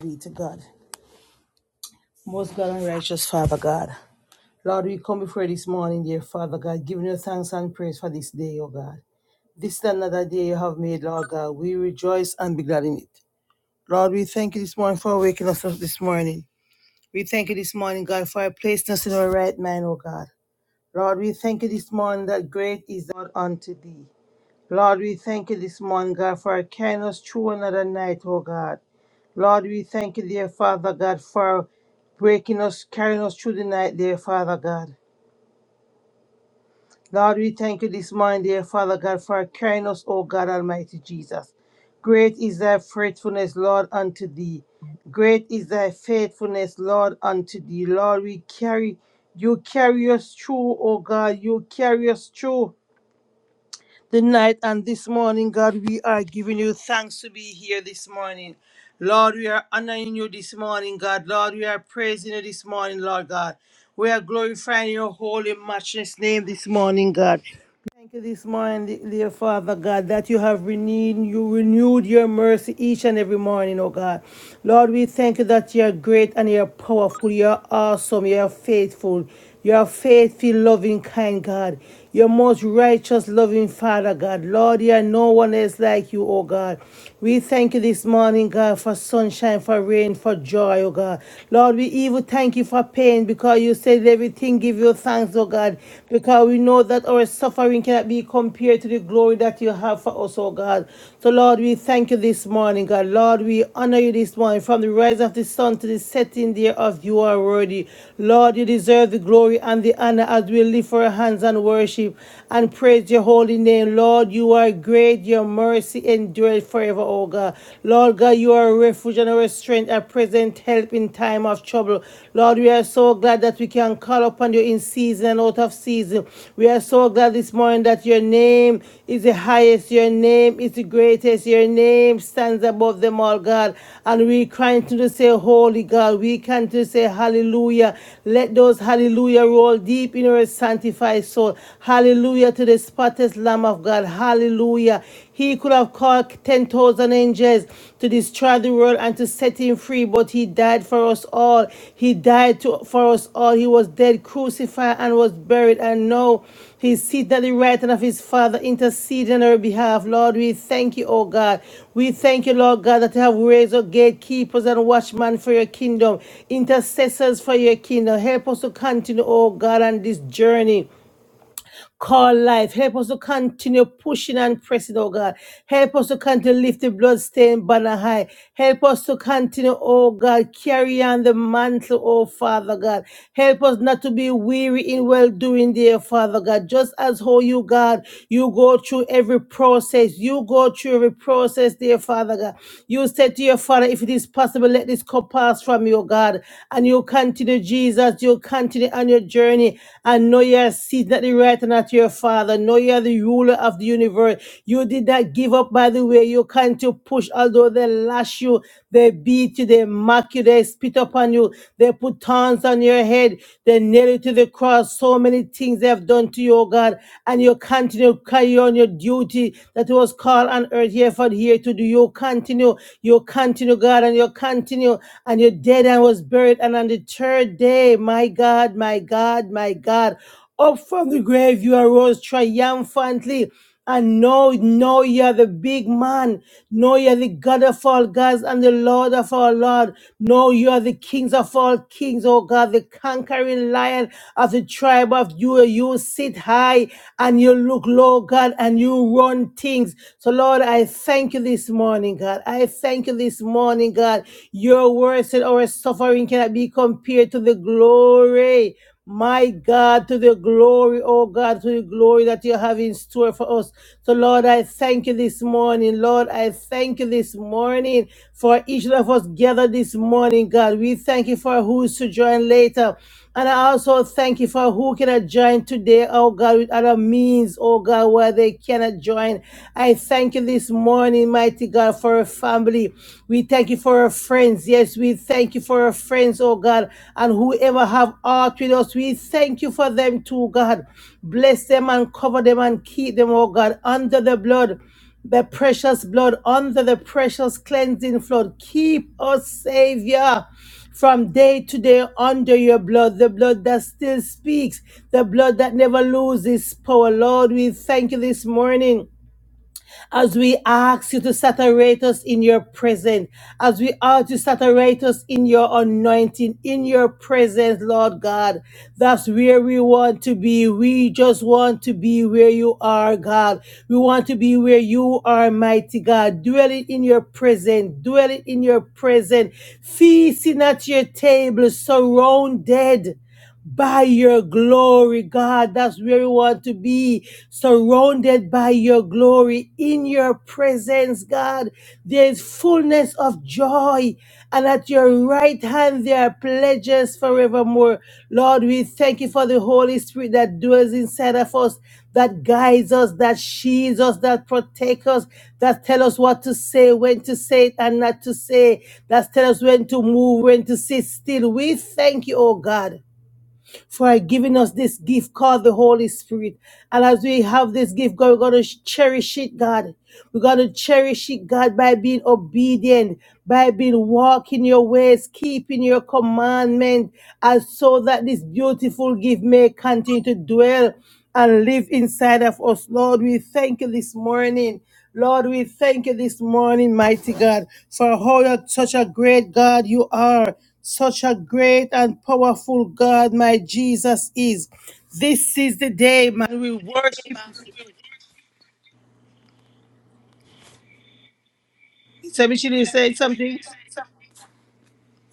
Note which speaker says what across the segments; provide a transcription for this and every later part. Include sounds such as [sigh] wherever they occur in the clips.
Speaker 1: be to God. Most God and righteous Father God. Lord, we come before you this morning, dear Father God, giving you thanks and praise for this day, O God. This is another day you have made, Lord God. We rejoice and be glad in it. Lord, we thank you this morning for waking us up this morning. We thank you this morning, God, for placing us in our right mind, O God. Lord, we thank you this morning that great is the Lord unto thee. Lord, we thank you this morning, God, for carrying us through another night, O God. Lord, we thank you, dear Father God, for breaking us, carrying us through the night, dear Father God. Lord, we thank you this morning, dear Father God, for carrying us, O God Almighty Jesus. Great is thy faithfulness, Lord, unto thee. Great is thy faithfulness, Lord, unto thee. Lord, we carry, you carry us through, O God, you carry us through. the night and this morning, God, we are giving you thanks to be here this morning. Lord, we are honoring you this morning, God. Lord, we are praising you this morning, Lord God. We are glorifying your holy, matchless name this morning, God. Thank you this morning, dear Father God, that you have renewed, you renewed your mercy each and every morning, oh God. Lord, we thank you that you are great and you are powerful, you are awesome, you are faithful, you are faithful, loving, kind God. Your most righteous, loving Father God. Lord, you are no one else like you, oh God. We thank you this morning, God, for sunshine, for rain, for joy, oh God. Lord, we even thank you for pain because you you said everything, give you thanks, oh God, because we know that our suffering cannot be compared to the glory that you have for us, oh God. So, Lord, we thank you this morning, God. Lord, we honor you this morning. From the rise of the sun to the setting thereof, you are worthy. Lord, you deserve the glory and the honor as we lift our hands and worship and praise your holy name. Lord, you are great. Your mercy endures forever, oh God. Lord God, you are a refuge and our our strength, a present help in time of trouble. Lord, we are so glad that we can call upon you in season and out of season. We are so glad this morning that your name is the highest, your name is the greatest, your name stands above them all, God. And we continue to say, Holy God, we continue to say, Hallelujah. Let those hallelujah roll deep in our sanctified soul. Hallelujah to the spotless Lamb of God. Hallelujah. He could have called 10,000 angels to destroy the world and to set him free, but he died for us all. He died to, for us all. He was dead, crucified, and was buried. And now he's seated at the right hand of his Father, interceding on our behalf. Lord, we thank you, oh God. We thank you, Lord God, that you have raised up gatekeepers and watchmen for your kingdom, intercessors for your kingdom. Help us to continue, oh God, on this journey call life. Help us to continue pushing and pressing, oh God. Help us to continue to lift the bloodstained banner high. Help us to continue, oh God, carry on the mantle, oh Father God. Help us not to be weary in well doing, dear Father God. Just as how you, God, you go through every process. You go through every process, dear Father God. You said to your Father, if it is possible, let this cup pass from you, God. And you continue, Jesus, you continue on your journey journey and know you're seated at the right and at your father. Know you're the ruler of the universe. You did not give up by the way. You can to push, although they lash you, they beat you, they mock you, they spit upon you, they put thorns on your head, they nail you to the cross. So many things they have done to you, oh God, and you continue to carry on your duty that was called on earth here for here to do. You continue, you continue, God, and you continue, and your dead and was buried, and on the third day. My God, my God, my God. Up from the grave you arose triumphantly. And know, know you're the big man. Know you're the God of all gods and the Lord of all Lord. Know you're the kings of all kings, oh God, the conquering lion of the tribe of you. You sit high and you look low, God, and you run things. So, Lord, I thank you this morning, God. I thank you this morning, God. God. Your word said our suffering cannot be compared to the glory. My God, to the glory, oh God, to the glory that you have in store for us. So, Lord, I thank you this morning. Lord, I thank you this morning for each of us gathered this morning, God. We thank you for who's to join later. And I also thank you for who cannot join today, oh God, with other means, oh God, where they cannot join. I thank you this morning, mighty God, for our family. We thank you for our friends. Yes, we thank you for our friends, oh God, and whoever have art with us. We thank you for them too, God. Bless them and cover them and keep them, oh God, under the blood the precious blood under the precious cleansing flood. Keep us, Savior from day to day under your blood, the blood that still speaks, the blood that never loses power. Lord, we thank you this morning as we ask you to saturate us in your presence, as we ask you to saturate us in your anointing, in your presence, Lord God. That's where we want to be. We just want to be where you are, God. We want to be where you are, mighty God. Dwelling in your presence, dwelling in your presence, feasting at your table, surrounded by your glory, God. That's where we want to be, surrounded by your glory in your presence, God. There's fullness of joy, and at your right hand there are pledges forevermore. Lord, we thank you for the Holy Spirit that dwells inside of us, that guides us, that shields us, that protects us, that tell us what to say, when to say it and not to say, that tell us when to move, when to sit still. We thank you, oh God for giving us this gift called the Holy Spirit. And as we have this gift, God, we're going to cherish it, God. We're going to cherish it, God, by being obedient, by being walking your ways, keeping your commandment, and so that this beautiful gift may continue to dwell and live inside of us. Lord, we thank you this morning. Lord, we thank you this morning, mighty God, for how you're such a great God you are. Such a great and powerful God my Jesus is. This is the day, man. We worship. So Michelle you said something.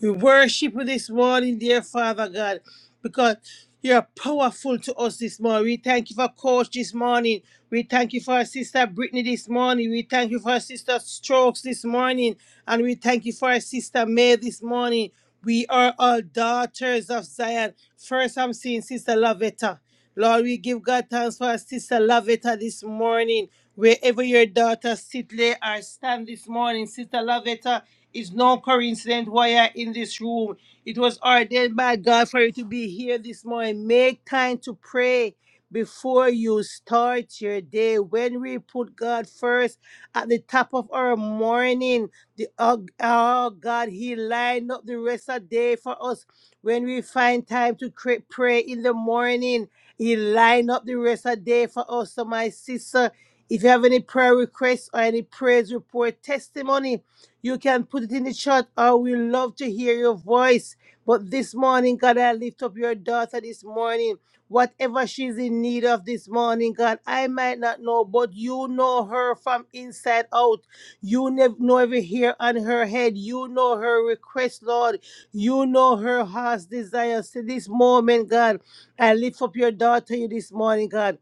Speaker 1: We worship you this morning, dear Father God, because you're powerful to us this morning. We thank you for Coach this morning. We thank you for our sister Brittany this morning. We thank you for our sister Strokes this morning. And we thank you for our sister May this morning. We are all daughters of Zion. First, I'm seeing Sister Lavetta. Lord, we give God thanks for our sister Lavetta this morning. Wherever your daughter sit, lay, or stand this morning, sister Lavetta, it's no coincidence why you're in this room. It was ordained by God for you to be here this morning. Make time to pray before you start your day. When we put God first at the top of our morning, the oh, oh God, He lined up the rest of the day for us. When we find time to cre- pray in the morning, he lined up the rest of the day for us. So, my sister, if you have any prayer requests or any praise report testimony, you can put it in the chat. I will love to hear your voice. But this morning, God, I lift up your daughter this morning. Whatever she's in need of this morning, God, I might not know, but you know her from inside out. You never know every hair on her head. You know her request, Lord. You know her heart's desires. To this moment, God. I lift up your daughter you this morning, God.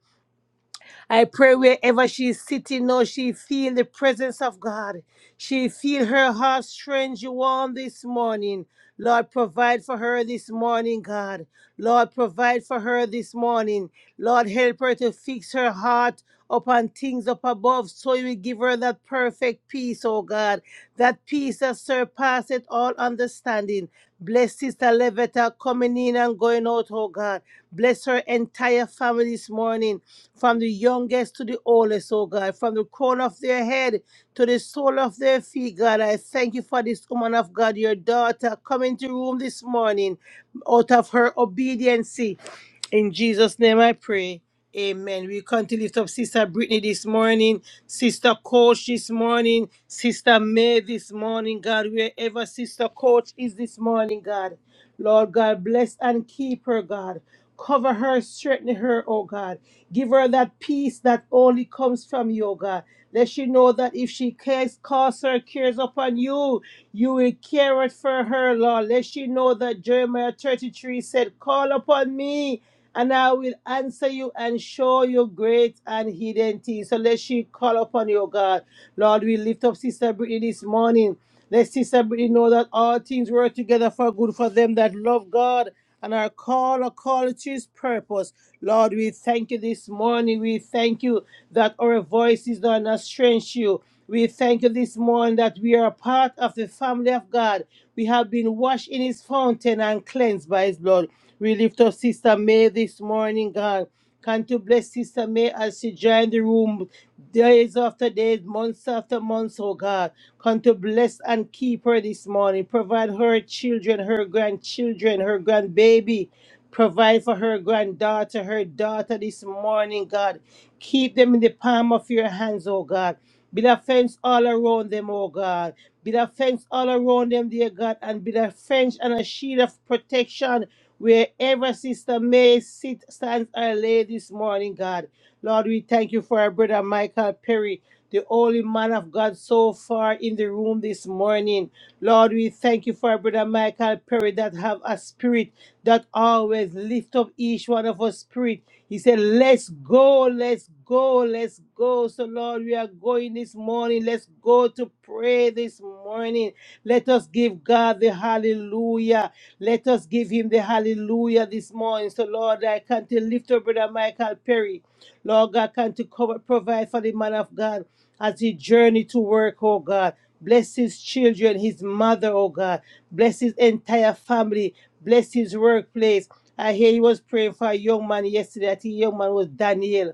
Speaker 1: I pray wherever she's sitting now, she feel the presence of God. She feel her heart strange warm this morning. Lord, provide for her this morning, God. Lord, provide for her this morning. Lord, help her to fix her heart upon things up above so you will give her that perfect peace, oh God. That peace that surpasseth all understanding. Bless Sister Levita coming in and going out, oh God. Bless her entire family this morning from the youngest to the oldest, oh God, from the crown of their head to the sole of their feet, God. I thank you for this woman of God, your daughter, coming to room this morning out of her obedience. In Jesus' name I pray. Amen. We come to lift up Sister Brittany this morning, Sister Coach this morning, Sister May this morning, God, wherever Sister Coach is this morning, God. Lord God, bless and keep her, God. Cover her, strengthen her, oh God. Give her that peace that only comes from you, oh God. Let she know that if she cares, casts her cares upon you, you will care it for her, Lord. Let she know that Jeremiah 33 said, Call upon me, and I will answer you and show you great and hidden things. So let she call upon you, oh God. Lord, we lift up Sister Brittany this morning. Let Sister Brittany know that all things work together for good for them that love God and are called according to his purpose. Lord, we thank you this morning. We thank you that our voices are not strange to you. We thank you this morning that we are part of the family of God. We have been washed in his fountain and cleansed by his blood. We lift up Sister May this morning, God. Come to bless Sister May as she joined the room days after days, months after months, oh God. Come to bless and keep her this morning. Provide her children, her grandchildren, her grandbaby. Provide for her granddaughter, her daughter this morning, God. Keep them in the palm of your hands, oh God. Build a fence all around them, oh God. Build a fence all around them, dear God, and build a fence and a shield of protection Wherever Sister May sit, stands or lay this morning, God. Lord, we thank you for our brother Michael Perry, the only man of God so far in the room this morning. Lord, we thank you for our brother Michael Perry that have a spirit that always lift up each one out of us spirit. He said, Let's go, let's go, let's go. So, Lord, we are going this morning. Let's go to pray this morning. Let us give God the hallelujah. Let us give him the hallelujah this morning. So, Lord, I come to lift up Brother Michael Perry. Lord God, can to cover, provide for the man of God as he journey to work, oh God. Bless his children, his mother, oh God. Bless his entire family. Bless his workplace. I hear he was praying for a young man yesterday. I think the young man was Daniel.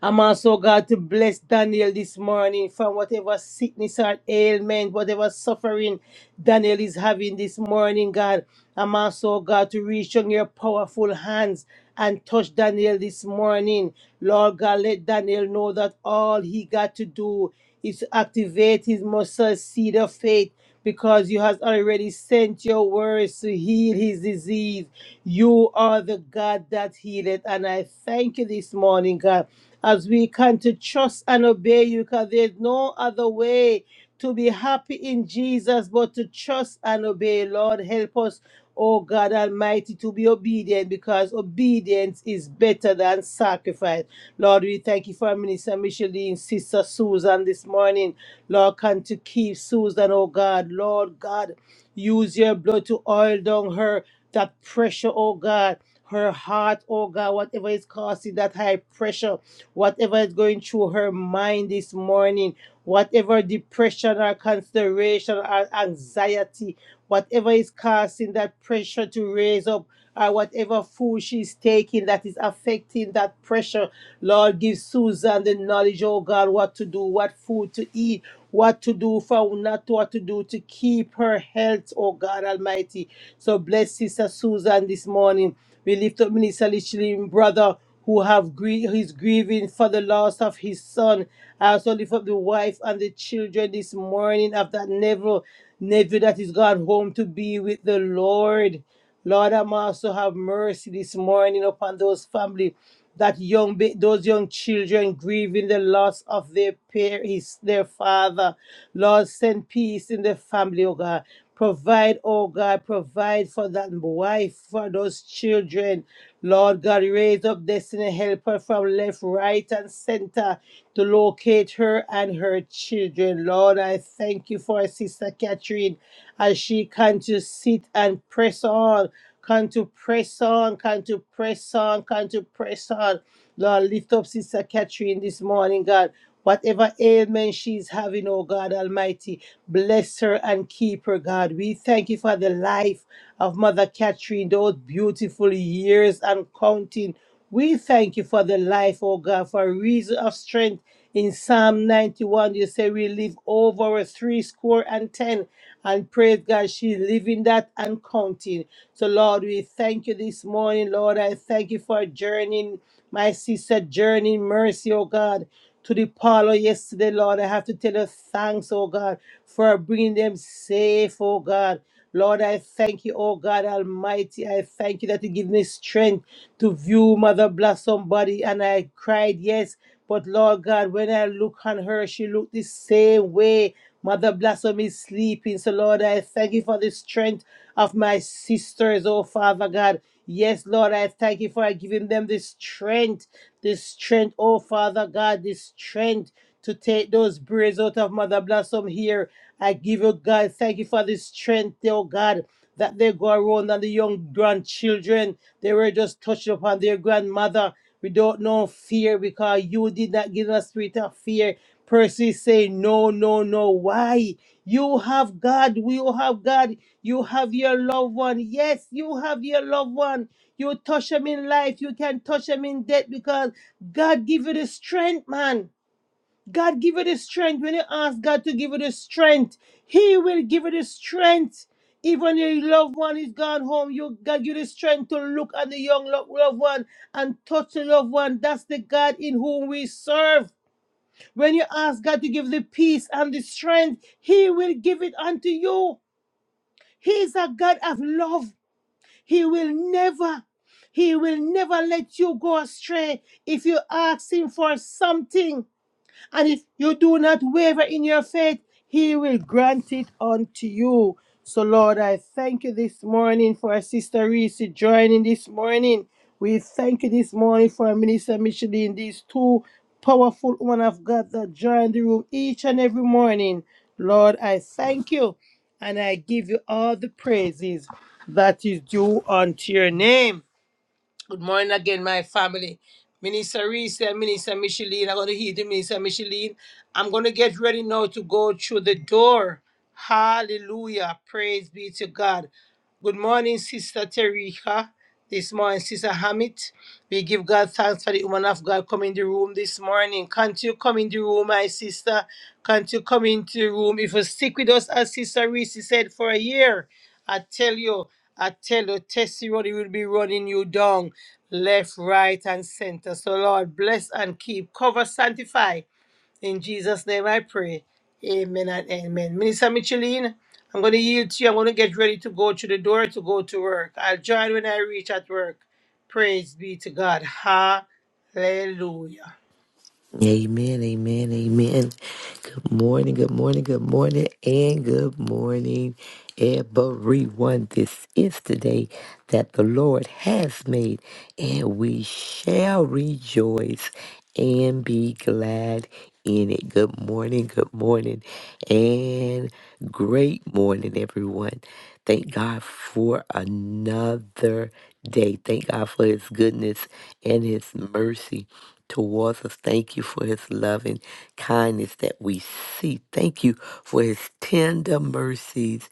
Speaker 1: I'm also God to bless Daniel this morning from whatever sickness or ailment, whatever suffering Daniel is having this morning, God. I'm also God to reach on your powerful hands and touch Daniel this morning. Lord God, let Daniel know that all he got to do is activate his muscle seed of faith because you has already sent your words to heal his disease. You are the God that healeth. And I thank you this morning, God, as we come to trust and obey you, because there's no other way to be happy in Jesus but to trust and obey. Lord, help us. Oh God Almighty, to be obedient because obedience is better than sacrifice. Lord, we thank you for our Minister Micheline, Sister Susan this morning. Lord, can to keep Susan, oh God. Lord God, use your blood to oil down her, that pressure, oh God. Her heart, oh God, whatever is causing that high pressure, whatever is going through her mind this morning whatever depression or consideration or anxiety, whatever is causing that pressure to raise up, or whatever food she's taking that is affecting that pressure. Lord, give Susan the knowledge, oh God, what to do, what food to eat, what to do for not what to do to keep her health, oh God Almighty. So bless Sister Susan this morning. We lift up Minister Lichlin, brother who have grie- who is grieving for the loss of his son. I also lift up the wife and the children this morning of that nephew, nephew that is gone home to be with the Lord. Lord, I'm also have mercy this morning upon those family, that young, ba- those young children grieving the loss of their parents, their father. Lord, send peace in the family, oh God. Provide, oh God, provide for that wife, for those children. Lord God, raise up destiny, help her from left, right, and center to locate her and her children. Lord, I thank you for Sister Catherine as she can to sit and press on, can to press on, can to press on, can to press on. Lord, lift up Sister Catherine this morning, God. Whatever ailment she's having, oh God Almighty, bless her and keep her, God. We thank you for the life of Mother Catherine, those beautiful years and counting. We thank you for the life, oh God, for a reason of strength. In Psalm 91, you say we live over three score and ten. And praise God, she's living that and counting. So, Lord, we thank you this morning, Lord. I thank you for journeying, my sister, journeying mercy, oh God to the parlor yesterday, Lord. I have to tell you thanks, oh God, for bringing them safe, oh God. Lord, I thank you, oh God Almighty. I thank you that you give me strength to view Mother Blossom body. And I cried, yes. But Lord God, when I look on her, she looked the same way. Mother Blossom is sleeping. So Lord, I thank you for the strength of my sisters, oh Father God. Yes, Lord, I thank you for giving them this strength, this strength, oh Father God, this strength to take those braids out of Mother Blossom here. I give you, God, thank you for this strength, oh God, that they go around and the young grandchildren, they were just touched upon their grandmother. We don't know fear because you did not give us spirit of fear, Percy say, No, no, no. Why? You have God. You have God. You have your loved one. Yes, you have your loved one. You touch them in life. You can touch them in death because God give you the strength, man. God give you the strength. When you ask God to give you the strength, He will give you the strength. Even your loved one is gone home, you God give you the strength to look at the young lo- loved one and touch the loved one. That's the God in whom we serve. When you ask God to give the peace and the strength, He will give it unto you. He is a God of love. He will never, He will never let you go astray if you ask Him for something. And if you do not waver in your faith, he will grant it unto you. So, Lord, I thank you this morning for our sister Reese joining this morning. We thank you this morning for our minister Micheline, these two powerful women of God that join the room each and every morning. Lord, I thank you and I give you all the praises that is due unto your name. Good morning again, my family. Minister Reese and Minister Micheline. I'm going to hear the Minister Micheline. I'm going to get ready now to go through the door. Hallelujah. Praise be to God. Good morning, Sister Terika. This morning, Sister Hamid. We give God thanks for the woman of God coming in the room this morning. Can't you come in the room, my sister? Can't you come into the room? If you stick with us, as Sister Reese said, for a year, I tell you, I tell you, testimony will be running you down left, right, and center. So, Lord, bless and keep, cover, sanctify. In Jesus' name I pray. Amen and amen. Minister Micheline, I'm going to yield to you. I'm going to get ready to go to the door to go to work. I'll join when I reach at work. Praise be to God. Hallelujah.
Speaker 2: Amen, amen, amen. Good morning, good morning, good morning, and good morning, everyone. This is the day that the Lord has made, and we shall rejoice and be glad in it. Good morning, good morning, and great morning, everyone. Thank God for another day. Thank God for his goodness and his mercy towards us. Thank you for his love and kindness that we see. Thank you for his tender mercies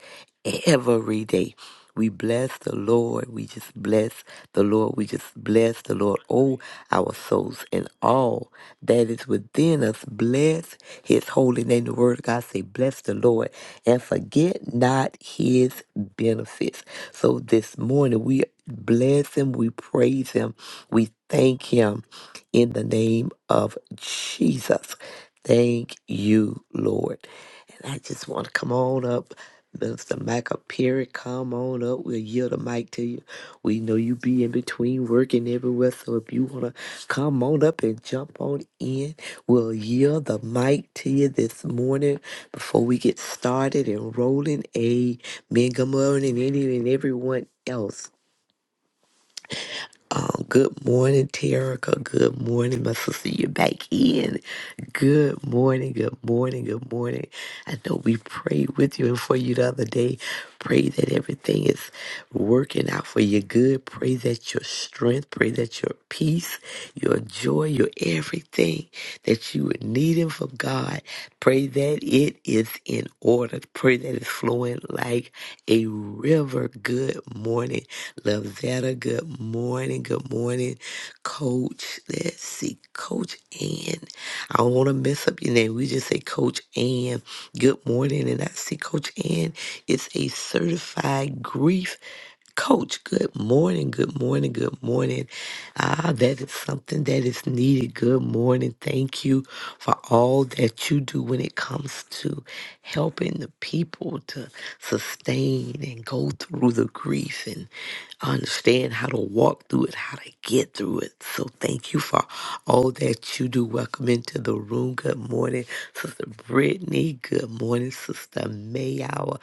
Speaker 2: every day. We bless the Lord. We just bless the Lord. We just bless the Lord. Oh, our souls and all that is within us. Bless his holy name. The word of God say, bless the Lord and forget not his benefits. So this morning we bless him. We praise him. We thank him in the name of Jesus. Thank you, Lord. And I just want to come on up. Mr. Michael Perry, come on up. We'll yield the mic to you. We know you be in between working everywhere. So if you want to come on up and jump on in, we'll yield the mic to you this morning before we get started and rolling. Amen. Good morning, any and everyone else. Um, good morning, Terica. Good morning, my sister. You're back in. Good morning, good morning, good morning. I know we prayed with you and for you the other day. Pray that everything is working out for your good. Pray that your strength, pray that your peace, your joy, your everything that you would need him from God. Pray that it is in order. Pray that it's flowing like a river. Good morning. Lavetta, good morning. Good morning, Coach. Let's see, Coach Ann. I don't want to mess up your name. We just say Coach Ann. Good morning. And I see Coach Ann is a certified grief Coach, good morning, good morning, good morning. Ah, that is something that is needed. Good morning. Thank you for all that you do when it comes to helping the people to sustain and go through the grief and understand how to walk through it, how to get through it. So thank you for all that you do. Welcome into the room. Good morning, Sister Brittany. Good morning, Sister Mayow.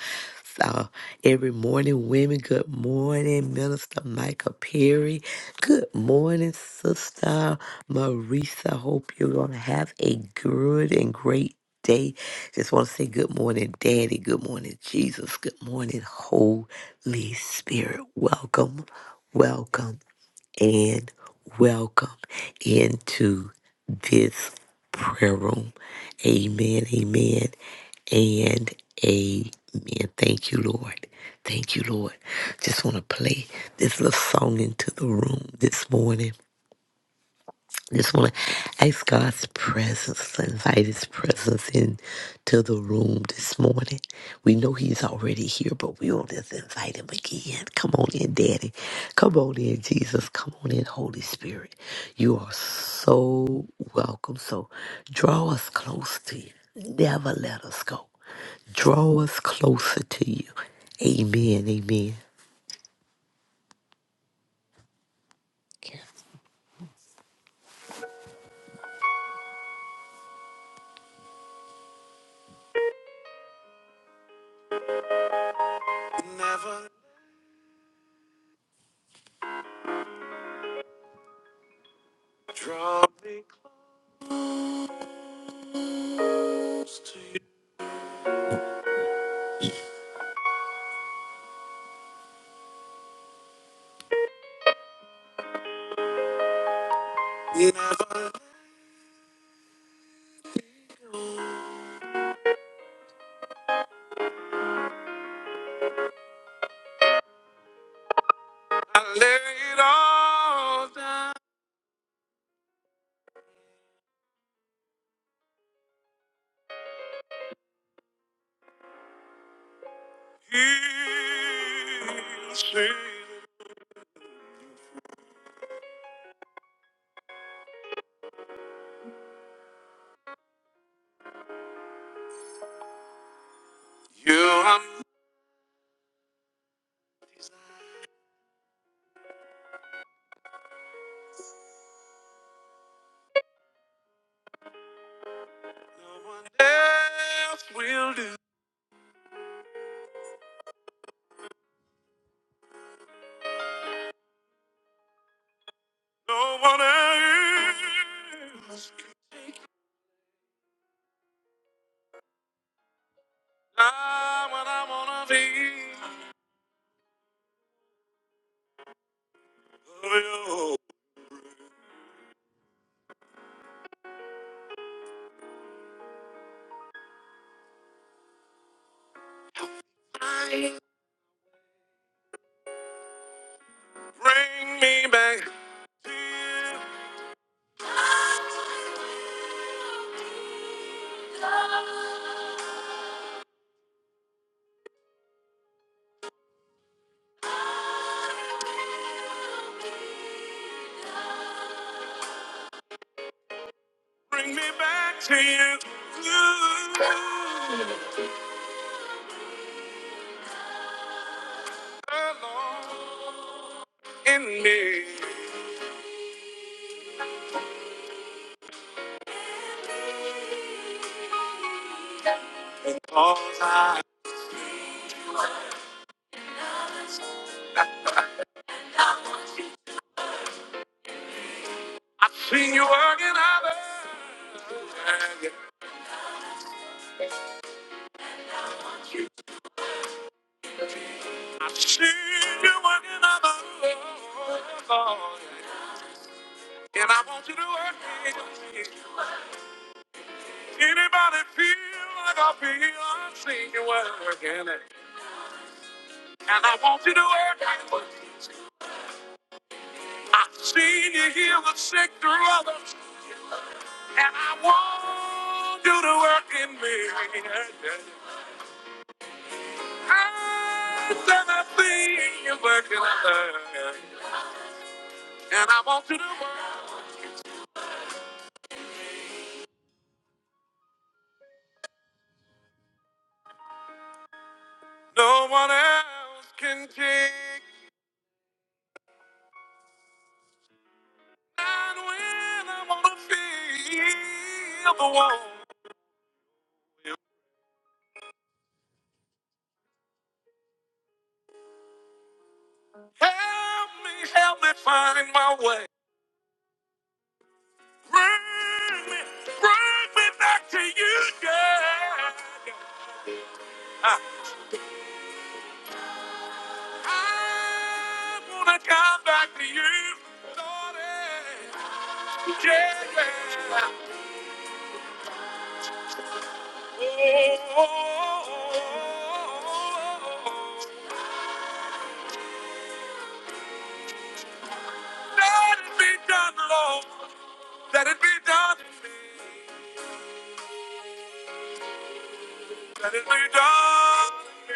Speaker 2: Every morning, women, good morning, Minister Micah Perry. Good morning, Sister Marisa. Hope you're going to have a good and great day. Just want to say good morning, Daddy. Good morning, Jesus. Good morning, Holy Spirit. Welcome, welcome, and welcome into this prayer room. Amen, amen, and amen. Thank you, Lord. Thank you, Lord. Just want to play this little song into the room this morning. Just want to ask God's presence, invite His presence into the room this morning. We know He's already here, but we want to just invite Him again. Come on in, Daddy. Come on in, Jesus. Come on in, Holy Spirit. You are so welcome. So draw us close to you. Never let us go. Draw us closer to you. Amen. Amen. Never draw me close to you. Never. I lay it all down here. See, You are no one else will do. No one else can take I'm I wanna be. Oh, you Bring me back. to you. Bring me back to you, you alone in me. Cause I've seen you working others. I've seen you working others. And I want you to work it. Anybody feel like I feel? I'm you working it. And I want you to work it. I've seen you heal the sick through others. And I want you to work in me. I've And I see you working it. And I want you to work. No one else can take. And when I want to feel the warmth. Help me, help me find my way. Bring me, bring me back to you, God. I, I wanna come back to you, Lord. eh. Yeah, yeah. Oh, let it be done, Lord. Let it be done in me. Let it be done in me.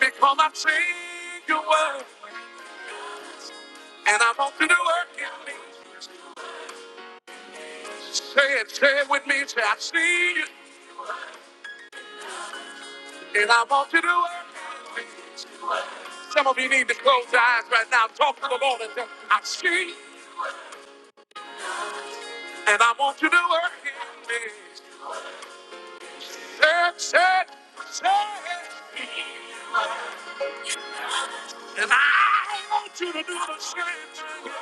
Speaker 2: Because I've seen your word. And I want you to work in me. Say it, say it with me. Say, I see you. And I want you to work in me. Some of you need to close your eyes right now. Talk to the Lord and tell, I see you. And I want you to work in me. Say it, say it, say it. And I want you to do the same thing.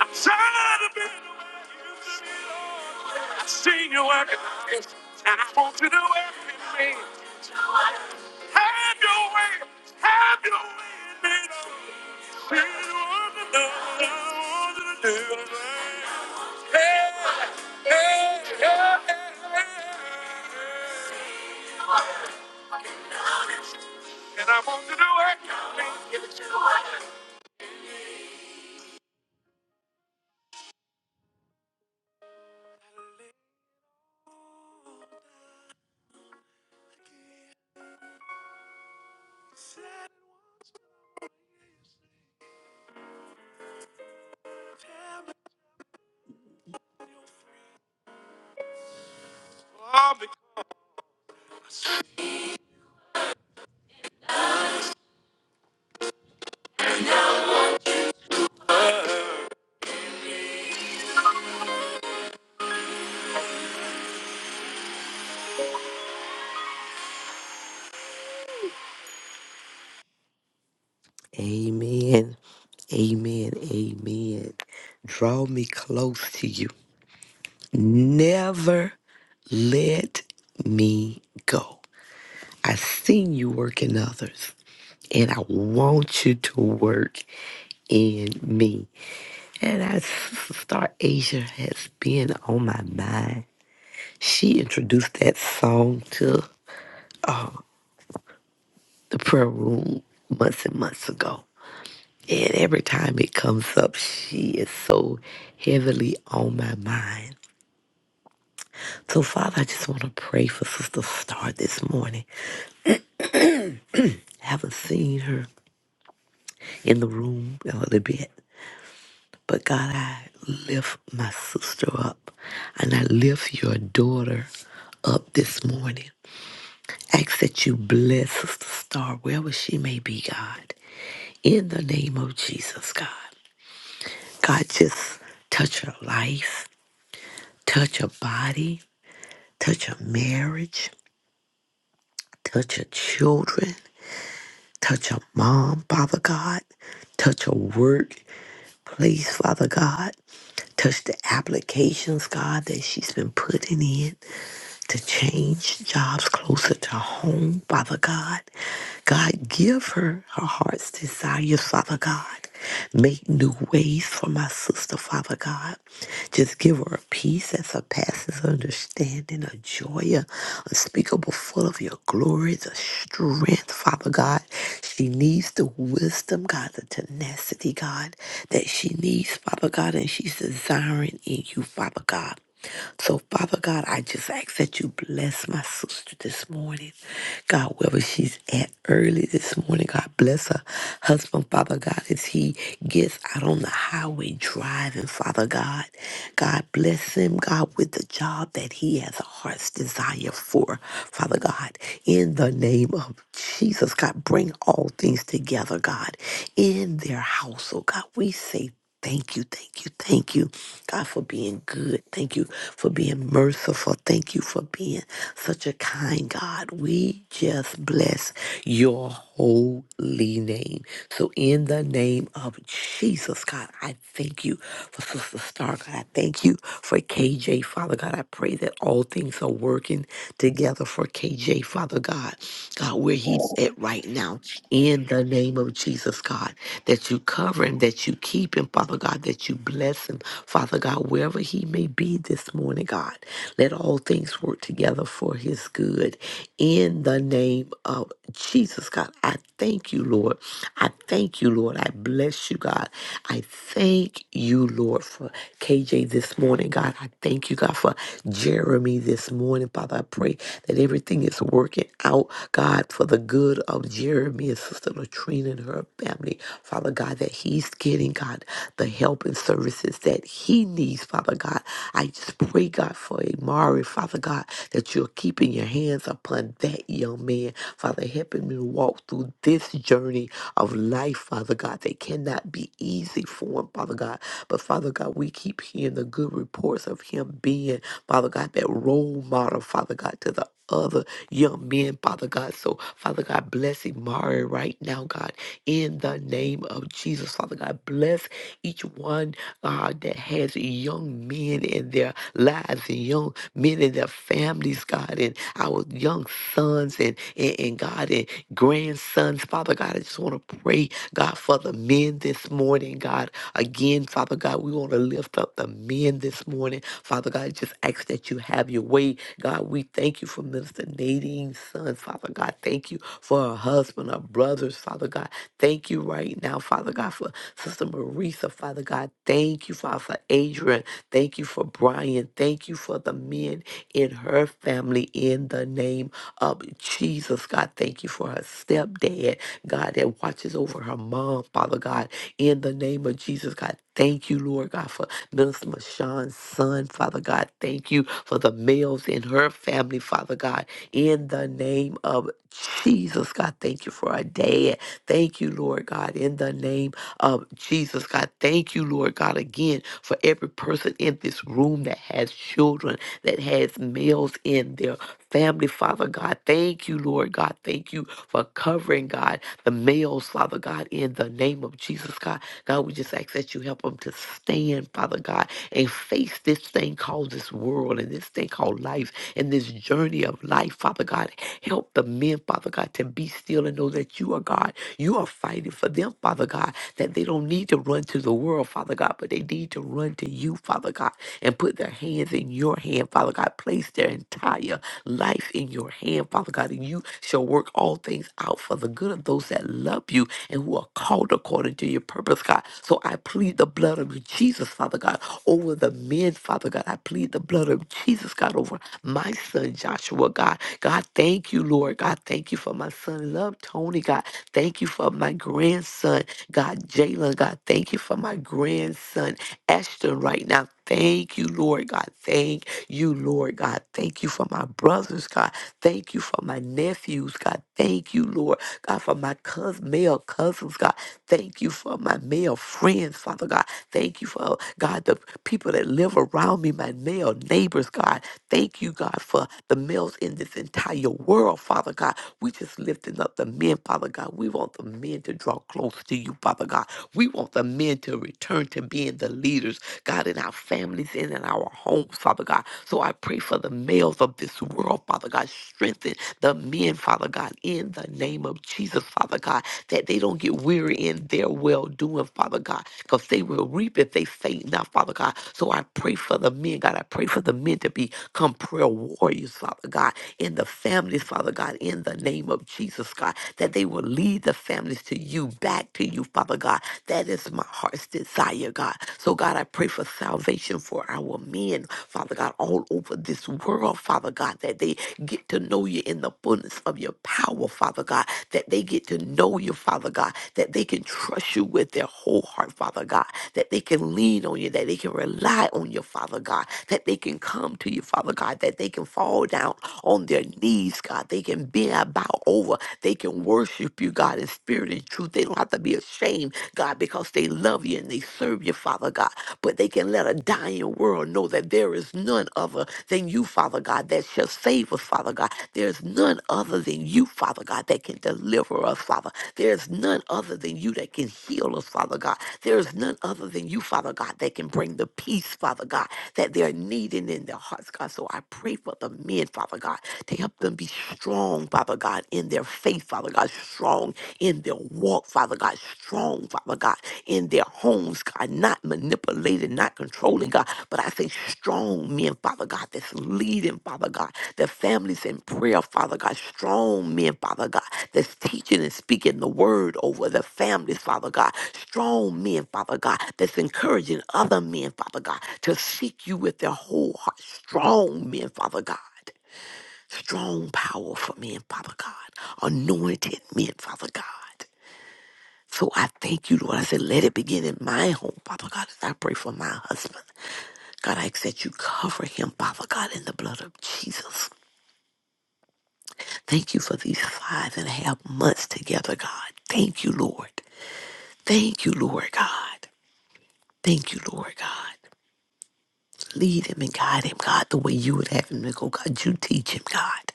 Speaker 2: I'm tired of being the way you used to be, Lord. I see you working. And I want you to work in me. Have your way. Have your way, baby. Say what you want you to do. it. Hey, hey, hey, hey. hey. And I want you to do it. Oh, because Amen. Amen. Amen. Draw me close to you. Never let me go. I've seen you work in others, and I want you to work in me. And as Star Asia has been on my mind, she introduced that song to the prayer room months and months ago. And every time it comes up, she is so heavily on my mind. So, Father, I just want to pray for Sister Star this morning. I haven't seen her in the room a little bit. But God, I lift my sister up and I lift your daughter up this morning. Ask that you bless Sister Star wherever she may be, God. In the name of Jesus, God. God, just touch her life, touch her body, touch her marriage, touch her children, touch her mom, Father God, touch her work. Please, Father God, touch the applications, God, that she's been putting in to change jobs closer to home, Father God. God, give her her heart's desires, Father God. Make new ways for my sister, Father God. Just give her a peace that surpasses understanding, a joy uh, unspeakable, full of your glory, the strength, Father God. She needs the wisdom, God, the tenacity, God. God, that she needs, Father God, and she's desiring in you, Father God. So, Father God, I just ask that you bless my sister this morning. God, wherever she's at early this morning, God bless her husband, Father God, as he gets out on the highway driving, Father God. God bless him, God, with the job that he has a heart's desire for, Father God. In the name of Jesus, God, bring all things together, God, in their house. Oh God, we say thank you, thank you, thank you, God, for being good. Thank you for being merciful. Thank you for being such a kind God. We just bless your holy name. So in the name of Jesus, God, I thank you for Sister Star. God, I thank you for KJ, Father God. I pray that all things are working together for KJ, Father God. God, where he's at right now, in the name of Jesus, God that you cover him, that you keep him, Father God, that you bless him, Father God, wherever he may be this morning, God. Let all things work together for his good. In the name of Jesus, God, I thank you, Lord. I thank you, Lord. I bless you, God. I thank you, Lord, for KJ this morning, God. I thank you, God, for Jeremy this morning, Father. I pray that everything is working out, God, for the good of Jeremy and Sister Latrina and her family, Father God, that he's getting, God, the help and services that he needs, Father God. I just pray, God, for Amari, Father God, that you're keeping your hands upon that young man, Father, helping him to walk through this journey of life, Father God. They cannot be easy for him, Father God. But Father God, we keep hearing the good reports of him being, Father God, that role model, Father God, to the other young men, Father God. So, Father God, bless Imari right now, God, in the name of Jesus. Father God, bless each one uh, that has young men in their lives and young men in their families, God, and our young sons and, and, and God and grandsons. Father God, I just want to pray, God, for the men this morning, God. Again, Father God, we want to lift up the men this morning. Father God, just ask that you have your way. God, we thank you for Minister Nadine's son, Father God. Thank you for her husband, her brothers, Father God. Thank you right now, Father God, for Sister Marisa, Father God. Thank you, Father, for Adrian. Thank you for Brian. Thank you for the men in her family in the name of Jesus, God. Thank you for her stepdad, God, that watches over her mom, Father God, in the name of Jesus, God. Thank you, Lord God, for Minister Mashawn's son, Father God. Thank you for the males in her family, Father God, in the name of Jesus, God. Thank you for her dad, Thank you, Lord God, in the name of Jesus, God. Thank you, Lord God, again for every person in this room that has children, that has males in their family, Father God. Thank you, Lord God. Thank you for covering, God, the males, Father God, in the name of Jesus, God. God, we just ask that you help them to stand, Father God, and face this thing called this world and this thing called life and this journey of life, Father God. Help the men, Father God, to be still and know that you are God you are fighting for them, Father God, that they don't need to run to the world, Father God, but they need to run to you, Father God, and put their hands in your hand, Father God. Place their entire life in your hand, Father God, and you shall work all things out for the good of those that love you and who are called according to your purpose, God. So I plead the blood of Jesus, Father God, over the men, Father God. I plead the blood of Jesus, God, over my son, Joshua, God. God, thank you, Lord. God, thank you for my son, love Tony, God. Thank you for my grandson, God, Jalen. God, thank you for my grandson, Ashton, right now. Thank you, Lord God. Thank you, Lord God. Thank you for my brothers, God. Thank you for my nephews, God. Thank you, Lord God, for my cousin, male cousins, God. Thank you for my male friends, Father God. Thank you for, God, the people that live around me, my male neighbors, God. Thank you, God, for the males in this entire world, Father God. We just lifting up the men, Father God. We want the men to draw close to you, Father God. We want the men to return to being the leaders, God, in our families and in our homes, Father God. So I pray for the males of this world, Father God. Strengthen the men, Father God, in the name of Jesus, Father God, that they don't get weary in their well doing, Father God because they will reap if they faint not, Father God. So I pray for the men, God. I pray for the men to become prayer warriors, Father God, in the families, Father God, in the name of Jesus, God, that they will lead the families to you, back to you, Father God. That is my heart's desire, God. So, God, I pray for salvation for our men, Father God, all over this world, Father God, that they get to know you in the fullness fullness of your power, Father God, that they get to know you, Father God, that they can trust you with their whole heart, Father God, that they can lean on you, that they can rely on you, Father God, that they can come to you, Father God, that they can fall down on their knees, God. They can bend, bow over. They can worship you, God, in spirit and truth. They don't have to be ashamed, God, because they love you and they serve you, Father God. But they can let a dying world know that there is none other than you, Father God, that shall save us, Father God. There's none other than you, Father God, that can deliver us, Father. There's none other than you that can heal us, Father God. There's none other than you, Father God, that can bring the peace, Father God, that they're needing in their hearts, God. So I pray for the men, Father God, to help them be strong, Father God, in their faith, Father God, strong in their walk, Father God, strong, Father God, in their homes, God, not manipulated, not controlling, God, but I say strong men, Father God. God, that's leading, Father God, the families in prayer, Father God, strong men, Father God, that's teaching and speaking the word over the families, Father God, strong men, Father God, that's encouraging other men, Father God, to seek you with their whole heart, strong men, Father God, strong, powerful men, Father God, anointed men, Father God. So I thank you, Lord. I said, let it begin in my home, Father God, as I pray for my husband. God, I ask that you cover him, Father God, in the blood of Jesus. Thank you for these five and a half months together, God. Thank you, Lord. Thank you, Lord God. Thank you, Lord God. Lead him and guide him, God, the way you would have him to go. God, you teach him, God.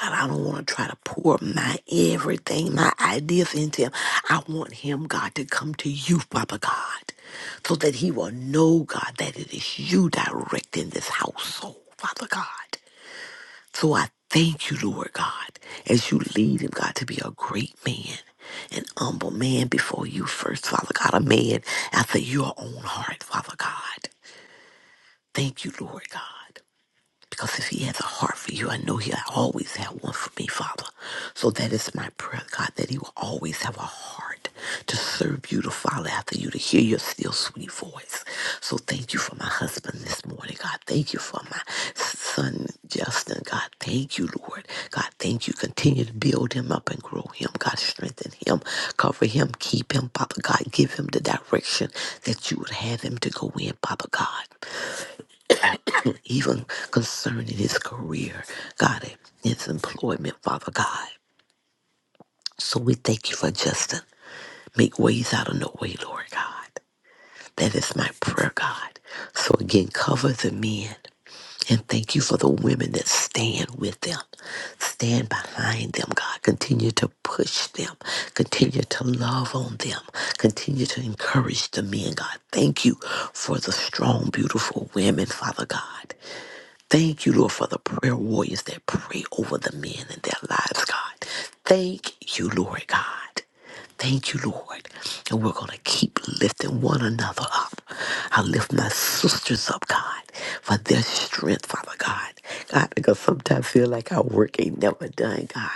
Speaker 2: God, I don't want to try to pour my everything, my ideas into him. I want him, God, to come to you, Father God, so that he will know, God, that it is you directing this household, Father God. So I thank you, Lord God, as you lead him, God, to be a great man, an humble man before you first, Father God, a man after your own heart, Father God. Thank you, Lord God. Because if he has a heart for you, I know he'll always have one for me, Father. So that is my prayer, God, that he will always have a heart to serve you, to follow after you, to hear your still sweet voice. So thank you for my husband this morning, God. Thank you for my son, Justin, God. Thank you, Lord. God, thank you. Continue to build him up and grow him. God, strengthen him, cover him, keep him, Father God. Give him the direction that you would have him to go in, Father God even concerning his career, God, his employment, Father God. So we thank you for Justin. Make ways out of no way, Lord God. That is my prayer, God. So again, cover the men and thank you for the women that stand with them, stand behind them, God. Continue to push them, continue to love on them, continue to encourage the men, God. Thank you for the strong, beautiful women, Father God. Thank you, Lord, for the prayer warriors that pray over the men and their lives, God. Thank you, Lord God. Thank you, Lord. And we're going to keep lifting one another up. I lift my sisters up, God, for their strength, Father God. God, because sometimes I feel like our work ain't never done, God.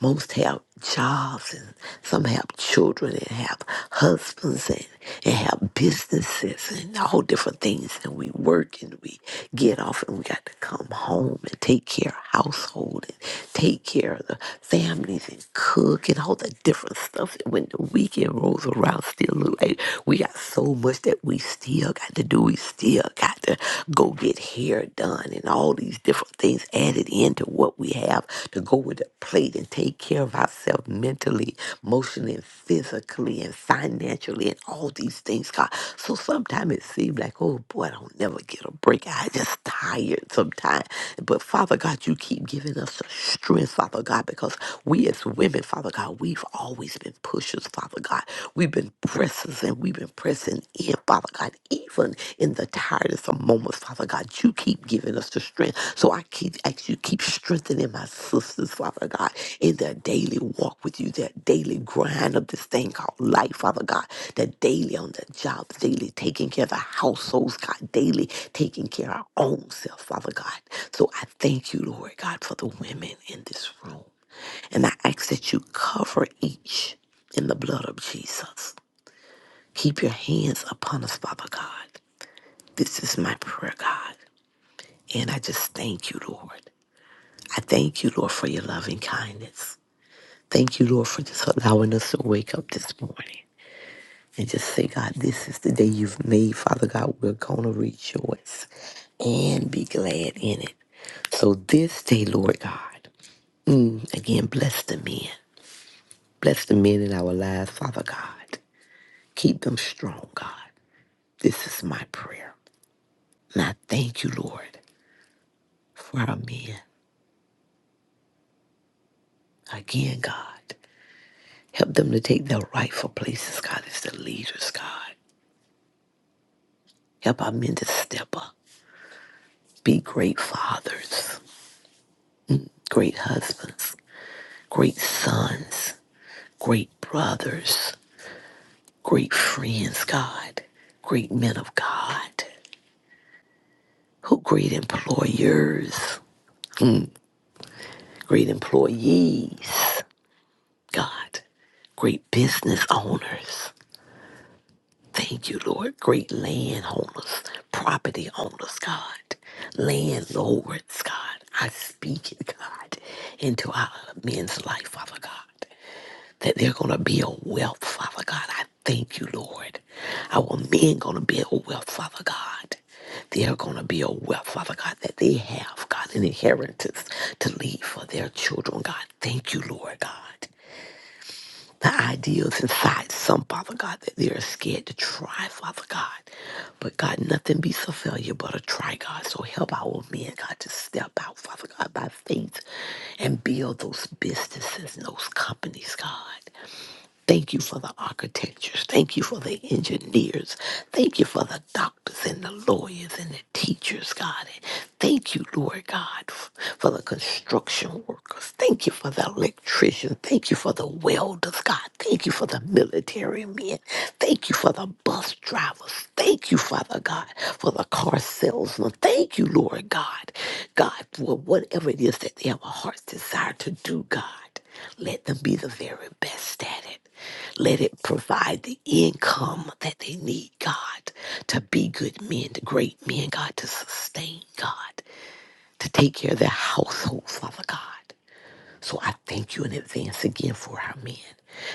Speaker 2: Most have jobs and some have children and have husbands and, and have businesses and all different things and we work and we get off and we got to come home and take care of household and take care of the families and cook and all the different stuff and when the weekend rolls around still look like we got so much that we still got to do we still got to go get hair done done and all these different things added into what we have to go with the plate and take care of ourselves mentally, emotionally, and physically, and financially, and all these things, God. So sometimes it seems like, oh boy, I don't never get a break. I just tired sometimes. But Father God, you keep giving us the strength, Father God, because we as women, Father God, we've always been pushers, Father God. We've been pressers that we've been pressing in, Father God, even in the tiredest of moments, Father God, you keep giving us the strength. So I keep ask you, keep strengthening my sisters, Father God, in their daily walk with you, their daily grind of this thing called life, Father God, their daily on their jobs, daily taking care of the households, God, daily taking care of our own self, Father God. So I thank you, Lord God, for the women in this room. And I ask that you cover each in the blood of Jesus. Keep your hands upon us, Father God. This is my prayer, God. And I just thank you, Lord. I thank you, Lord, for your loving kindness. Thank you, Lord, for just allowing us to wake up this morning and just say, God, this is the day you've made. Father God, we're going to rejoice and be glad in it. So this day, Lord God, again, bless the men. Bless the men in our lives, Father God. Keep them strong, God. This is my prayer. And I thank you, Lord. for our men. Again, God, help them to take their rightful places, God, as the leaders, God. Help our men to step up, be great fathers, great husbands, great sons, great brothers, great friends, God, great men of God, who great employers, great employees, God, great business owners. Thank you, Lord. Great landowners, property owners, God, landlords, God. I speak, it, God, into our men's life, Father God, that they're going to be a wealth, Father God. I thank you, Lord. Our men going to be a wealth, Father God. They are going to be a wealth, Father God, that they have, God, an inheritance to leave for their children, God. Thank you, Lord God the ideals inside some, Father God, that they are scared to try, Father God. But God, nothing beats a failure but a try, God. So help our men, God, to step out, Father God, by faith and build those businesses and those companies, God. Thank you for the architectures. Thank you for the engineers. Thank you for the doctors and the lawyers and the teachers, God. And thank you, Lord God, f- for the construction workers. Thank you for the electricians. Thank you for the welders, God. Thank you for the military men. Thank you for the bus drivers. Thank you, Father God, for the car salesman. Thank you, Lord God, God, for whatever it is that they have a heart's desire to do, God. Let them be the very best at it. Let it provide the income that they need, God, to be good men, to great men, God, to sustain, God, to take care of their households. Father God. So I thank you in advance again for our men.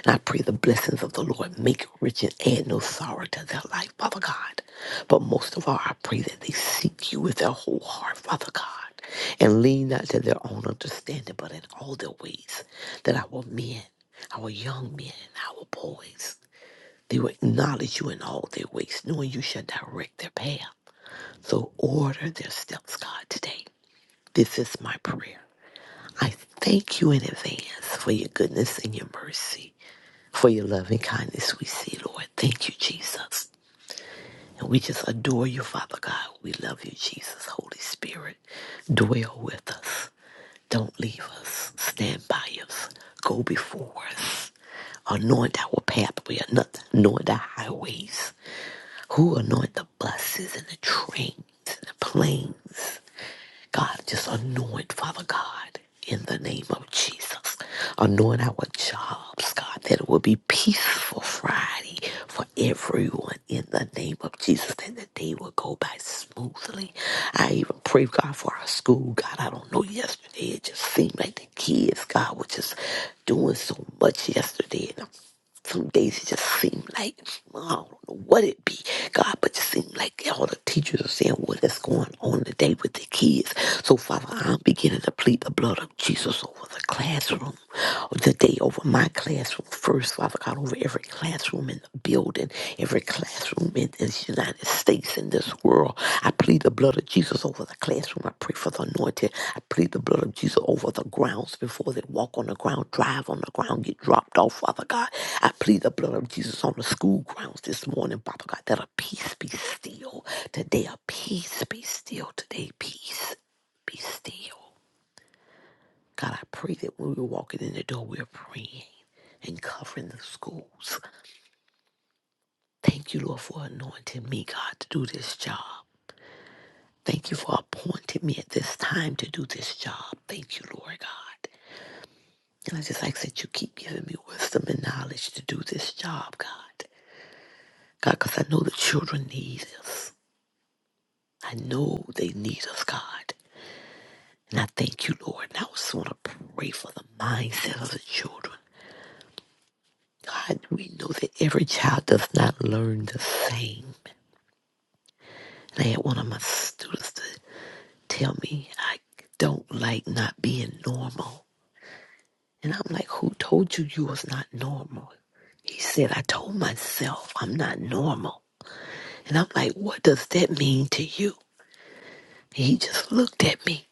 Speaker 2: And I pray the blessings of the Lord make it rich and add no sorrow to their life, Father God. But most of all, I pray that they seek you with their whole heart, Father God, and lean not to their own understanding, but in all their ways, that our men, our young men, and our boys, they will acknowledge you in all their ways, knowing you shall direct their path. So order their steps, God, today. This is my prayer. I thank you in advance for your goodness and your mercy, for your loving kindness we see, Lord. Thank you, Jesus. And we just adore you, Father God. We love you, Jesus. Holy Spirit, dwell with us. Don't leave us. Stand by us. Go before us. Anoint our pathway, anoint the highways. Who anoint the buses and the trains and the planes? God, just anoint, Father God, in the name of Jesus. Anoint our jobs, God, that it will be peaceful Friday for everyone in the name of Jesus, that the day will go by smoothly. I even pray, God, for our school. God, I don't know, yesterday it just seemed like the kids, God, were just doing so much yesterday. Some days it just seemed like I don't know what it be, God, but it just seemed like all the teachers are saying what is going on today with the kids. So Father, I'm beginning to plead the blood of Jesus over the classroom today, over my classroom first, Father God, over every classroom in the building, every classroom in this United States in this world. I plead the blood of Jesus over the classroom. I pray for the anointed. I plead the blood of Jesus over the grounds before they walk on the ground, drive on the ground, get dropped off, Father God. I plead the blood of Jesus on the school grounds this morning, Father God, that a peace be still today, a peace be still today, peace be still. God, I pray that when we're walking in the door, we're praying and covering the schools. Thank you, Lord, for anointing me, God, to do this job. Thank you for appointing me at this time to do this job. Thank you, Lord God. And I just ask that you keep giving me wisdom and knowledge to do this job, God. God, because I know the children need us. I know they need us, God. And I thank you, Lord. And I also want to pray for the mindset of the children. God, we know that every child does not learn the same. And I had one of my students to tell me I don't like not being normal. And I'm like, who told you you was not normal? He said, I told myself I'm not normal. And I'm like, what does that mean to you? And he just looked at me.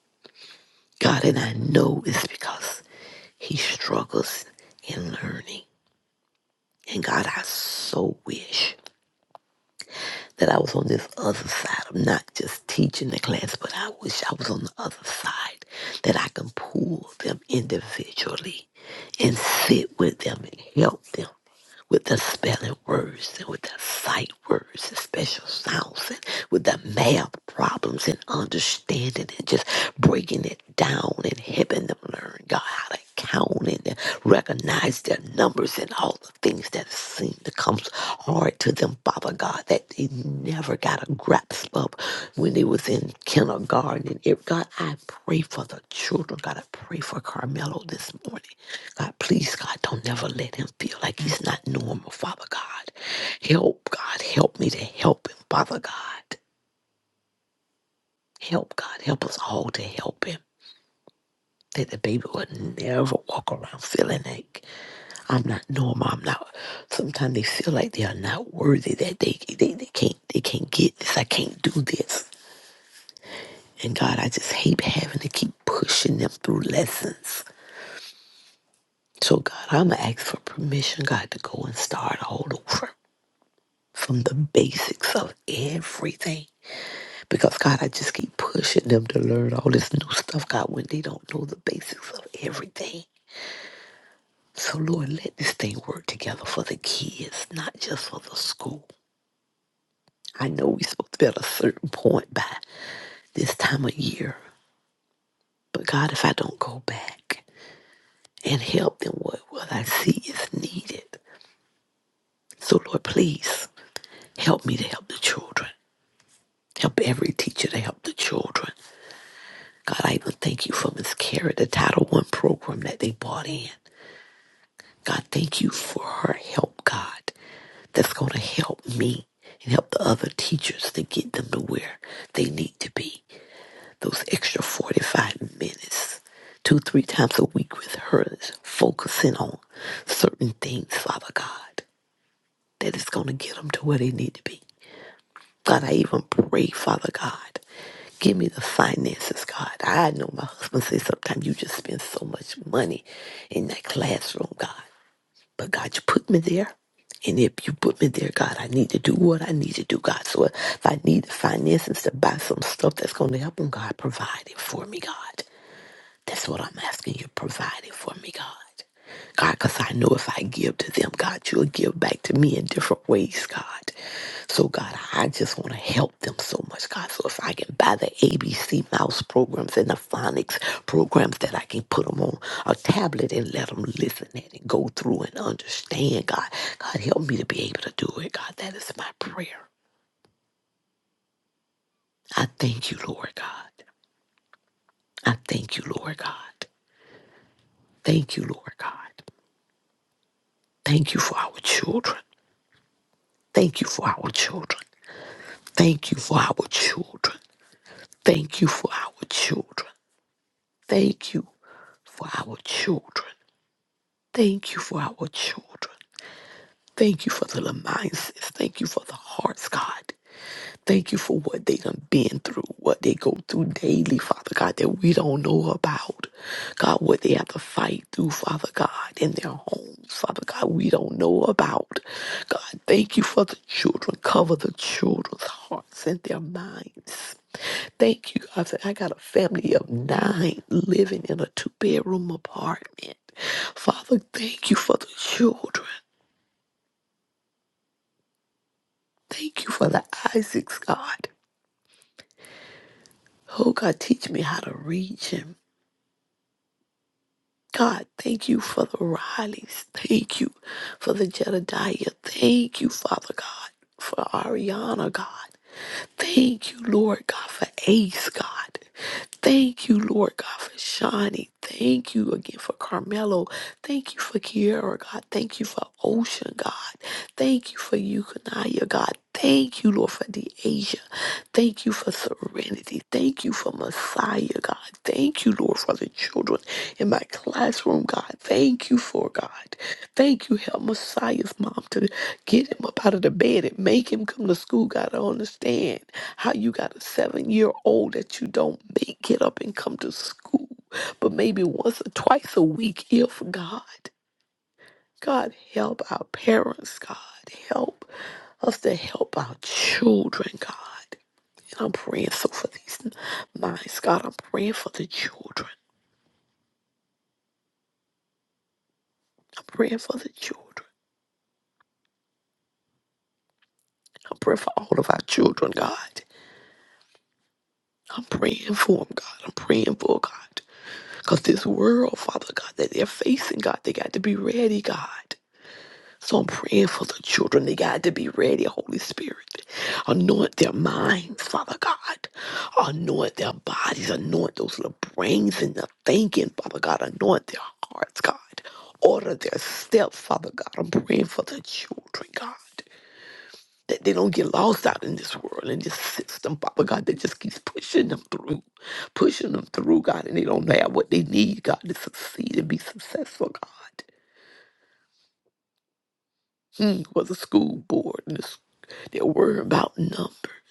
Speaker 2: God, and I know it's because he struggles in learning. And God, I so wish that I was on this other side of not just teaching the class, but I wish I was on the other side that I can pull them individually and sit with them and help them. with the spelling words and with the sight words and special sounds and with the math problems and understanding and just breaking it down and helping them learn God how to count and recognize their numbers and all the things that seem to come hard to them, Father God, that they never got a grasp of when they was in kindergarten. And if God, I pray for the children. God, I pray for Carmelo this morning. God, please, God, don't never let him feel like he's not normal, Father God. Help, God, help me to help him, Father God. Help, God, help us all to help him. That the baby would never walk around feeling like I'm not normal. I'm not. Sometimes they feel like they are not worthy. That they they, they can't they can't get this. I can't do this. And God, I just hate having to keep pushing them through lessons. So God, I'ma ask for permission, God, to go and start all over. from the basics of everything. Because God, I just keep pushing them to learn all this new stuff, God, when they don't know the basics of everything. So Lord, let this thing work together for the kids, not just for the school. I know we're supposed to be at a certain point by this time of year. But God, if I don't go back and help them, what, what I see is needed. So Lord, please help me to help the children. Help every teacher to help the children. God, I even thank you for Miss Kara, the Title One program that they bought in. God, thank you for her help, God, that's going to help me and help the other teachers to get them to where they need to be. Those extra 45 minutes, two, three times a week with her, focusing on certain things, Father God, that is going to get them to where they need to be. God, I even pray, Father God, give me the finances, God. I know my husband says sometimes you just spend so much money in that classroom, God. But God, you put me there. And if you put me there, God, I need to do what I need to do, God. So if I need the finances to buy some stuff that's going to help them, God, provide it for me, God. That's what I'm asking you, provide it for me, God. God, because I know if I give to them, God, you'll give back to me in different ways, God. So, God, I just want to help them so much, God. So, if I can buy the ABC mouse programs and the phonics programs that I can put them on a tablet and let them listen at it, go through and understand, God. God, help me to be able to do it, God. That is my prayer. I thank you, Lord God. I thank you, Lord God. Thank you, Lord God. Thank you for our children. Thank you for our children. Thank you for our children. Thank you for our children. Thank you for our children. Thank you for our children. Thank you for the mindsets. Thank you for the hearts, God. Thank you for what they done been through, what they go through daily, Father God, that we don't know about. God, what they have to fight through, Father God, in their homes, Father God, we don't know about. God, thank you for the children. Cover the children's hearts and their minds. Thank you. I said, I got a family of nine living in a two bedroom apartment. Father, thank you for the children. Thank you for the Isaacs, God. Oh, God, teach me how to reach him. God, thank you for the Rileys. Thank you for the Jedediah. Thank you, Father God, for Ariana, God. Thank you, Lord God, for Ace, God. Thank you, Lord God, for Shawnee. Thank you again for Carmelo. Thank you for Kiara, God. Thank you for Ocean, God. Thank you for Eukanaya, God. Thank you, Lord, for the Asia. Thank you for Serenity. Thank you for Messiah, God. Thank you, Lord, for the children in my classroom, God. Thank you for God. Thank you. Help Messiah's mom to get him up out of the bed and make him come to school. God, I understand how you got a seven year old that you don't make get up and come to school, but maybe once or twice a week, if God. God, help our parents, God. Help us to help our children, God. And I'm praying so for these minds, God. I'm praying for the children. I'm praying for the children. I'm praying for all of our children, God. I'm praying for them, God. I'm praying for God. Because this world, Father God, that they're facing, God, they got to be ready, God. So I'm praying for the children. They got to be ready, Holy Spirit. Anoint their minds, Father God. Anoint their bodies. Anoint those little brains and the thinking, Father God. Anoint their hearts, God. Order their steps, Father God. I'm praying for the children, God. that they don't get lost out in this world and this system, Father God, that just keeps pushing them through, pushing them through, God, and they don't have what they need, God, to succeed and be successful, God. Hmm, for the school board and the they're worried about numbers.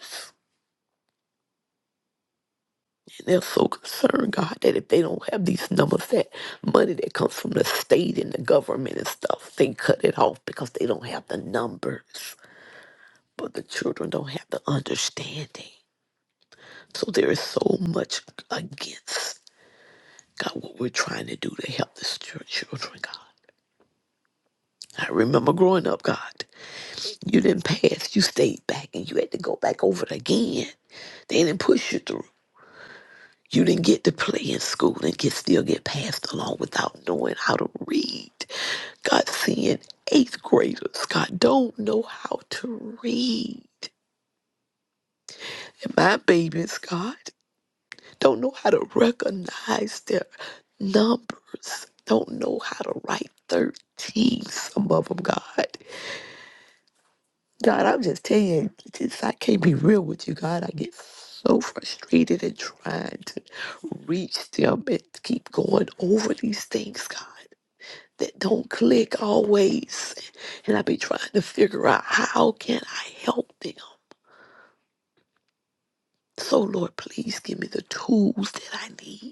Speaker 2: And they're so concerned, God, that if they don't have these numbers, that money that comes from the state and the government and stuff, they cut it off because they don't have the numbers. But the children don't have the understanding. So there is so much against. God, what we're trying to do to help the chil- children, God. I remember growing up, God, you didn't pass. You stayed back and you had to go back over it again. They didn't push you through. You didn't get to play in school and get still get passed along without knowing how to read. God, seeing eighth graders, God, don't know how to read. And my babies, God. don't know how to recognize their numbers, don't know how to write 13, some of them, God. God, I'm just telling you, just, I can't be real with you, God. I get so frustrated and trying to reach them and keep going over these things, God, that don't click always. And I be trying to figure out how can I help them. So, Lord, please give me the tools that I need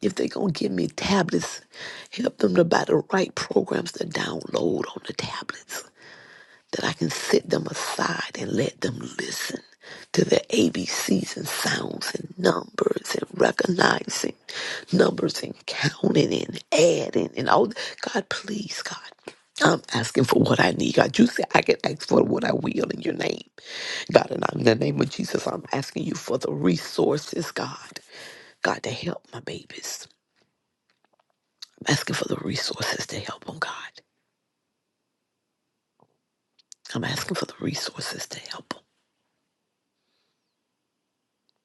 Speaker 2: If they're going to give me tablets, help them to buy the right programs to download on the tablets that I can set them aside and let them listen to their ABCs and sounds and numbers and recognizing numbers and counting and adding and all. God, please, God. I'm asking for what I need, God. You say I can ask for what I will in your name. God, and I'm- in the name of Jesus, I'm asking you for the resources, God, God, to help my babies. I'm asking for the resources to help them, God. I'm asking for the resources to help them.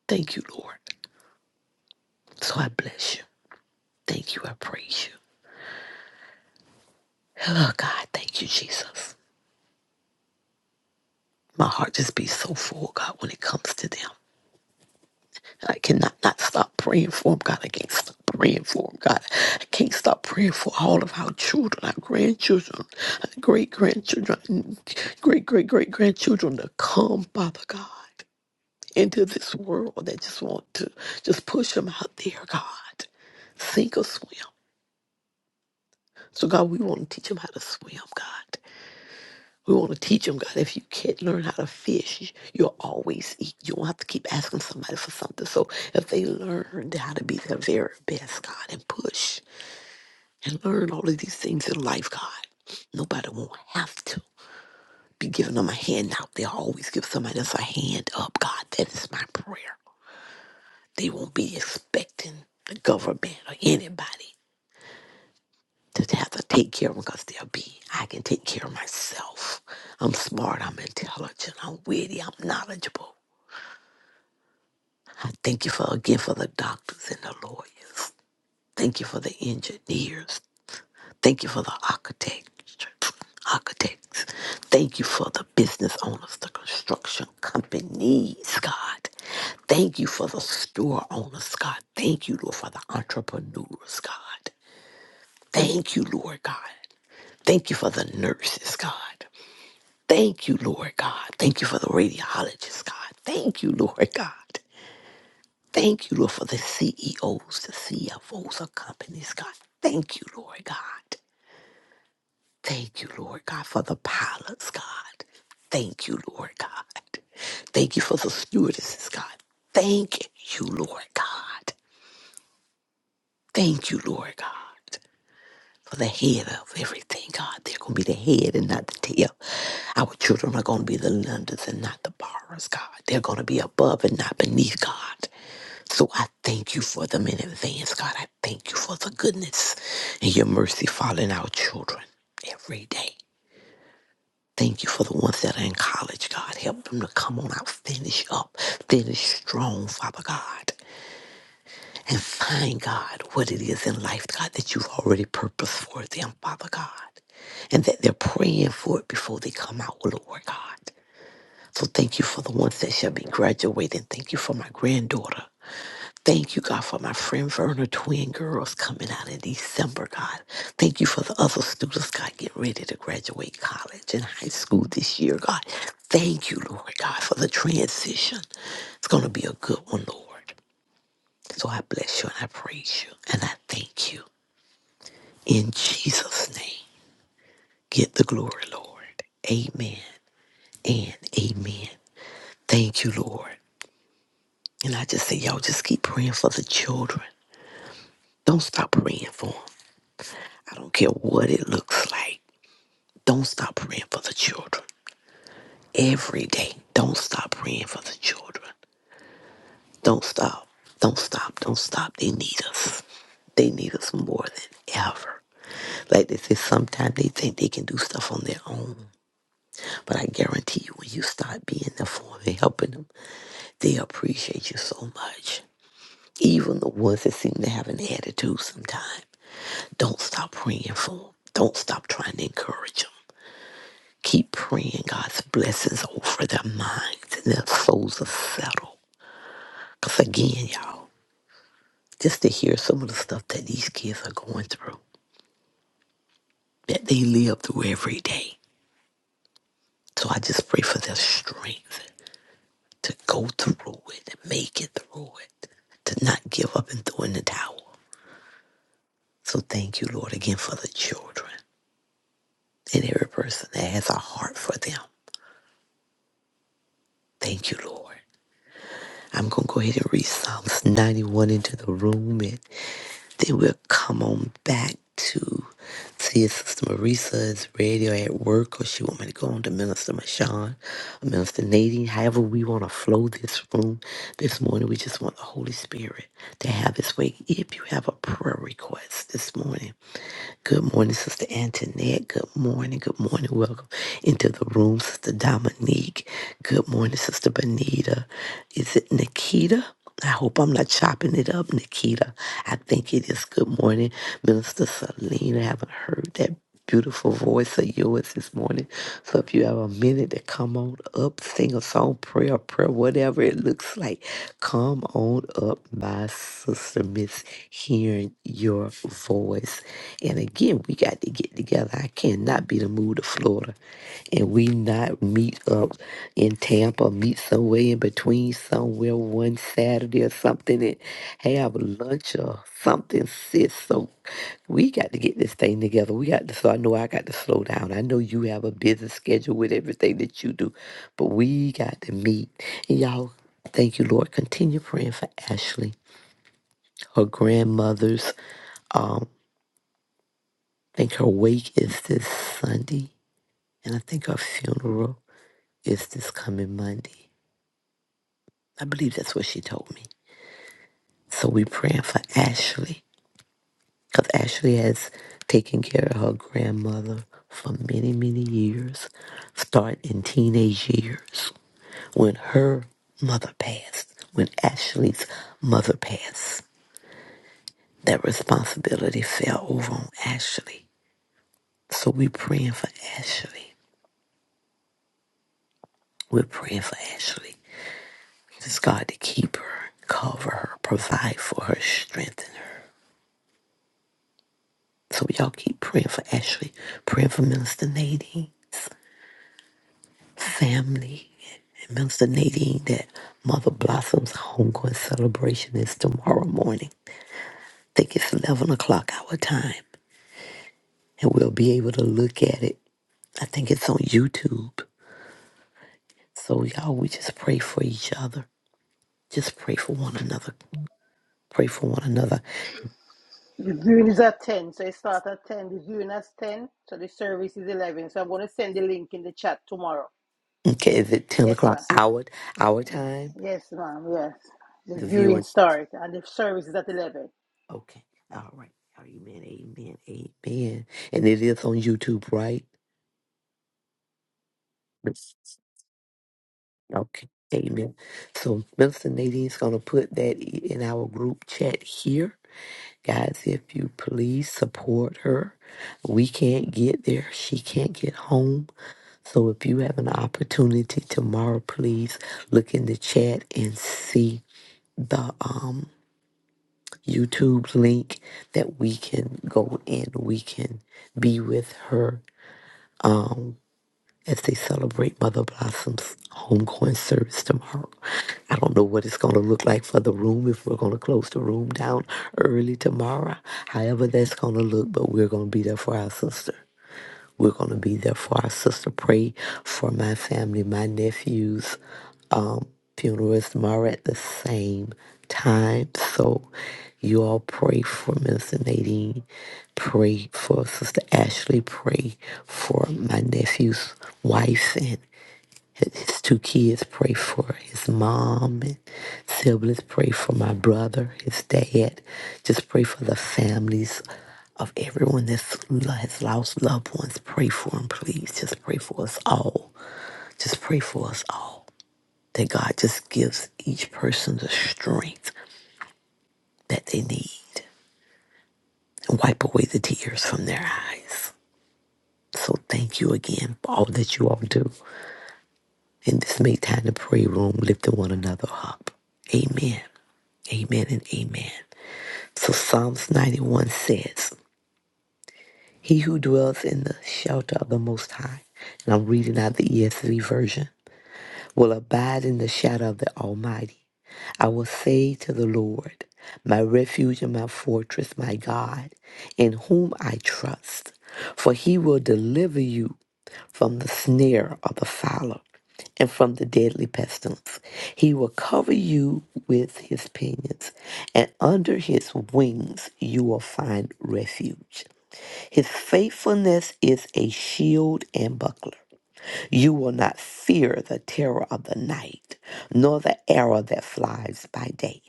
Speaker 2: Thank you, Lord. So I bless you. Thank you. I praise you. Oh, God, thank you, Jesus. My heart just be so full, God, when it comes to them. I cannot not stop praying for them, God. I can't stop praying for them, God. I can't stop praying for all of our children, our grandchildren, great grandchildren, great great great grandchildren to come, Father God. into this world that just want to just push them out there, God. Sink or swim. So, God, we want to teach them how to swim, God. We want to teach them, God, if you can't learn how to fish, you'll always eat. You don't have to keep asking somebody for something. So, if they learn how to be their very best, God, and push and learn all of these things in life, God, nobody won't have to be giving them a hand out. They'll always give somebody else a hand up, God. That is my prayer. They won't be expecting the government or anybody to have to take care of them because they'll be, I can take care of myself. I'm smart, I'm intelligent, I'm witty, I'm knowledgeable. I thank you for again for the doctors and the lawyers. Thank you for the engineers. Thank you for the architects. Architects. Thank you for the business owners, the construction companies, God. Thank you for the store owners, God. Thank you, Lord, for the entrepreneurs, God. Thank you, Lord God. Thank you for the nurses, God. Thank you, Lord God. Thank you for the radiologists, God. Thank you, Lord God. Thank you, Lord, for the CEOs, the CFOs of companies, God. Thank you, Lord God. Thank you, Lord God, for the pilots, God. Thank you, Lord God. Thank you for the stewardesses, God. Thank you, Lord God. Thank you, Lord God. for the head of everything, God. They're going to be the head and not the tail. Our children are going to be the lenders and not the borrowers, God. They're going to be above and not beneath, God. So I thank you for them in advance, God. I thank you for the goodness and your mercy following our children every day. Thank you for the ones that are in college, God. Help them to come on out, finish up, finish strong, Father God and find God what it is in life, God, that you've already purposed for them, Father God, and that they're praying for it before they come out, Lord God. So thank you for the ones that shall be graduating. Thank you for my granddaughter. Thank you, God, for my friend Verna twin girls coming out in December, God. Thank you for the other students, God, getting ready to graduate college and high school this year, God. Thank you, Lord God, for the transition. It's going to be a good one, Lord. So I bless you and I praise you and I thank you. In Jesus' name, get the glory, Lord. Amen and amen. Thank you, Lord. And I just say, y'all just keep praying for the children. Don't stop praying for them. I don't care what it looks like. Don't stop praying for the children. Every day, don't stop praying for the children. Don't stop. Don't stop. Don't stop. They need us. They need us more than ever. Like they say, sometimes they think they can do stuff on their own. But I guarantee you, when you start being there for them and helping them, they appreciate you so much. Even the ones that seem to have an attitude sometimes, don't stop praying for them. Don't stop trying to encourage them. Keep praying God's blessings over their minds and their souls are settled. Because again, y'all, just to hear some of the stuff that these kids are going through, that they live through every day. So I just pray for their strength. to go through it and make it through it, to not give up and throw in the towel. So thank you, Lord, again for the children and every person that has a heart for them. Thank you, Lord. I'm going to go ahead and read Psalms 91 into the room. and. Then we'll come on back to see if Sister Marisa is ready or at work or she want me to go on to Minister Mashawn or Minister Nadine. However we want to flow this room this morning, we just want the Holy Spirit to have his way. If you have a prayer request this morning, Good morning, Sister Antoinette. Good morning. Good morning. Welcome into the room, Sister Dominique. Good morning, Sister Benita. Is it Nikita? I hope I'm not chopping it up, Nikita. I think it is. Good morning, Minister Selena. I haven't heard that beautiful voice of yours this morning. So if you have a minute to come on up, sing a song, prayer, prayer, whatever it looks like, come on up, my sister. Miss hearing your voice. And again, we got to get together. I cannot be the mood of Florida and we not meet up in Tampa, meet somewhere in between, somewhere one Saturday or something, and have lunch or something, sis. So we got to get this thing together. We got to. So I know I got to slow down. I know you have a busy schedule with everything that you do, but we got to meet. And y'all, thank you, Lord. Continue praying for Ashley, her grandmother's. Um, I think her wake is this Sunday, and I think her funeral is this coming Monday. I believe that's what she told me. So we're praying for Ashley because Ashley has taken care of her grandmother for many, many years, starting in teenage years when her mother passed, when Ashley's mother passed. That responsibility fell over on Ashley. So we're praying for Ashley. We're praying for Ashley. Just God to keep her, cover her, provide for her, strengthen her. So y'all keep praying for Ashley, praying for Minister Nadine's family, and Minister Nadine that Mother Blossom's homegoing celebration is tomorrow morning. I think it's 11 o'clock our time, and we'll be able to look at it. I think it's on YouTube. So y'all, we just pray for each other. Just pray for one another. Pray for one another.
Speaker 1: The viewing is at 10, so it starts at 10. The viewing is 10, so the service is 11. So I'm going to send the link in the chat tomorrow.
Speaker 2: Okay, is it 10
Speaker 1: Yes,
Speaker 2: o'clock
Speaker 1: ma'am.
Speaker 2: our, our time?
Speaker 1: Yes, ma'am. Yes. The
Speaker 2: The
Speaker 1: viewing
Speaker 2: viewing.
Speaker 1: starts and the service is at 11.
Speaker 2: Okay. All right. Amen. Amen. Amen. And it is on YouTube, right? Yes. Okay. Amen. So Minister Nadine's gonna put that i- in our group chat here. Guys, if you please support her. We can't get there. She can't get home. So if you have an opportunity tomorrow, please look in the chat and see the um, YouTube link that we can go and we can be with her um, as they celebrate Mother Blossom's homegoing service tomorrow. I don't know what it's going to look like for the room, if we're going to close the room down early tomorrow, however that's going to look, but we're going to be there for our sister. We're going to be there for our sister. Pray for my family, my nephews. Um, funeral is tomorrow at the same time. So you all pray for Minister Nadine. Pray for Sister Ashley. Pray for my nephew's wife and. His two kids pray for his mom and siblings, pray for my brother, his dad. Just pray for the families of everyone that has lost loved ones. Pray for them, please. Just pray for us all. Just pray for us all. That God just gives each person the strength that they need and wipe away the tears from their eyes. So thank you again for all that you all do in this Make Time to Pray room, lifting one another up. Amen. Amen and amen. So Psalms 91 says, He who dwells in the shelter of the Most High, and I'm reading out the ESV version, will abide in the shadow of the Almighty. I will say to the Lord, my refuge and my fortress, my God, in whom I trust. For he will deliver you from the snare of the fowler and from the deadly pestilence. He will cover you with his pinions, and under his wings you will find refuge. His faithfulness is a shield and buckler. You will not fear the terror of the night, nor the arrow that flies by day,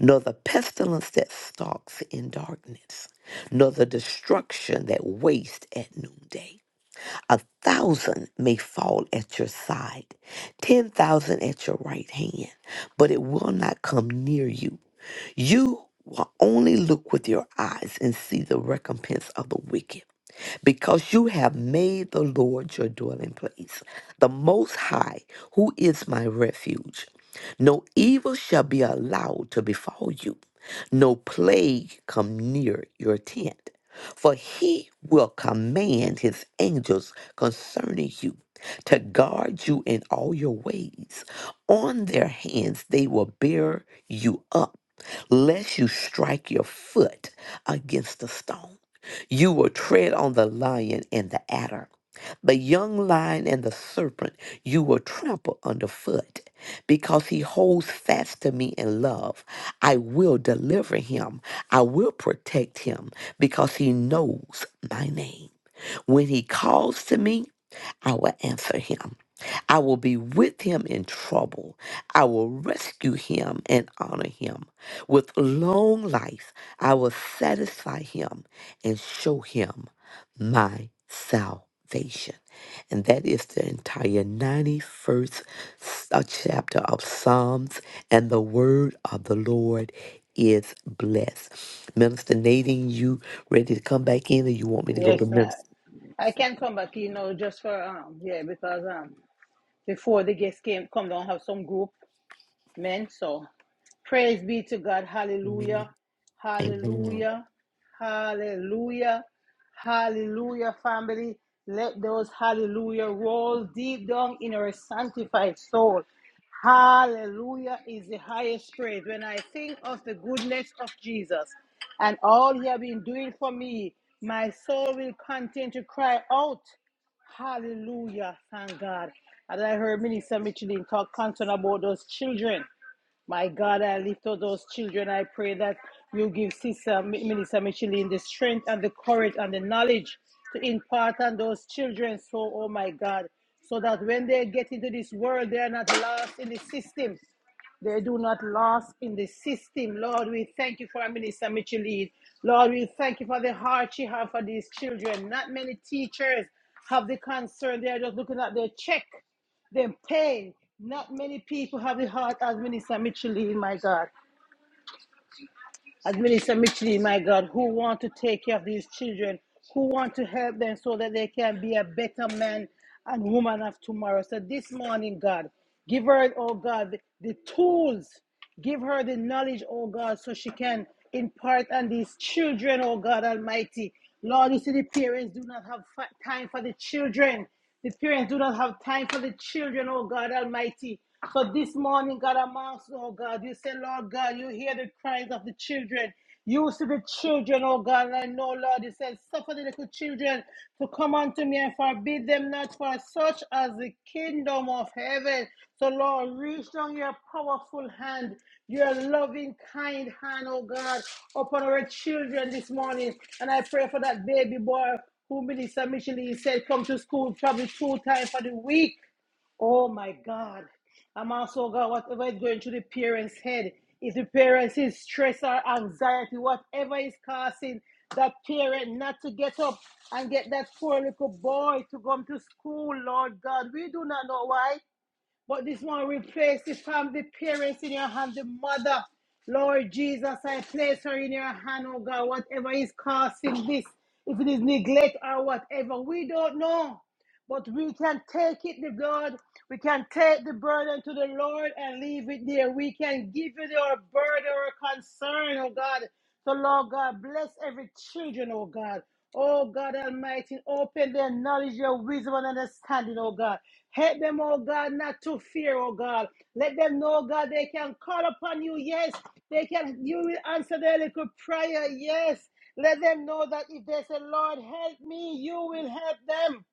Speaker 2: nor the pestilence that stalks in darkness, nor the destruction that wastes at noonday. A thousand may fall at your side, ten thousand at your right hand, but it will not come near you. You will only look with your eyes and see the recompense of the wicked because you have made the Lord your dwelling place, the Most High, who is my refuge. No evil shall be allowed to befall you, no plague come near your tent. For he will command his angels concerning you to guard you in all your ways. On their hands they will bear you up, lest you strike your foot against a stone. You will tread on the lion and the adder. The young lion and the serpent you will trample underfoot. Because he holds fast to me in love, I will deliver him. I will protect him because he knows my name. When he calls to me, I will answer him. I will be with him in trouble. I will rescue him and honor him. With long life, I will satisfy him and show him my salvation. And that is the entire 91st s- uh, chapter of Psalms. And the word of the Lord is blessed. Minister Nadine, you ready to come back in, or you want me to go to Minister?
Speaker 1: You know. because before the guests came, come down have some group men. So Praise be to God.
Speaker 2: Amen.
Speaker 1: Hallelujah.
Speaker 2: Amen.
Speaker 1: Hallelujah. Hallelujah. Hallelujah, family. Let those hallelujah roll deep down in our sanctified soul. Hallelujah is the highest praise. When I think of the goodness of Jesus and all he has been doing for me, my soul will continue to cry out. Hallelujah. Thank God. And I heard Minister Michelin talk concern about those children. My God, I lift up those children. I pray that you give Sister Minister Micheline the strength and the courage and the knowledge to impart on those children. So, oh my God, so that when they get into this world, they are not lost in the system. They do not lost in the system. Lord, we thank you for our Minister Micheline. Lord, we thank you for the heart she has for these children. Not many teachers have the concern. They are just looking at their check them pain. Not many people have the heart as Minister Micheline, my God, as Minister Micheline, my God, who want to take care of these children, who want to help them so that they can be a better man and woman of tomorrow. So this morning, God, give her, oh God, the, the tools Give her the knowledge, oh God, so she can impart on these children, oh God Almighty. Lord, you see, the parents do not have time for the children. The parents do not have time for the children, oh God Almighty. So this morning, God, amongst, oh God, you say, Lord God, you hear the cries of the children. You see the children, oh God, and I know, Lord, you said, suffer the little children to come unto me and forbid them not for such as the kingdom of heaven. So, Lord, reach down your powerful hand, your loving, kind hand, oh God, upon our children this morning. And I pray for that baby boy who Minister Michele said come to school probably two times for the week. Oh my God. I'm also, oh God, whatever is going through the parents' head, if the parents is stress or anxiety, whatever is causing that parent not to get up and get that poor little boy to come to school, Lord God, we do not know why. But this one replace it from the parents in your hand, the mother. Lord Jesus, I place her in your hand, oh God, whatever is causing this, if it is neglect or whatever, we don't know. But we can take it, the God. We can take the burden to the Lord and leave it there. We can give it our burden or concern, oh God. So, Lord God, bless every children, oh God. Oh God Almighty, open their knowledge, your wisdom, and understanding, oh God. Help them, oh God, not to fear, oh God. Let them know, oh God, they can call upon you. Yes, they can. You will answer their little prayer. Yes. Let them know that if they say, Lord, help me, you will help them.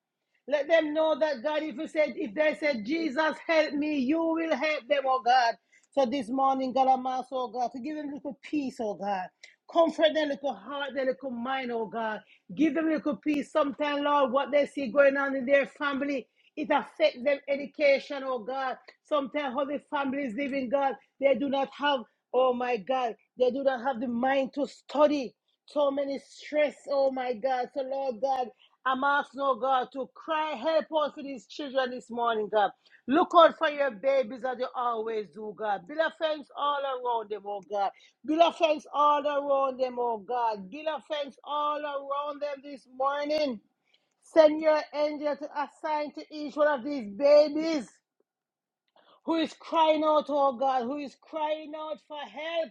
Speaker 1: Let them know that God, if you said, if they said, Jesus, help me, you will help them, oh God. So this morning, God, I'm asked, oh God, to give them a little peace, oh God. Comfort their little heart, their little mind, oh God. Give them a little peace. Sometimes, Lord, what they see going on in their family, it affects them education, oh God. Sometimes how the families live in God, they do not have, oh my God, they do not have the mind to study so many stress. Oh my God. So Lord God, I'm asking, oh God, to cry, help out for these children this morning, God. Look out for your babies as you always do, God. Build a fence all around them, oh God. Build a fence all around them, oh God. Build a fence all around them this morning. Send your angel to assign to each one of these babies who is crying out, oh God, who is crying out for help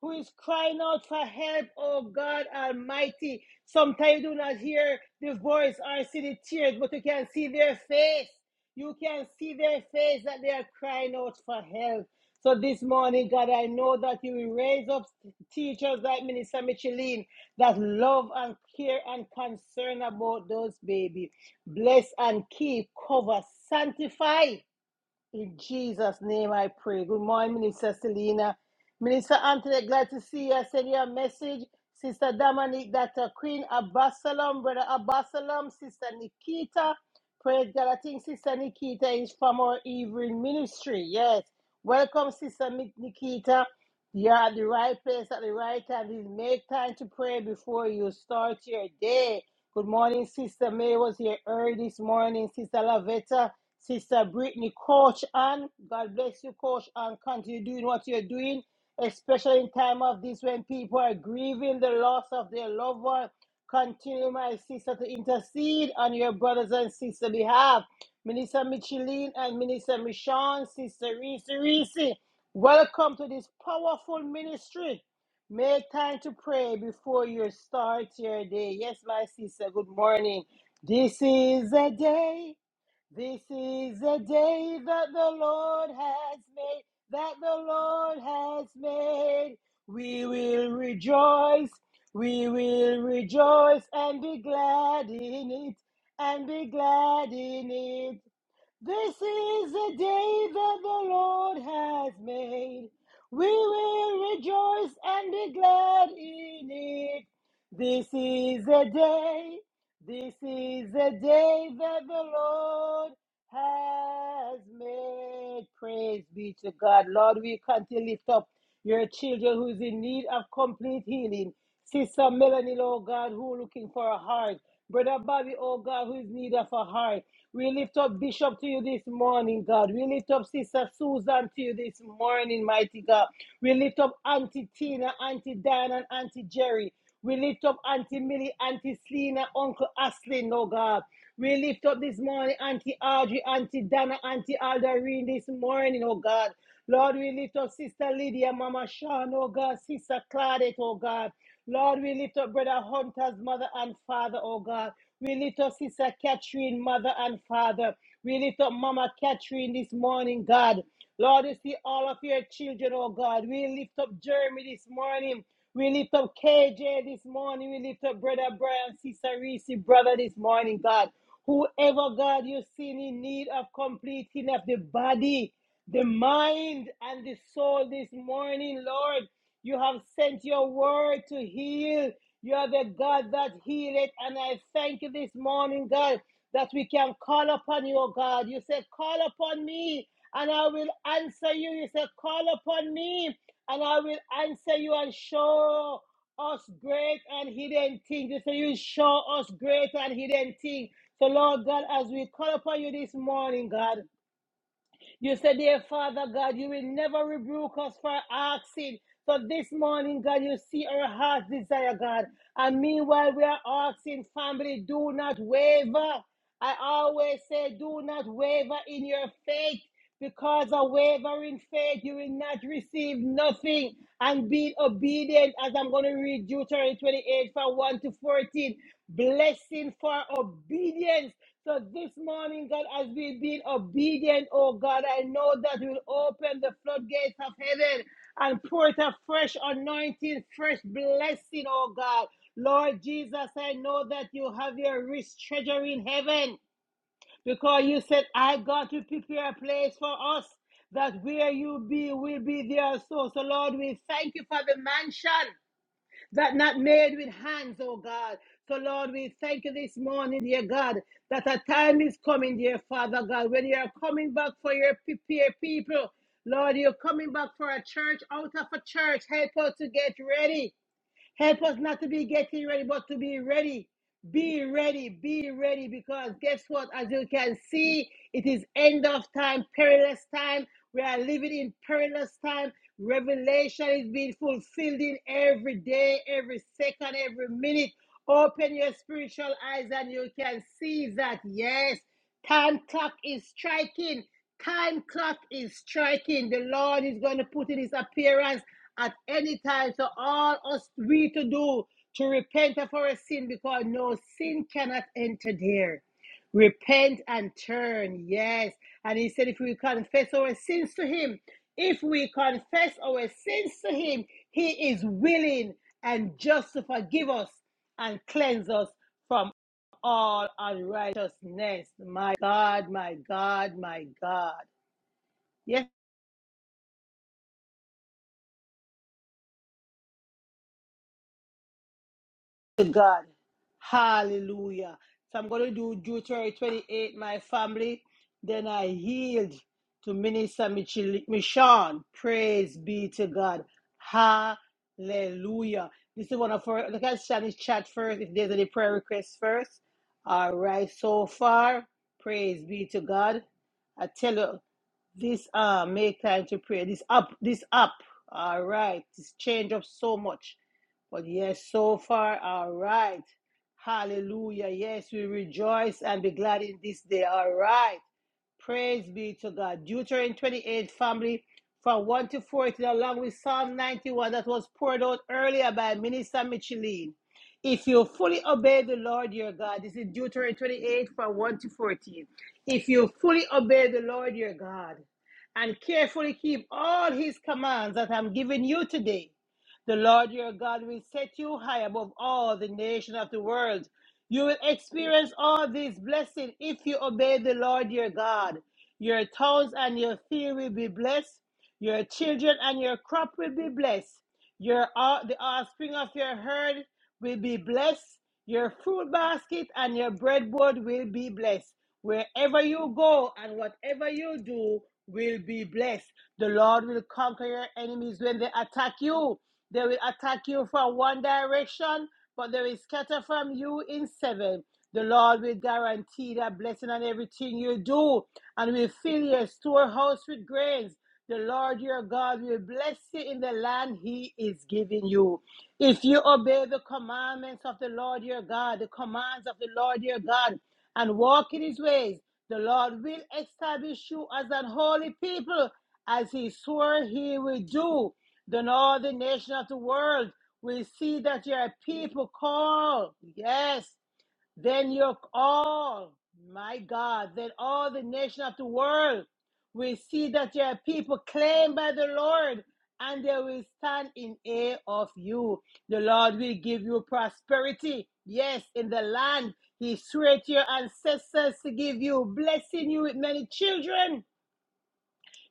Speaker 1: who is crying out for help, oh God Almighty. Sometimes you do not hear the voice or see the tears, but you can see their face. You can see their face that they are crying out for help. So this morning, God, I know that you will raise up teachers like Minister Micheline that love and care and concern about those babies. Bless and keep, cover, sanctify. In Jesus' name I pray. Good morning, Minister Selena. Minister Anthony, glad to see you. I send you a message. Sister Dominique, Dr. Queen Abbasalam, Brother Abbasalam, Sister Nikita. Praise God. I think Sister Nikita is from our evening ministry. Yes. Welcome, Sister Mi- Nikita. You're at the right place at the right time. Please make time to pray before you start your day. Good morning, Sister May was here early this morning. Sister Lavetta. Sister Brittany, Coach Ann, God bless you, Coach Ann. Continue doing what you're doing, especially in time of this when people are grieving the loss of their loved one. Continue, my sister, to intercede on your brothers and sisters' behalf. Minister Micheline and Minister Michonne, Sister Reese Reese, welcome to this powerful ministry. Make time to pray before you start your day. Yes, my sister, good morning. This is a day this is a day that the Lord has made, that the Lord has made. We will rejoice, we will rejoice and be glad in it, and be glad in it. This is the day that the Lord has made. We will rejoice and be glad in it. This is the day, this is the day that the Lord has made. Praise be to God. Lord, we can to lift up your children who's in need of complete healing. Sister Melanie, oh God, who looking for a heart. Brother Bobby, oh God, who is in need of a heart. We lift up Bishop to you this morning, God. We lift up Sister Susan to you this morning, mighty God. We lift up Auntie Tina, Auntie Diane, and Auntie Jerry. We lift up Auntie Millie, Auntie Selena, Uncle Aslin, oh God. We lift up this morning Auntie Audrey, Auntie Dana, Auntie Aldarine this morning, oh God. Lord, we lift up Sister Lydia, Mama Sean, oh God, Sister Claudette, oh God. Lord, we lift up Brother Hunter's mother and father, oh God. We lift up Sister Catherine, mother and father. We lift up Mama Catherine this morning, God. Lord, you see all of your children, oh God. We lift up Jeremy this morning. We lift up KJ this morning. We lift up Brother Brian, Sister Reese, brother this morning, God. Whoever, God, you see in need of complete healing of the body, the mind, and the soul this morning, Lord. You have sent your word to heal you are the God that healeth, and I thank you this morning, God, that we can call upon you, oh God. You said, Call upon me, and I will answer you. You said, Call upon me, and I will answer you and show us great and hidden things. You said, You show us great and hidden things. So, Lord God, as we call upon you this morning, God, you said, dear Father God, you will never rebuke us for asking. So this morning, God, you see our heart's desire, God. And meanwhile, we are asking, family, do not waver. I always say, do not waver in your faith because of wavering faith, you will not receive nothing. And be obedient, as I'm going to read Deuteronomy 28 from 1 to 14. Blessing for obedience so this morning, God, as we've been obedient, oh God, I know that you'll open the floodgates of heaven and pour it a fresh anointing, fresh blessing, oh God. Lord Jesus, I know that you have your rich treasure in heaven because you said, I got to prepare a place for us that where you be will be there also. So, Lord, we thank you for the mansion that not made with hands, oh God. So, Lord, we thank you this morning, dear God, that a time is coming, dear Father God, when you are coming back for your pe- pe- people. Lord, you're coming back for a church out of a church. Help us to get ready. Help us not to be getting ready, but to be ready. Be ready, be ready, because guess what? As you can see, it is end of time, perilous time. We are living in perilous time. Revelation is being fulfilled in every day, every second, every minute. Open your spiritual eyes and you can see that, yes, time clock is striking. Time clock is striking. The Lord is going to put in his appearance at any time. So all us we to do to repent of our sin because no sin cannot enter there. Repent and turn, yes. And he said, if we confess our sins to him, if we confess our sins to him, he is willing and just to forgive us and cleanse us from all unrighteousness. My God, my God, my God. Yes. to God. Hallelujah. So I'm going to do Deuteronomy 28, my family. Then I yield to Minister Michel- Michon. Praise be to God. Hallelujah. This is one of our, look at Shani's chat first. If there's any prayer requests first. All right, so far, praise be to God. I tell you, this uh, make time to pray. This up, this up. All right, this change up so much. But yes, so far, all right. Hallelujah. Yes, we rejoice and be glad in this day. All right. Praise be to God. Deuteronomy 28, family, from 1 to 14, along with Psalm 91 that was poured out earlier by Minister Micheline. If you fully obey the Lord your God, this is Deuteronomy 28, from 1 to 14. If you fully obey the Lord your God and carefully keep all his commands that I'm giving you today, the Lord your God will set you high above all the nations of the world. You will experience all these blessings if you obey the Lord your God. Your towns and your field will be blessed. Your children and your crop will be blessed. Your all the offspring of your herd will be blessed. Your fruit basket and your breadboard will be blessed. Wherever you go and whatever you do will be blessed. The Lord will conquer your enemies when they attack you. They will attack you from one direction but there is scatter from you in seven. The Lord will guarantee that blessing on everything you do and will fill your storehouse with grains. The Lord your God will bless you in the land he is giving you. If you obey the commandments of the Lord your God, the commands of the Lord your God, and walk in his ways, the Lord will establish you as an holy people, as he swore he will do. Then all the nations of the world will see that your people call. Yes. Then your all, my God, then all the nation of the world will see that your people claimed by the Lord and they will stand in awe of you. The Lord will give you prosperity. Yes, in the land he swore to your ancestors to give you, blessing you with many children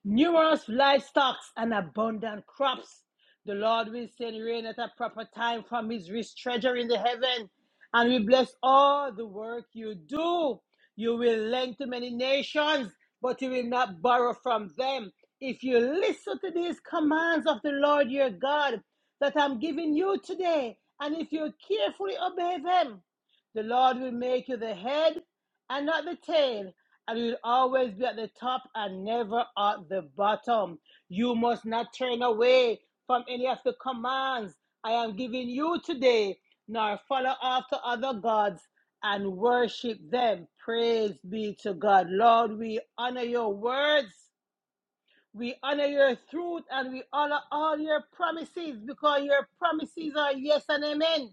Speaker 1: numerous livestock and abundant crops. The Lord will send rain at a proper time from his rich treasure in the heaven, and will bless all the work you do. You will lend to many nations, but you will not borrow from them. If you listen to these commands of the Lord your God that I'm giving you today, and if you carefully obey them, the Lord will make you the head and not the tail, and you will always be at the top and never at the bottom. You must not turn away from any of the commands I am giving you today, nor follow after other gods and worship them. Praise be to God. Lord, we honor your words. We honor your truth and we honor all your promises because your promises are yes and amen.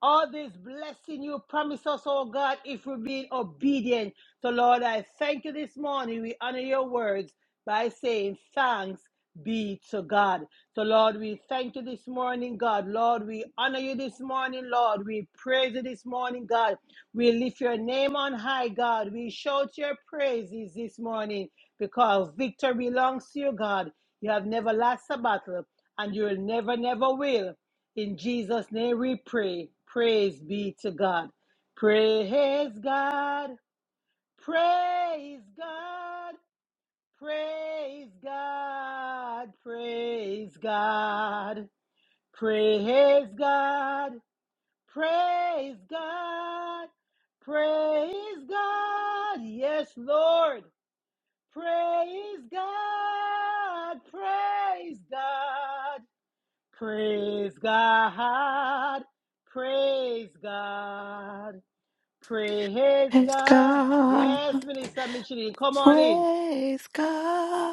Speaker 1: All this blessing you promise us, oh God, if we're being obedient. So, Lord, I thank you this morning. We honor your words by saying thanks be to God. So, Lord, we thank you this morning, God. Lord, we honor you this morning, Lord. We praise you this morning, God. We lift your name on high, God. We shout your praises this morning because victory belongs to you, God. You have never lost a battle and you will never, never will. In Jesus' name we pray. Praise be to God. Praise God. Praise God. Praise God. Praise God. Praise God. Praise God. Praise God. Yes, Lord. Praise God. Praise God. Praise God. Praise God. Praise
Speaker 2: Praise
Speaker 1: God.
Speaker 2: God.
Speaker 1: Yes, Minister Michelin, come on in.
Speaker 2: Praise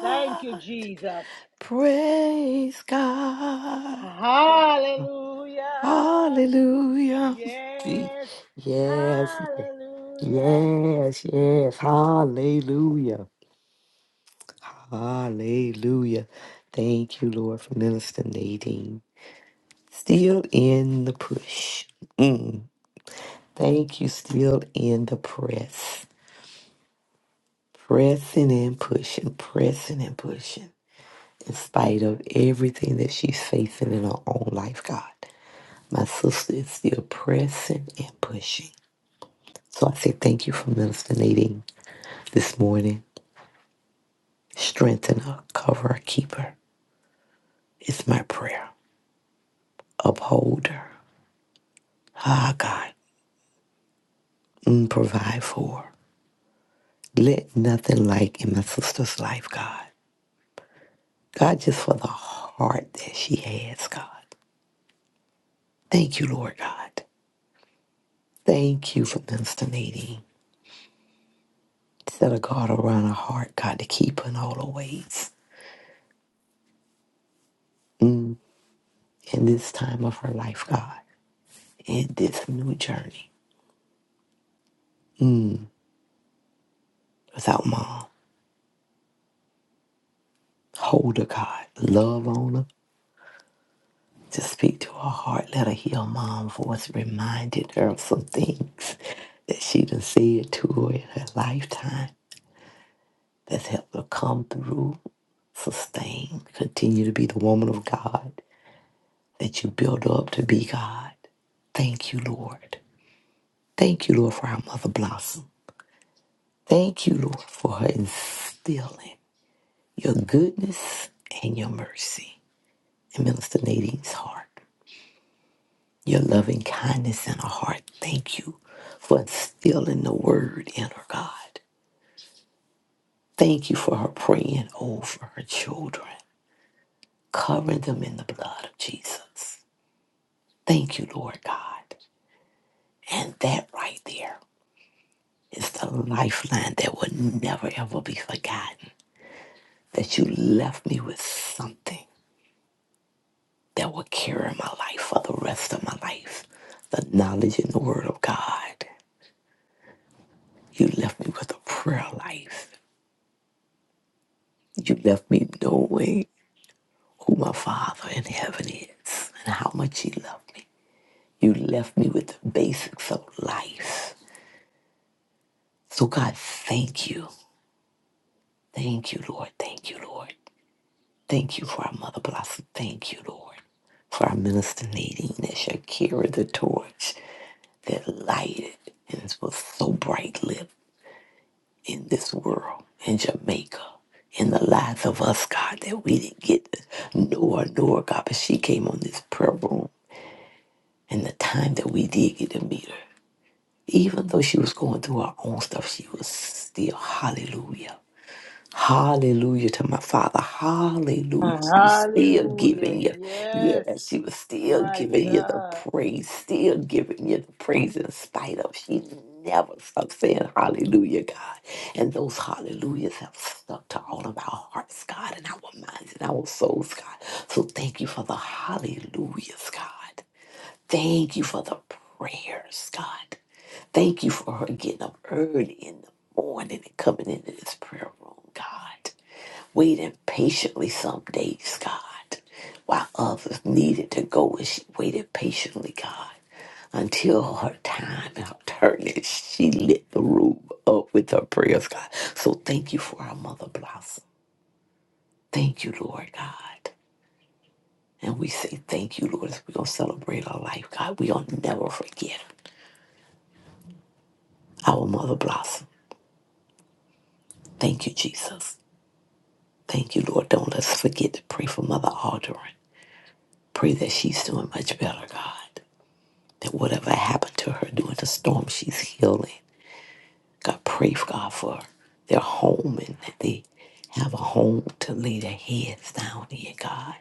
Speaker 1: Thank you, Jesus.
Speaker 2: Praise God.
Speaker 1: Hallelujah.
Speaker 2: Hallelujah. See,
Speaker 1: Yes.
Speaker 2: Yes,
Speaker 1: Hallelujah.
Speaker 2: yes, yes. Hallelujah. Hallelujah. Thank you, Lord, for Minister Nadine. Still in the push. Mm. Thank you, still in the press. Pressing and pushing, pressing and pushing. in spite of everything that she's facing in her own life, God. My sister is still pressing and pushing. So I say thank you for Minister Nadine this morning. Strengthen her, cover her, keep her. It's my prayer. Uphold her. Ah, God. Mm, provide for her. Let nothing like in my sister's life, God. God, just for the heart that she has, God. Thank you, Lord God. Thank you for Minister Nadine. Set a guard around her heart, God, to keep her in all her ways. Mm. In this time of her life, God, in this new journey without mom. Hold her, God. Love on her. Just speak to her heart. Let her hear mom's voice. Reminded her of some things that she done said to her in her lifetime that's helped her come through, sustain, continue to be the woman of God that you build up to be God. Thank you, Lord. Thank you, Lord, for our mother blossom. Thank you, Lord, for instilling your goodness and your mercy in Minister Nadine's heart, your loving kindness in her heart. Thank you for instilling the word in her, God. Thank you for her praying over her children, covering them in the blood of Jesus. Thank you, Lord God. And that right there is the lifeline that will never, ever be forgotten. That you left me with something that will carry my life for the rest of my life. The knowledge in the word of God. You left me with a prayer life. You left me knowing who my Father in heaven is and how much He loved me. You left me with the basics of life. So, God, thank you. Thank you, Lord. Thank you, Lord. Thank you for our Mother Blossom. Thank you, Lord. For our minister Nadine that shall carry the torch that lighted and was so brightly in this world, in Jamaica, in the lives of us, God, that we didn't get to know her, know her, God, but she came on this prayer room and the time that we did get to meet her. Even though she was going through her own stuff, she was still, hallelujah. Hallelujah to my Father. Hallelujah. She was still
Speaker 1: Hallelujah.
Speaker 2: giving you.
Speaker 1: Yes.
Speaker 2: Yes, she was still
Speaker 1: My
Speaker 2: giving you the
Speaker 1: God.
Speaker 2: praise, still giving you the praise in spite of. She never stopped saying hallelujah, God. And those hallelujahs have stuck to all of our hearts, God, and our minds and our souls, God. So thank you for the hallelujahs, God. Thank you for the prayers, God. Thank you for her getting up early in the morning and coming into this prayer room, God. Waiting patiently some days, God, while others needed to go and she waited patiently, God, until her time and her turn and she lit the room up with her prayers, God. So thank you for our mother blossom. Thank you, Lord God. And we say thank you, Lord, as we're going to celebrate our life, God. We're going to never forget our Mother Blossom. Thank you, Jesus. Thank you, Lord. Don't let us forget to pray for Mother Aldrin. Pray that she's doing much better, God. That whatever happened to her during the storm, she's healing. God, pray, God, for their home and that they have a home to lay their heads down in, God.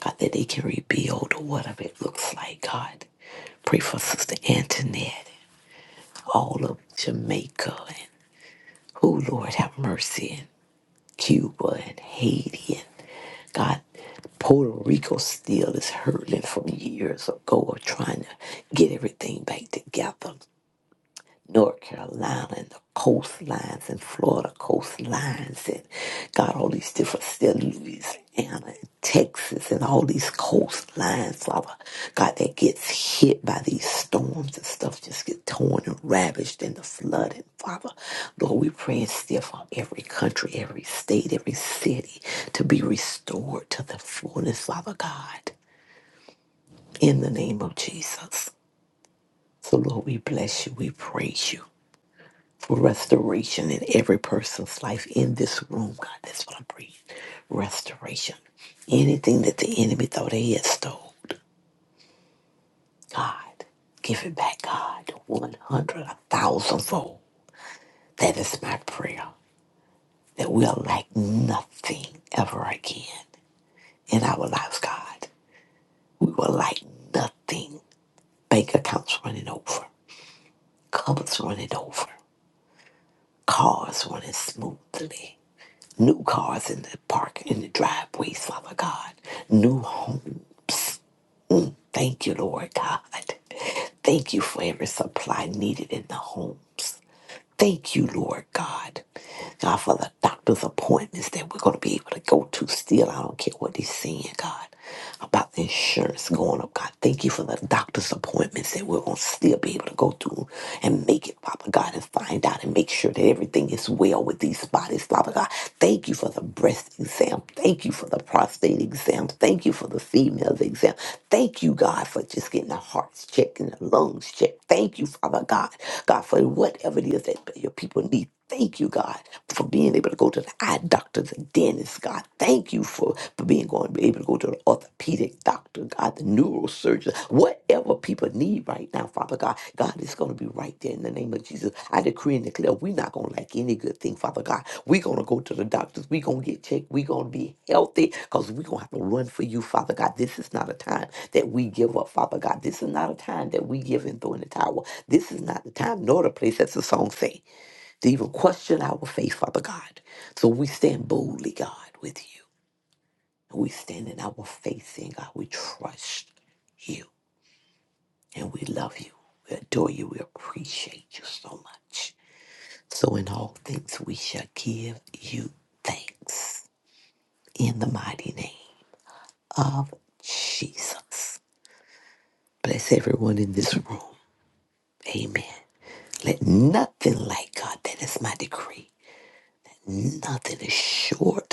Speaker 2: God, that they can rebuild or whatever it looks like, God. Pray for Sister Antoinette, and all of Jamaica, and oh Lord, have mercy, and Cuba and Haiti God, Puerto Rico still is hurting from years ago of trying to get everything back together. North Carolina and the coastlines and Florida coastlines and got all these different states, Louisiana and Texas and all these coastlines, Father God, that gets hit by these storms and stuff just get torn and ravaged in the flooding, Father. Lord, we pray and still for every country, every state, every city to be restored to the fullness, Father God, in the name of Jesus. So, Lord, we bless you. We praise you for restoration in every person's life in this room, God. That's what I'm praying. Restoration. Anything that the enemy thought he had stole, God, give it back, God. 100, a thousandfold. That is my prayer. That we'll lack nothing ever again in our lives, God. We will lack nothing. Bank accounts running over, cupboards running over, cars running smoothly. New cars in the park, in the driveways, Father God. New homes. Thank you, Lord God. Thank you for every supply needed in the homes. Thank you, Lord God. God, for the doctor's appointments that we're going to be able to go to still. I don't care what they're saying, God, about the insurance going up. God, thank you for the doctor's appointments that we're going to still be able to go to and make it, Father God, and find out and make sure that everything is well with these bodies, Father God. Thank you for the breast exam. Thank you for the prostate exam. Thank you for the females exam. Thank you, God, for just getting the hearts checked and the lungs checked. Thank you, Father God, God, for whatever it is that your people need. Thank you, God, for being able to go to the eye doctor, the dentist, God. Thank you for, for being going able to go to the orthopedic doctor, God, the neurosurgeon, whatever people need right now, Father God. God, it's going to be right there in the name of Jesus. I decree and declare we're not going to lack any good thing, Father God. We're going to go to the doctors. We're going to get checked. We're going to be healthy because we're going to have to run for you, Father God. This is not a time that we give up, Father God. This is not a time that we give and throw in the towel. This is not the time nor the place, as the song say to even question our faith, Father God. So we stand boldly, God, with you. And we stand in our faith in God. We trust you and we love you. We adore you. We appreciate you so much. So in all things, we shall give you thanks in the mighty name of Jesus. Bless everyone in this room. Amen. Let nothing like God, that is my decree. Nothing is short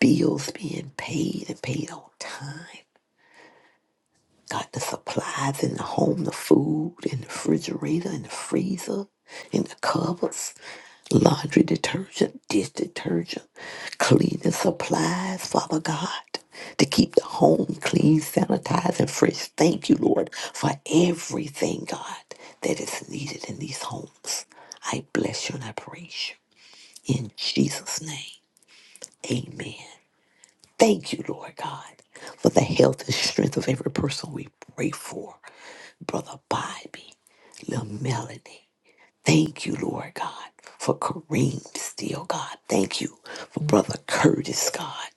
Speaker 2: bills being paid and paid on time. Got the supplies in the home, the food in the refrigerator, in the freezer, in the cupboards, laundry detergent, dish detergent, cleaning supplies, Father God, to keep the home clean, sanitized, and fresh. Thank you, Lord, for everything, God, that is needed in these homes. I bless you and I praise you. In Jesus' name, amen. Thank you, Lord God, for the health and strength of every person we pray for. Brother Bobby, little Melanie. Thank you, Lord God, for Kareem Steele, God. Thank you for Brother Curtis, God.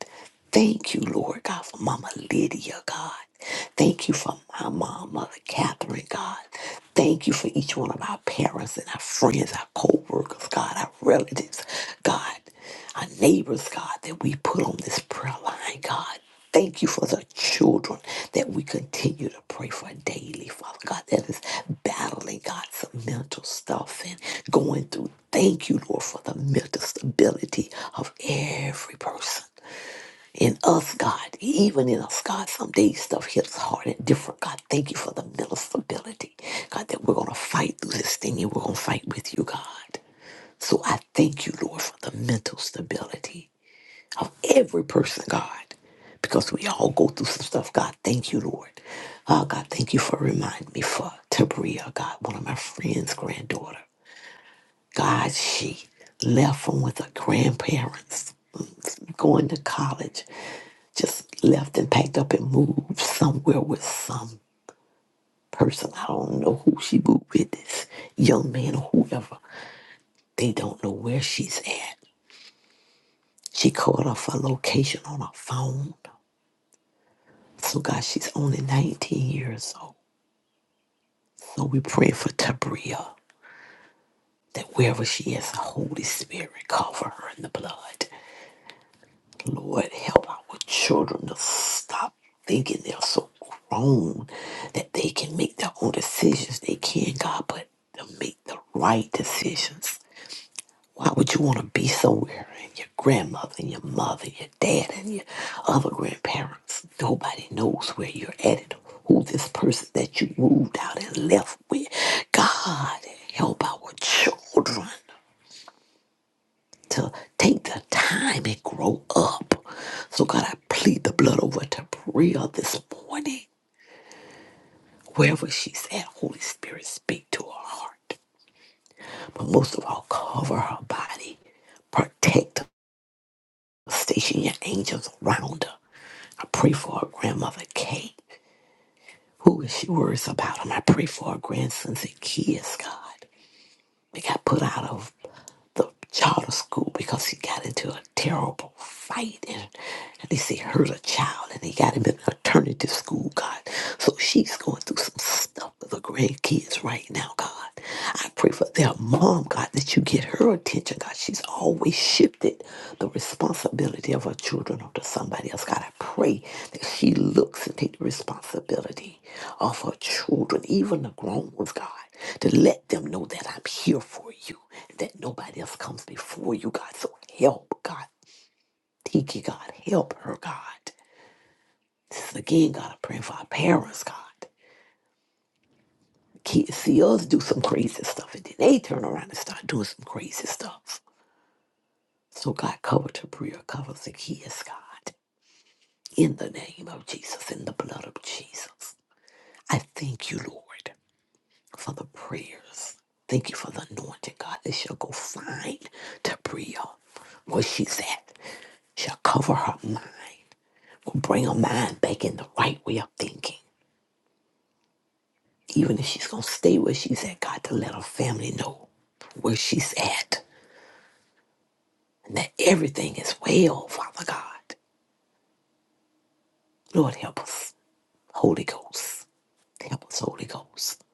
Speaker 2: Thank you, Lord God, for Mama Lydia, God. Thank you for my mom, Mother Catherine, God. Thank you for each one of our parents and our friends, our co workers, God, our relatives, God our neighbors, God, that we put on this prayer line, God. Thank you for the children that we continue to pray for daily, Father God, that is battling, God, some mental stuff and going through. Thank you, Lord, for the mental stability of every person. In us, God, even in us, God, some days stuff hits hard and different. God, thank you for the mental stability. God, that we're going to fight through this thing and we're going to fight with you, God. So I thank you, Lord, for the mental stability of every person, God, because we all go through some stuff. God, thank you, Lord. Oh, God, thank you for reminding me for Tabria, God, one of my friend's granddaughter. God, she left from with her grandparents, mm, going to college, just left and packed up and moved somewhere with some person. I don't know who she moved with, this young man or whoever. They don't know where she's at. She called off her location on her phone. So, God, she's only 19 years old. So, we pray for Tabria that wherever she is, the Holy Spirit cover her in the blood. Lord, help our children to stop thinking they're so grown that they can make their own decisions. They can, God, but to make the right decisions. Why would you want to be somewhere and your grandmother and your mother and your dad and your other grandparents? Nobody knows where you're at and who this person that you moved out and left with. God, help our children to take the time and grow up. So, God, I plead the blood over to Bria this morning. Wherever she's at, Holy Spirit, speak to her heart. But most of all, cover her body, protect her Station your angels around her. I pray for her grandmother, Kate, who is she worries about him. I pray for her grandson, the kids. God. They got put out of the child to school because he got into a terrible fight and, they say hurt a child and they got him in an alternative school, God. So she's going through some stuff with her grandkids right now, God. I pray for their mom, God, that you get her attention, God. She's always shifted the responsibility of her children onto somebody else. God, I pray that she looks and take the responsibility of her children, even the grown ones, God to let them know that I'm here for you, that nobody else comes before you, God. So help, God. Tiki, God. Help her, God. This is again, God, I'm praying for our parents, God. Kids see us do some crazy stuff, and then they turn around and start doing some crazy stuff. So, God, cover Tabria, cover the kids, God, in the name of Jesus, in the blood of Jesus. I thank you, Lord. for the prayers. Thank you for the anointing, God, that shall go find Tabria where she's at, shall cover her mind, will bring her mind back in the right way of thinking. Even if she's going to stay where she's at, God, to let her family know where she's at and that everything is well, Father God. Lord, help us. Holy Ghost. Help us, Holy Ghost.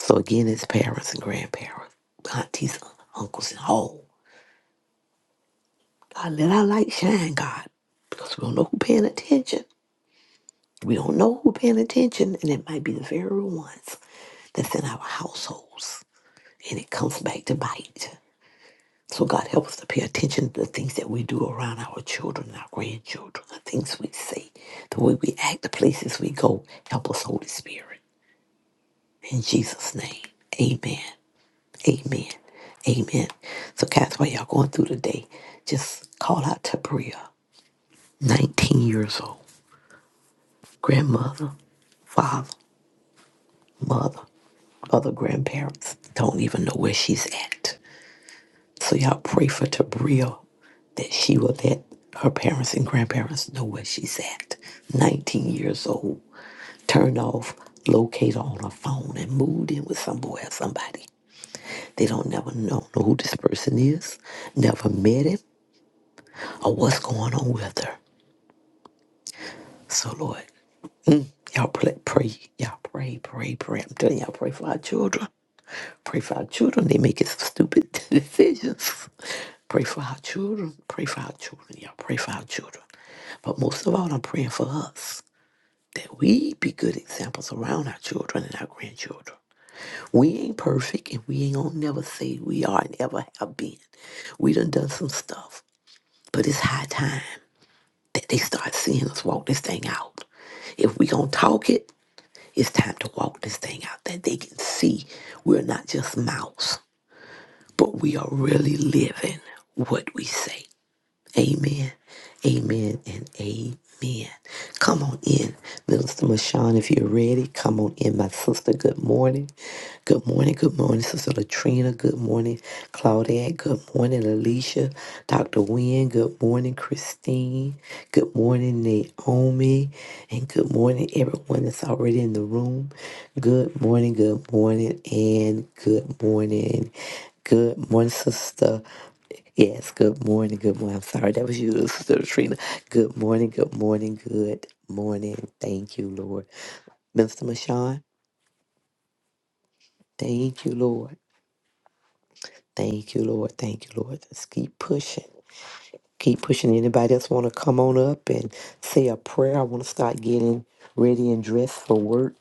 Speaker 2: So again, it's parents and grandparents, aunties, uncles, and all. I let our light shine, God, because we don't know who paying attention. We don't know who paying attention, and it might be the very ones that's in our households, and it comes back to bite. So God help us to pay attention to the things that we do around our children, and our grandchildren, the things we say, the way we act, the places we go. Help us, Holy Spirit. In Jesus' name, amen, amen, amen. So, Cass, while y'all going through the day, just call out to Bria, 19 years old. grandmother, father, mother, other grandparents don't even know where she's at. So y'all pray for Tabria that she will let her parents and grandparents know where she's at. 19 years old, turned off, located on her phone, and moved in with somewhere, somebody. They don't never know, know who this person is, never met him, or what's going on with her. So, Lord, y'all pray, pray, y'all pray, pray, pray. I'm telling y'all, pray for our children. Pray for our children. They making some stupid [laughs] decisions. Pray for our children. Pray for our children. Y'all pray for our children. But most of all, I'm praying for us that we be good examples around our children and our grandchildren. We ain't perfect and we ain't gonna never say we are and ever have been. We done done some stuff. But it's high time that they start seeing us walk this thing out. If we gonna talk it, it's time to walk this thing out that they can see we're not just mouths. but we are really living what we say. Amen. Amen and amen. Come on in, Minister Mashawn, if you're ready. Come on in, my sister. Good morning. Good morning. Good morning, Sister Latrina. Good morning, Claudette. Good morning, Alicia. Dr. Wynne. Good morning, Christine. Good morning, Naomi. And good morning, everyone that's already in the room. Good morning, good morning, and good morning. Good morning, Sister. Yes, good morning, good morning. I'm sorry, that was you, [laughs] Sister Trina. Good morning, good morning, good morning. Thank you, Lord. Mister Mashawn, thank you, Lord. Thank you, Lord. Thank you, Lord. Let's keep pushing. keep pushing. Anybody else want to come on up and say a prayer? I want to start getting ready and dressed for work.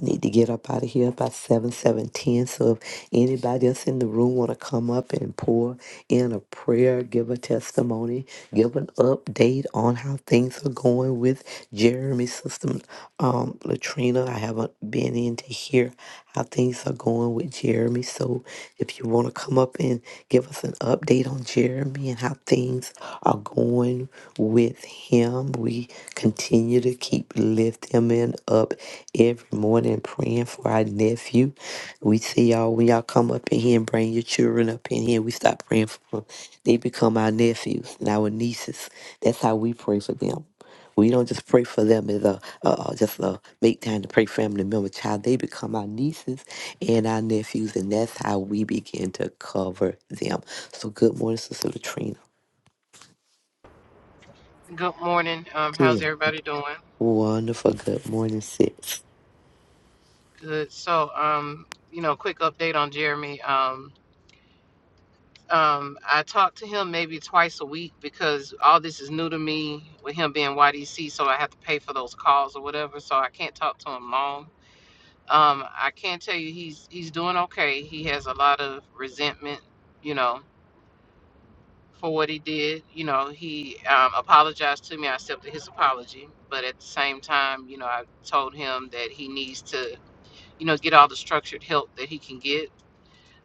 Speaker 2: I need to get up out of here by 7, 7 10. So if anybody else in the room want to come up and pour in a prayer, give a testimony, give an update on how things are going with Jeremy's system. Um, Latrina, I haven't been in to hear how things are going with Jeremy. So if you want to come up and Give us an update on Jeremy and how things are going with him. We continue to keep lifting him up every morning, praying for our nephew. We see y'all when y'all come up in here and bring your children up in here. We stop praying for them. They become our nephews and our nieces. That's how we pray for them. We don't just pray for them as a uh, uh, just a make time to pray family member child. They become our nieces and our nephews, and that's how we begin to cover them. So good morning, Sister Latrina.
Speaker 3: Good morning. Um, how's
Speaker 2: Good.
Speaker 3: everybody doing?
Speaker 2: Wonderful. Good morning, sis.
Speaker 3: Good. So, um, you know, quick update on Jeremy. Um, um, I talk to him maybe twice a week because all this is new to me with him being YDC, so I have to pay for those calls or whatever. So I can't talk to him long. Um, I can tell you he's he's doing okay. He has a lot of resentment, you know, for what he did. You know, he um, apologized to me. I accepted his apology, but at the same time, you know, I told him that he needs to you know, get all the structured help that he can get.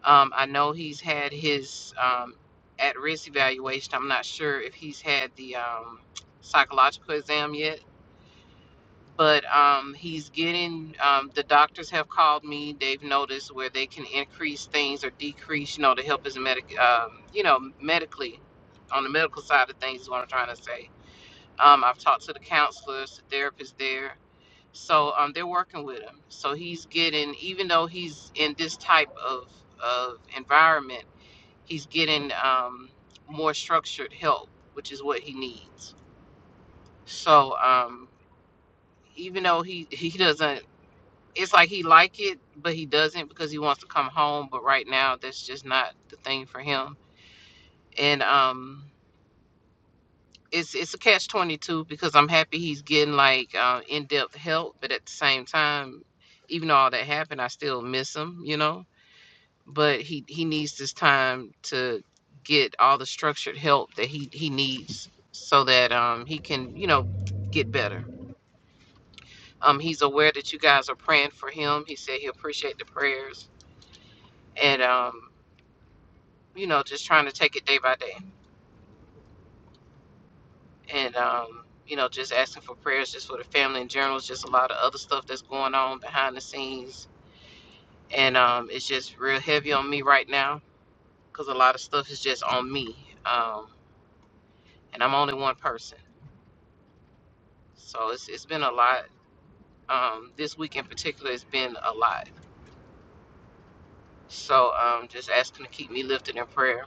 Speaker 3: Um, I know he's had his um, at risk evaluation. I'm not sure if he's had the um, psychological exam yet, but um, he's getting, um, the doctors have called me. They've noticed where they can increase things or decrease, you know, to help his medic, um, you know, medically, on the medical side of things is what I'm trying to say. Um, I've talked to the counselors, the therapists there so um, they're working with him. So he's getting, even though he's in this type of, of environment, he's getting um, more structured help, which is what he needs. So um, even though he, he doesn't, it's like he like it, but he doesn't because he wants to come home. But right now, that's just not the thing for him. And um, it's it's a catch twenty two because I'm happy he's getting like uh, in depth help, but at the same time, even though all that happened, I still miss him, you know. But he he needs this time to get all the structured help that he he needs so that um he can you know get better. Um, he's aware that you guys are praying for him. He said he appreciate the prayers and um you know just trying to take it day by day. and um, you know, just asking for prayers just for the family in general. It's just a lot of other stuff that's going on behind the scenes, and um, it's just real heavy on me right now because a lot of stuff is just on me, um, and I'm only one person, so it's it's been a lot. Um, this week in particular, it's been a lot. So um, just asking to keep me lifted in prayer.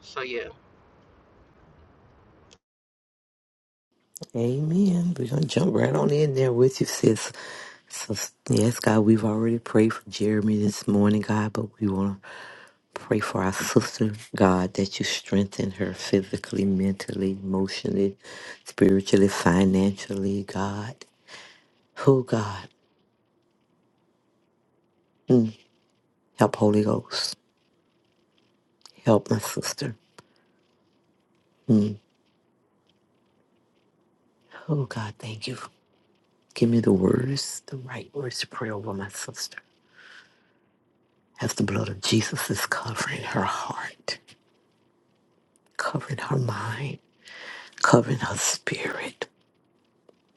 Speaker 3: So yeah,
Speaker 2: Amen. We're gonna jump right on in there with you, sis. So yes, God, we've already prayed for Jeremy this morning, God, but we wanna pray for our sister, God, that you strengthen her physically, mentally, emotionally, spiritually, financially, God. Oh God. Mm. Help Holy Ghost. Help my sister. Mm. Oh God, thank you. Give me the words, the right words to pray over my sister. As the blood of Jesus is covering her heart. covering her mind, covering her spirit,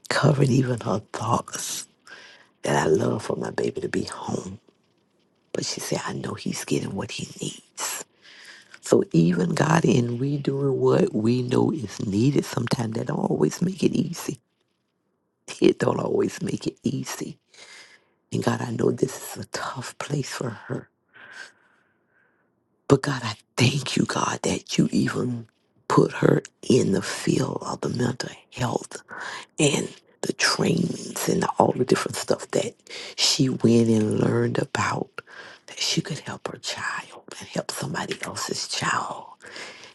Speaker 2: covering even her thoughts. That I love for my baby to be home. But she said, I know he's getting what he needs. So even God in we doing what we know is needed, sometimes that don't always make it easy. It don't always make it easy. And God, I know this is a tough place for her. But God, I thank you, God, that you even put her in the field of the mental health and the trainings and all the different stuff that she went and learned about that she could help her child and help somebody else's child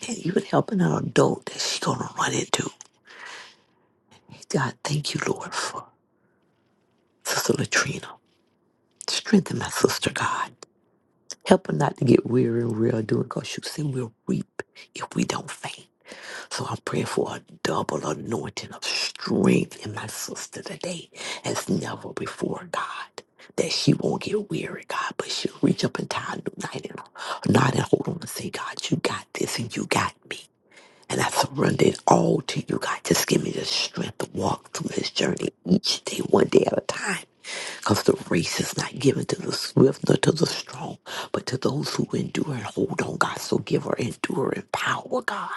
Speaker 2: and even helping an adult that she's gonna run into. God, thank you, Lord, for Sister Latrina. Strengthen my sister, God. Help her not to get weary and real doing because you said we'll reap if we don't faint. So I'm praying for a double anointing of strength in my sister today as never before, God. That she won't get weary, God, but she'll reach up and tie a new night in her knot and hold on and say, God, you got this and you got me. And I surrender it all to you, God. Just give me the strength to walk through this journey each day, one day at a time. Because the race is not given to the swift nor to the strong, but to those who endure and hold on, God. So give her enduring power, God.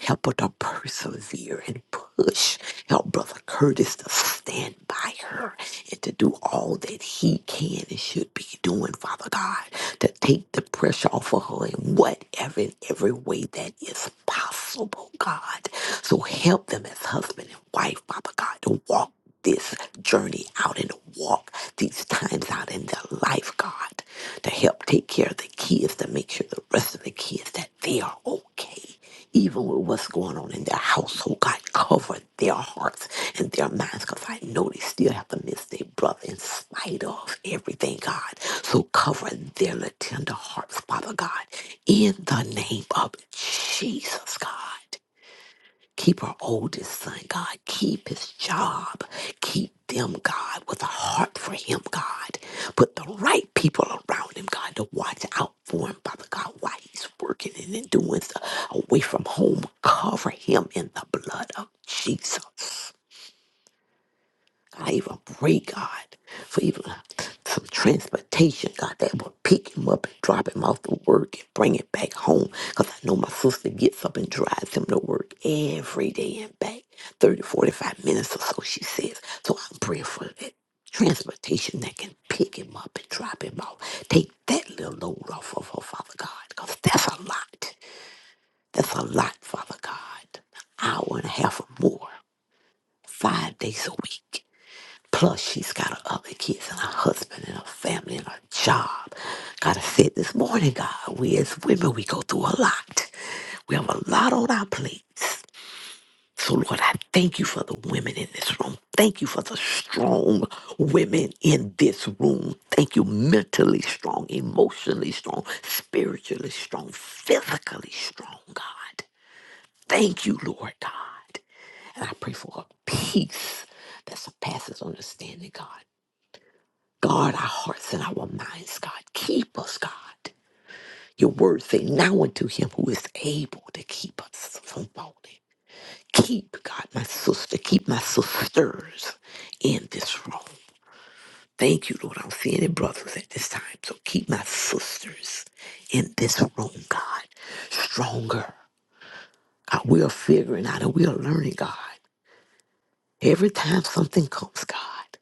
Speaker 2: Help her to persevere and push. Help Brother Curtis to stand by her and to do all that he can and should be doing, Father God, to take the pressure off of her in whatever and every way that is possible, God. So help them as husband and wife, Father God, to walk this journey out and to walk these times out in their life, God, to help take care of the kids, to make sure the rest of the kids that they are okay even with what's going on in their household. God, cover their hearts and their minds because I know they still have to miss their brother in spite of everything, God. So cover their little tender hearts, Father God, in the name of Jesus, God. Keep our oldest son, God. Keep his job. Keep them, God, with a heart for him, God. Put the right people around him, God, to watch out for him, Father God, while he's working and then doing stuff away from home. Cover him in the blood of Jesus. God, I even pray, God, for even uh, some transportation, God, that will pick him up and drop him off to work and bring him back home. Because I know my sister gets up and drives him to work every day and back thirty, forty, five minutes or so, she says. So I'm praying for that transportation that can pick him up and drop him off. Take that little load off of her, Father God, because that's a lot. That's a lot, Father God. Hour and a half or more, five days a week. Plus, she's got her other kids and her husband and her family and her job. God, I said this morning, God, we as women, we go through a lot. We have a lot on our plates. So, Lord, I thank you for the women in this room. Thank you for the strong women in this room. Thank you, mentally strong, emotionally strong, spiritually strong, physically strong, God. Thank you, Lord God. And I pray for a peace that surpasses understanding, God. Guard our hearts and our minds, God. Keep us, God. Your word say now unto him who is able to keep us from falling. Keep, God, my sister. Keep my sisters in this room. Thank you, Lord. I don't see any brothers at this time. So keep my sisters in this room, God. Stronger. God, we are figuring out and we are learning, God. Every time something comes, God.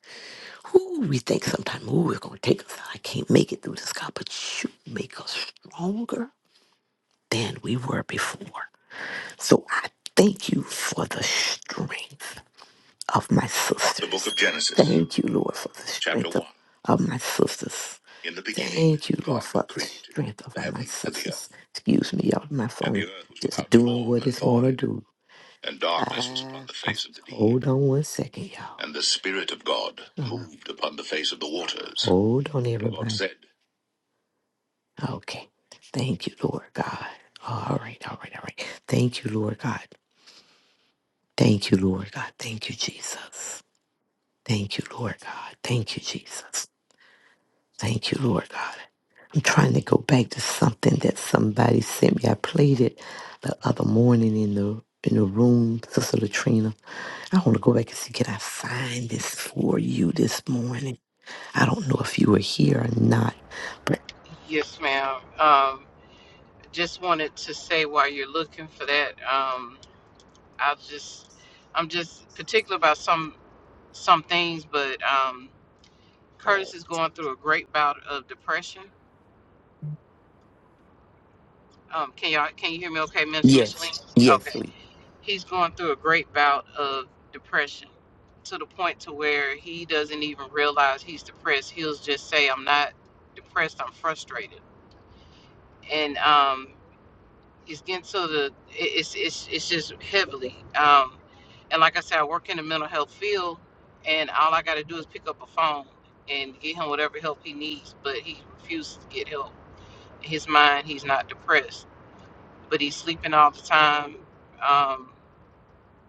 Speaker 2: Ooh, we think sometimes, ooh, it's going to take us. I can't make it through this, God, but you make us stronger than we were before. So I thank you for the strength of my sisters. The book of Genesis. Thank you, Lord, for the Chapter strength Chapter of, one. of my sisters. In the beginning, Thank you, Lord, God for the created strength of the my heavens and the sisters. earth. Excuse me, y'all. My And phone the earth was just without doing form what and it's going to void, do and darkness was Uh, upon Uh, the face of the deep, hold on one second, y'all. and the Spirit of God Uh, moved upon the face of the waters. hold on, And the Lord everybody. said, Okay. Thank you, Lord God. All right, all right, all right. Thank you, Lord God. Thank you, Lord God. Thank you, Jesus. Thank you, Lord God. Thank you, Jesus. Thank you, Lord God. I'm trying to go back to something that somebody sent me. I played it the other morning in the in the room, Sister Latrina. I want to go back and see can I find this for you this morning. I don't know if you were here or not, but
Speaker 3: yes, ma'am. Um, just wanted to say while you're looking for that, um, I'll just I'm just particular about some. some things, but um, Curtis is going through a great bout of depression. Um, can y'all can you hear me? Okay, Minister Micheline.
Speaker 2: yes, yes,
Speaker 3: Okay,
Speaker 2: sweet
Speaker 3: he's going through a great bout of depression to the point to where he doesn't even realize he's depressed. He'll just say, "I'm not depressed. I'm frustrated," and um, it's getting to the it's it's it's just heavily um and like i said i work in the mental health field and all i got to do is pick up a phone and get him whatever help he needs but he refuses to get help in his mind he's not depressed but he's sleeping all the time um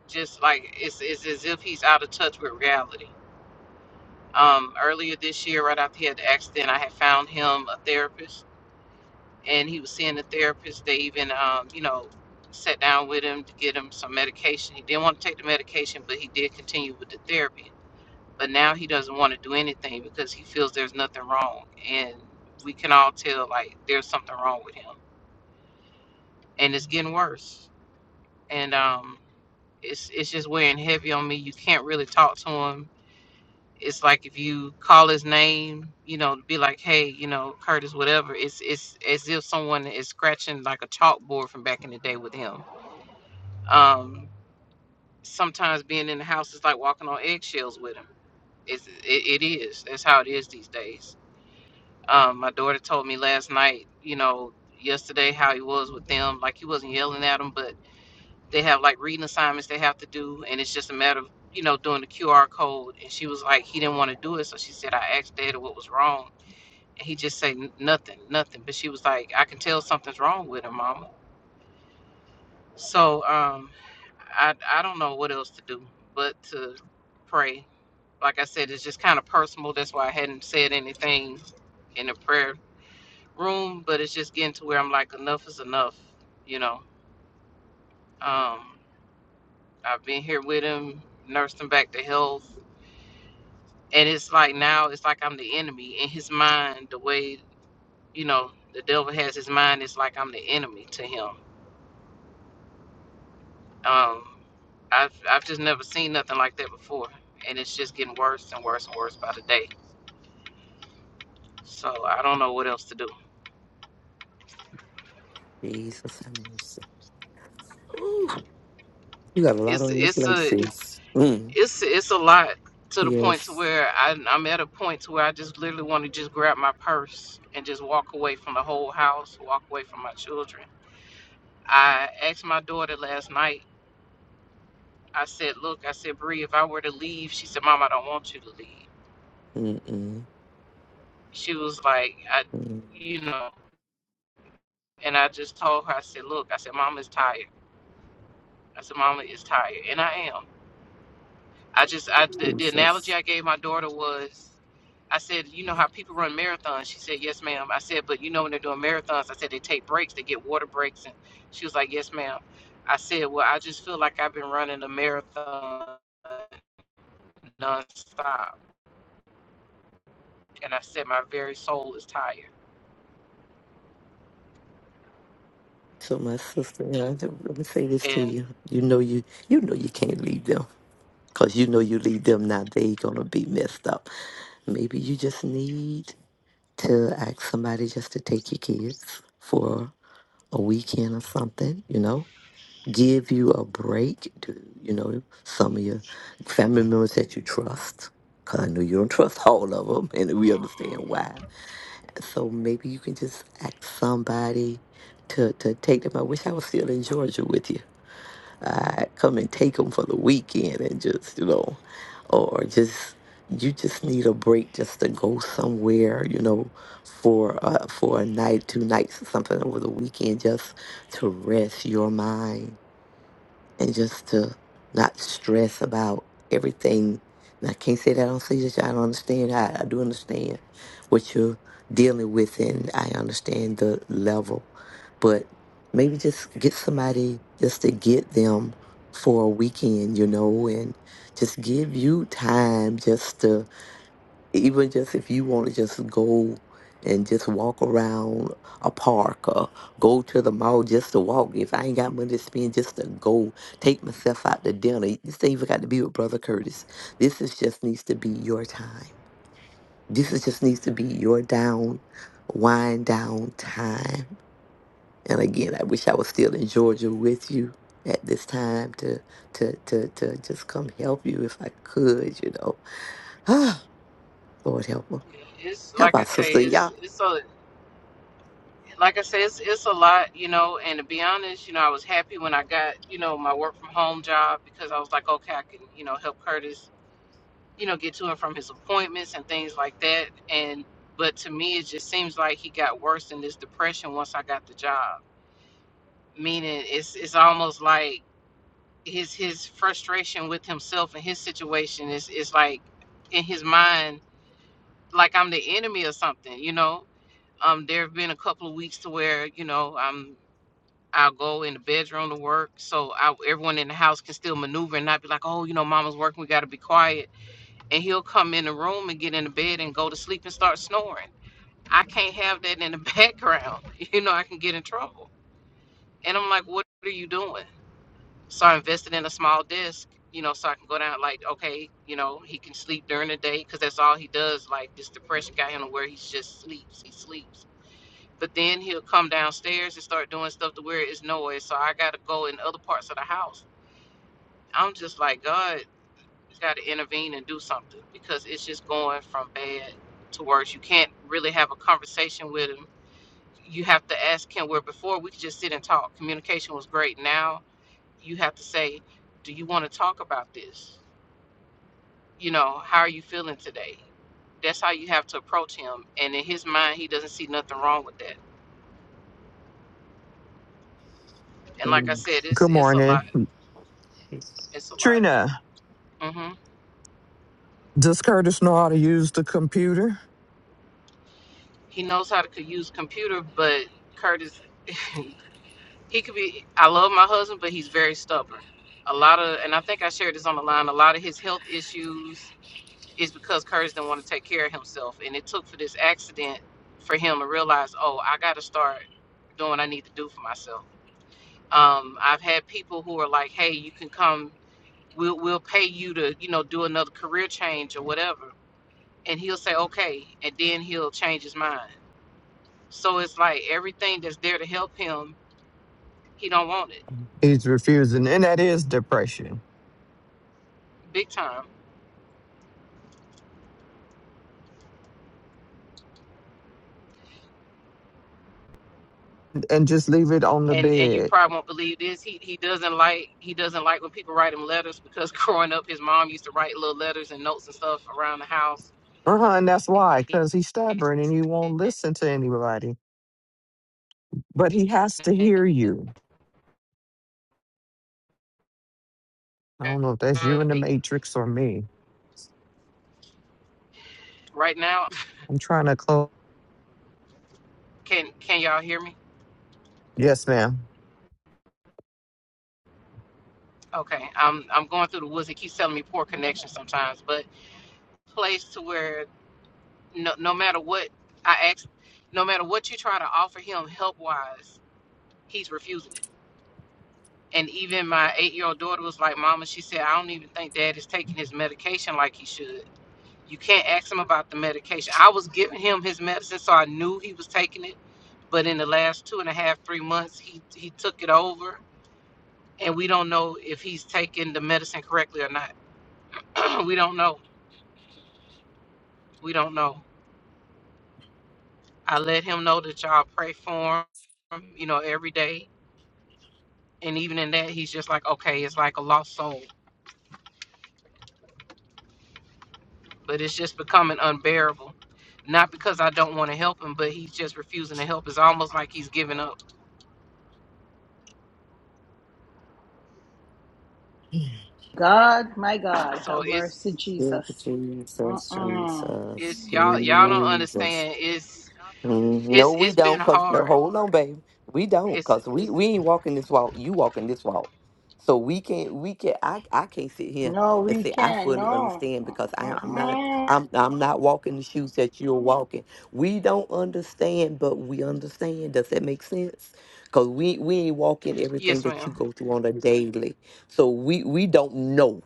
Speaker 3: just like it's it's as if he's out of touch with reality um earlier this year right after he had the accident i had found him a therapist and he was seeing a therapist. They even, um, you know, sat down with him to get him some medication. He didn't want to take the medication, but he did continue with the therapy. But now he doesn't want to do anything because he feels there's nothing wrong, and we can all tell like there's something wrong with him, and it's getting worse. And um, it's it's just wearing heavy on me. You can't really talk to him it's like if you call his name, you know, be like, hey, you know, Curtis, whatever. It's it's as if someone is scratching like a chalkboard from back in the day with him. Um, sometimes being in the house is like walking on eggshells with him. It's, it, it is. That's how it is these days. Um, my daughter told me last night, you know, yesterday how he was with them. Like he wasn't yelling at them, but they have like reading assignments they have to do, and it's just a matter of you know doing the QR code. And she was like, he didn't want to do it, so she said, I asked Dad what was wrong And he just said nothing, nothing. But she was like, I can tell something's wrong with him, mama. So um, I, I don't know what else to do but to pray. Like I said, it's just kind of personal. That's why I hadn't said anything in the prayer room, but it's just getting to where I'm like, enough is enough, you know. Um, I've been here with him, nursed him back to health. And it's like now, it's like I'm the enemy in his mind, the way, you know, the devil has his mind, it's like I'm the enemy to him. Um, I've I've just never seen nothing like that before, and it's just getting worse and worse and worse by the day. So I don't know what else to do.
Speaker 2: Jesus have mercy. Ooh, you got a lot
Speaker 3: It's
Speaker 2: on your
Speaker 3: it's
Speaker 2: plate,
Speaker 3: a
Speaker 2: sis. Mm,
Speaker 3: it's it's a lot to the point to
Speaker 2: yes.
Speaker 3: where I, I'm at a point to where I just literally want to just grab my purse and just walk away from the whole house, walk away from my children. I asked my daughter last night. I said, "Look, I said, Bree, if I were to leave," she said, "Mom, I don't want you to leave."
Speaker 2: Mm-mm.
Speaker 3: She was like, "I,
Speaker 2: Mm,
Speaker 3: you know," and I just told her, I said, "Look, I said, Mom is tired." I said, Mama is tired. And I am. I just, I, the, the
Speaker 2: Jesus.
Speaker 3: analogy I gave my daughter was, I said, you know how people run marathons? She said, yes, ma'am. I said, but you know when they're doing marathons, I said, they take breaks, they get water breaks. And she was like, yes, ma'am. I said, well, I just feel like I've been running a marathon nonstop. And I said, my very soul is tired.
Speaker 2: So my sister, and I, said, let me say this to
Speaker 3: And
Speaker 2: you. You know you you know you can't leave them because you know you leave them now they gonna be messed up. Maybe you just need to ask somebody just to take your kids for a weekend or something. You know, give you a break. to you know some of your family members that you trust? Because I know you don't trust all of them, and we understand why. So maybe you can just ask somebody to, to take them. I wish I was still in Georgia with you. i come and take them for the weekend and just, you know, or just, you just need a break just to go somewhere, you know, for uh, for a night, two nights, or something over the weekend, just to rest your mind and just to not stress about everything. And I can't say that I don't see that I don't understand. I, I do understand what you're dealing with, and I understand the level. But maybe just get somebody just to get them for a weekend, you know, and just give you time just to even just if you want to just go and just walk around a park or go to the mall just to walk. If I ain't got money to spend, just to go take myself out to dinner. This ain't even got to be with Brother Curtis. This is just needs to be your time. This is just needs to be your down, wind down time. And again, I wish I was still in Georgia with you at this time to to to to just come help you if I could, you know. [sighs] Ah, Lord help her.
Speaker 3: it's
Speaker 2: Help
Speaker 3: like I
Speaker 2: our
Speaker 3: say,
Speaker 2: sister. y'all.
Speaker 3: it's it's a like I said, it's, it's a lot, you know. And to be honest, you know, I was happy when I got, you know, my work from home job because I was like, okay, I can, you know, help Curtis, you know, get to and from his appointments and things like that. And but to me, it just seems like he got worse in this depression once I got the job. Meaning, it's it's almost like his his frustration with himself and his situation is is like in his mind, like I'm the enemy or something, you know. Um, there have been a couple of weeks to where you know I'm I'll go in the bedroom to work so I, everyone in the house can still maneuver and not be like, oh, you know, mama's working, we got to be quiet. And he'll come in the room and get in the bed and go to sleep and start snoring. I can't have that in the [laughs] background. You know, I can get in trouble. And I'm like, what are you doing? So I invested in a small desk, you know, so I can go down, like, okay, you know, he can sleep during the day because that's all he does. Like, this depression got him to where he just sleeps. He sleeps but then he'll come downstairs and start doing stuff to where it's noise. So I got to go in other parts of the house. I'm just like, God, you got to intervene and do something because it's just going from bad to worse. You can't really have a conversation with him. You have to ask him where before we could just sit and talk. Communication was great. Now you have to say, Do you want to talk about this? You know, how are you feeling today? That's how you have to approach him. And in his mind, he doesn't see nothing wrong with that. And like I
Speaker 2: Jesus,
Speaker 3: said, it's
Speaker 4: Good
Speaker 3: it's a
Speaker 4: morning.
Speaker 3: lot.
Speaker 2: Jesus,
Speaker 3: It's a lot.
Speaker 4: Trina,
Speaker 3: hmm
Speaker 4: does Curtis know how to use the computer?
Speaker 3: He knows how to co- use computer, but Curtis, [laughs] he could be. I love my husband, but he's very stubborn. A lot of, and I think I shared this on the line. A lot of his health issues is because Curtis didn't want to take care of himself, and it took for this accident for him to realize, oh, I got to start doing what I need to do for myself. Um, I've had people who are like, hey, you can come. We'll we'll pay you to you know do another career change or whatever, and he'll say okay, and then he'll change his mind So it's like everything that's there to help him, he don't want it.
Speaker 4: He's refusing, and that is depression.
Speaker 3: Big time.
Speaker 4: And just leave it on the
Speaker 3: And and you
Speaker 4: bed.
Speaker 3: probably won't believe this. He he doesn't like he doesn't like when people write him letters because [laughs] growing up his mom used to write little letters and notes and stuff around the house.
Speaker 4: Uh-huh, and that's why, because he's stubborn and he won't
Speaker 3: [laughs]
Speaker 4: listen to anybody. But he has to hear you. I don't know if that's you in the matrix or me.
Speaker 3: Right now,
Speaker 4: I'm trying to close.
Speaker 3: can can y'all hear me?
Speaker 4: Yes, ma'am.
Speaker 3: Okay. I'm I'm going through the woods. It keeps telling me poor connection sometimes, but place to where no no matter what I ask no matter what you try to offer him help wise, he's refusing it And even my eight year old daughter was like, Mama, she said, I don't even think dad is taking his medication like he should. You can't ask him about the medication. I was giving him his medicine, so I knew he was taking it. But in the last two and a half, three months, he, he took it over. And we don't know if he's taking the medicine correctly or not. [clears throat] we don't know. We don't know. I let him know that y'all pray for him, you know, every day. And even in that, he's just like, okay, it's like a lost soul. but it's just becoming unbearable. Not because I don't want to help him, but he's just refusing to help. It's almost like he's giving up.
Speaker 1: God, my God,
Speaker 3: So
Speaker 1: have mercy,
Speaker 3: it's
Speaker 2: Jesus,
Speaker 1: Jesus. Mm-mm.
Speaker 2: Jesus.
Speaker 3: it's y'all
Speaker 1: My
Speaker 3: y'all
Speaker 1: God.
Speaker 3: don't understand. It's
Speaker 2: Mm, No,
Speaker 3: it's
Speaker 2: we
Speaker 3: it's been
Speaker 2: don't, cause no,
Speaker 3: hard.
Speaker 2: hold on, baby. We don't,
Speaker 3: It's
Speaker 2: cause we we ain't walking this walk. You walking this walk, so we can't. We can't. I I can't sit here
Speaker 1: No,
Speaker 2: and
Speaker 1: we
Speaker 2: say I
Speaker 1: can't.
Speaker 2: fully
Speaker 1: No.
Speaker 2: understand because I am.
Speaker 1: Mm-mm.
Speaker 2: I'm I'm not walking the shoes that you're walking. We don't understand, but we understand. Does that make sense? Cause we we ain't walking everything
Speaker 3: yes,
Speaker 2: that you
Speaker 3: madam
Speaker 2: go through on a daily. So we we don't know.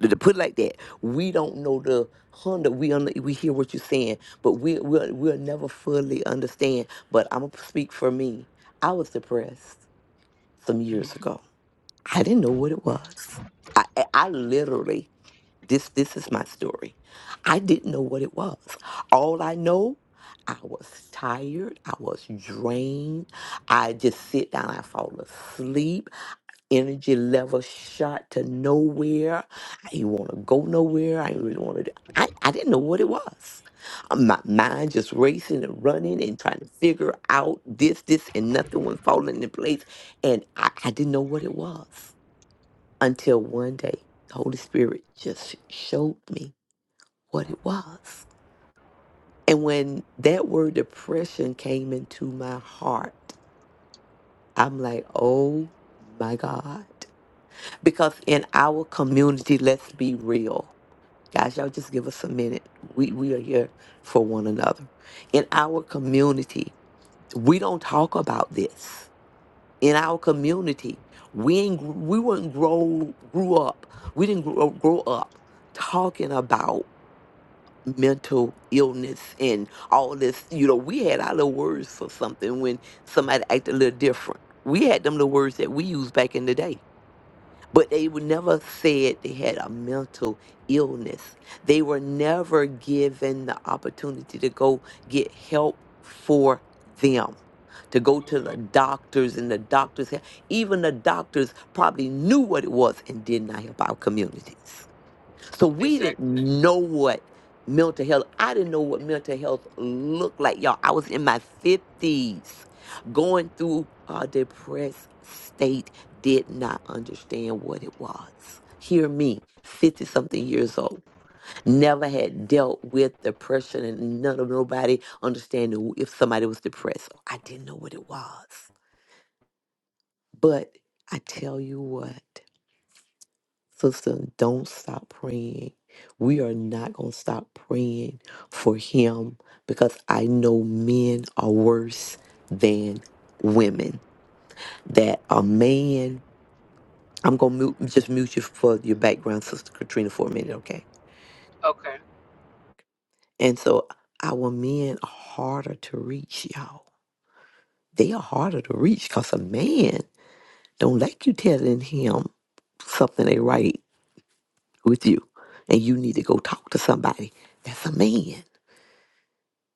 Speaker 2: to put it like that, we don't know the Honda. We un- we hear what you're saying, but we we'll, we'll never fully understand. But I'm gonna speak for me. I was depressed some years
Speaker 3: Mm-hmm.
Speaker 2: ago. I didn't know what it was. I I I literally this this is my story. I didn't know what it was. All I know. I was tired. I was drained. I just sit down. I fall asleep energy level shot to nowhere. I didn't want to go nowhere. I didn't really want to. Do, I, I didn't know what it was. Uh, My mind just racing and running and trying to figure out this, this, and nothing was falling into place. And I, I didn't know what it was until one day the Holy Spirit just showed me what it was. And when that word depression came into my heart, I'm like, oh my God. Because in our community, let's be real. Guys, y'all just give us a minute. We we are here for one another. In our community, we don't talk about this. In our community, we ain't gr- we weren't grow grew up. We didn't grow, grow up talking about mental illness and all this. You know, we had our little words for something when somebody acted a little different. We had them little words that we used back in the day but they were never said they had a mental illness. They were never given the opportunity to go get help for them, to go to the doctors and the doctors, even the doctors probably knew what it was and did not help our communities. So we didn't
Speaker 3: Exactly.
Speaker 2: know what mental health. I didn't know what mental health looked like, y'all. I was in my fifties, going through a depressed state. Did not understand what it was. Hear me, fifty something years old. Never had dealt with depression, and none of nobody understanding if somebody was depressed. I didn't know what it was, but I tell you what. Sister, don't stop praying. We are not going to stop praying for him because I know men are worse than women. That a man, I'm going to mute, just mute you for your background, Sister Katrina, for a minute, okay?
Speaker 3: Okay.
Speaker 2: And so our men are harder to reach, y'all. They are harder to reach because a man don't like you telling him something ain't right with you and you need to go talk to somebody. That's a man.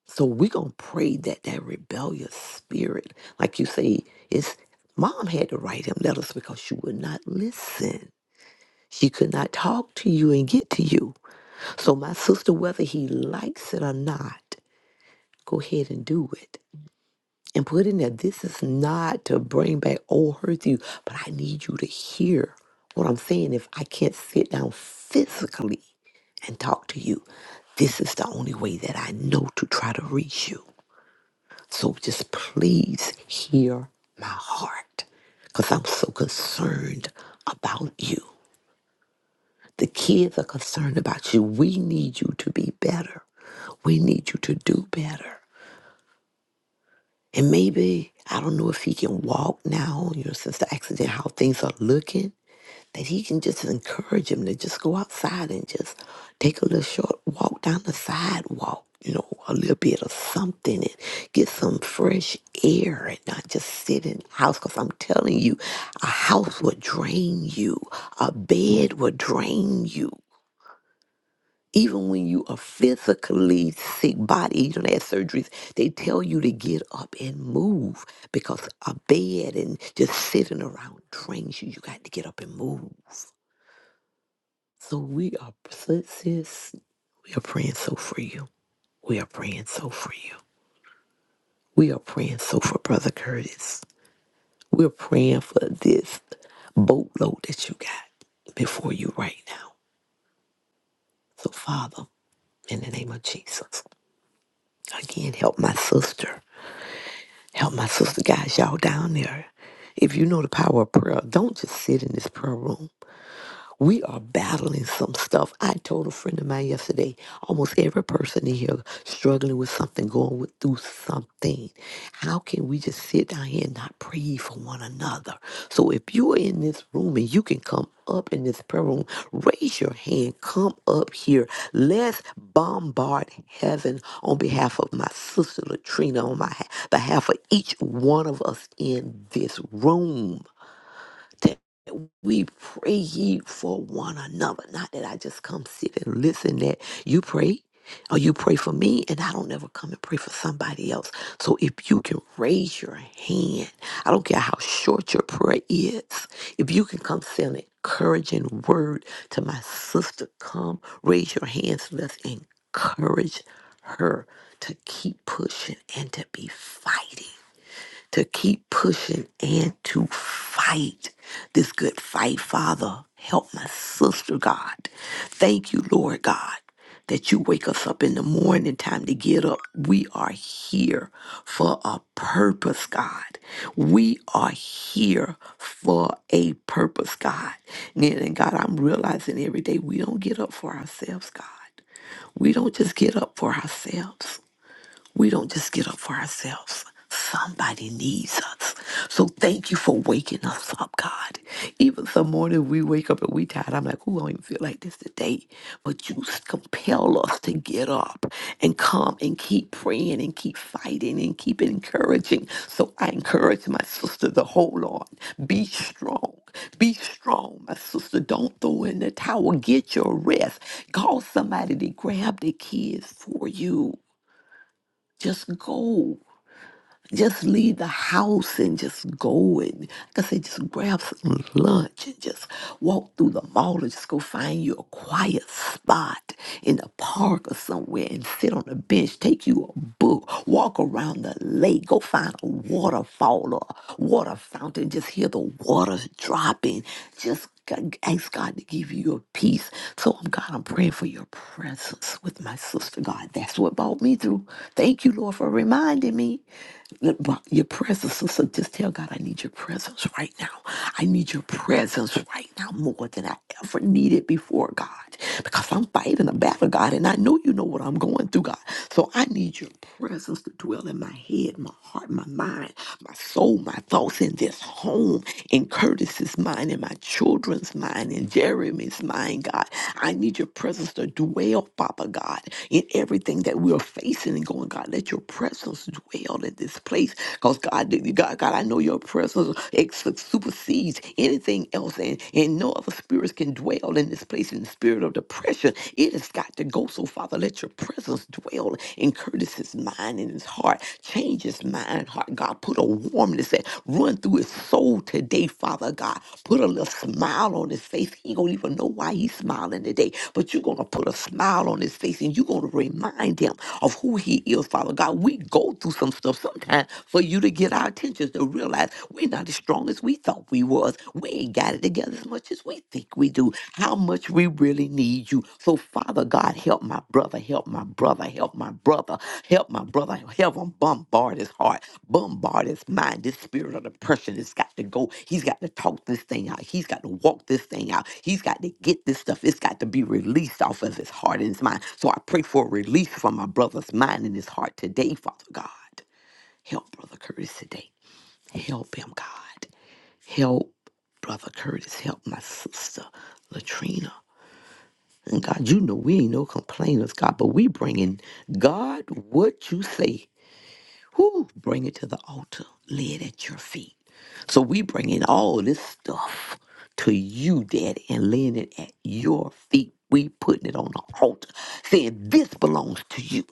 Speaker 2: So we're going to pray that that rebellious spirit, like you say, is mom had to write him letters because she would not listen. She could not talk to you and get to you. So my sister, whether he likes it or not, go ahead and do it. And put in there, this is not to bring back old hurt to you, but I need you to hear what I'm saying. If I can't sit down physically and talk to you, this is the only way that I know to try to reach you. So just please hear my heart because I'm so concerned about you. The kids are concerned about you. We need you to be better. We need you to do better. And maybe, I don't know if he can walk now, you know, since the accident, how things are looking. that he can just encourage him to just go outside and just take a little short walk down the sidewalk, you know, a little bit of something and get some fresh air and not just sit in the house. Because I'm telling you, a house will drain you, a bed will drain you. Even when you are physically sick body, you don't have surgeries, they tell you to get up and move because a bed and just sitting around drains you. You got to get up and move. So we are, sis, we are praying so for you. We are praying so for you. We are praying so for Brother Curtis. We're praying for this boatload that you got before you right now. So, Father, in the name of Jesus, again, help my sister. Help my sister, guys, y'all down there. If you know the power of prayer, don't just sit in this prayer room. We are battling some stuff. I told a friend of mine yesterday, almost every person in here struggling with something, going with, through something. How can we just sit down here and not pray for one another? So if you're in this room and you can come up in this prayer room, raise your hand, come up here. Let's bombard heaven on behalf of my sister Latrina, on my behalf of each one of us in this room we pray ye for one another. Not that I just come sit and listen that you pray or you pray for me and I don't ever come and pray for somebody else. So if you can raise your hand, I don't care how short your prayer is, if you can come say an encouraging word to my sister, come raise your hands. Let's encourage her to keep pushing and to be fighting to keep pushing and to fight this good fight, Father. Help my sister, God. Thank you, Lord God, that you wake us up in the morning time to get up. We are here for a purpose, God. We are here for a purpose, God. And and God, I'm realizing every day we don't get up for ourselves, God. We don't just get up for ourselves. We don't just get up for ourselves. Somebody needs us. So thank you for waking us up, God. Even some morning we wake up and we tired. I'm like, who don't even feel like this today? But you compel us to get up and come and keep praying and keep fighting and keep encouraging. So I encourage my sister to hold on. Be strong. Be strong, my sister. Don't throw in the towel. Get your rest. Call somebody to grab the kids for you. Just go just leave the house and just go and like I said, just grab some lunch and just walk through the mall or just go find you a quiet spot in the park or somewhere and sit on a bench, take you a book, walk around the lake, go find a waterfall or a water fountain, just hear the water dropping. Just g- ask God to give you your peace. So I'm God, I'm praying for your presence with my sister. God, that's what brought me through. Thank you, Lord, for reminding me. Your presence, sister. Just tell God, I need your presence right now. I need your presence right now more than I ever needed before, God. Because I'm fighting a battle, God, and I know you know what I'm going through, God. So I need your presence to dwell in my head, my heart, my mind, my soul, my thoughts in this home, in Curtis's mind, in my children's mind, in Jeremy's mind, God. I need your presence to dwell, Papa God, in everything that we're facing and going, God. Let your presence dwell in in this place. Because God, God, God, I know your presence ex- supersedes anything else, and, and no other spirits can dwell in this place in the spirit of depression. It has got to go. So, Father, let your presence dwell in Curtis's mind and his heart. Change his mind, and heart. God, put a warmness that run through his soul today, Father God. Put a little smile on his face. He don't even know why he's smiling today, but you're gonna put a smile on his face and you're gonna remind him of who he is, Father God. We go through some stuff so sometimes for you to get our attention is to realize we're not as strong as we thought we was. We ain't got it together as much as we think we do. How much we really need you. So Father God, help my brother, help my brother, help my brother, help my brother, help him bombard his heart, bombard his mind. This spirit of depression has got to go. He's got to talk this thing out. He's got to walk this thing out. He's got to get this stuff. It's got to be released off of his heart and his mind. So I pray for a release from my brother's mind and his heart today, Father God. Help Brother Curtis today. Help him, God. Help Brother Curtis. Help my sister Latrina. And God, you know we ain't no complainers, God, but we bringing God what you say. Whoo, bring it to the altar, lay it at your feet. So we bringing all this stuff to you, Daddy, and laying it at your feet. We putting it on the altar, saying this belongs to you.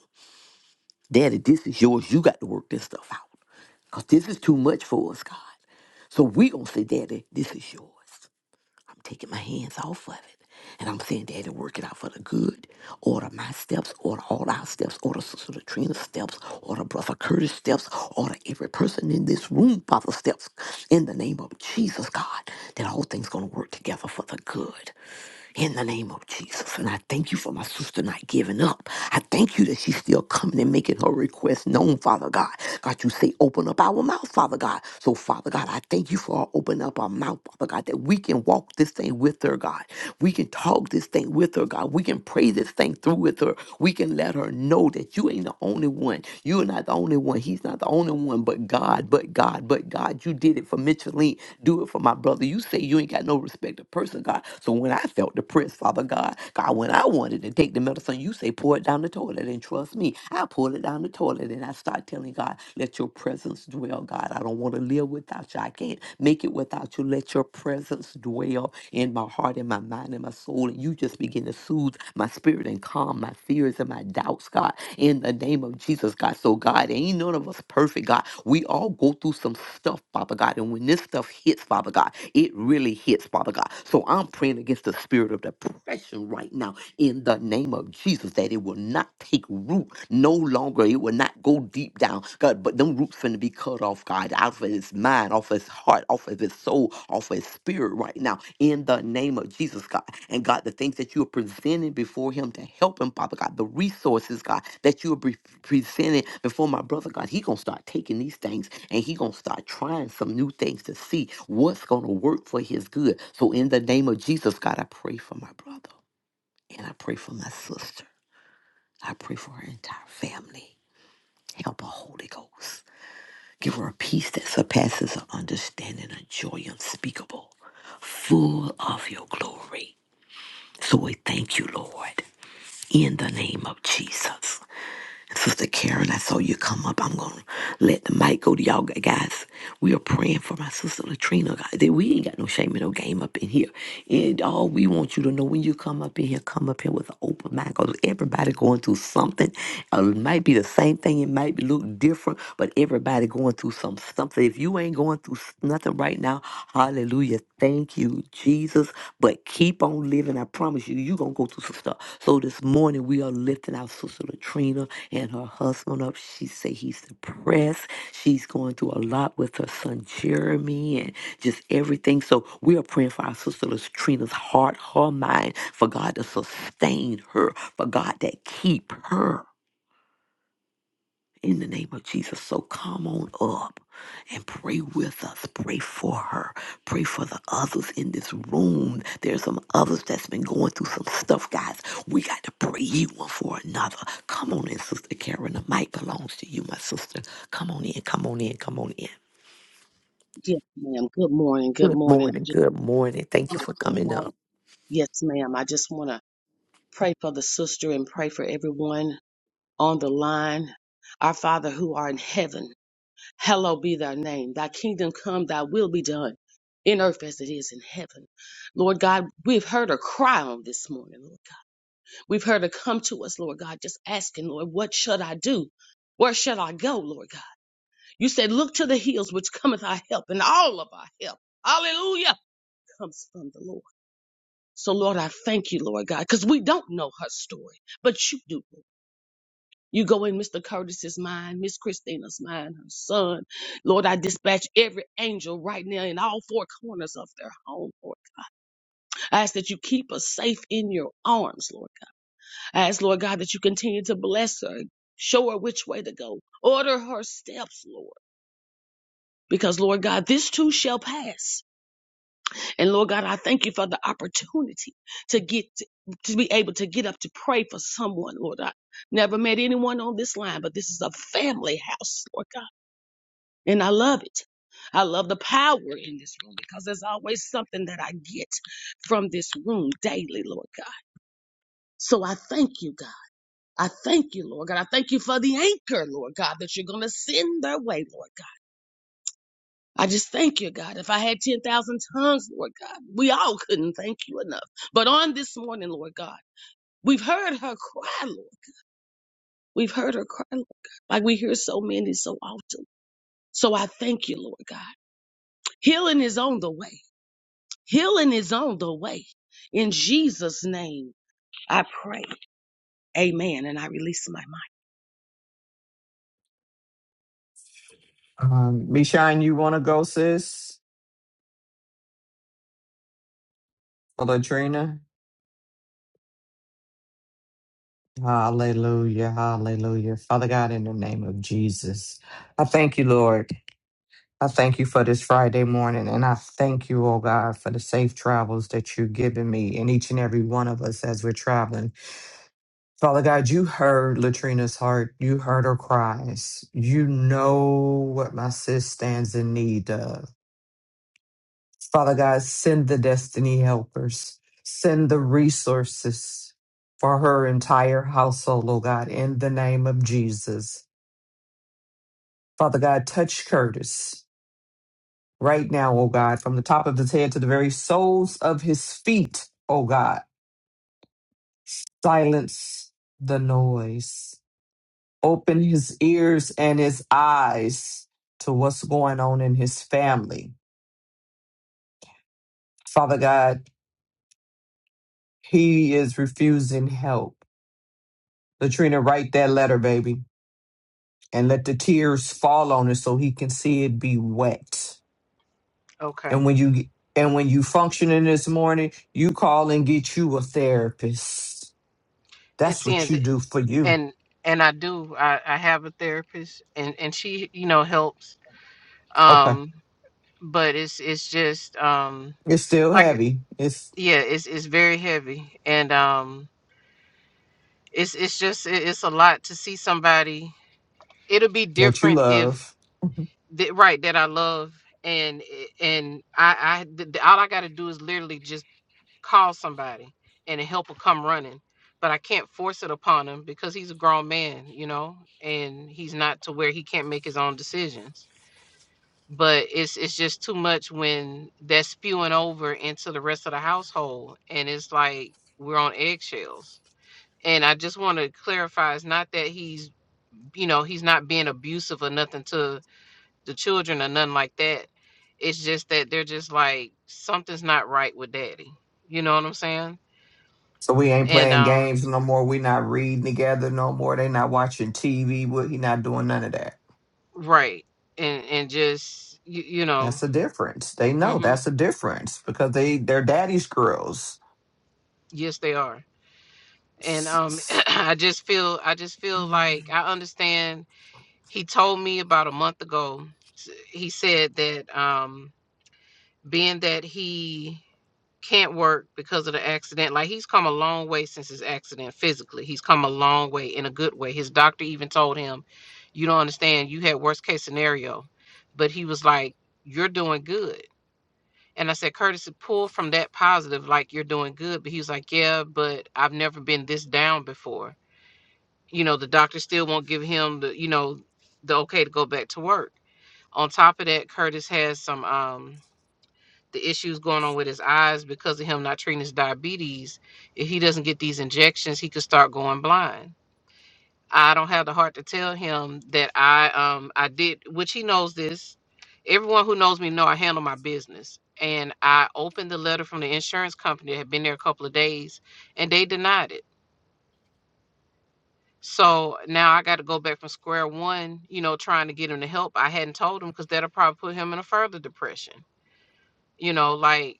Speaker 2: Daddy, this is yours. You got to work this stuff out. Because this is too much for us, God. So we going to say, Daddy, this is yours. I'm taking my hands off of it. And I'm saying, Daddy, work it out for the good. Order my steps, order all our steps, order Sister Latrina's steps, order Brother Curtis' steps, order every person in this room, Father, steps. In the name of Jesus, God, that all things going to work together for the good in the name of Jesus. And I thank you for my sister not giving up. I thank you that she's still coming and making her request known, Father God. God, you say, open up our mouth, Father God. So, Father God, I thank you for her opening up our mouth, Father God, that we can walk this thing with her, God. We can talk this thing with her, God. We can pray this thing through with her. We can let her know that you ain't the only one. You're not the only one. He's not the only only one, but God, but God, but God. You did it for Micheline. Do it for my brother. You say you ain't got no respect to person, God. So when I felt depressed, Father God, God, when I wanted to take the medicine, you say pour it down the toilet and trust me. I pulled it down the toilet and I start telling God, let your presence dwell, God. I don't want to live without you. I can't make it without you. Let your presence dwell in my heart, in my mind, in my soul, on, you just begin to soothe my spirit and calm my fears and my doubts, God, in the name of Jesus, God. So, God, ain't none of us perfect, God. We all go through some stuff, Father God. And when this stuff hits, Father God, it really hits, Father God. So, I'm praying against the spirit of depression right now in the name of Jesus that it will not take root no longer. It will not go deep down, God. But them roots finna be cut off, God, out of his mind, off his heart, off of his soul, off of his spirit right now, in the name of Jesus, God. And God, the things that you are presenting before him to help him, Father God, the resources, God, that you are pre- presenting before my brother, God, he going to start taking these things and he going to start trying some new things to see what's going to work for his good. So in the name of Jesus, God, I pray for my brother and I pray for my sister. I pray for her entire family. Help her, Holy Ghost. Give her a peace that surpasses her understanding, a joy unspeakable, full of your glory. So we thank you, Lord, in the name of Jesus. Sister Karen, I saw you come up. I'm going to let the mic go to y'all guys. We are praying for my sister Latrina. God, We ain't got no shame in no game up in here. And all we want you to know when you come up in here, come up here with an open mind because everybody going through something. Uh, It might be the same thing. It might be look different, but everybody somebody going through some something. If you ain't going through s- nothing right now, hallelujah. Thank you, Jesus. But keep on living. I promise you, you going to go through some stuff. So this morning, we are lifting our sister Latrina and her husband up. She say he's depressed. She's going through a lot with her son Jeremy and just everything. So we are praying for our sister Latrina's heart, her mind, for God to sustain her, for God to keep her in the name of Jesus. So come on up and pray with us. Pray for her. Pray for the others in this room. There's some others that's been going through some stuff, guys. We got to pray ye one for another. Come on in, Sister Karen. The mic belongs to you, my sister. Come on in. Come on in. Come on in.
Speaker 5: Yes, ma'am. Good morning. Good
Speaker 2: Good
Speaker 5: morning. I
Speaker 2: morning.
Speaker 5: just
Speaker 2: Good morning. Thank you
Speaker 5: wanna
Speaker 2: for
Speaker 5: come
Speaker 2: coming
Speaker 5: on-
Speaker 2: up.
Speaker 5: Yes, ma'am. I just want to pray for the sister and pray for everyone on the line. Our Father who art in heaven, hallowed be thy name. Thy kingdom come, thy will be done in earth as it is in heaven. Lord God, we've heard a cry on this morning. Lord. God. We've heard her come to us, Lord God, just asking, Lord, what should I do? Where should I go, Lord God? You said, look to the hills which cometh our help, and all of our help. Hallelujah comes from the Lord. So, Lord, I thank you, Lord God, because we don't know her story, but you do. You go in Mr. Curtis's mind, Miss Christina's mind, her son. Lord, I dispatch every angel right now in all four corners of their home, Lord. I ask that you keep us safe in your arms, Lord God. I ask, Lord God, that you continue to bless her, show her which way to go, order her steps, Lord. Because, Lord God, this too shall pass. And Lord God, I thank you for the opportunity to get to be able to get up to pray for someone, Lord. I never met anyone on this line, but this is a family house, Lord God. And I love it. I love the power in this room because there's always something that I get from this room daily, Lord God. So I thank you, God. I thank you, Lord God. I thank you for the anchor, Lord God, that you're going to send their way, Lord. I just thank you, God. If I had 10,000 tongues, Lord God, we all couldn't thank you enough. But on this morning, Lord God, we've heard her cry, Lord. We've heard her cry, Lord God, like we hear so many so often. So I thank you, Lord God. Healing is on the way. Healing is on the way. In Jesus' name, I pray. Amen. And I release my.
Speaker 4: Um, Mishine, you want to go, sis? Or Latrina? Hallelujah, hallelujah. Father God, in the name of Jesus, I thank you, Lord. I thank you for this Friday morning, and I thank you, oh God, for the safe travels that you've given me and each and every one of us as we're traveling. Father God, you heard Latrina's heart. You heard her cries. You know what my sis stands in need of. Father God, send the destiny helpers, send the resources for her entire household, oh God, in the name of Jesus. Father God, touch Curtis. right now, oh God, from the top of his head to the very soles of his feet, oh God. Silence the noise. Open his ears and his eyes to what's going on in his family. Father God, he is refusing help. Latrina, write that letter, baby, and let the tears fall on it so he can see it be wet.
Speaker 3: Okay.
Speaker 4: And when you and when you functioning this morning, you call and get you a therapist.
Speaker 3: And
Speaker 4: That's what
Speaker 3: seeing
Speaker 4: you
Speaker 3: th-
Speaker 4: do for you.
Speaker 3: and and I do. I I have a therapist, and and she you know helps.
Speaker 4: Okay.
Speaker 3: Um, but it's it's just um
Speaker 4: It's still
Speaker 3: like
Speaker 4: heavy. It's
Speaker 3: yeah, it's it's very heavy, and um it's it's just it- it's a lot to see somebody it'll be
Speaker 4: that you
Speaker 3: different if
Speaker 4: love.
Speaker 3: the, right that i love and and i i th- th- all i gotta do is literally just call somebody and the help will come running but i can't force it upon him because he's a grown man you know and he's not to where he can't make his own decisions but it's it's just too much when that's spewing over into the rest of the household and it's like we're on eggshells and I just want to clarify it's not that he's you know, he's not being abusive or nothing to the children or nothing like that. It's just that they're just like something's not right with daddy. You know what I'm saying?
Speaker 4: So we ain't
Speaker 3: And
Speaker 4: playing
Speaker 3: um
Speaker 4: games no more. We not reading together no more. They not watching TV. with- He not doing none of that.
Speaker 3: right. And and just you, you know,
Speaker 4: That's the difference. They know
Speaker 3: mhm.
Speaker 4: that's the difference because they they're daddy's girls.
Speaker 3: Yes, they are. And
Speaker 4: S-
Speaker 3: um [clears throat]
Speaker 4: s-
Speaker 3: I just feel I just feel like I understand he told me about a month ago. s- He said that um being that he can't work because of the accident. Like he's come a long way since his accident physically. He's come a long way in a good way. His doctor even told him, "You don't understand. You had worst case scenario," but he was like, "You're doing good." And I said, Curtis, pull from that positive, like you're doing good. But he was like, Yeah, but I've never been this down before. You know, the doctor still won't give him the, you know, the okay to go back to work. On top of that, Curtis has some um the issues going on with his eyes because of him not treating his diabetes. If he doesn't get these injections, he could start going blind. I don't have the heart to tell him that I um I did which he knows this. Everyone who knows me know I handle my business. And I opened the letter from the insurance company that had been there a couple of days and they denied it. So now I got to go back from square one, you know, trying to get him the help I hadn't told him because that'll probably put him in a further depression. You know, like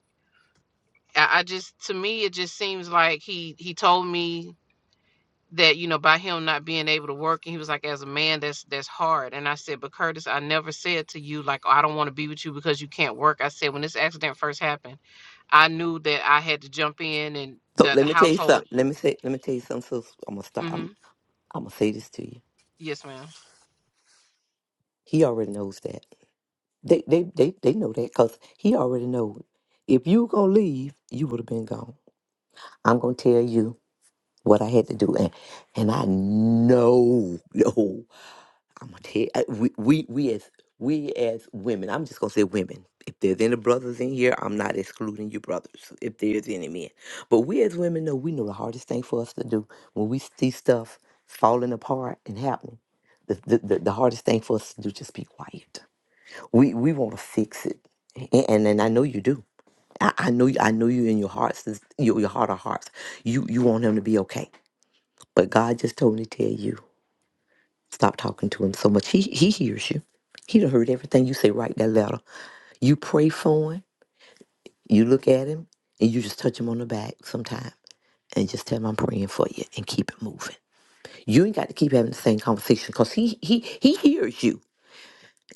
Speaker 3: I, I just to me it just seems like he he told me that you know by him not being able to work and he was like as a man that's that's hard and I said but Curtis I never said to you like oh, I don't want to be with you because you can't work I said when this accident first happened I knew that I had to jump in and
Speaker 2: So
Speaker 3: the
Speaker 2: let
Speaker 3: the
Speaker 2: me tell you
Speaker 3: household
Speaker 2: something. Let me say. Let me tell you something. So I'm gonna stop.
Speaker 3: mm-hmm.
Speaker 2: I'm, I'm gonna say this to you.
Speaker 3: yes ma'am
Speaker 2: He already knows that. They they they they know that because he already know. If you gonna leave, you would have been gone. I'm gonna tell you what I had to do, and and I know. [laughs] I'm gonna tell uh, we we we as we as women. I'm just gonna say women. If there's any brothers in here, I'm not excluding you brothers. If there's any men, but we as women know we know the hardest thing for us to do when we see stuff falling apart and happening. The the, the, the hardest thing for us to do just be quiet. We we want to fix it, and, and and I know you do. I, I know you. I know you in your hearts. this- Your, your heart of hearts. You you want him to be okay. But God just told me to tell you. Stop talking to him so much. He he hears you. He done heard everything you say. Write that letter. You pray for him. You look at him, and you just touch him on the back sometime, and just tell him I'm praying for you, and keep it moving. You ain't got to keep having the same conversation because he he he hears you.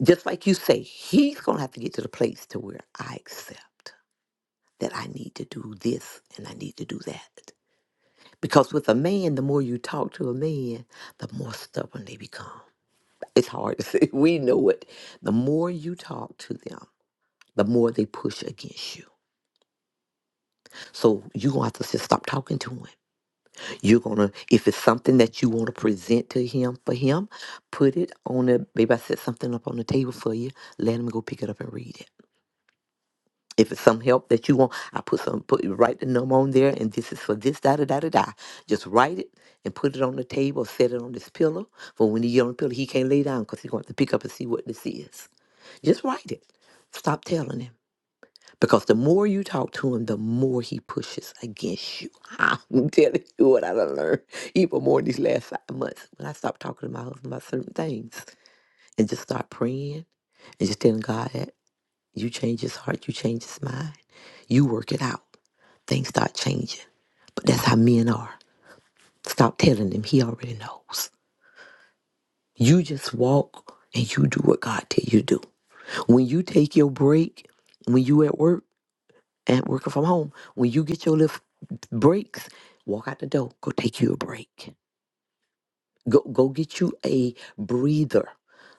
Speaker 2: Just like you say, he's gonna have to get to the place to where I accept that I need to do this and I need to do that. Because with a man, the more you talk to a man, the more stubborn they become. It's hard to say. [laughs] We know it. The more you talk to them, the more they push against you. So you're going to have to just stop talking to him. You're going to, if it's something that you want to present to him for him, put it on the, maybe I set something up on the table for you. Let him go pick it up and read it. If it's some help that you want, I put some, put write the number on there and this is for this, da, da, da, da, da. Just write it and put it on the table, set it on this pillow. For when he get on the pillow, he can't lay down because he's going to have to pick up and see what this is. Just write it. Stop telling him. Because the more you talk to him, the more he pushes against you. [laughs] I'm telling you what I done learned even more in these last five months. When I stopped talking to my husband about certain things and just start praying and just telling God that you change his heart, you change his mind, you work it out. Things start changing. But that's how men are. Stop telling him. He already knows. You just walk and you do what God tell you to do. When you take your break, when you at work, and working from home. When you get your little breaks, walk out the door, go take you a break. Go go get you a breather.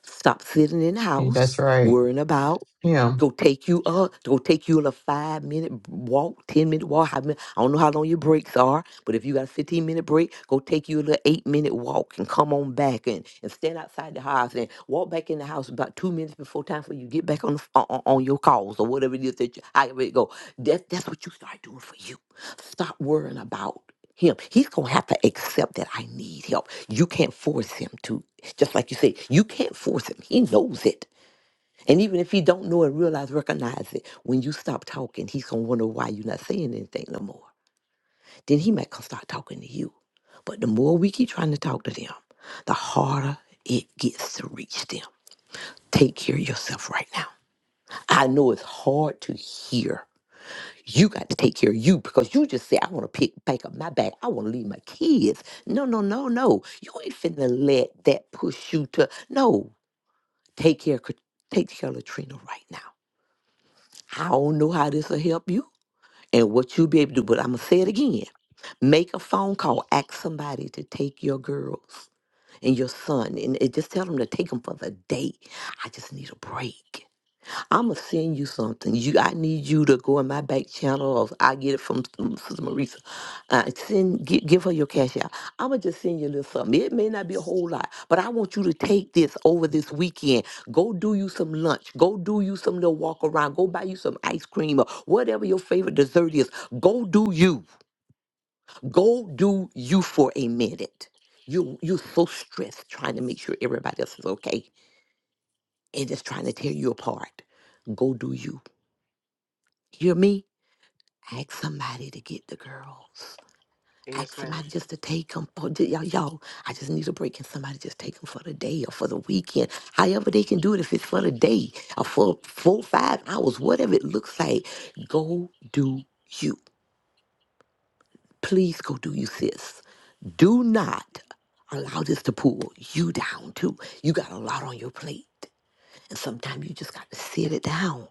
Speaker 2: Stop sitting in the
Speaker 4: Yeah,
Speaker 2: house
Speaker 4: That's right.
Speaker 2: worrying about.
Speaker 4: Him
Speaker 2: Go take you a go take you on a five minute walk, ten minute walk. How many, I don't know how long your breaks are but if you got a 15 minute break, go take you a little eight minute walk and come on back and, and stand outside the house and walk back in the house about two minutes before time for you get back on the, ph- on, on on your calls or whatever it is that you, however it go. That, that's what you start doing for you. Stop worrying about him. He's going to have to accept that I need help. You can't force him to. Just like you say, you can't force him. He knows it. And even if he don't know it, realize, recognize it. When you stop talking, he's going to wonder why you're not saying anything no more then he might come start talking to you. But the more we keep trying to talk to them, the harder it gets to reach them. Take care of yourself right now. I know it's hard to hear. You got to take care of you because you just say, I want to pick back up my bag. I want to leave my kids. No, no, no, no. You ain't finna let that push you to no. Take care, Kat- take care of Latrina right now. I don't know how this will help you and what you'll be able to do, but I'm gonna say it again. Make a phone call. Ask somebody to take your girls. and your son, and it just tell them to take them for the day. I just need a break. I'ma send you something. You, I need you to go in my back channel, or I get it from um, Sister Marisa. Uh, send, gi- give her your cash out. I'ma just send you a little something. It may not be a whole lot, but I want you to take this over this weekend. Go do you some lunch. Go do you some little walk around. Go buy you some ice cream or whatever your favorite dessert is. Go do you. Go do you for a minute. You you're so stressed trying to make sure everybody else is okay and just trying to tear you apart. Go do you. Hear me? Ask somebody to get the girls. Ask
Speaker 3: yes
Speaker 2: somebody
Speaker 3: ma'am
Speaker 2: just to take them. For, ju- y'all, y'all, I just need a break. and somebody just take them for the day or for the weekend? However they can do it, if it's for the day or for four, five hours, whatever it looks like, go do you. Please go do you, sis. Do not allow this to pull you down, too. You got a lot on your plate. And sometimes you just got to sit it down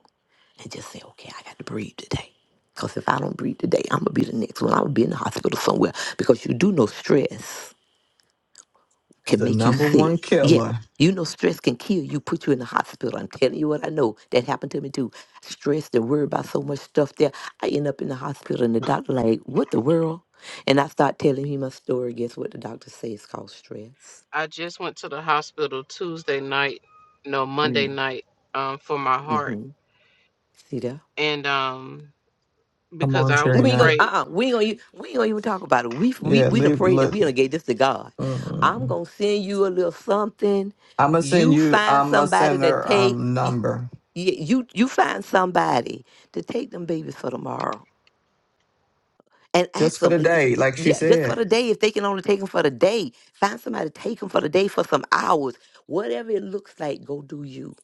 Speaker 2: and just say, okay, I got to breathe today. Because if I don't breathe today, I'm going to be the next one. I'm going to be in the hospital somewhere because you do know stress
Speaker 4: is
Speaker 2: can
Speaker 4: the
Speaker 2: make you
Speaker 4: number
Speaker 2: sick.
Speaker 4: one
Speaker 2: Yeah.
Speaker 4: killer.
Speaker 2: You know, stress can kill you, put you in the hospital. I'm telling you what I know. That happened to me too. Stress and worried about so much stuff there. I end up in the hospital and the doctor like, what the world? And I start telling him my story. Guess what the doctor says it's called stress.
Speaker 3: I just went to the hospital Tuesday night no Monday
Speaker 2: Mm,
Speaker 3: night um for my heart
Speaker 2: Mm-hmm. See that?
Speaker 3: and um
Speaker 4: Come
Speaker 3: because
Speaker 4: on,
Speaker 3: I was
Speaker 2: We ain't gonna
Speaker 4: Trina.
Speaker 3: afraid
Speaker 2: uh uh we ain't gonna e- we ain't gonna even talk about it. We we
Speaker 4: Yeah,
Speaker 2: we done
Speaker 4: leave.
Speaker 2: prayed and
Speaker 4: Look,
Speaker 2: we done gave this to God. I'm
Speaker 4: I'm
Speaker 2: gonna send you a little something.
Speaker 4: gonna send
Speaker 2: You
Speaker 4: you.
Speaker 2: find
Speaker 4: I'm gonna
Speaker 2: somebody
Speaker 4: send
Speaker 2: to
Speaker 4: her
Speaker 2: take.
Speaker 4: um number
Speaker 2: you you, you find somebody to take them babies for tomorrow and ask
Speaker 4: just for
Speaker 2: them
Speaker 4: the
Speaker 2: eh, eh,
Speaker 4: day, like she
Speaker 2: yeah just for
Speaker 4: said.
Speaker 2: the day if they can only take them for the day find somebody to take them for the day for some hours whatever it looks like go do you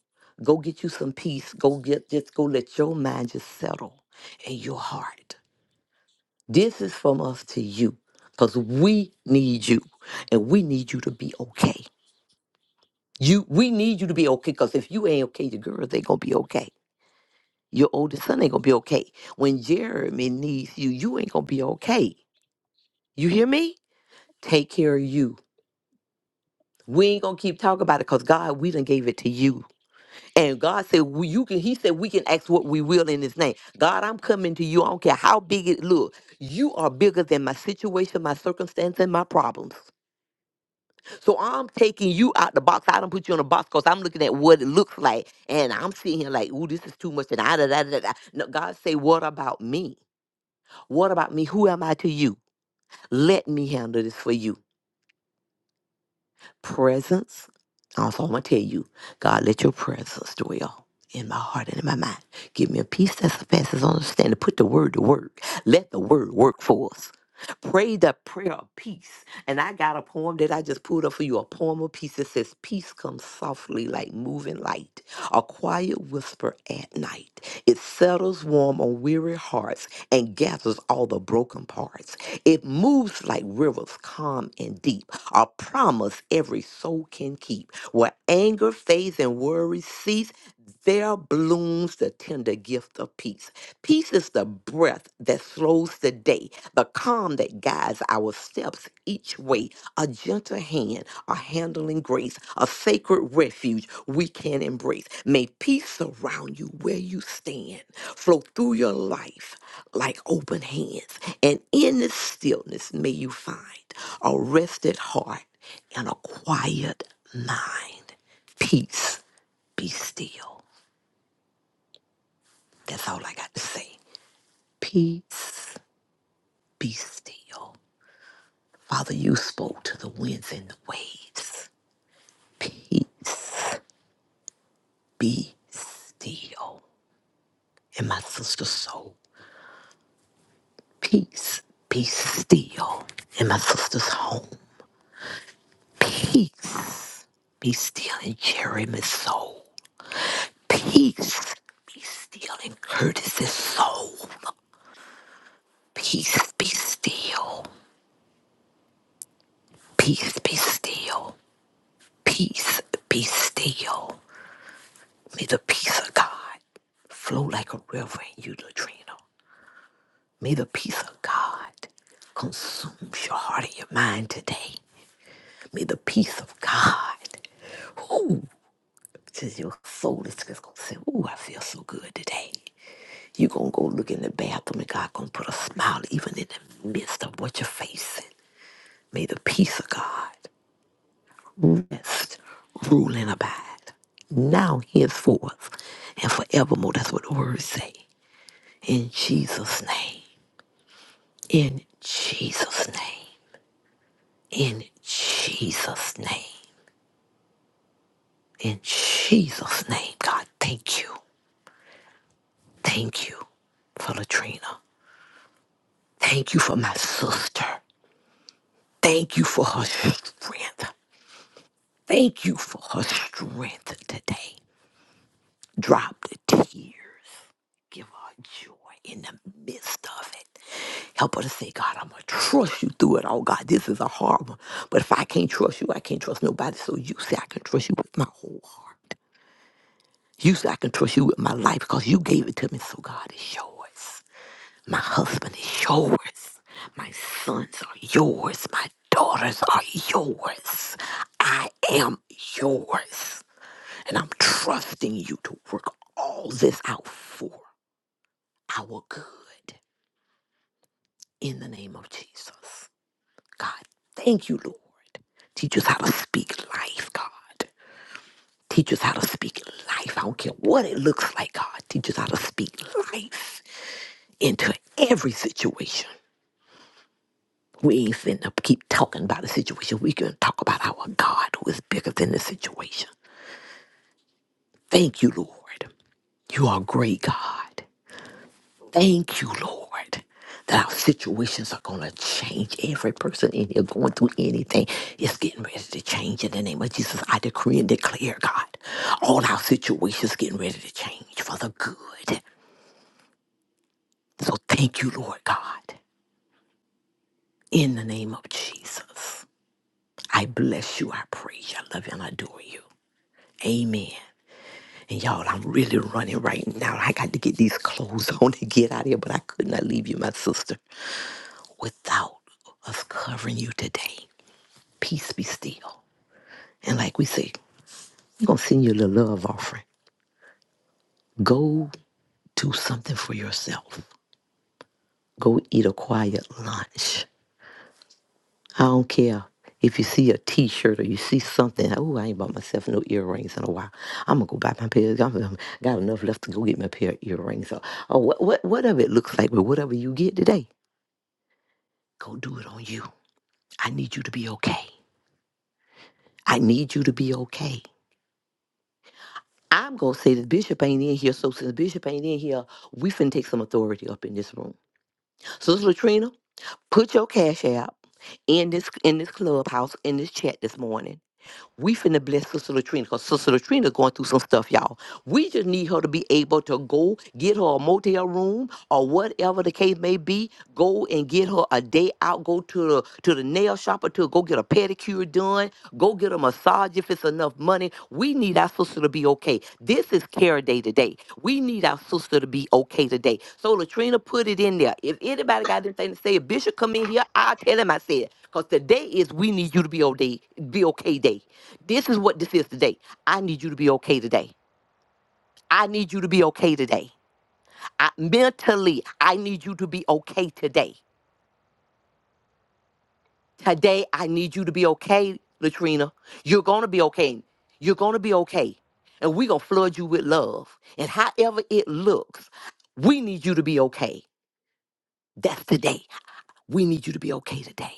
Speaker 2: go get you some peace go get just go let your mind just settle and your heart this is from us to you because we need you and we need you to be okay you we need you to be okay because if you ain't okay the girls ain't gonna be okay Your oldest son ain't gonna be okay. When Jeremy needs you, you ain't gonna be okay. You hear me? Take care of you. We ain't gonna keep talking about it because God, we done gave it to you. And God said, we, you can, He said, we can ask what we will in His name. God, I'm coming to you. I don't care how big it look. You are bigger than my situation, my circumstance, and my problems. So I'm taking you out the box. I don't put you in a box because I'm looking at what it looks like. And I'm sitting here like, ooh, this is too much. And I, da, da, da, da. No, God say, what about me? What about me? Who am I to you? Let me handle this for you. Presence. Also, I'm going to tell you, God, let your presence dwell in my heart and in my mind. Give me a peace that surpasses understanding. Put the word to work. Let the word work for us. Pray the prayer of peace. And I got a poem that I just pulled up for you a poem of peace that says, Peace comes softly like moving light, a quiet whisper at night. It settles warm on weary hearts and gathers all the broken parts. It moves like rivers calm and deep, a promise every soul can keep. Where anger fades and worry cease, there blooms the tender gift of peace. Peace is the breath that slows the day, the calm that guides our steps each way, a gentle hand, a handling grace, a sacred refuge we can embrace. May peace surround you where you stand, flow through your life like open hands, and in the stillness may you find a rested heart and a quiet mind. Peace, be still. That's all I got to say. Peace be still. Father, you spoke to the winds and the waves. Peace be still in my sister's soul. Peace be still in my sister's home. Peace be still in Jeremy's soul. Peace be still in Curtis's soul. Peace be still. Peace be still. Peace be still. May the peace of God flow like a river in you, Latrina. May the peace of God consume your heart and your mind today. May the peace of God, ooh, just your soul is just gonna say, ooh, I feel so good today. You're gonna go look in the bathroom and God gonna put a smile even in the midst of what you're facing. May the peace of God rest, rule, and abide now henceforth and forevermore. That's what the words say. In Jesus' name. In Jesus' name. In Jesus' name. In Jesus' name. God, thank you. Thank you for Latrina. Thank you for my sister. Thank you for her strength. Thank you for her strength today. Drop the tears. Give her joy in the midst of it. Help her to say, God, I'm going to trust you through it all. God, this is a hard one. But if I can't trust you, I can't trust nobody. So you say, I can trust you with my whole heart. You say, I can trust you with my life because you gave it to me. So God, it's yours. My husband is yours. My sons are yours. My daughters are yours. I am yours. And I'm trusting you to work all this out for our good. in the name of Jesus. God, thank you, Lord. Teach us how to speak life, God. Teach us how to speak life. I don't care what it looks like, God. Teach us how to speak life into every situation. We ain't finna keep talking about the situation. We can talk about our God who is bigger than the situation. Thank you, Lord. You are great, God. Thank you, Lord, that our situations are going to change. Every person in here going through anything is getting ready to change. In the name of Jesus, I decree and declare, God, all our situations getting ready to change for the good. So thank you, Lord God, in the name of Jesus. I bless you, I praise you, I love you, and I adore you. Amen. And y'all, I'm really running right now. I got to get these clothes [laughs] on and get out of here, but I could not leave you, my sister, without us covering you today. peace be still. And like we say, we're going to send you a little love offering. Go do something for yourself. Go eat a quiet lunch. I don't care if you see a t shirt or you see something. Oh, I ain't bought myself no earrings in a while. I'm going to go buy my pair. I'm, got enough left to go get my pair of earrings. Or, or what, what, whatever it looks like, but whatever you get today, go do it on you. I need you to be okay. I need you to be okay. I'm gonna say the bishop ain't in here, so since bishop ain't in here, we finna take some authority up in this room. So Latrina, put your cash out in this in this clubhouse in this chat this morning. We finna bless Sister Latrina because Sister Latrina going through some stuff, y'all. We just need her to be able to go get her a motel room or whatever the case may be. Go and get her a day out. Go to the to the nail shop or to go get a pedicure done. Go get a massage if it's enough money. We need our sister to be okay. This is care day today. We need our sister to be okay today. So Latrina put it in there. If anybody got anything to say, if Bishop come in here, I'll tell him I said. it, Because today is we need you to be okay, be okay day. This is what this is today. I need you to be okay today. I need you to be okay today. I, mentally, I need you to be okay today. Today, I need you to be okay, Latrina. You're going to be okay. You're going to be okay. And we're going to flood you with love. And however it looks, we need you to be okay. That's today. We need you to be okay today.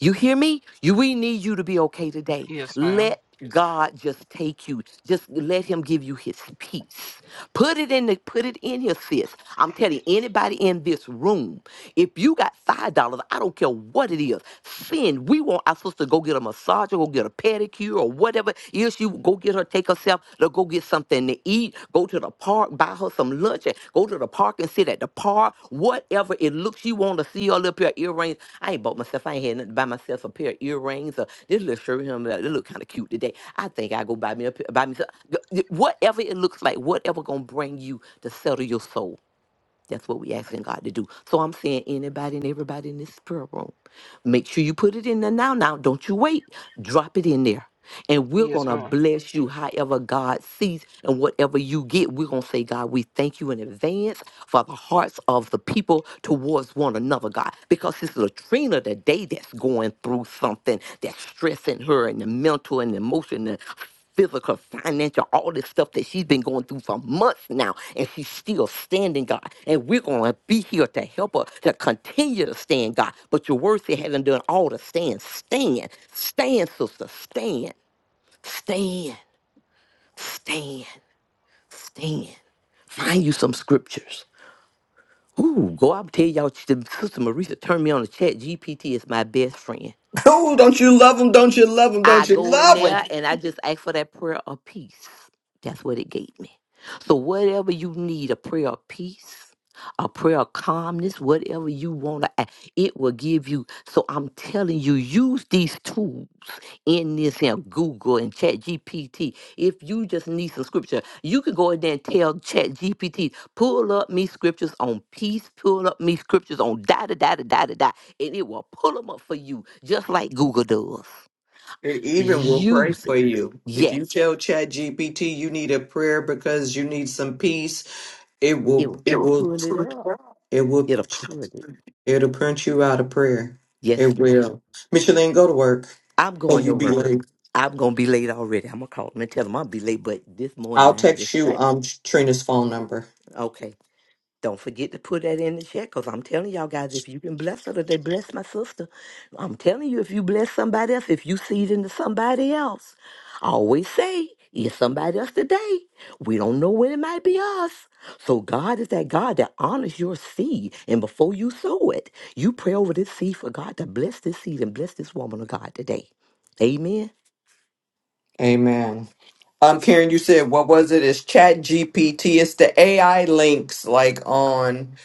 Speaker 2: You hear me? You we need you to be okay today.
Speaker 3: yes ma'am
Speaker 2: Let God just take you. Just let him give you his peace. Put it in the put it in here, sis. I'm telling anybody in this room if you got five dollars, I don't care what it is. Sin, we want our sister to go get a massage or go get a pedicure or whatever. If she go get her, take herself to go get something to eat, go to the park, buy her some lunch, and go to the park and sit at the park. Whatever it looks, you want to see her little pair of earrings. I ain't bought myself. I ain't had nothing to buy myself a pair of earrings or this little shirt. Him, uh, this look kind of cute today. I think I go buy me a pair- buy me some, whatever it looks like. Whatever gonna bring you to settle your soul. That's what we asking God to do. So I'm saying anybody and everybody in this prayer room, make sure you put it in there now. Now, don't you wait. Drop it in there. And we're going
Speaker 3: yes
Speaker 2: to
Speaker 3: ma'am
Speaker 2: bless you however God sees and whatever you get. We're going to say, God, we thank you in advance for the hearts of the people towards one another, God. Because it's Latrina today that's going through something that's stressing her and the mental and the emotional physical, financial, all this stuff that she's been going through for months now, and she's still standing, God. And we're going to be here to help her to continue to stand, God. But your word said, having done all to stand, stand, stand, sister, stand, stand, stand, stand. Find you some scriptures. Ooh, go out and tell y'all, Sister Marisa, turn me on the chat. GPT is my best friend.
Speaker 4: Oh, don't you love him? Don't you love him?
Speaker 2: I
Speaker 4: Don't you
Speaker 2: go in
Speaker 4: love him?
Speaker 2: there and I just ask for that prayer of peace. That's what it gave me. So, whatever you need a prayer of peace, a prayer of calmness, whatever you want to, ask, it will give you. So, I'm telling you, use these tools in this here Google and Chat GPT. If you just need some scripture, you can go in there and tell Chat GPT, pull up me scriptures on peace, pull up me scriptures on da da da da da da, da," and it will pull them up for you, just like Google does.
Speaker 4: It even will pray
Speaker 2: Use
Speaker 4: for
Speaker 2: it.
Speaker 4: you. If you
Speaker 2: Yes.
Speaker 4: tell Chat GPT you need a prayer because you need some peace, it
Speaker 2: It
Speaker 4: will
Speaker 2: will
Speaker 4: it will
Speaker 2: pull it up.
Speaker 4: it will
Speaker 2: It'll pull it.
Speaker 4: it'll print you out a prayer.
Speaker 2: Yes,
Speaker 4: It
Speaker 2: ma'am.
Speaker 4: will. Micheline, go to work.
Speaker 2: I'm
Speaker 4: Or
Speaker 2: going to
Speaker 4: you be
Speaker 2: work.
Speaker 4: late.
Speaker 2: I'm gonna be late already. I'm gonna call them and tell them I'll be late, but this morning
Speaker 4: I'll
Speaker 2: I had
Speaker 4: text
Speaker 2: this
Speaker 4: you
Speaker 2: fact.
Speaker 4: um Trina's phone number.
Speaker 2: Okay. Don't forget to put that in the chat because I'm telling y'all guys, if you can bless her today, bless my sister. I'm telling you, if you bless somebody else, if you seed into somebody else, I always say, it's somebody else today. We don't know when it might be us. So God is that God that honors your seed. And before you sow it, you pray over this seed for God to bless this seed and bless this woman of God today. Amen.
Speaker 4: Amen. Um Karen, you said what was it? It's Chat GPT. It's the AI links like on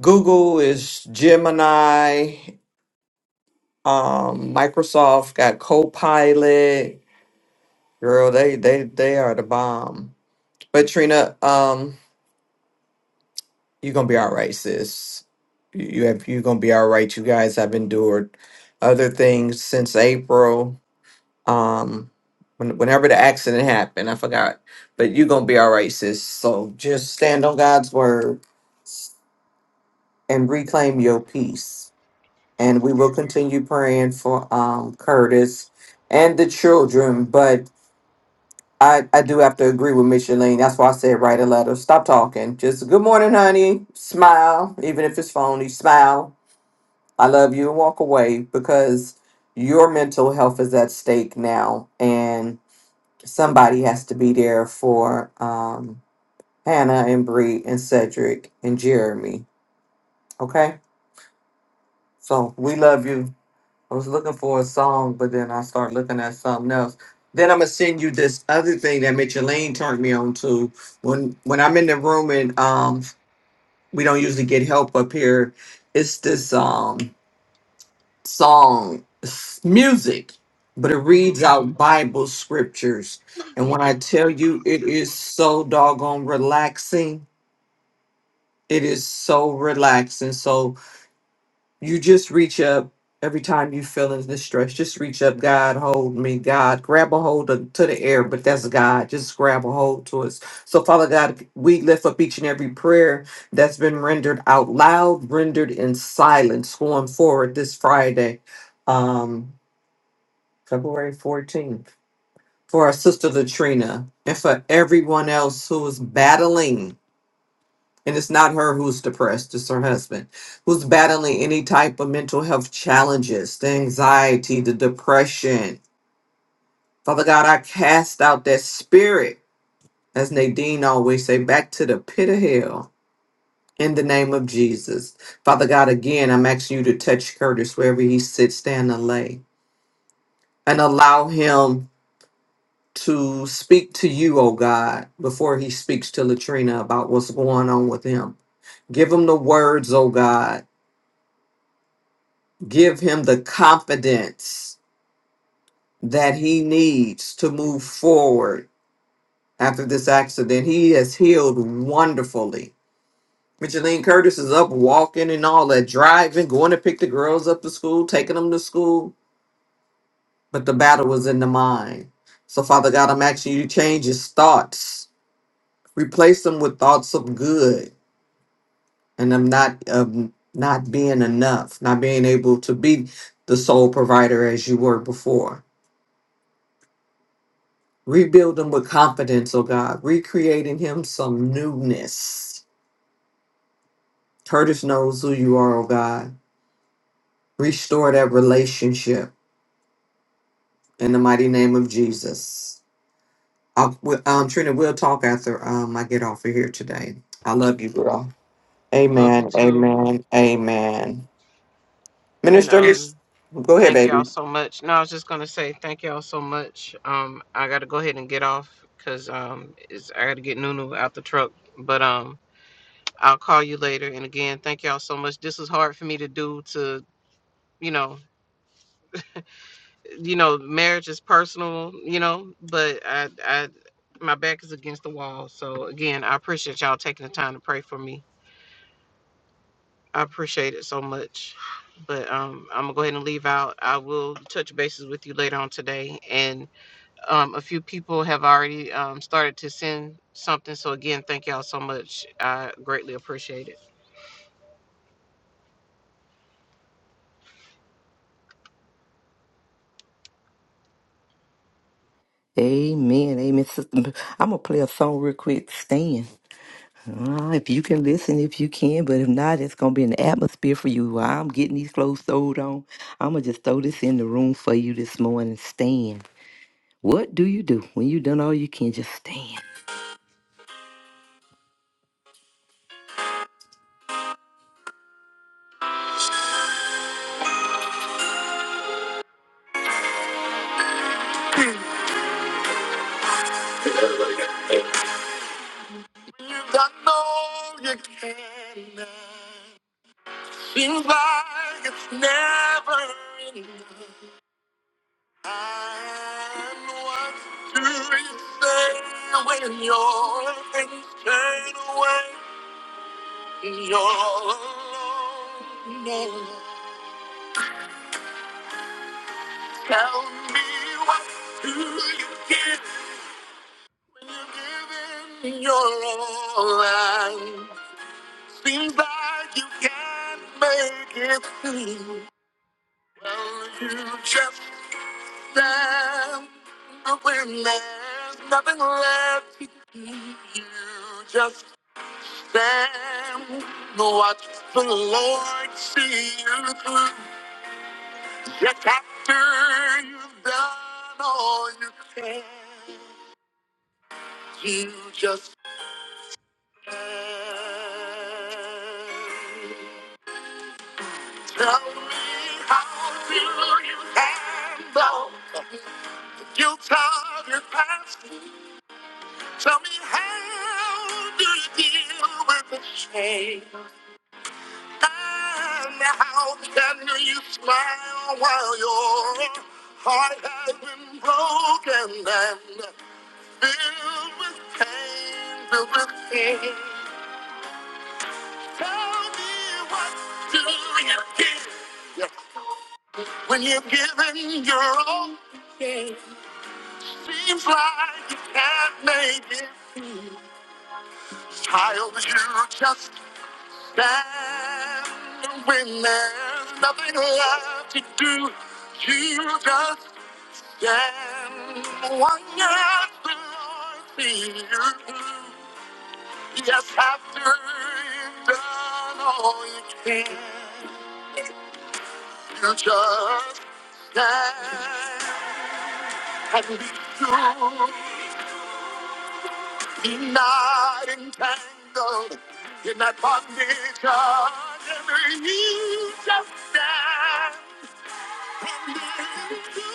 Speaker 4: Google is Gemini Um, Microsoft got Copilot. Girl, they they they are the bomb. But Trina, um, you're gonna be all right, sis. You you have you're gonna be all right. You guys have endured other things since April. Um, when, whenever the accident happened, I forgot. But you're gonna be all right, sis. So just stand on God's word and reclaim your peace. And we will continue praying for um Curtis and the children, but I, I do have to agree with Micheline. That's why I said write a letter. Stop talking. Just good morning, honey. Smile, even if it's phony. Smile. I love you and walk away because your mental health is at stake now, and somebody has to be there for um, Hannah and Bree and Cedric and Jeremy. Okay, so we love you. I was looking for a song, but then I started looking at something else. Then I'm gonna send you this other thing that Micheline turned me on to. When when I'm in the room and um we don't usually get help up here, it's this um song s- music, but it reads out Bible scriptures. And when I tell you it is so doggone relaxing, it is so relaxing. So you just reach up every time you feel in this stress. Just reach up, God, hold me, God, grab a hold of, to the air, but that's God. Just grab a hold to us. So, Father God, we lift up each and every prayer that's been rendered out loud, rendered in silence going forward this Friday, um, February 14th, for our sister Latrina and for everyone else who is battling. And it's not her who's depressed, it's her husband who's battling any type of mental health challenges, the anxiety, the depression. Father God, I cast out that spirit, as Nadine always say, back to the pit of hell in the name of Jesus. Father God, again, I'm asking you to touch Curtis wherever he sits, stand, and lay, and allow him to speak to you, oh God, before he speaks to Latrina about what's going on with him. Give him the words, oh God give him the confidence that he needs to move forward after this accident. He has healed wonderfully. Micheline Curtis is up walking and all that, driving, going to pick the girls up to school, taking them to school. But the battle was in the mind. So, Father God, I'm asking you to change his thoughts, replace them with thoughts of good and of not of not being enough, not being able to be the sole provider as you were before. Rebuild him with confidence, oh God. Recreating him some newness. Curtis knows who you are, oh God. Restore that relationship in the mighty name of Jesus. I'll, we- um, Trina, we'll talk after um, I get off of here today. I love you, girl.
Speaker 3: Love you
Speaker 4: Amen.
Speaker 3: too.
Speaker 4: Amen. Amen.
Speaker 3: And
Speaker 4: Minister, Yes.
Speaker 3: um
Speaker 4: go ahead,
Speaker 3: thank y'all
Speaker 4: baby.
Speaker 3: so much. No, I was just gonna say thank y'all so much. Um I gotta go ahead and get off because um it's I gotta get Nunu out the truck. But um I'll call you later and again thank y'all so much. This is hard for me to do to you know you know, marriage is personal, you know, but I I my back is against the wall. So again, I appreciate y'all taking the time to pray for me. I appreciate it so much. But um, I'm gonna go ahead and leave out. I will touch bases with you later on today, and um, a few people have already um, started to send something. So again, thank y'all so much. I greatly appreciate it.
Speaker 2: Amen. Amen. Sister, I'm going to play a song real quick. Stand. Uh, if you can listen, if you can, but if not, it's gonna be an atmosphere for you. While I'm getting these clothes sewed on, I'm gonna just throw this in the room for you this morning. Stand. What do you do when you done all you can? Just stand. You done all you can. now. Seems like it's never enough. And what do you say when your things turn away and you're alone? Tell me what do you get when you're giving your all? And seems like you can't make it through. Well, you just stand up when there's nothing left to do. You just stand, watch the Lord see you through. Just after you've done all you can. You just Tell me how do you handle your time your past? Tell me how do you deal with the shame? And how can you smile while your heart has been broken and filled with pain, filled with pain? Tell me what do you get when you're giving your all? Seems like you can't make it. Child, you just stand when there's nothing left to do. You just stand one year see you. Yes, after you've done all you can. You just stand and be true. Be not entangled in that condition. You just stand and be true.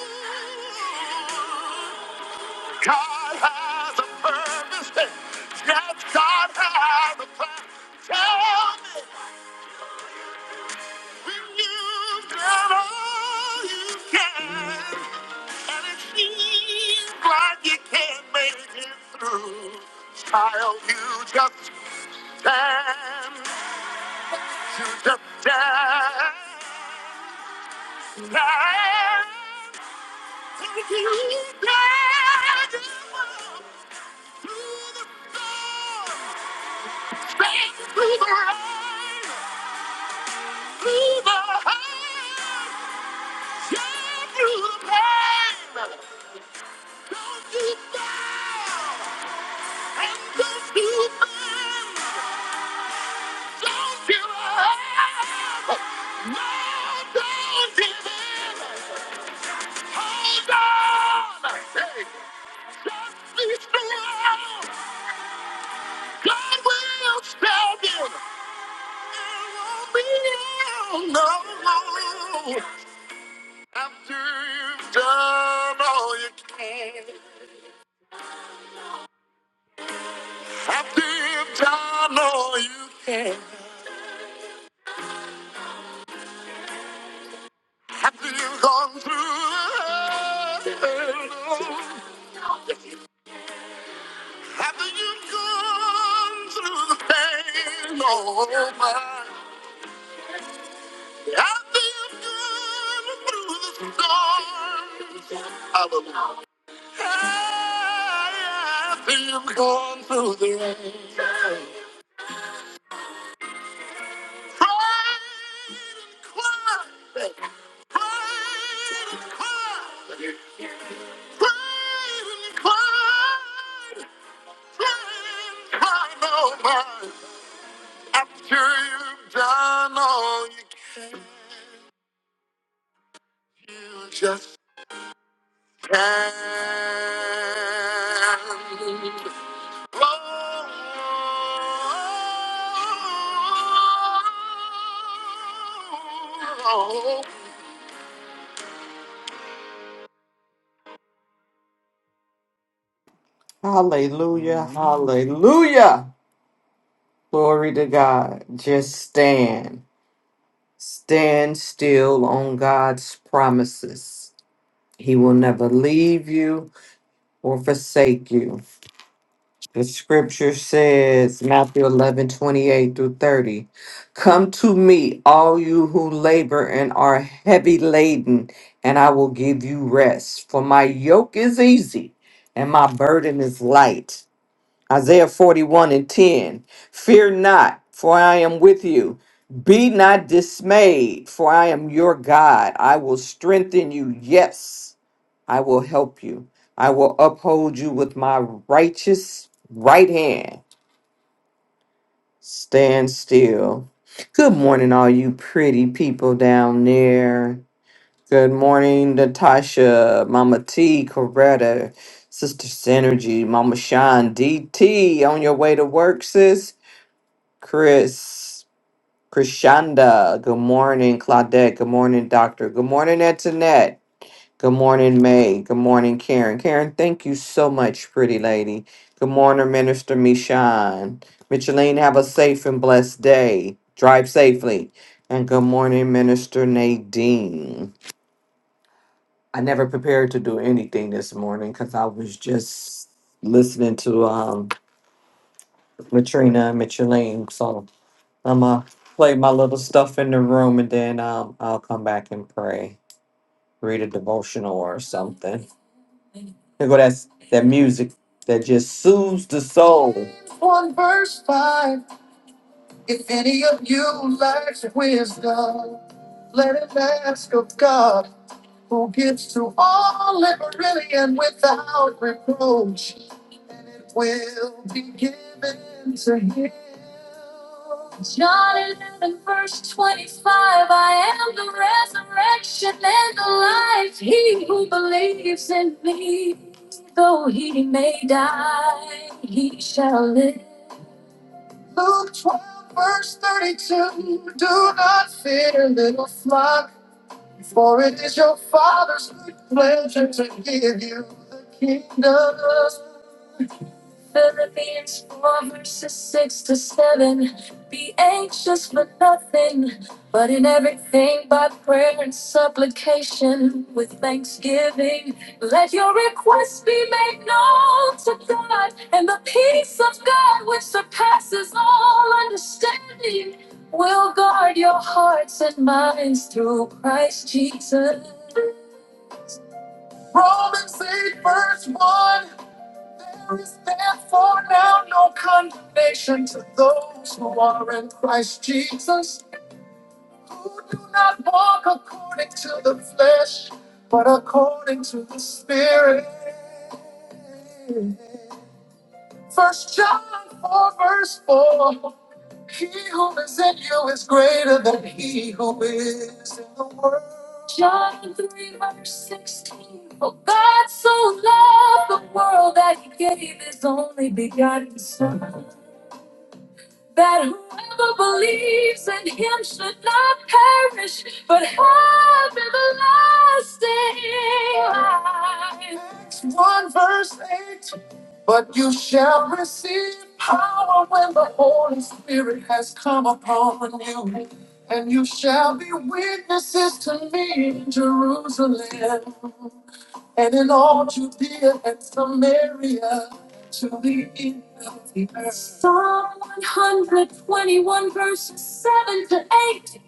Speaker 2: God has a purpose. Yes, God has a plan. Tell me. You've done all you can, and it seems like you can't make it through. Child, you just stand, you just stand, stand. Take you stand through the storm, stand through the rain, through the hurt. Go through the pain. Don't you down. And don't you bend. Don't give up. No, don't give in. Hold on. Hey, just be strong. God will stand you. will No, no, no. After you've done all you can. After you've done all you can, after you've gone through hell, after you've gone through the pain, oh my. After you've gone through the storms, hallelujah. After you've gone through the rain, pride and cried, pride and cried, pride and cried. I know mine. After you've done all you can, you just can. not Oh, oh, oh.
Speaker 4: Hallelujah. Hallelujah. Glory to God. Just stand. Stand still on God's promises He will never leave you or forsake you. The scripture says, Matthew 11 28 through 30. Come to me, all you who labor and are heavy laden, and I will give you rest. For my yoke is easy and my burden is light. Isaiah 41 and 10. Fear not, for I am with you. Be not dismayed, for I am your God. I will strengthen you. Yes. I will help you. I will uphold you with my righteous right hand. Stand still. Good morning, all you pretty people down there. Good morning, Natasha, Mama T, Coretta, Sister Synergy, Mama Sean, DT, on your way to work, sis. Chris, Krishanda, good morning, Claudette, good morning, Doctor, good morning, Antoinette. Good morning, May. Good morning, Karen. Karen, thank you so much, pretty lady. Good morning, Minister Michon. Micheline, have a safe and blessed day. Drive safely. And good morning, Minister Nadine. I never prepared to do anything this morning because I was just listening to um Latrina and Micheline. So I'm gonna play my little stuff in the room and then um I'll come back and pray, read a devotional or something. Here go that's that music that just soothes the soul. One verse five. If any of you lacks wisdom, let it ask of God who gives to all liberally and without reproach, and it will be given to him. John 11, verse 25 I am the resurrection and the life. He who believes in me, though he may die, he shall live. Luke 12, verse 32 Do not fear, little flock. For it is your Father's good pleasure to give you the kingdom. Philippians 4 verses 6 to 7. Be anxious for nothing, but in everything by prayer and supplication with thanksgiving. Let your requests be made known to God, and the peace of God, which surpasses all understanding, will guard your hearts and minds through Christ Jesus. Foundation to those according to but I'm John 4, verse 4 is greater than he who is in the world. John 3, verse 16. For God so loved the world that he gave his only begotten Son, that whoever believes in him should not perish, but have everlasting life. Acts 1, verse 8. But you shall receive power when the Holy Spirit has come upon you, and you shall be witnesses to me in Jerusalem and in all Judea and Samaria to the end of the earth. Psalm 121, verses 7 to 8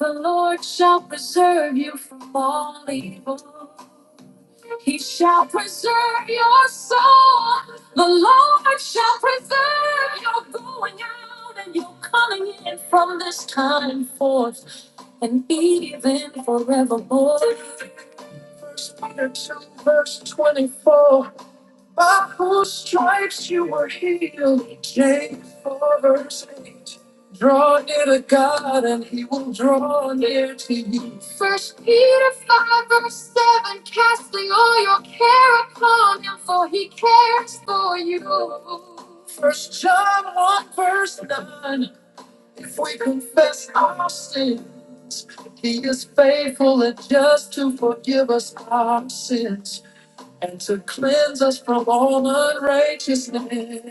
Speaker 4: The Lord shall preserve you from all evil. He shall preserve your soul. The Lord shall preserve your going out and your coming in from this time forth and even forevermore. First Peter 2, verse 24. By whose stripes you were healed. James 4 verse 8. Draw near to God and he will draw near to you. First Peter 5 verse 7. Casting all your care upon him for he cares for you. First John 1 verse 9. If we confess our sins, he is faithful and just to forgive us our sins and to cleanse us from all unrighteousness.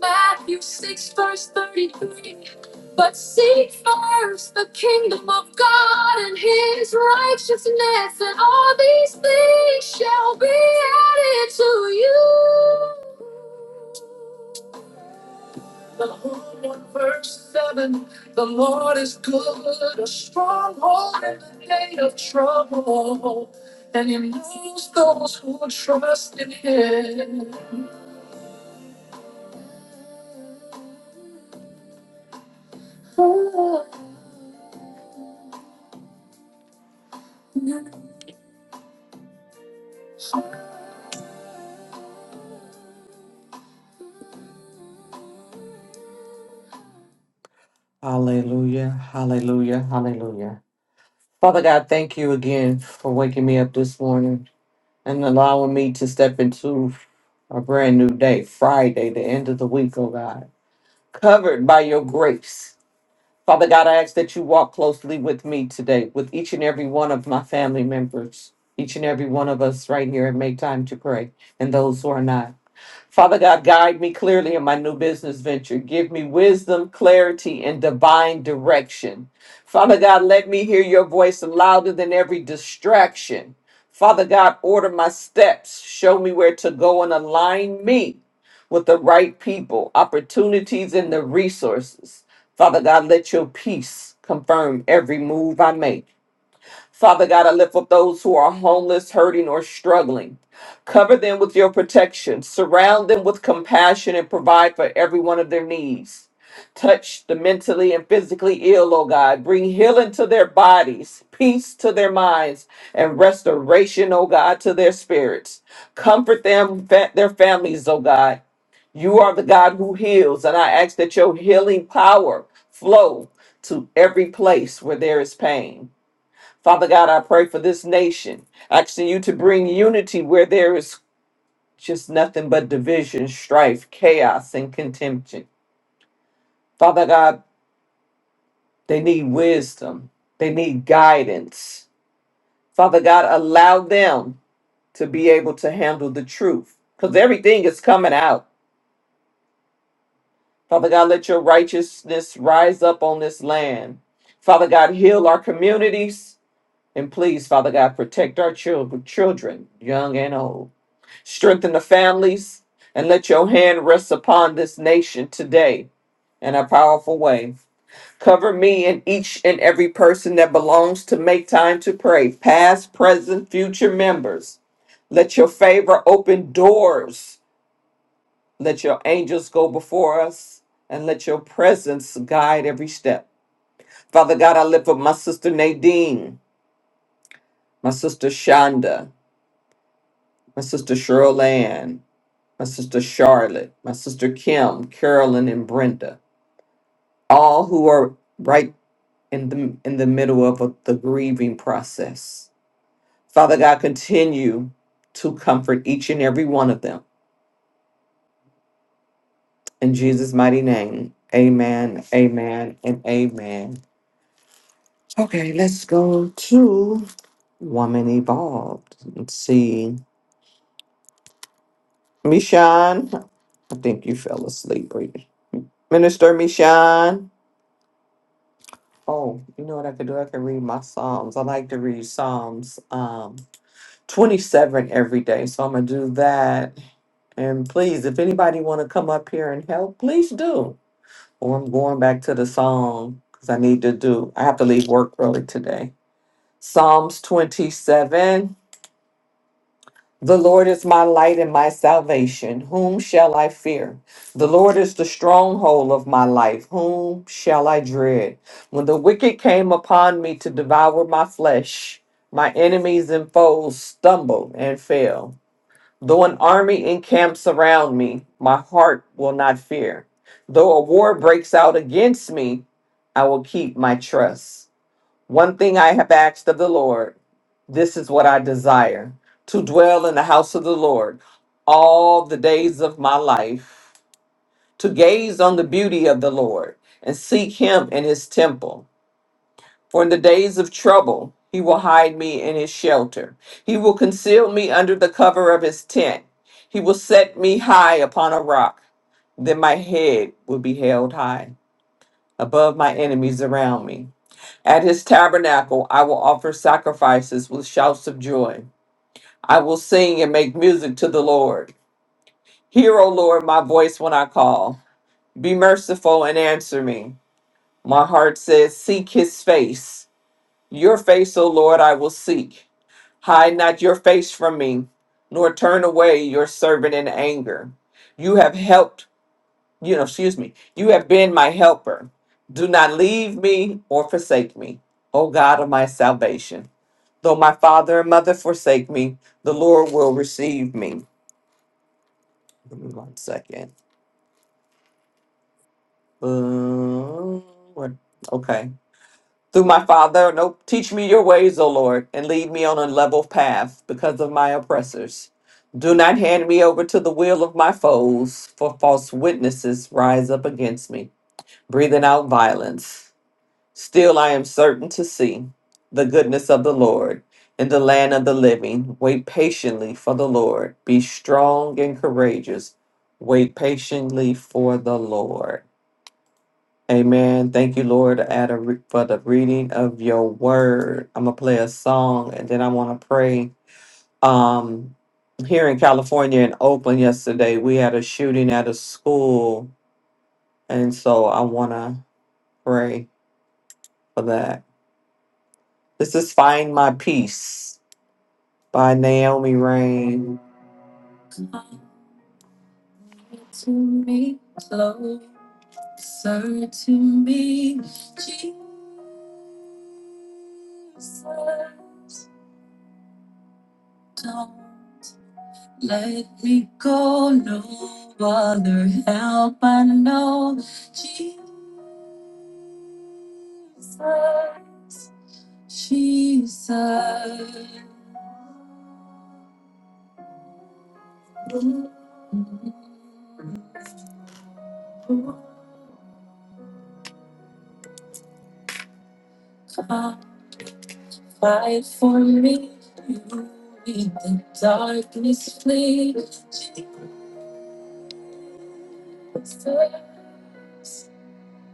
Speaker 4: Matthew 6, verse 33. But seek first the kingdom of God and his righteousness, and all these things shall be added to you. The whole one verse 7 The Lord is good, a stronghold in the day of trouble and he moves those who trust in him. Hallelujah, hallelujah, hallelujah. Father God, thank you again for waking me up this morning and allowing me to step into a brand new day, Friday, the end of the week, oh God, covered by your grace. Father God, I ask that you walk closely with me today, with each and every one of my family members, each and every one of us right here and make time to pray, and those who are not. Father God, guide me clearly in my new business venture. Give me wisdom, clarity, and divine direction. Father God, let me hear your voice louder than every distraction. Father God, order my steps. Show me where to go and align me with the right people, opportunities, and the resources. Father God, let your peace confirm every move I make. Father God, I lift up those who are homeless, hurting, or struggling. Cover them with your protection. Surround them with compassion and provide for every one of their needs. Touch the mentally and physically ill, O God. Bring healing to their bodies, peace to their minds, and restoration, O God, to their spirits. Comfort them, fa- their families, O God. You are the God who heals, and I ask that your healing power flow to every place where there is pain. Father God, I pray for this nation, asking you to bring unity where there is just nothing but division, strife, chaos, and contention. Father God, they need wisdom, they need guidance. Father God, allow them to be able to handle the truth because everything is coming out. Father God, let your righteousness rise up on this land. Father God, heal our communities. And please, Father God, protect our children, children, young and old. Strengthen the families and let your hand rest upon this nation today in a powerful way. Cover me and each and every person that belongs to Make Time to Pray, past, present, future members. Let your favor open doors. Let your angels go before us and let your presence guide every step. Father God, I lift up my sister Nadine, my sister Shonda, my sister Cheryl Ann, my sister Charlotte, my sister Kim, Carolyn, and Brenda, all who are right in the in the middle of a- the grieving process. Father God, continue to comfort each and every one of them in Jesus' mighty name. Amen. Amen. And amen. Okay, let's go to Woman Evolved. Let's see. Mishan, I think you fell asleep, Brittany. Minister Mishan. Oh, you know what I could do? I could read my Psalms. I like to read Psalms um 27 every day. So I'm gonna do that. And please, if anybody wanna come up here and help, please do. Or I'm going back to the song because I need to do I have to leave work early today. Psalms 27. The Lord is my light and my salvation. Whom shall I fear? The Lord is the stronghold of my life. Whom shall I dread? When the wicked came upon me to devour my flesh, my enemies and foes stumbled and fell. Though an army encamps around me, my heart will not fear. Though a war breaks out against me, I will keep my trust. One thing I have asked of the Lord, this is what I desire to dwell in the house of the Lord all the days of my life, to gaze on the beauty of the Lord and seek him in his temple. For in the days of trouble, he will hide me in his shelter, he will conceal me under the cover of his tent, he will set me high upon a rock. Then my head will be held high above my enemies around me. At his tabernacle I will offer sacrifices with shouts of joy. I will sing and make music to the Lord. Hear, O Lord, my voice when I call. Be merciful and answer me. My heart says, Seek his face. Your face, O Lord, I will seek. Hide not your face from me, nor turn away your servant in anger. You have helped, you know, excuse me, you have been my helper. Do not leave me or forsake me, O God of my salvation. Though my father and mother forsake me, the Lord will receive me. Give me one second. Boom. Okay. Through my father, nope. Teach me your ways, O Lord, and lead me on a level path because of my oppressors. Do not hand me over to the will of my foes, for false witnesses rise up against me, breathing out violence. Still, I am certain to see the goodness of the Lord in the land of the living. Wait patiently for the Lord. Be strong and courageous. Wait patiently for the Lord. Amen. Thank you, Lord, at a re- for the reading of your word. I'm going to play a song and then I want to pray. Um, here in California, in Oakland, yesterday, we had a shooting at a school. And so I want to pray for that. This is Find My Peace. by Naomi Rain. Come to me, closer to me, Jesus. Don't let me go, no other help I know, Jesus, Jesus. Come Fight for me. You made the darkness flee. Jesus,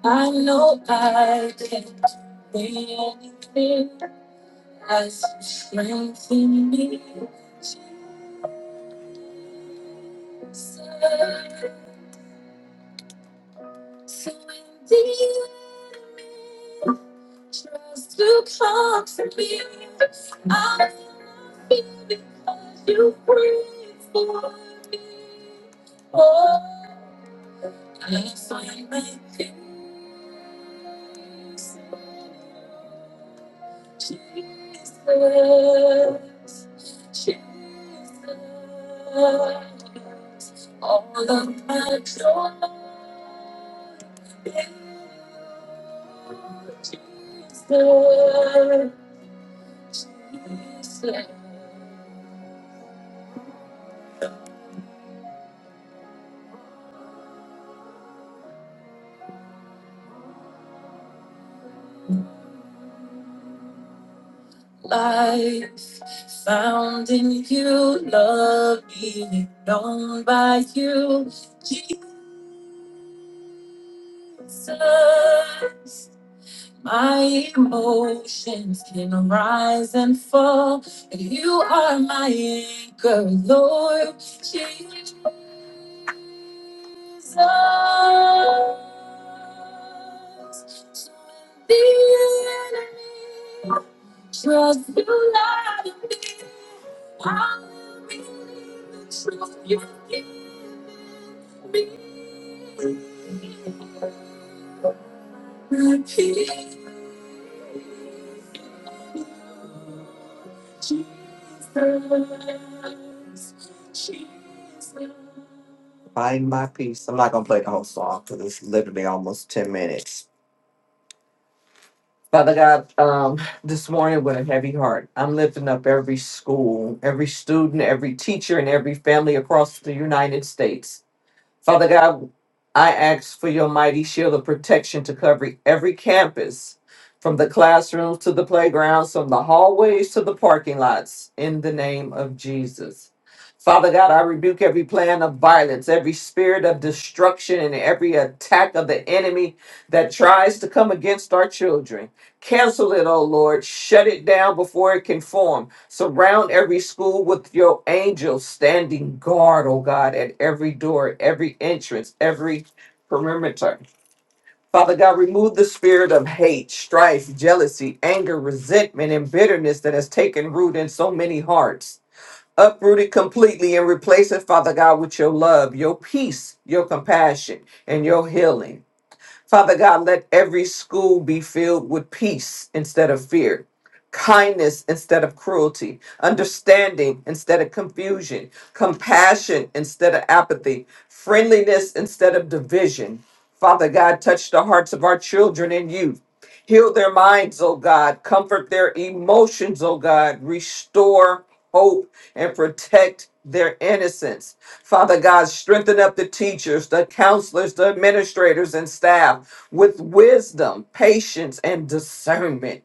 Speaker 4: I know I can not do anything as you strengthen me. Jesus, so indeed, trust to comfort me. I love you because you breathe for me. Oh, yes, I find my peace. Jesus, Jesus, Jesus, all of my joy is Jesus. Life found in you, love being known by you, Jesus. My emotions can rise and fall. You are my anchor, Lord Jesus. So when the enemy tries to lie to me, I will believe the truth. You give me peace, Jesus. Jesus. Find my peace. I'm not gonna play the whole song because it's literally almost ten minutes. Father God, um, this morning with a heavy heart, I'm lifting up every school, every student, every teacher, and every family across the United States. Father God, I ask for your mighty shield of protection to cover every campus, from the classrooms to the playgrounds, from the hallways to the parking lots, in the name of Jesus. Father God, I rebuke every plan of violence, every spirit of destruction, and every attack of the enemy that tries to come against our children. Cancel it, O Lord. Shut it down before it can form. Surround every school with your angels standing guard, oh God, at every door, every entrance, every perimeter. Father God, remove the spirit of hate, strife, jealousy, anger, resentment, and bitterness that has taken root in so many hearts. Uproot it completely and replace it, Father God, with your love, your peace, your compassion, and your healing. Father God, let every school be filled with peace instead of fear, kindness instead of cruelty, understanding instead of confusion, compassion instead of apathy, friendliness instead of division. Father God, touch the hearts of our children and youth. Heal their minds, oh God. Comfort their emotions, oh God. Restore hope and protect their innocence. Father God, strengthen up the teachers, the counselors, the administrators, and staff with wisdom, patience, and discernment.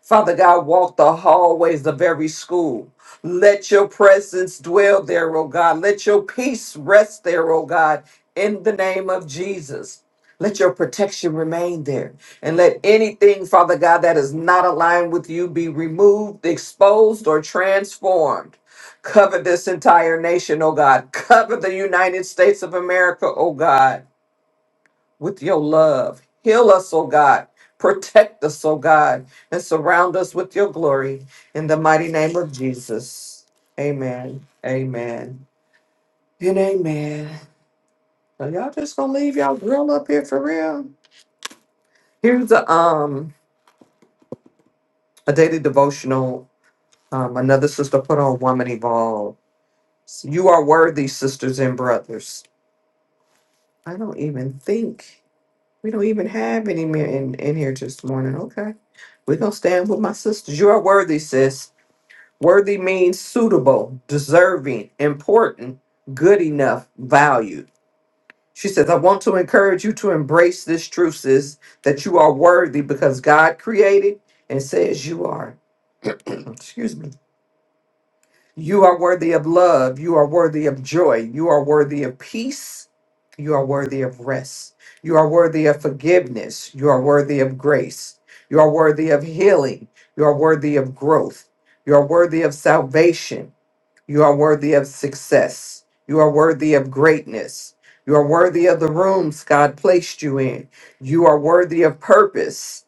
Speaker 4: Father God, walk the hallways of every school. Let your presence dwell there, oh God. Let your peace rest there, oh God, in the name of Jesus. Let your protection remain there. And let anything, Father God, that is not aligned with you be removed, exposed, or transformed. Cover this entire nation, oh God. Cover the United States of America, oh God, with your love. Heal us, oh God. Protect us, oh God, and surround us with your glory. In the mighty name of Jesus. Amen. Amen. And amen. Are y'all just gonna leave y'all grill up here for real? Here's a um a daily devotional Um, another sister put on Woman Evolve. You are worthy, sisters and brothers. I don't even think we don't even have any men in, in here this morning. Okay. We're gonna stand with my sisters. You are worthy, sis. Worthy means suitable, deserving, important, good enough, valued. She says, I want to encourage you to embrace this truth, sis, that you are worthy because God created and says you are. [clears throat] Excuse me. You are worthy of love. You are worthy of joy. You are worthy of peace. You are worthy of rest. You are worthy of forgiveness. You are worthy of grace. You are worthy of healing. You are worthy of growth. You are worthy of salvation. You are worthy of success. You are worthy of greatness. You are worthy of the rooms God placed you in. You are worthy of purpose.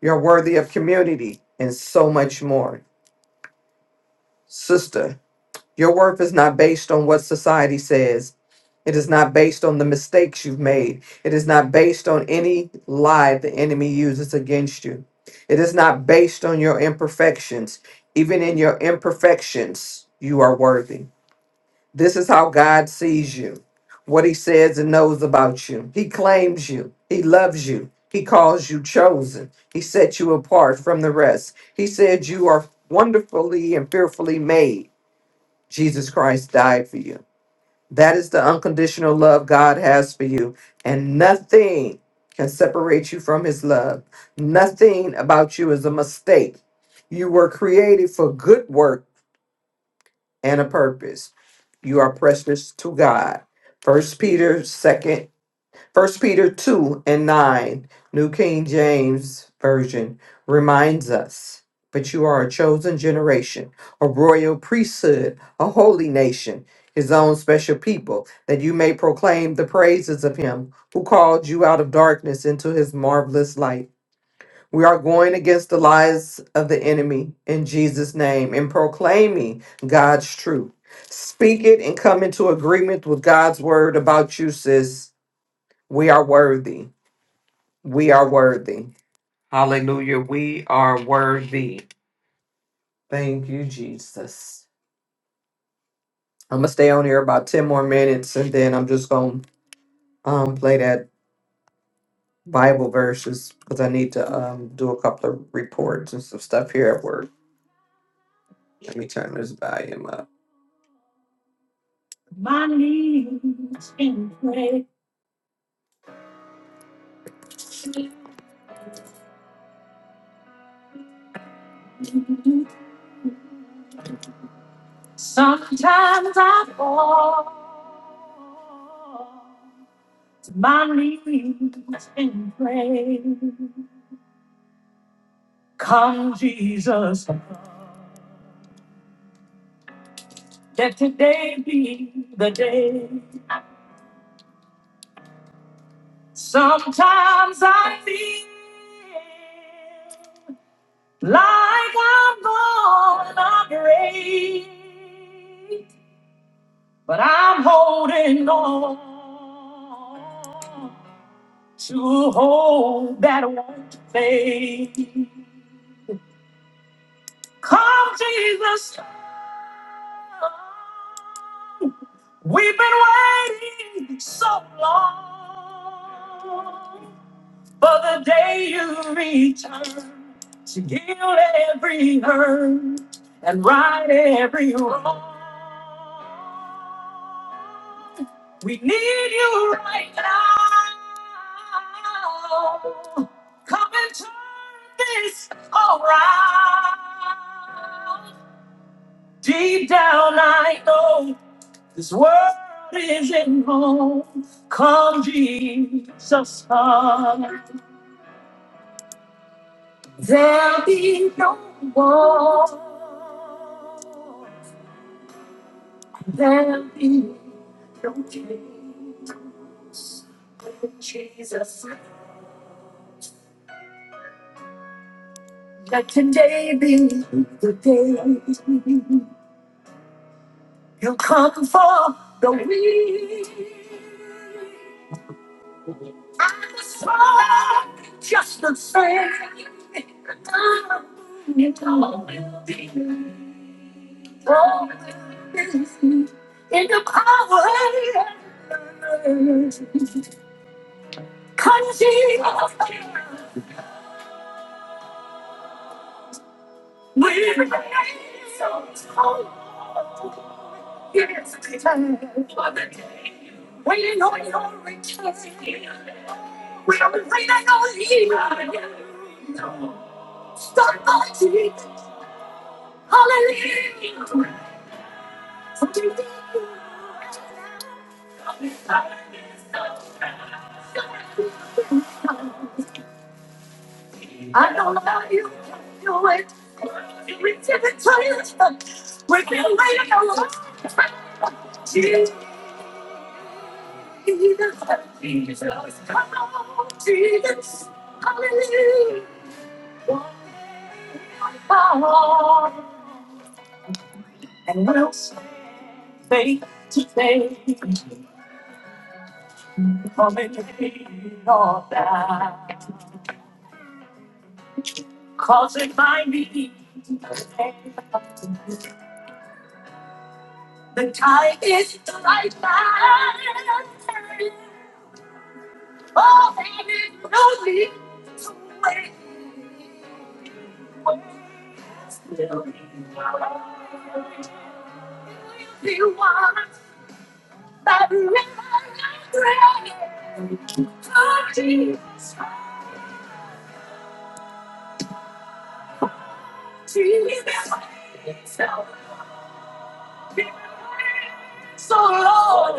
Speaker 4: You are worthy of community and so much more. Sister, your worth is not based on what society says. It is not based on the mistakes you've made. It is not based on any lie the enemy uses against you. It is not based on your imperfections. Even in your imperfections, you are worthy. This is how God sees you, what he says and knows about you. He claims you, he loves you, he calls you chosen, he set you apart from the rest. He said you are wonderfully and fearfully made. Jesus Christ died for you. That is the unconditional love God has for you. And nothing can separate you from his love. Nothing about you is a mistake. You were created for good work and a purpose. You are precious to God. First Peter 2 First Peter 2 and 9, New King James Version, reminds us, but you are a chosen generation, a royal priesthood, a holy nation, his own special people, that you may proclaim the praises of him who called you out of darkness into his marvelous light. We are going against the lies of the enemy in Jesus' name and proclaiming God's truth. Speak it and come into agreement with God's word about you, sis. We are worthy. We are worthy. Hallelujah. We are worthy. Thank you, Jesus. I'm going to stay on here about 10 more minutes and then I'm just going to um, play that Bible verses because I need to um, do a couple of reports and some stuff here at work. Let me turn this volume up. My knees can pray. Sometimes I fall. My knees can pray. Come, Jesus, let today be the day. Sometimes I feel like I'm gonna break, but I'm holding on to hope that won't fade. Come, Jesus. We've been waiting so long. For the day you return to heal every hurt and right every wrong. We need you right now. Come and turn this around. Deep down, I know this world isn't home. Come, Jesus, come. There'll be no war. There'll be no chains. With Jesus, let today be the day. He'll come for the weak. And the strong, just the same. The moon will be Always in the power and country of we raise so hope. Yes, we turn for the day. Waiting on your return. We are waiting on you. Stop fighting. Hallelujah. I don't know how you can do it. We can tell We can wait a long time. Jesus, Jesus, come on, Jesus, hallelujah. And we'll say today, come and be all that. causing my need. The time is the right time. Oh, and it no need to wait. When still he wants that remembrance. Oh, Jesus, Jesus, so Lord.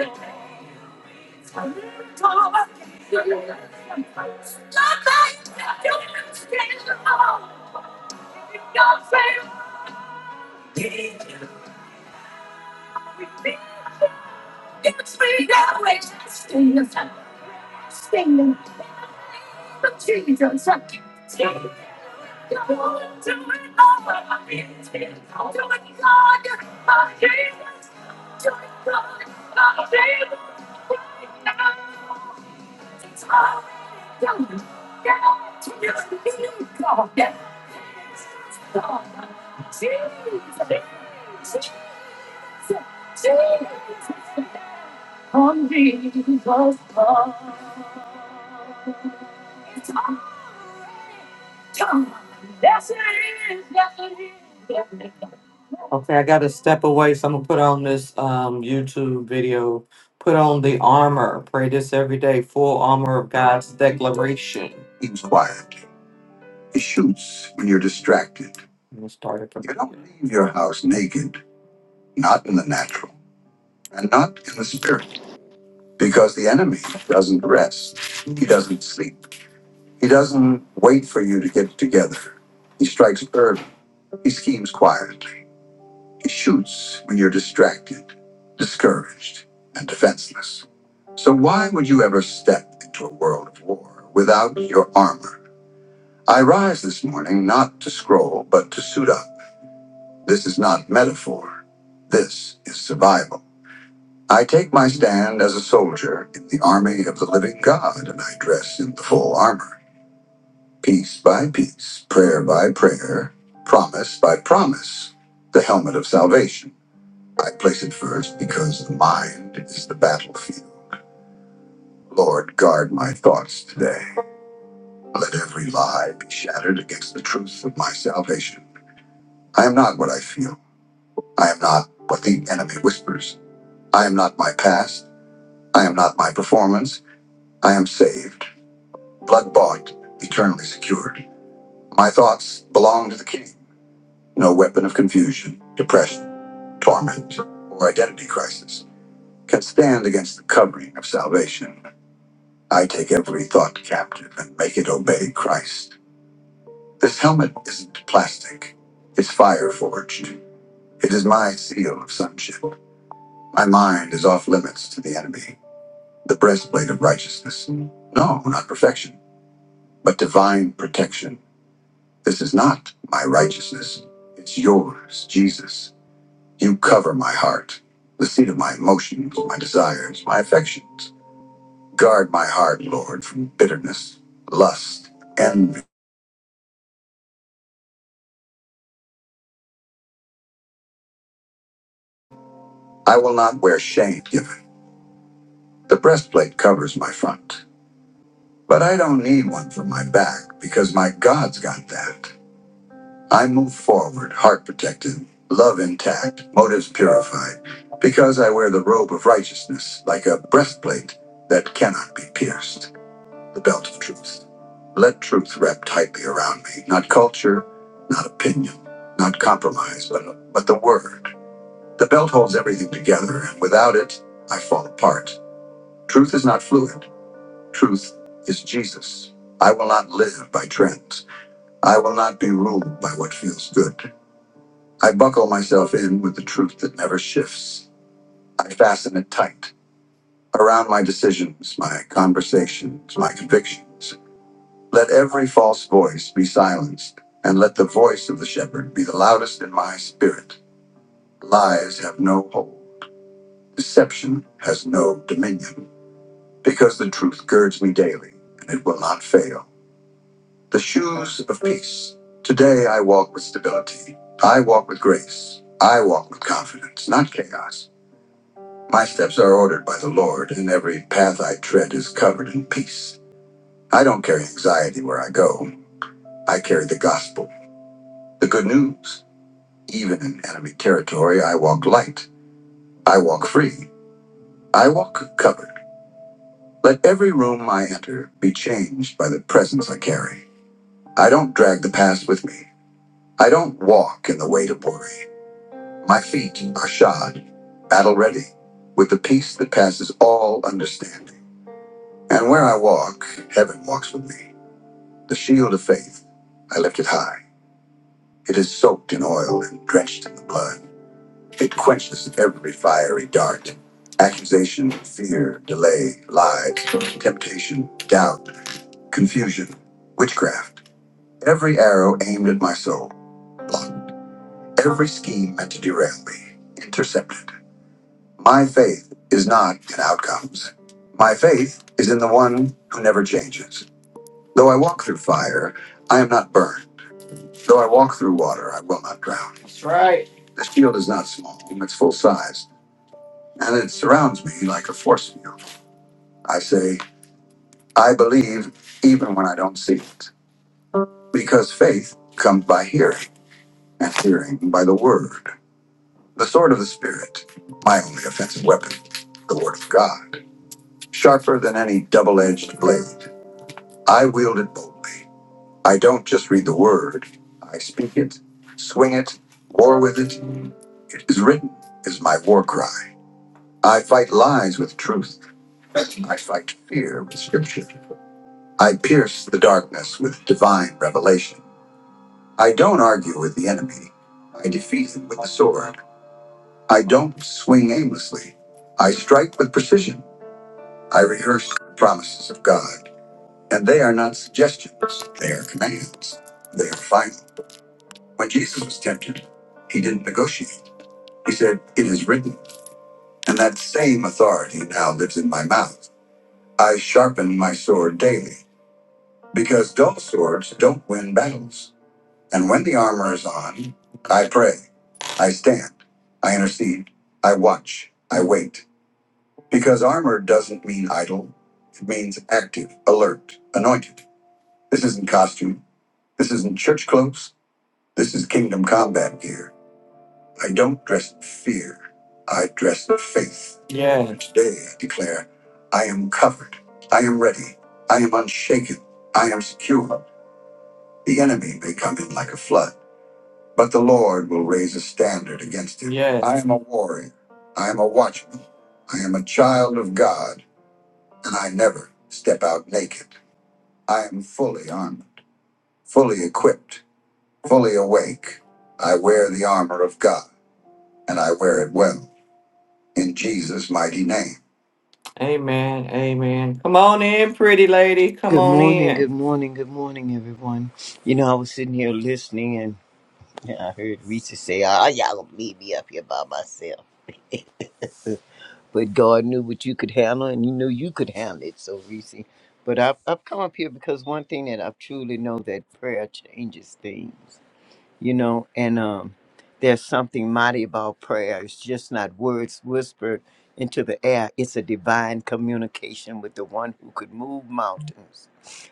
Speaker 4: It's already Get on to your knees, God. Yes, Jesus, Jesus, Jesus. On Jesus, God. That's it. That's it. is. Yes, it is. Okay, I gotta step away, so I'm gonna put on this um YouTube video. Put on the armor. Pray this every day. Full armor of God's declaration. It's quiet. It shoots when you're distracted. I'm gonna start it from You don't here. leave your house naked, not in the natural and not in the spirit, because the enemy doesn't rest. He doesn't sleep. He doesn't wait for you to get together. He strikes early He schemes quietly. He shoots when you're distracted, discouraged, and defenseless. So why would you ever step into a world of war without your armor? I rise this morning not to scroll, but to suit up. This is not metaphor. This is survival. I take my stand as a soldier in the army of the living God, and I dress in the full armor, piece by piece, prayer by prayer, promise by promise, the helmet of salvation. I place it first because the mind is the battlefield. Lord, guard my thoughts today. Let every lie be shattered against the truth of my salvation. I am not what I feel. I am not what the enemy whispers. I am not my past. I am not my performance. I am saved, blood bought, eternally secured. My thoughts belong to the King. No weapon of confusion, depression, torment, or identity crisis can stand against the covering of salvation. I take every thought captive and make it obey Christ. This helmet isn't plastic, it's fire forged. It is my seal of sonship. My mind is off limits to the enemy. The breastplate of righteousness. No, not perfection, but divine protection. This is not my righteousness. It's yours, Jesus. You cover my heart, the seat of my emotions, my desires, my affections. Guard my heart, Lord, from bitterness, lust, envy. I will not wear shame given. The breastplate covers my front. But I don't need one for my back because my God's got that. I move forward, heart protected, love intact, motives purified, because I wear the robe of righteousness like a breastplate that cannot be pierced, the belt of truth. Let truth wrap tightly around me, not culture, not opinion, not compromise, but, but the word. The belt holds everything together, and without it, I fall apart. Truth is not fluid. Truth is Jesus. I will not live by trends. I will not be ruled by what feels good. I buckle myself in with the truth that never shifts. I fasten it tight around my decisions, my conversations, my convictions. Let every false voice be silenced, and let the voice of the shepherd be the loudest in my spirit. Lies have no hold. Deception has no dominion, because the truth girds me daily, and it will not fail. The shoes of peace. Today I walk with stability. I walk with grace. I walk with confidence, not chaos. My steps are ordered by the Lord, and every path I tread is covered in peace. I don't carry anxiety where I go. I carry the gospel, the good news. Even in enemy territory, I walk light. I walk free. I walk covered. Let every room I enter be changed by the presence I carry. I don't drag the past with me. I don't walk in the weight of worry. My feet are shod, battle ready, with the peace that passes all understanding. And where I walk, heaven walks with me. The shield of faith, I lift it high. It is soaked in oil and drenched in the blood. It quenches every fiery dart. Accusation, fear, delay, lies, temptation, doubt, confusion, witchcraft. Every arrow aimed at my soul, blocked. Every scheme meant to derail me, intercepted My faith is not in outcomes. My faith is in the one who never changes. Though I walk through fire, I am not burned. Though I walk through water, I will not drown. That's right. The shield is not small, it's full size, and it surrounds me like a force field. I say, I believe even when I don't see it, because faith comes by hearing, and hearing by the word. The sword of the Spirit, my only offensive weapon, the word of God, sharper than any double edged blade. I wield it boldly. I don't just read the word, I speak it, swing it, war with it. It is written, is my war cry. I fight lies with truth. I fight fear with scripture. I pierce the darkness with divine revelation. I don't argue with the enemy. I defeat him with the sword. I don't swing aimlessly. I strike with precision. I rehearse the promises of God. And they are not suggestions, they are commands. They are final. When Jesus was tempted, he didn't negotiate. He said, It is written. And that same authority now lives in my mouth. I sharpen my sword daily because dull swords don't win battles. And when the armor is on, I pray, I stand, I intercede, I watch, I wait. Because armor doesn't mean idle, it means active, alert, anointed. This isn't costume. This isn't church clothes. This is kingdom combat gear. I don't dress in fear. I dress in faith. Yeah. And Today I declare, I am covered. I am ready. I am unshaken. I am secure. The enemy may come in like a flood, but the Lord will raise a standard against him. Yes. I am a warrior. I am a watchman. I am a child of God, and I never step out naked. I am fully armed, fully equipped, fully awake. I wear the armor of God, and I wear it well in Jesus' mighty name. Amen. Amen. Come on in, pretty lady. Come
Speaker 6: Good
Speaker 4: on
Speaker 6: morning, good
Speaker 4: in.
Speaker 6: morning, good morning, everyone. You know, I was sitting here listening and I heard Reese say, Ah, y'all gonna leave me up here by myself. [laughs] but God knew what you could handle and He knew you could handle it. So, Reese, but I've, I've come up here because one thing that I truly know that prayer changes things you know and um there's something mighty about prayer it's just not words whispered into the air it's a divine communication with the one who could move mountains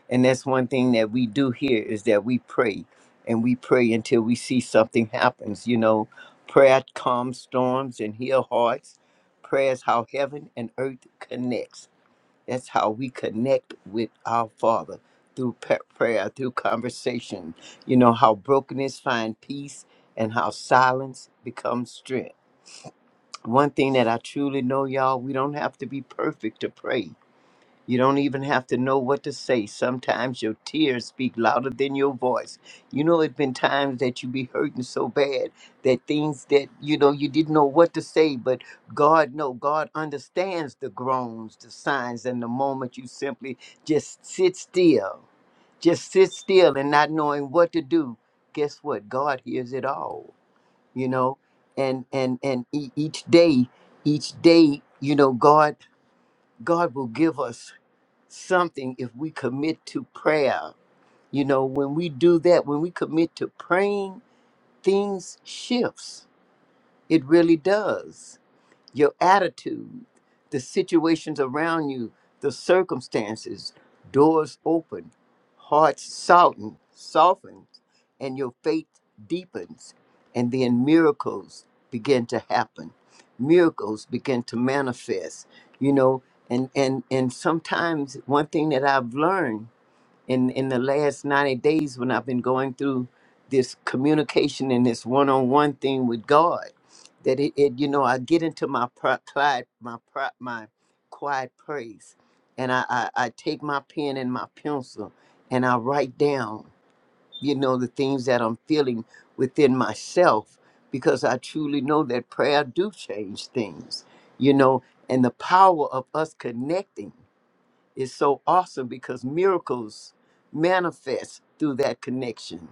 Speaker 6: and that's one thing that we do here is that we pray and we pray until we see something happens you know prayer calms storms and heal hearts prayer is how heaven and earth connects that's how we connect with our Father through pa- prayer, through conversation. You know how brokenness finds peace and how silence becomes strength. One thing that I truly know, y'all, we don't have to be perfect to pray. You don't even have to know what to say. Sometimes your tears speak louder than your voice. You know, it's been times that you be hurting so bad that things that you know you didn't know what to say, but God know God understands the groans, the signs, and the moment you simply just sit still, just sit still and not knowing what to do. Guess what? God hears it all. You know, and and and e- each day, each day, you know, God God will give us something if we commit to prayer. You know, when we do that, when we commit to praying, things shifts. It really does your attitude, the situations around you, the circumstances, doors open, hearts soften, soften, and your faith deepens, and then miracles begin to happen. Miracles begin to manifest, you know, and and and sometimes one thing that I've learned in in the last 90 days when I've been going through this communication and this one-on-one thing with God that it, it you know I get into my pri- pride my pri- my quiet praise and I, I I take my pen and my pencil and I write down you know the things that I'm feeling within myself because I truly know that prayer do change things you know and the power of us connecting is so awesome because miracles manifest through that connection.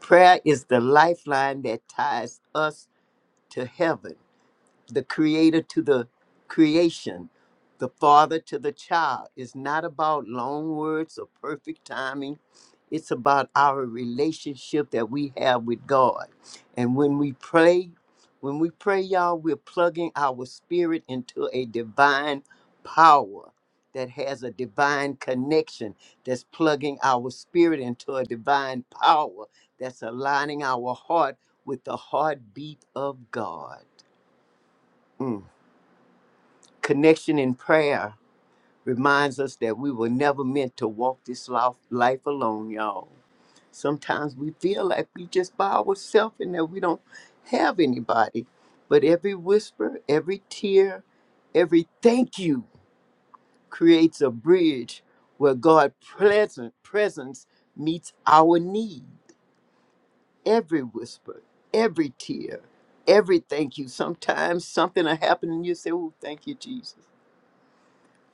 Speaker 6: Prayer is the lifeline that ties us to heaven the creator to the creation, the father to the child. It's not about long words or perfect timing. It's about our relationship that we have with God. And when we pray, when we pray, y'all, we're plugging our spirit into a divine power that has a divine connection, that's plugging our spirit into a divine power, that's aligning our heart with the heartbeat of God. Mm. Connection in prayer reminds us that we were never meant to walk this life, life alone, y'all. Sometimes we feel like we just by ourselves and that we don't have anybody. But every whisper, every tear, every thank you creates a bridge where God's pleasant presence meets our need. Every whisper, every tear, every thank you. Sometimes something will happen and you say, Oh, thank you, Jesus.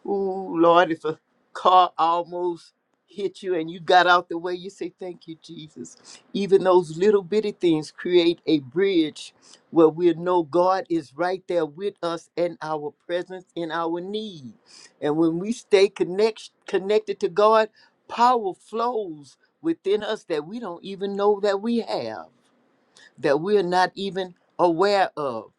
Speaker 6: Ooh, Lord, if a car almost hit you and you got out the way, you say, Thank you, Jesus. Even those little bitty things create a bridge where we know God is right there with us and our presence in our need. And when we stay connect, connected to God, power flows within us that we don't even know that we have that we're not even aware of.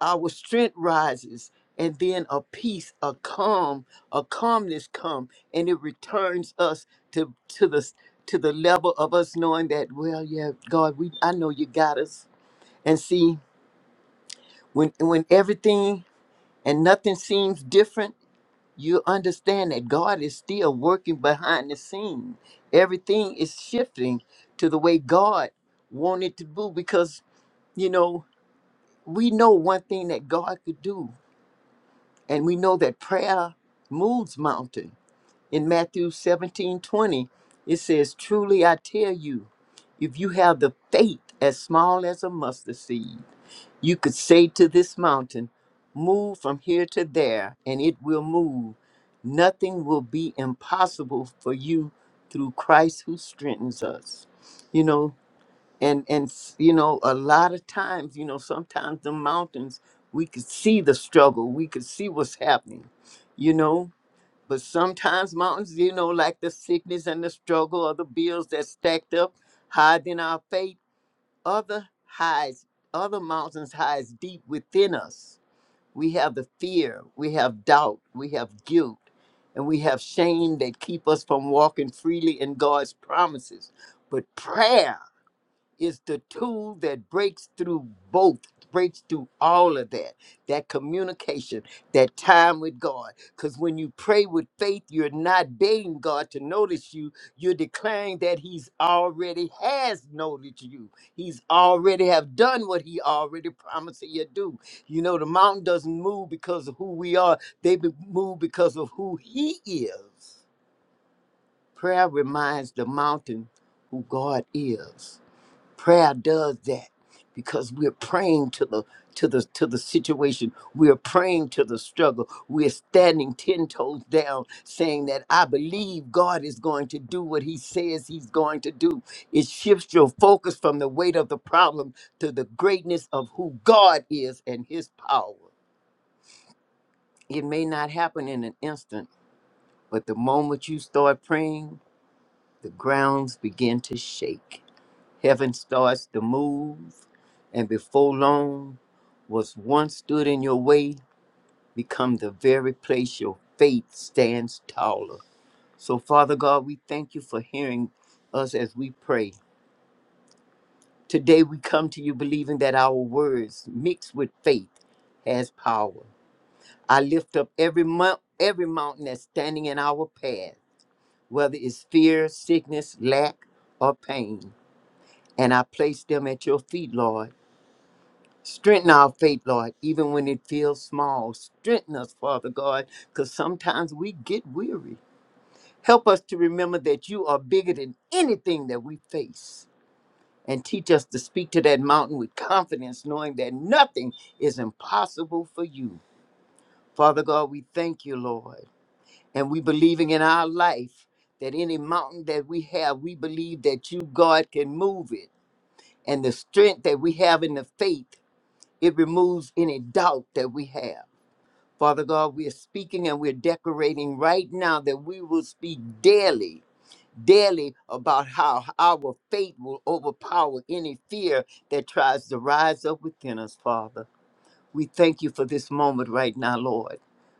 Speaker 6: Our strength rises, and then a peace, a calm, a calmness come, and it returns us to to the to the level of us knowing that, well, yeah, God, we I know you got us. And see, when when everything and nothing seems different, you understand that God is still working behind the scene. Everything is shifting to the way God wanted to do because you know we know one thing that God could do, and we know that prayer moves mountain. In Matthew 17:20, it says, Truly I tell you, if you have the faith as small as a mustard seed, you could say to this mountain, 'Move from here to there, and it will move. Nothing will be impossible for you through Christ who strengthens us. You know, and and you know a lot of times you know sometimes the mountains we could see the struggle we could see what's happening you know but sometimes mountains you know like the sickness and the struggle or the bills that stacked up higher than our faith other highs other mountains hides deep within us we have the fear we have doubt we have guilt and we have shame that keep us from walking freely in god's promises but prayer is the tool that breaks through both, breaks through all of that, that communication, that time with God. Because when you pray with faith, you're not begging God to notice you, you're declaring that He's already has noticed you. He's already have done what He already promised He'll do. You know, the mountain doesn't move because of who we are, they be- move because of who He is. Prayer reminds the mountain who God is prayer does that because we're praying to the to the to the situation we're praying to the struggle we're standing ten toes down saying that i believe god is going to do what he says he's going to do it shifts your focus from the weight of the problem to the greatness of who god is and his power it may not happen in an instant but the moment you start praying the grounds begin to shake. Heaven starts to move, and before long, what once stood in your way become the very place your faith stands taller. So, Father God, we thank you for hearing us as we pray. Today, we come to you believing that our words, mixed with faith, has power. I lift up every mount, every mountain that's standing in our path, whether it's fear, sickness, lack, or pain. and I place them at your feet, Lord. Strengthen our faith, Lord, even when it feels small. Strengthen us, Father God, because sometimes we get weary. Help us to remember that you are bigger than anything that we face. And teach us to speak to that mountain with confidence, knowing that nothing is impossible for you. Father God, we thank you, Lord. And we believing in our life that any mountain that we have, we believe that you, God, can move it. And the strength that we have in the faith It removes any doubt that we have. Father God, we are speaking and we're decorating right now that we will speak daily, daily about how our faith will overpower any fear that tries to rise up within us, Father. We thank you for this moment right now, Lord.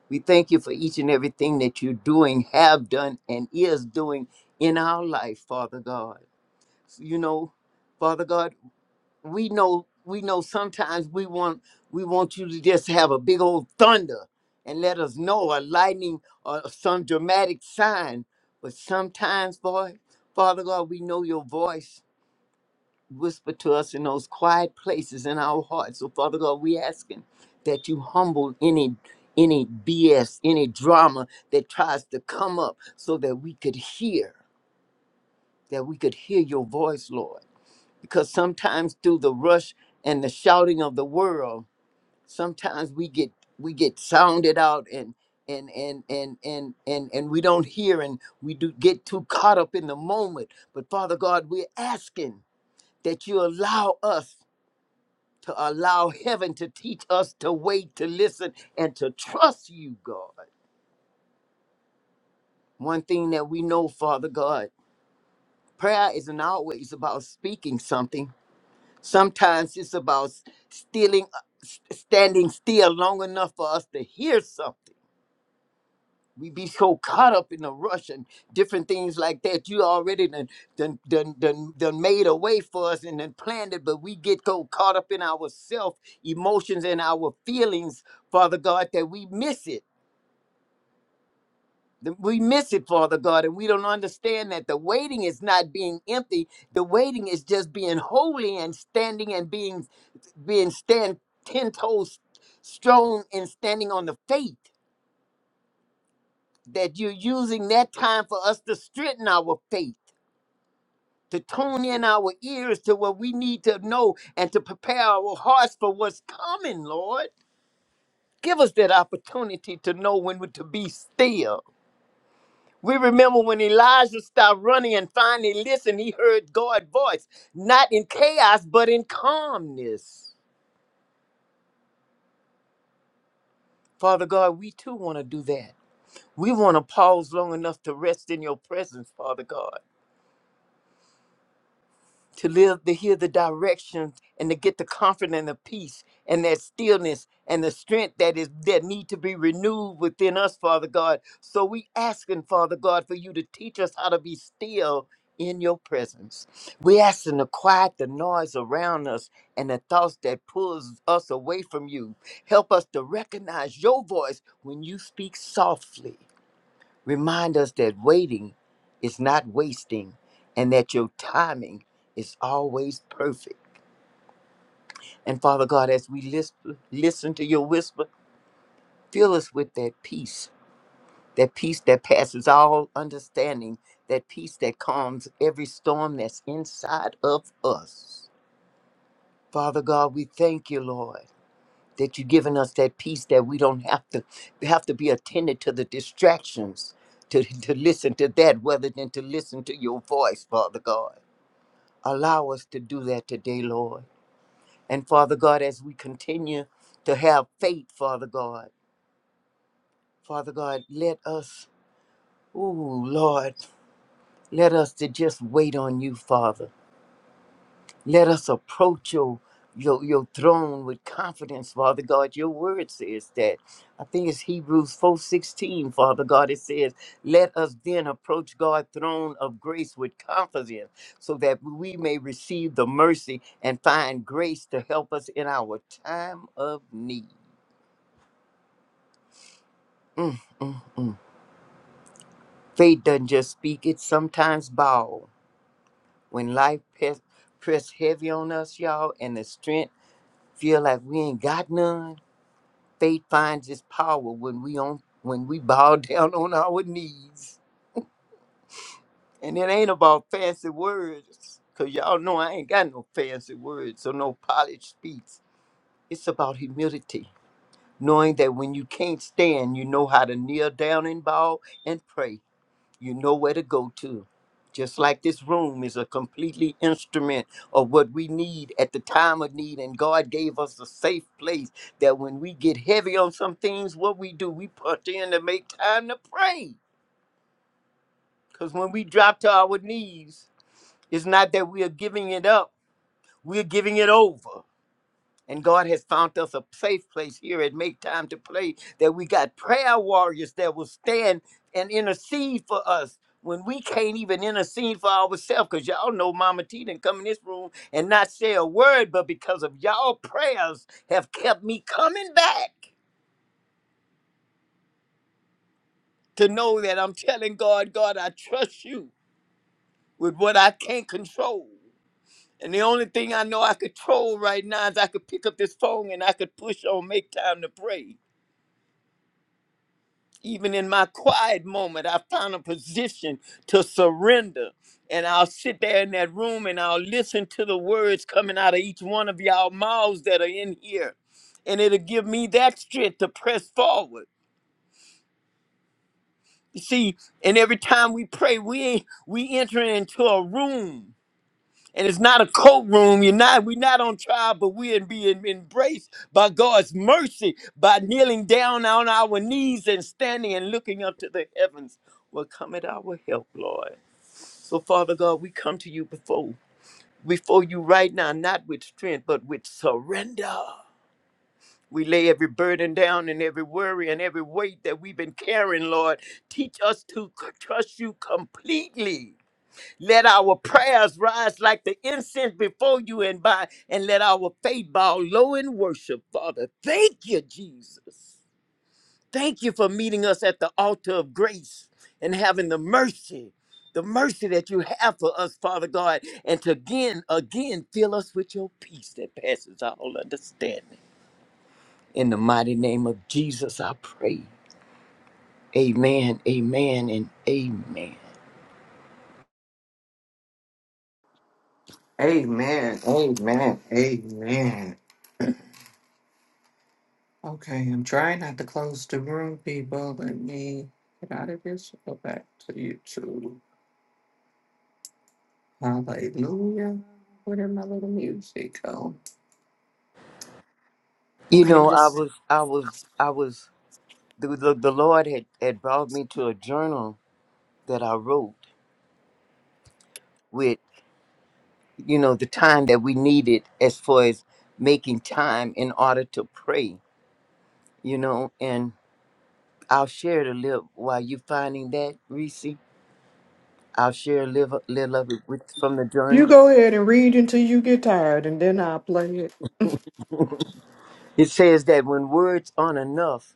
Speaker 6: We thank you for each and everything that you're doing, have done, and is doing in our life, Father God. You know, Father God we know we know sometimes we want we want you to just have a big old thunder and let us know a lightning or some dramatic sign but sometimes boy father god we know your voice whisper to us in those quiet places in our hearts so father god we asking that you humble any any bs any drama that tries to come up so that we could hear that we could hear your voice lord because sometimes through the rush and the shouting of the world sometimes we get we get sounded out and and and and and and, and we don't hear and we do get too caught up in the moment but father god we're asking that you allow us to allow heaven to teach us to wait to listen and to trust you god one thing that we know father god prayer isn't always about speaking something Sometimes it's about stealing, s- standing still long enough for us to hear something. We be so caught up in the rush and different things like that. You already done, done, done, done, done made a way for us and then planned it, but we get so caught up in our self emotions and our feelings, Father God, that we miss it. Th- We miss it, Father God, and we don't understand that the waiting is not being empty. The waiting is just being holy and standing and being being stand ten toes strong and standing on the faith. That you're using that time for us to strengthen our faith, to tune in our ears to what we need to know and to prepare our hearts for what's coming, Lord. Give us that opportunity to know when to be still We remember when Elijah stopped running and finally listened, he heard God's voice, not in chaos, but in calmness. Father God, we too want to do that. We want to pause long enough to rest in your presence, Father God. to live to hear the directions and to get the comfort and the peace and that stillness and the strength that is that need to be renewed within us father god so we asking father god for you to teach us how to be still in your presence we asking to quiet the noise around us and the thoughts that pulls us away from you help us to recognize your voice when you speak softly Remind us that waiting is not wasting and that your timing is always perfect. And Father God, as we lis- listen to your whisper, fill us with that peace, that peace that passes all understanding, that peace that calms every storm that's inside of us. Father God, we thank you, Lord. that you've given us that peace that we don't have to have to be attended to the distractions to, to listen to that rather than to listen to your voice, Father God. Allow us to do that today, Lord. And Father God, as we continue to have faith, Father God, Father God, let us, ooh, Lord, let us to just wait on you, Father. Let us approach your, your your throne with confidence, Father God. Your word says that. I think it's Hebrews 4:16, Father God. It says, "Let us then approach God's throne of grace with confidence, so that we may receive the mercy and find grace to help us in our time of need." Mm, mm, mm. Faith doesn't just speak; it sometimes bow when life press, press heavy on us, y'all, and the strength feel like we ain't got none Faith finds its power when we on when we bow [laughs] down on our knees. And it ain't about fancy words. Cause y'all know I ain't got no fancy words or no polished speech. It's about humility. Knowing that when you can't stand, you know how to kneel down and bow and pray you know where to go to. Just like this room is a completely instrument of what we need at the time of need, and God gave us a safe place that when we get heavy on some things, what we do, we punch in to make time to pray. Because when we drop to our knees, it's not that we are giving it up, we're giving it over. And God has found us a safe place here at Make Time to Play that we got prayer warriors that will stand and intercede for us when we can't even intercede for ourselves. Because y'all know Mama T didn't come in this room and not say a word, but because of y'all prayers have kept me coming back to know that I'm telling God, God, I trust you with what I can't control. And the only thing I know I control right now is I could pick up this phone and I could push on Make Time to Pray even in my quiet moment, I found a position to surrender. And I'll sit there in that room and I'll listen to the words coming out of each one of y'all mouths that are in here. And it'll give me that strength to press forward. You see, and every time we pray, we ain't we enter into a room and it's not a courtroom. You're not. We're not on trial, but we're being embraced by God's mercy by kneeling down on our knees and standing and looking up to the heavens. Will come at our help, Lord. So, Father God, we come to you before before you right now, not with strength, but with surrender. We lay every burden down and every worry and every weight that we've been carrying, Lord. Teach us to c- trust you completely let our prayers rise like the incense before you and by, and let our faith bow low in worship, Father. Thank you, Jesus. Thank you for meeting us at the altar of grace and having the mercy, the mercy that you have for us, Father God, and to again, again fill us with your peace that passes all understanding. In the mighty name of Jesus, I pray. Amen, amen, and amen.
Speaker 4: Amen. Amen. Amen. Okay, I'm trying not to close the room, people. Let me get out of this. and Go back to YouTube. Hallelujah. Where did my little music go?
Speaker 6: You
Speaker 4: Okay,
Speaker 6: know, I
Speaker 4: let's-
Speaker 6: was, I was, I was. the, the, the Lord had, had brought me to a journal that I wrote with, you know, the time that we needed as far as making time in order to pray, you know, and I'll share it a little while you finding that, Reese. I'll share a little, little of it with, from the
Speaker 4: you
Speaker 6: journal.
Speaker 4: go ahead and read until you get tired, and then I'll play it.
Speaker 6: It says that when words aren't enough,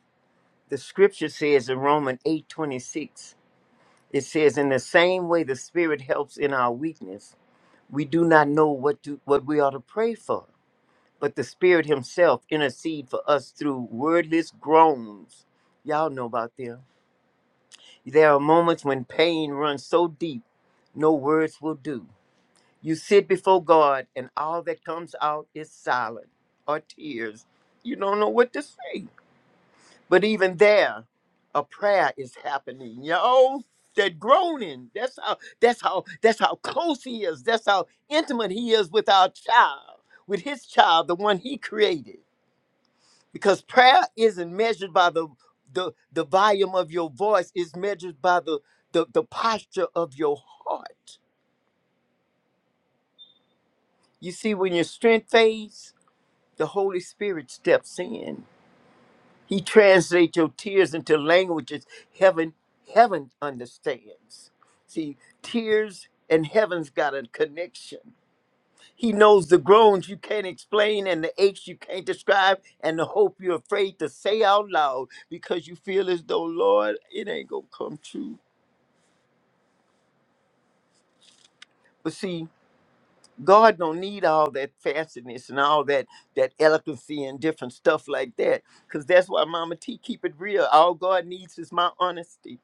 Speaker 6: the scripture says in Romans 8 26. it says, in the same way the Spirit helps in our weakness, we do not know what to, what we ought to pray for but the Spirit Himself intercede for us through wordless groans. Y'all know about them. There are moments when pain runs so deep, no words will do. You sit before God, and all that comes out is silence or tears. You don't know what to say. But even there, a prayer is happening. Yo, that groaning. That's how. That's how. That's how close He is. That's how intimate He is with our child, with His child, the one He created. because prayer isn't measured by the the, the volume of your voice it's measured by the, the the posture of your heart you see when your strength fades the holy spirit steps in he translates your tears into languages heaven heaven understands see tears and heaven's got a connection He knows the groans you can't explain and the aches you can't describe and the hope you're afraid to say out loud because you feel as though, Lord, it ain't gonna come true. But see, God don't need all that fastness and all that that eloquency and different stuff like that. Cause that's why Mama T keep it real. All God needs is my honesty.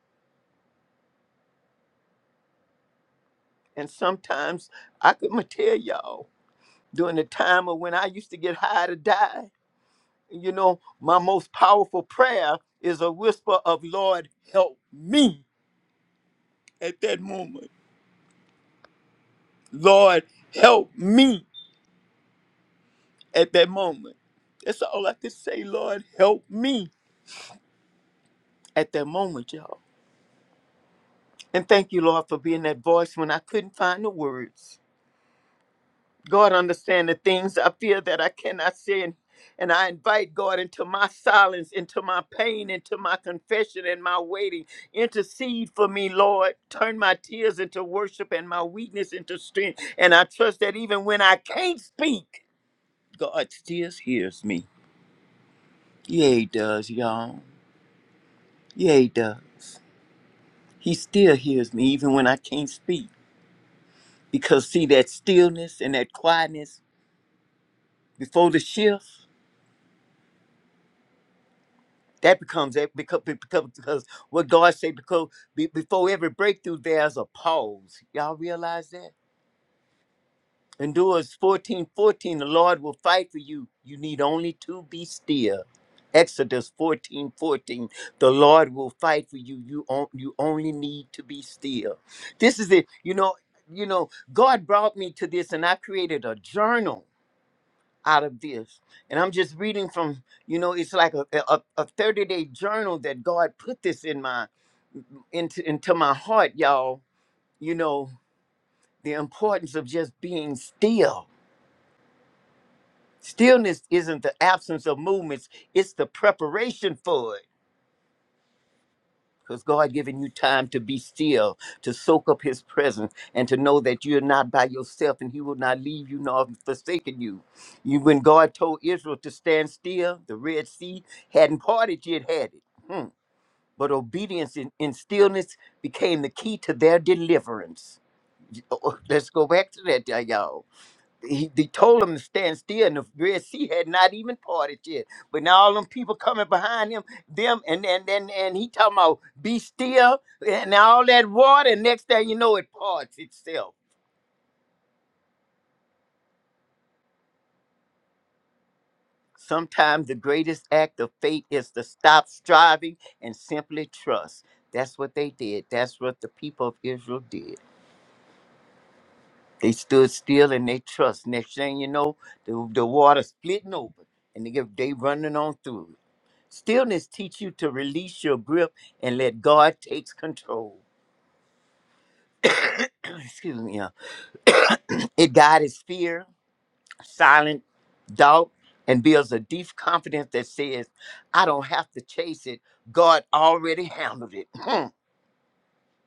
Speaker 6: And sometimes I could [laughs] tell y'all during the time of when I used to get high to die. you know, my most powerful prayer is a whisper of, Lord, help me at that moment. Lord, help me at that moment. That's all I could say, Lord, help me at that moment, y'all. And thank you, Lord, for being that voice when I couldn't find the words. God understand the things I fear that I cannot say. And, and I invite God into my silence, into my pain, into my confession and my waiting. Intercede for me, Lord. Turn my tears into worship and my weakness into strength. And I trust that even when I can't speak, God still hears me. Yeah, he does, y'all. Yeah, he does. He still hears me even when I can't speak. Because see that stillness and that quietness before the shift? That becomes that because because, because what God said because be, before every breakthrough there's a pause. Y'all realize that? Endures 14, 14, the Lord will fight for you. You need only to be still. Exodus 14 14, the Lord will fight for you. You, on, you only need to be still. This is it. You know, you know, God brought me to this and I created a journal out of this. And I'm just reading from, you know, it's like a a, a 30 day journal that God put this in my into into my heart, y'all. You know, the importance of just being still. Stillness isn't the absence of movements, it's the preparation for it Because God given you time to be still, to soak up his presence, and to know that you're not by yourself and he will not leave you nor forsaken you. You when God told Israel to stand still, the Red Sea hadn't parted yet, had it. Hmm. But obedience in, in stillness became the key to their deliverance. Oh, oh, Let's go back to that, y'all he they told him to stand still, and the Red Sea had not even parted yet. But now all them people coming behind him, them, and and and, and he talking about be still, and all that water. Next thing you know, it parts itself. Sometimes the greatest act of faith is to stop striving and simply trust. That's what they did. That's what the people of Israel did. They stood still and they trust. Next thing you know, the, the water splitting over and they, get- they running on through. Stillness teach you to release your grip and let God takes control. [clears throat] Excuse me. yeah. [clears throat] It guides fear, silent doubt, and builds a deep confidence that says, I don't have to chase it. God already handled it. [laughs] [clears throat]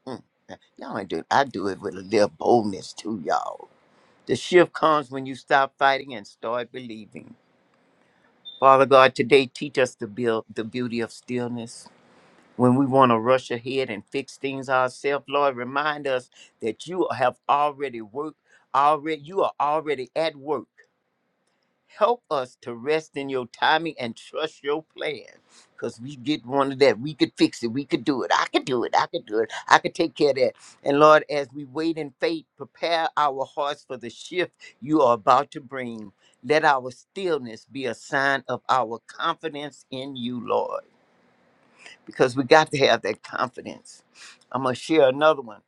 Speaker 6: Mm, mm. y'all ain't do it. I do it with a little boldness too, y'all. The shift comes when you stop fighting and start believing. Father God, today teach us to build the beauty of stillness. when we want to rush ahead and fix things ourselves, Lord, remind us that you have already worked, already you are already at work. Help us to rest in your timing and trust your plan. Because we get one of that. We could fix it. We could do it. I could do it. I could do it. I could take care of that. And Lord, as we wait in faith, prepare our hearts for the shift you are about to bring. Let our stillness be a sign of our confidence in you, Lord because we got to have that confidence. I'm gonna share another one,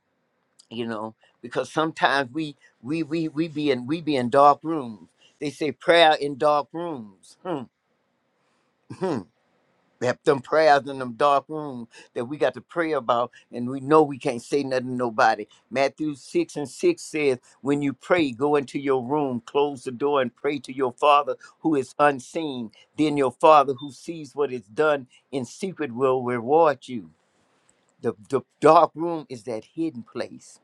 Speaker 6: you know, because sometimes we we we we be in we be in dark rooms. They say prayer in dark rooms. Hmm. Hmm. They have them prayers in them dark rooms that we got to pray about, and we know we can't say nothing to nobody. Matthew 6 and 6 says, When you pray, go into your room, close the door, and pray to your Father who is unseen. Then your Father who sees what is done in secret will reward you the, the dark room is that hidden place,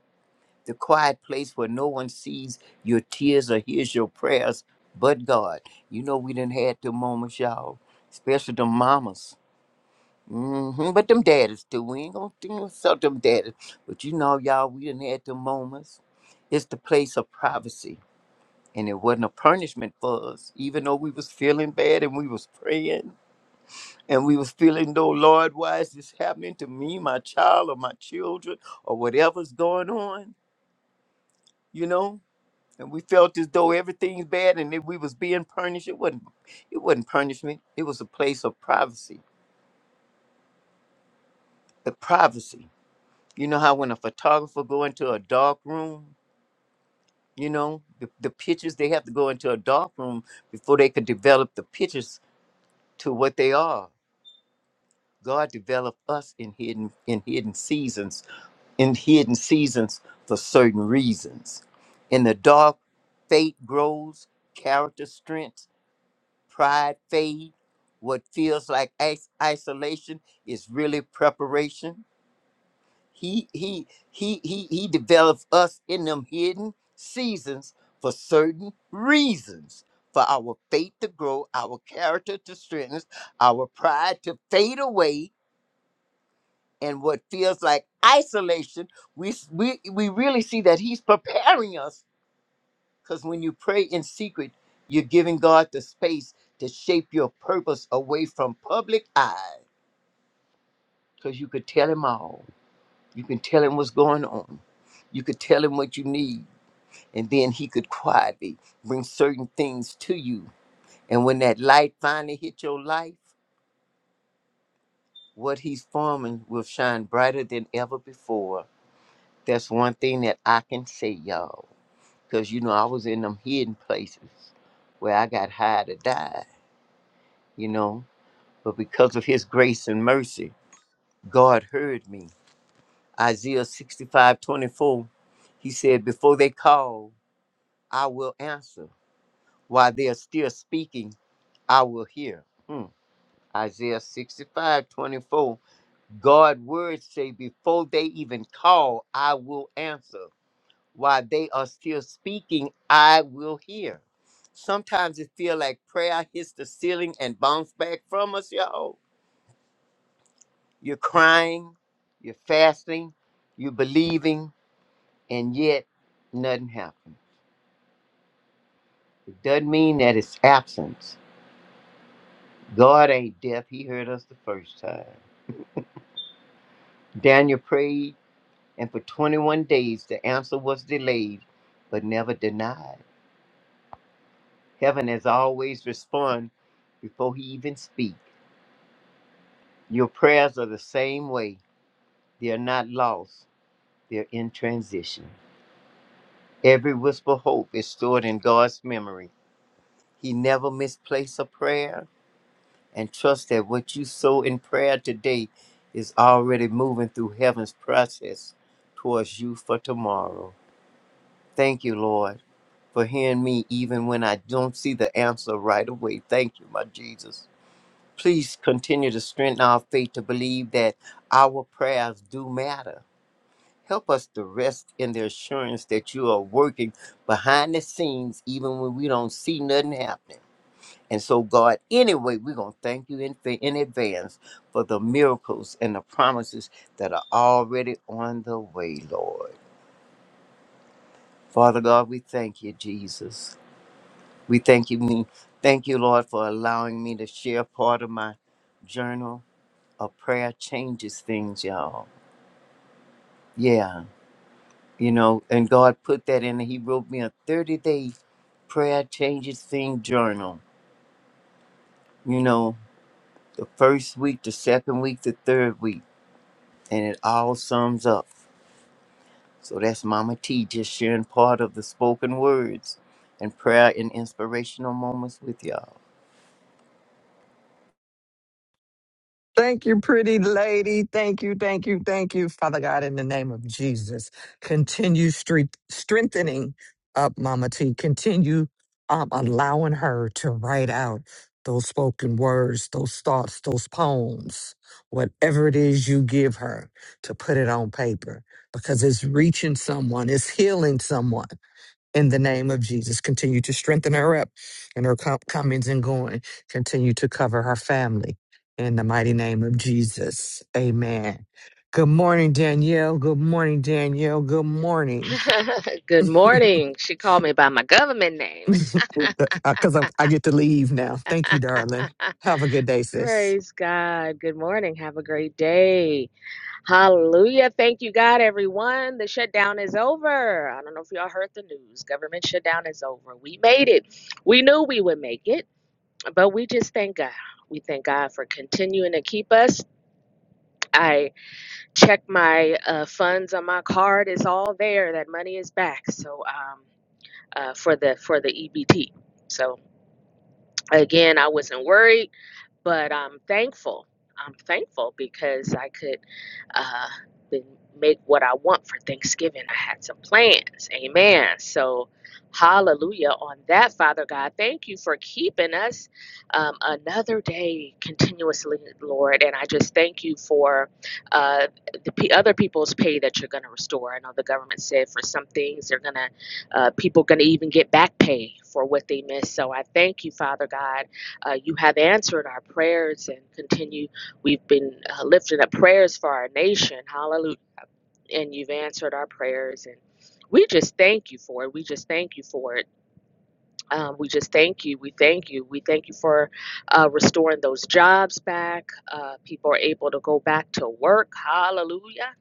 Speaker 6: the quiet place where no one sees your tears or hears your prayers but God. You know, we done had the moments, y'all, especially the mamas. hmm But them daddies too. We ain't gonna think about them daddies. But you know, y'all, we done had the moments. It's the place of privacy. And it wasn't a punishment for us, even though we was feeling bad and we was praying and we was feeling though lord why is this happening to me my child or my children or whatever's going on you know and we felt as though everything's bad and that we was being punished it wasn't it wasn't punishment it was a place of privacy the privacy you know how when a photographer go into a dark room you know the, the pictures they have to go into a dark room before they could develop the pictures to what they are god developed us in hidden in hidden seasons in hidden seasons for certain reasons. In the dark, faith grows, character strengths, pride fade. What feels like is- isolation is really preparation. He he he he he develops us in them hidden seasons for certain reasons. For our faith to grow, our character to strengthen, our pride to fade away, and what feels like isolation, we s- we we really see that He's preparing us. Because when you pray in secret, you're giving God the space to shape your purpose away from public eye. Because you could tell Him all. You can tell Him what's going on. You could tell Him what you need, and then He could quietly bring certain things to you. And when that light finally hit your life, what He's forming will shine brighter than ever before. That's one thing that I can say, y'all Because, you know, I was in them hidden places where I got high to die, you know. But because of his grace and mercy, God heard me. Isaiah 65 24. he said, Before they call, I will answer. While they are still speaking, I will hear. Hmm. Isaiah 65 24. God words say, Before they even call, I will answer. while they are still speaking, I will hear. Sometimes it feel like prayer hits the ceiling and bounce back from us, y'all. You're crying, you're fasting, you're believing, and yet nothing happened. It doesn't mean that it's absence. God ain't deaf. He heard us the first time. Daniel prayed, and for 21 days the answer was delayed, but never denied. Heaven has always responded before he even speaks. Your prayers are the same way. They are not lost, they're in transition. Every whisper of hope is stored in God's memory. He never misplaces a prayer, and trust that what you sow in prayer today is already moving through heaven's process towards you for tomorrow. Thank you, Lord, for hearing me even when I don't see the answer right away. Thank you, my Jesus. Please continue to strengthen our faith to believe that our prayers do matter Help us to rest in the assurance that you are working behind the scenes, even when we don't see nothing happening. And so, God, anyway, we're going to thank you in, in advance for the miracles and the promises that are already on the way, Lord. Father God, we thank you, Jesus. We thank you, me. Thank you, Lord, for allowing me to share part of my journal of prayer changes things, y'all. Yeah, you know, and God put that in. He wrote me a 30 day Prayer Changes Thing Journal. You know, the first week, the second week, the third week, and it all sums up. So that's Mama T just sharing part of the spoken words and prayer and inspirational moments with y'all.
Speaker 4: Thank you, pretty lady. Thank you, thank you, thank you, Father God, in the name of Jesus. Continue stre- strengthening up Mama T. Continue um, allowing her to write out those spoken words, those thoughts, those poems, whatever it is you give her to put it on paper because it's reaching someone, it's healing someone in the name of Jesus. Continue to strengthen her up in her com- comings and going. Continue to cover her family in the mighty name of Jesus. Amen. Good morning, Danielle. Good morning, Danielle. Good morning.
Speaker 7: [laughs] Good
Speaker 4: [laughs]
Speaker 7: morning. She called me by my government name.
Speaker 4: Because I'm I get to leave now. Thank you,
Speaker 7: [laughs]
Speaker 4: darling. Have a good.
Speaker 7: Praise God. Good morning. Have a great day. Hallelujah. Thank you, God, everyone. The shutdown is over. I don't know if y'all heard the news. Government shutdown is over. We made it. We knew we would make it, but we just thank God. We thank God for continuing to keep us. I check my uh, funds on my card. It's all there. That money is back. So, um, uh, for the for the EBT. So again, I wasn't worried, but I'm thankful. I'm thankful because I could uh, been- make what I want for Thanksgiving. I had some plans. Amen. So, hallelujah on that, Father God. Thank you for keeping us um, another day continuously, Lord. And I just thank you for uh, the p- other people's pay that you're going to restore. I know the government said for some things they're going to, uh, people going to even get back pay for what they missed. So, I thank you, Father God uh, you have answered our prayers and continue. We've been uh, lifting up prayers for our nation. Hallelujah. And you've answered our prayers. And we just thank you for it. We just thank you for it. Um, we just thank you. We thank you. We thank you for uh, restoring those jobs back. Uh, people are able to go back to work. Hallelujah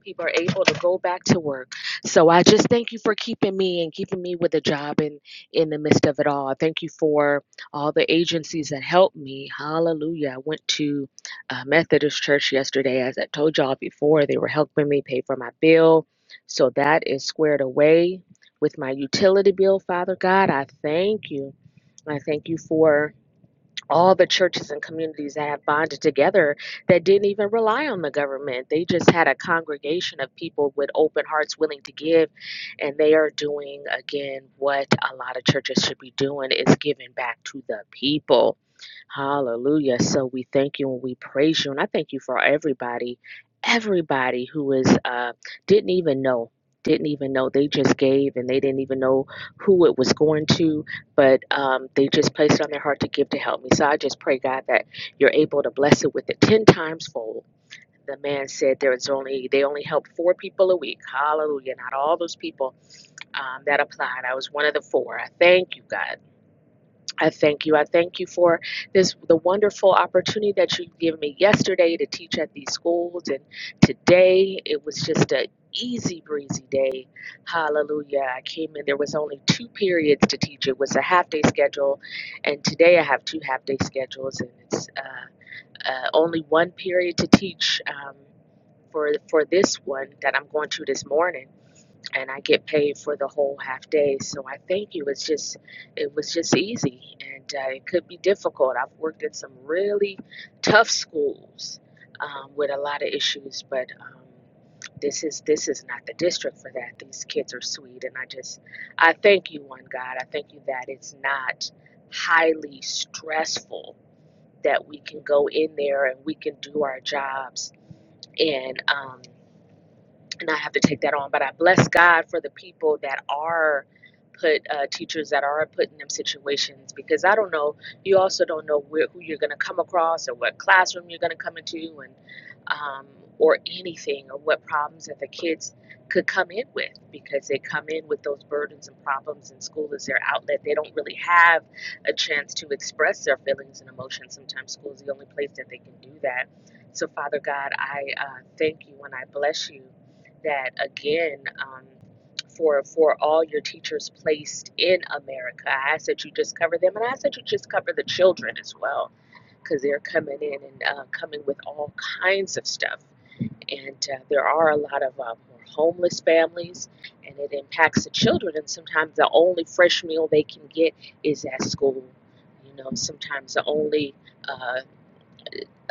Speaker 7: people are able to go back to work. So I just thank you for keeping me and keeping me with a job in in the midst of it all. I thank you for all the agencies that helped me. Hallelujah. I went to a Methodist church yesterday as I told y'all before. They were helping me pay for my bill. So that is squared away with my utility bill, Father God. I thank you. I thank you for all the churches and communities that have bonded together that didn't even rely on the government. They just had a congregation of people with open hearts willing to give and they are doing again what a lot of churches should be doing is giving back to the people. Hallelujah. So we thank you and we praise you and I thank you for everybody everybody who is uh didn't even know didn't even know they just gave and they didn't even know who it was going to but um, they just placed it on their heart to give to help me. So I just pray, God, that you're able to bless it with it ten times fold. The man said there was only they only helped four people a week. Hallelujah! Not all those people um, that applied. I was one of the four. I thank you, God. I thank you. I thank you for this the wonderful opportunity that you gave me yesterday to teach at these schools and today it was just a easy breezy day. Hallelujah. I came in there was only two periods to teach. It was a half day schedule and today I have two half day schedules and it's uh, uh, only one period to teach um, for for this one that I'm going to this morning and I get paid for the whole half day. So I thank you. It's just, it was just easy, and uh, it could be difficult. I've worked in some really tough schools um, with a lot of issues, but um, this is this is not the district for that. These kids are sweet, and I just, I thank you, one God. I thank you that it's not highly stressful that we can go in there and we can do our jobs and um, not have to take that on. But I bless God for the people that are put uh, teachers that are put in them situations because I don't know. You also don't know where, who you're going to come across or what classroom you're going to come into and um, or anything or what problems that the kids could come in with because they come in with those burdens and problems and school is their outlet. They don't really have a chance to express their feelings and emotions. Sometimes school is the only place that they can do that. So Father God, I uh, thank you and I bless you that again um, for for all your teachers placed in America. I ask that you just cover them, and I ask that you just cover the children as well, because they're coming in and uh, coming with all kinds of stuff. And uh, there are a lot of uh, more homeless families, and it impacts the children. And sometimes the only fresh meal they can get is at school. You know, sometimes the only uh,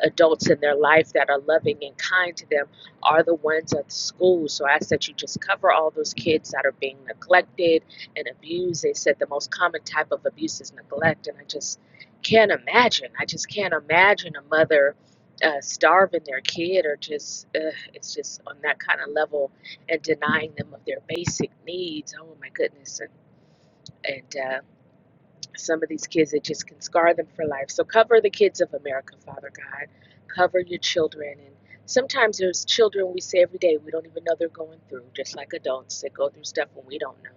Speaker 7: adults in their life that are loving and kind to them are the ones at the school. So I ask that you just cover all those kids that are being neglected and abused. They said the most common type of abuse is neglect, and I just can't imagine. I just can't imagine a mother. Uh, starving their kid, or just uh, it's just on that kind of level, and denying them of their basic needs. Oh my goodness! And, and uh, some of these kids it just can scar them for life so cover the kids of america father god cover your children and sometimes there's children we say every day we don't even know they're going through just like adults that go through stuff when we don't know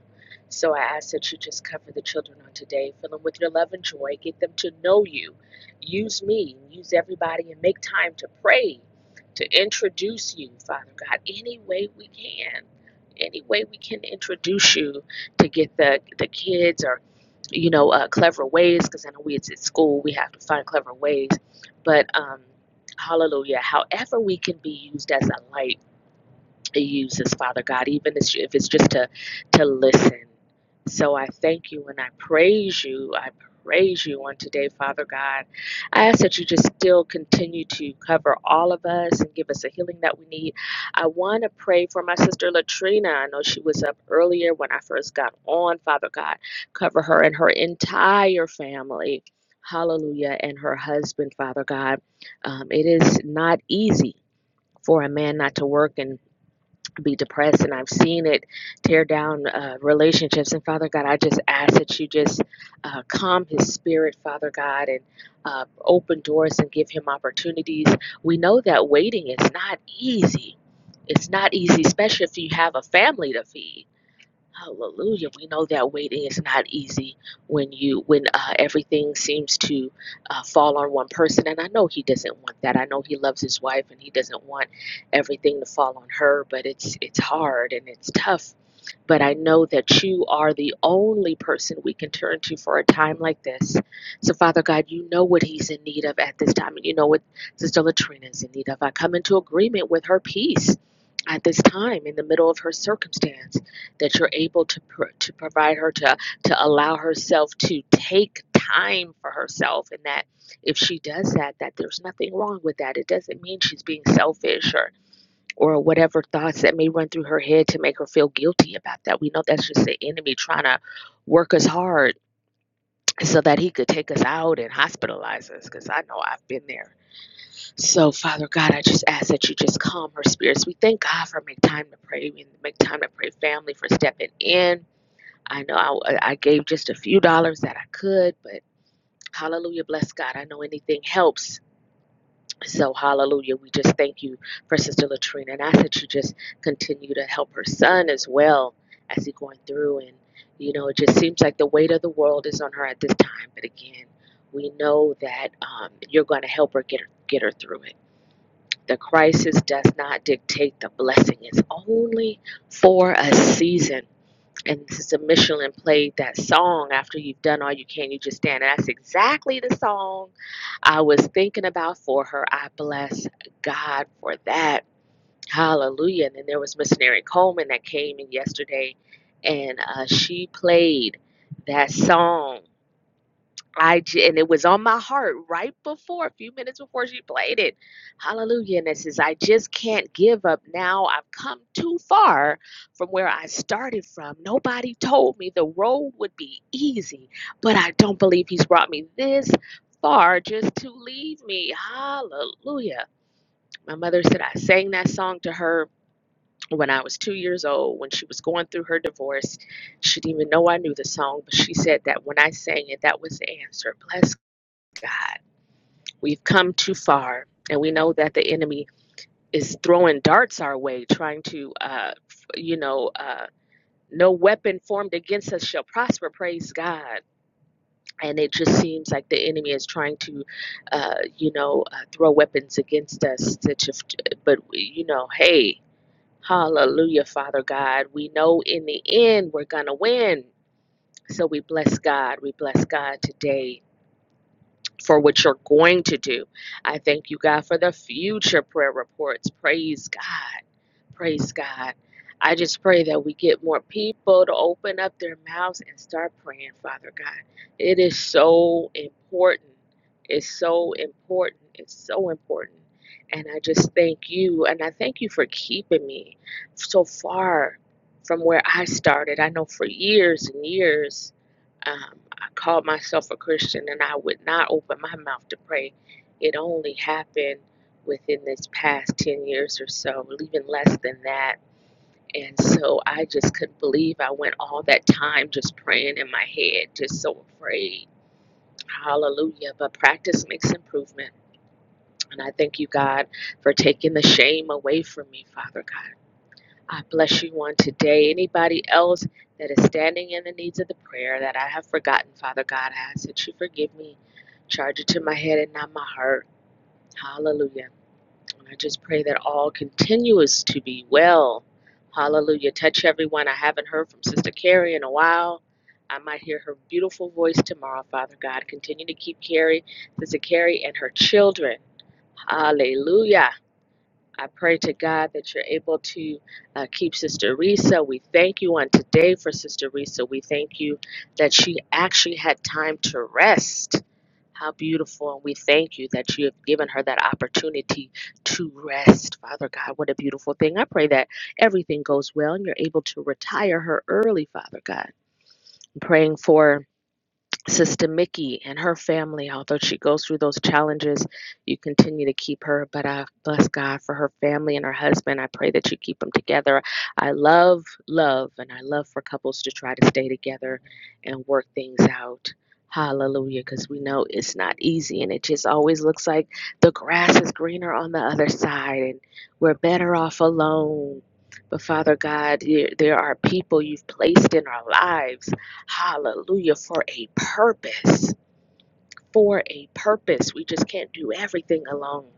Speaker 7: so i ask that you just cover the children on today fill them with your love and joy get them to know you use me use everybody and make time to pray to introduce you father god any way we can any way we can introduce you to get the the kids or you know, uh, clever ways, because I know we it's at school, we have to find clever ways. But um, hallelujah, however we can be used as a light uses, Father God, even if it's just to to listen. So I thank you and I praise you. I praise you on today, Father God. I ask that you just still continue to cover all of us and give us the healing that we need. I want to pray for my sister Latrina. I know she was up earlier when I first got on, Father God. Cover her and her entire family. Hallelujah. And her husband, Father God. Um, it is not easy for a man not to work and be depressed and I've seen it tear down uh, relationships. And Father God, I just ask that you just uh, calm his spirit, Father God, and uh, open doors and give him opportunities. We know that waiting is not easy. It's not easy, especially if you have a family to feed. Hallelujah. We know that waiting is not easy when you when uh, everything seems to uh, fall on one person. And I know he doesn't want that. I know he loves his wife and he doesn't want everything to fall on her. But it's it's hard and it's tough but I know that you are the only person we can turn to for a time like this. So, Father God, you know what he's in need of at this time, and you know what Sister Latrina is in need of. I come into agreement with her peace at this time in the middle of her circumstance that you're able to pro- to provide her to to allow herself to take time for herself and that if she does that that there's nothing wrong with that it doesn't mean she's being selfish or or whatever thoughts that may run through her head to make her feel guilty about that. We know that's just the enemy trying to work us hard so that he could take us out and hospitalize us because I know I've been there. So, Father God, I just ask that you just calm her spirits. We thank God for make time to pray and make time to pray family for stepping in. I know I, I gave just a few dollars that I could, but hallelujah, bless God. I know anything helps. So, hallelujah. We just thank you for Sister Latrina and I ask that you just continue to help her son as well as he going through. And, you know, it just seems like the weight of the world is on her at this time. But again, we know that um, you're going to help her get, her get her through it. The crisis does not dictate the blessing, it's only for a season and Sister Michelin played that song after you've done all you can, you just stand. And that's exactly the song I was thinking about for her. I bless God for that. Hallelujah. And then there was Miss Missionary Coleman that came in yesterday and uh, she played that song I j- and it was on my heart right before, a few minutes before she played it. Hallelujah. And it says, I just can't give up now. I've come too far from where I started from. Nobody told me the road would be easy, but I don't believe he's brought me this far just to leave me. Hallelujah. My mother said I sang that song to her when I was two years old, when she was going through her divorce. She didn't even know I knew the song, but she said that when I sang it, that was the answer. Bless God, we've come too far, and we know that the enemy is throwing darts our way, trying to, uh, you know, uh, no weapon formed against us shall prosper. Praise God. And it just seems like the enemy is trying to, uh, you know, uh, throw weapons against us. To, to, but, you know, hey, hallelujah, Father God. We know in the end we're going to win. So we bless God. We bless God today for what you're going to do. I thank you, God, for the future prayer reports. Praise God. Praise God. I just pray that we get more people to open up their mouths and start praying, Father God. It is so important. It's so important. It's so important. And I just thank you. And I thank you for keeping me so far from where I started. I know for years and years um, I called myself a Christian and I would not open my mouth to pray. It only happened within this past 10 years or so, even less than that. And so I just couldn't believe I went all that time just praying in my head, just so afraid. Hallelujah. But practice makes improvement. And I thank you, God, for taking the shame away from me, Father God. I bless you on today. Anybody else that is standing in the needs of the prayer that I have forgotten, Father God, I ask that you forgive me. Charge it to my head and not my heart. Hallelujah. And I just pray that all continues to be well. Hallelujah. Touch everyone. I haven't heard from Sister Carrie in a while. I might hear her beautiful voice tomorrow, Father God. Continue to keep Carrie, Sister Carrie, and her children. Hallelujah I pray to God that you're able to uh, keep Sister Risa. We thank you on today for Sister Risa. We thank you that she actually had time to rest. How beautiful. And we thank you that you have given her that opportunity to rest. Father God, what a beautiful thing. I pray that everything goes well and you're able to retire her early, Father God. I'm praying for. Sister Mickey and her family, although she goes through those challenges, you continue to keep her. But I bless God for her family and her husband. I pray that you keep them together. I love love, and I love for couples to try to stay together and work things out. Hallelujah, because we know it's not easy, and it just always looks like the grass is greener on the other side, and we're better off alone. But Father God, there are people you've placed in our lives Hallelujah. For a purpose. For a purpose. We just can't do everything alone.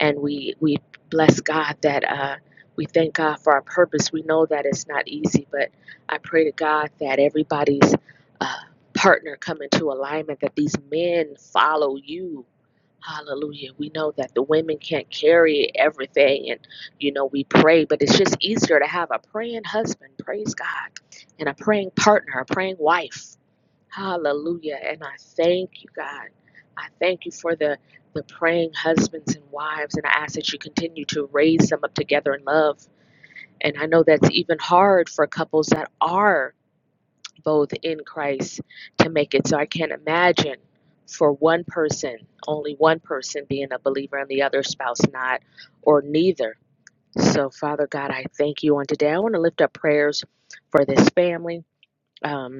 Speaker 7: And we we bless God that uh we thank God for our purpose. We know that it's not easy, but I pray to God that everybody's uh, partner come into alignment, that these men follow you. Hallelujah. We know that the women can't carry everything, and you know, we pray, but it's just easier to have a praying husband, praise God, and a praying partner, a praying wife Hallelujah. And I thank you, God. I thank you for the, the praying husbands and wives. And I ask that you continue to raise them up together in love. And I know that's even hard for couples that are both in Christ to make it. So I can't imagine for one person, only one person being a believer and the other spouse not, or neither. So, Father God, I thank you on today. I want to lift up prayers for this family. Um,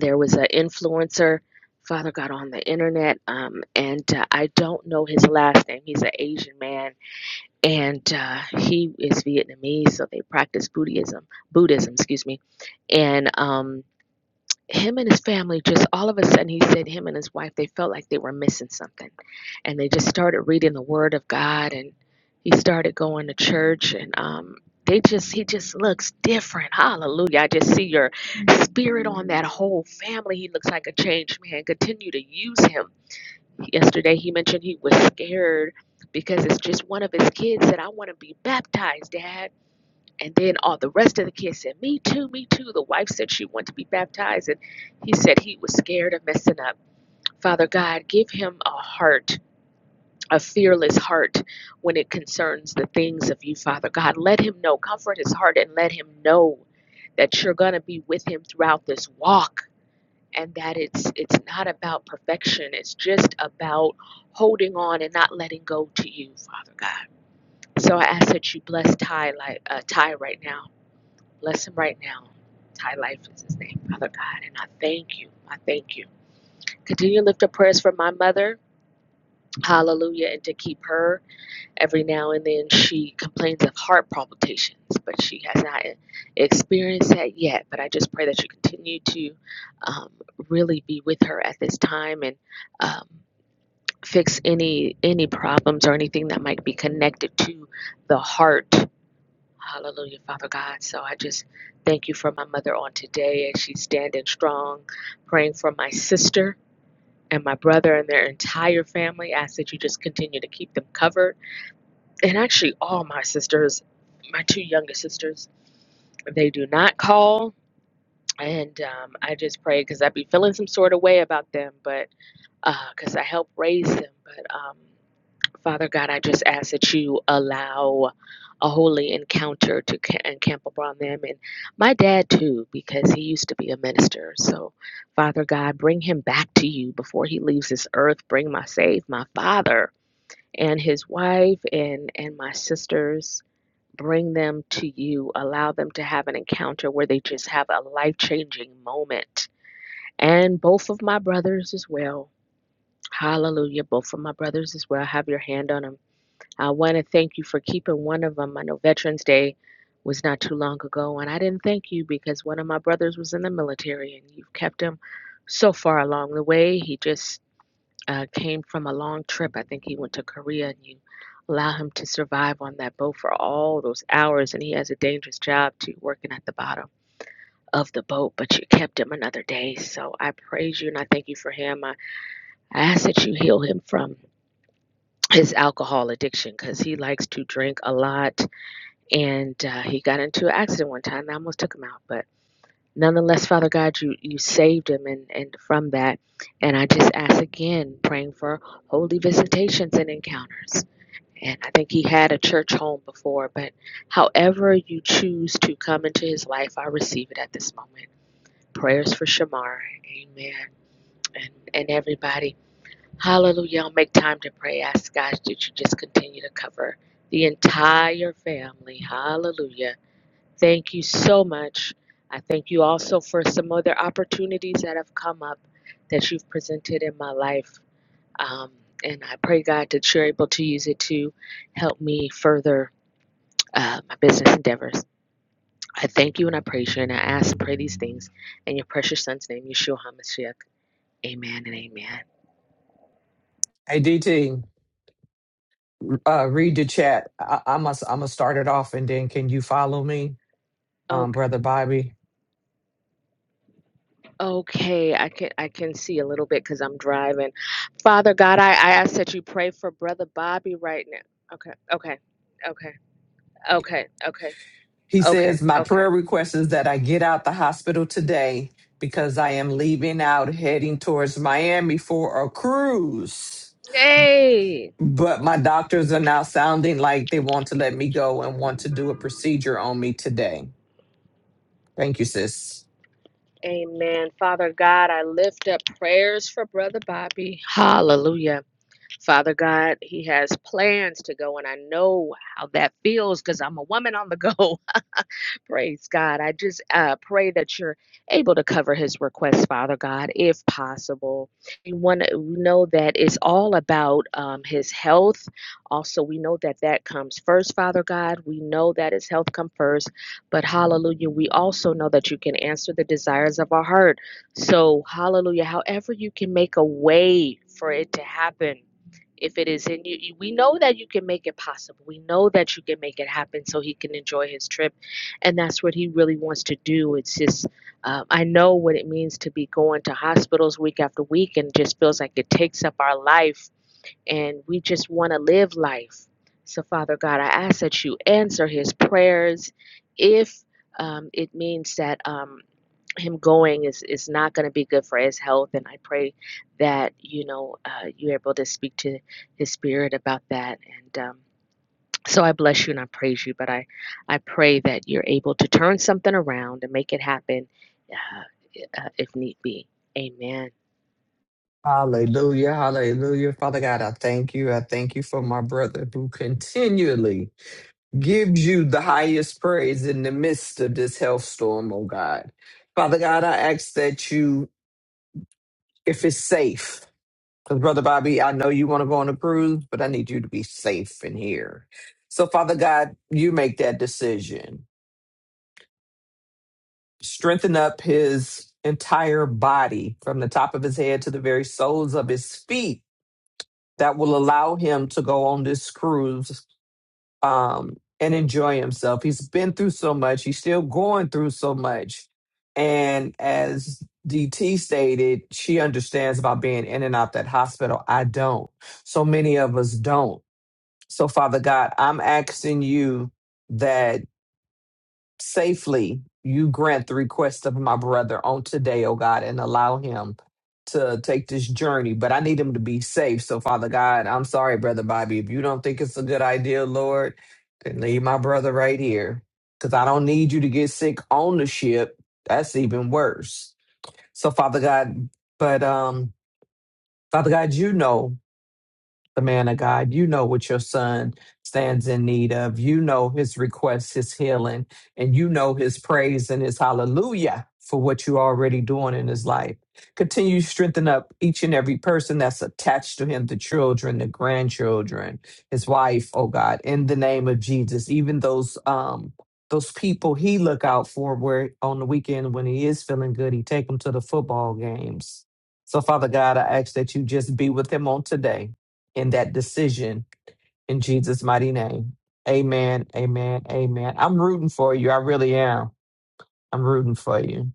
Speaker 7: there was an influencer father got on the internet um, and uh, i don't know his last name he's an asian man and uh, he is vietnamese so they practice buddhism buddhism excuse me and um, him and his family just all of a sudden he said him and his wife they felt like they were missing something and they just started reading the word of god and he started going to church and um they just he just looks different hallelujah i just see your spirit on that whole family he looks like a changed man continue to use him yesterday he mentioned he was scared because it's just one of his kids said i want to be baptized dad and then all the rest of the kids said, Me too, me too. The wife said she wanted to be baptized, and he said he was scared of messing up. Father God, give him a heart, a fearless heart when it concerns the things of you, Father God. Let him know, comfort his heart, and let him know that you're going to be with him throughout this walk. And that it's it's not about perfection. It's just about holding on and not letting go to you, Father God. So I ask that you bless Ty like uh, Ty right now Bless him right now. Ty Life is his name, Father God. And I thank you. I thank you. Continue to lift up prayers for my mother. Hallelujah. And to keep her every now and then. She complains of heart palpitations, but she has not experienced that yet. But I just pray that you continue to um, really be with her at this time and um, fix any any problems or anything that might be connected to the heart Hallelujah, Father God. So I just thank you for my mother on today as she's standing strong, praying for my sister and my brother and their entire family. I ask that you just continue to keep them covered. And actually, all my sisters, my two youngest sisters, they do not call. And um, I just pray because I'd be feeling some sort of way about them, but because I helped raise them. But um, Father God, I just ask that you allow a holy encounter to ca- encamp upon them and my dad too, because he used to be a minister. So, Father God, bring him back to you before he leaves this earth. Bring my save, my father and his wife and and my sisters. Bring them to you. Allow them to have an encounter where they just have a life changing moment. And both of my brothers as well. Hallelujah. Both of my brothers as well. Have your hand on them I want to thank you for keeping one of them. I know Veterans Day was not too long ago, and I didn't thank you because one of my brothers was in the military, and you've kept him so far along the way. He just uh, came from a long trip. I think he went to Korea, and you allow him to survive on that boat for all those hours, and he has a dangerous job too, working at the bottom of the boat, but you kept him another day. So I praise you and I thank you for him. I, I ask that you heal him from his alcohol addiction because he likes to drink a lot and uh, he got into an accident one time. I almost took him out, but nonetheless, Father God, you you saved him, and and from that, and I just ask again, praying for holy visitations and encounters. And I think he had a church home before, but however you choose to come into his life, I receive it at this moment. Prayers for Shamar, Amen, and and everybody. Hallelujah. I'll make time to pray. Ask God that you just continue to cover the entire family. Hallelujah Thank you so much. I thank you also for some other opportunities that have come up that you've presented in my life. Um, and I pray, God, that you're able to use it to help me further uh, my business endeavors. I thank you and I praise you and I ask and pray these things in your precious son's name, Yeshua HaMashiach. Amen and amen.
Speaker 4: Hey, DT, uh, read the chat. I, I'm going I'm to start it off and then can you follow me, um,
Speaker 7: Okay,
Speaker 4: Brother Bobby?
Speaker 7: okay, I can I can see a little bit because I'm driving. Father God, I, I ask that you pray for Brother Bobby right now. Okay, okay, okay. Okay, okay,
Speaker 4: He
Speaker 7: okay,
Speaker 4: says, My
Speaker 7: okay.
Speaker 4: prayer request is that I get out the hospital today because I am leaving out heading towards Miami for a cruise.
Speaker 7: Hey,
Speaker 4: But my doctors are now sounding like they want to let me go and want to do a procedure on me today. Thank you, sis.
Speaker 7: amen. Father God, I lift up prayers for Brother Bobby. Hallelujah. Father God, he has plans to go, and I know how that feels because I'm a woman on the go. Praise God. I just uh, pray that you're able to cover his request, Father God, if possible. We want to know that it's all about um, his health. Also, we know that that comes first, Father God. We know that his health comes first, but hallelujah, we also know that you can answer the desires of our heart. So, hallelujah, however you can make a way for it to happen if it is in you. you- We know that you can make it possible. We know that you can make it happen so he can enjoy his trip and that's what he really wants to do. It's just, uh, I know what it means to be going to hospitals week after week, and just feels like it takes up our life, and we just want to live life. So, Father God, I ask that you answer his prayers. If um, it means that um, him going is, is not going to be good for his health, and I pray that you know uh, you're able to speak to his spirit about that, and um, so I bless you and I praise you, but I, I pray that you're able to turn something around and make it happen uh, uh, if need be. Amen.
Speaker 4: Hallelujah. Hallelujah. Father God, I thank you. I thank you for my brother who continually gives you the highest praise in the midst of this health storm, oh God. Father God, I ask that you, if it's safe, Because, Brother Bobby, I know you want to go on a cruise, but I need you to be safe in here. So, Father God, you make that decision. Strengthen up his entire body from the top of his head to the very soles of his feet that will allow him to go on this cruise um, and enjoy himself. He's been through so much, he's still going through so much. And as DT stated, she understands about being in and out that hospital. I don't so many of us don't. So, Father God, I'm asking you that safely you grant the request of my brother on today, oh God, and allow him to take this journey. But I need him to be safe. So, Father God, I'm sorry, Brother Bobby. If you don't think it's a good idea, Lord, then leave my brother right here because I don't need you to get sick on the ship. That's even worse. So, Father God, but um, Father God, you know the man of God. You know what your son stands in need of. You know his request, his healing, and you know his praise and his hallelujah for what you're already doing in his life. Continue to strengthen up each and every person that's attached to him, the children, the grandchildren, his wife, oh God, in the name of Jesus, even those um those people he look out for where on the weekend when he is feeling good, he take them to the football games. So Father God, I ask that you just be with him on today in that decision in Jesus' mighty name. Amen. Amen. Amen. I'm rooting for you. I really am. I'm rooting for you.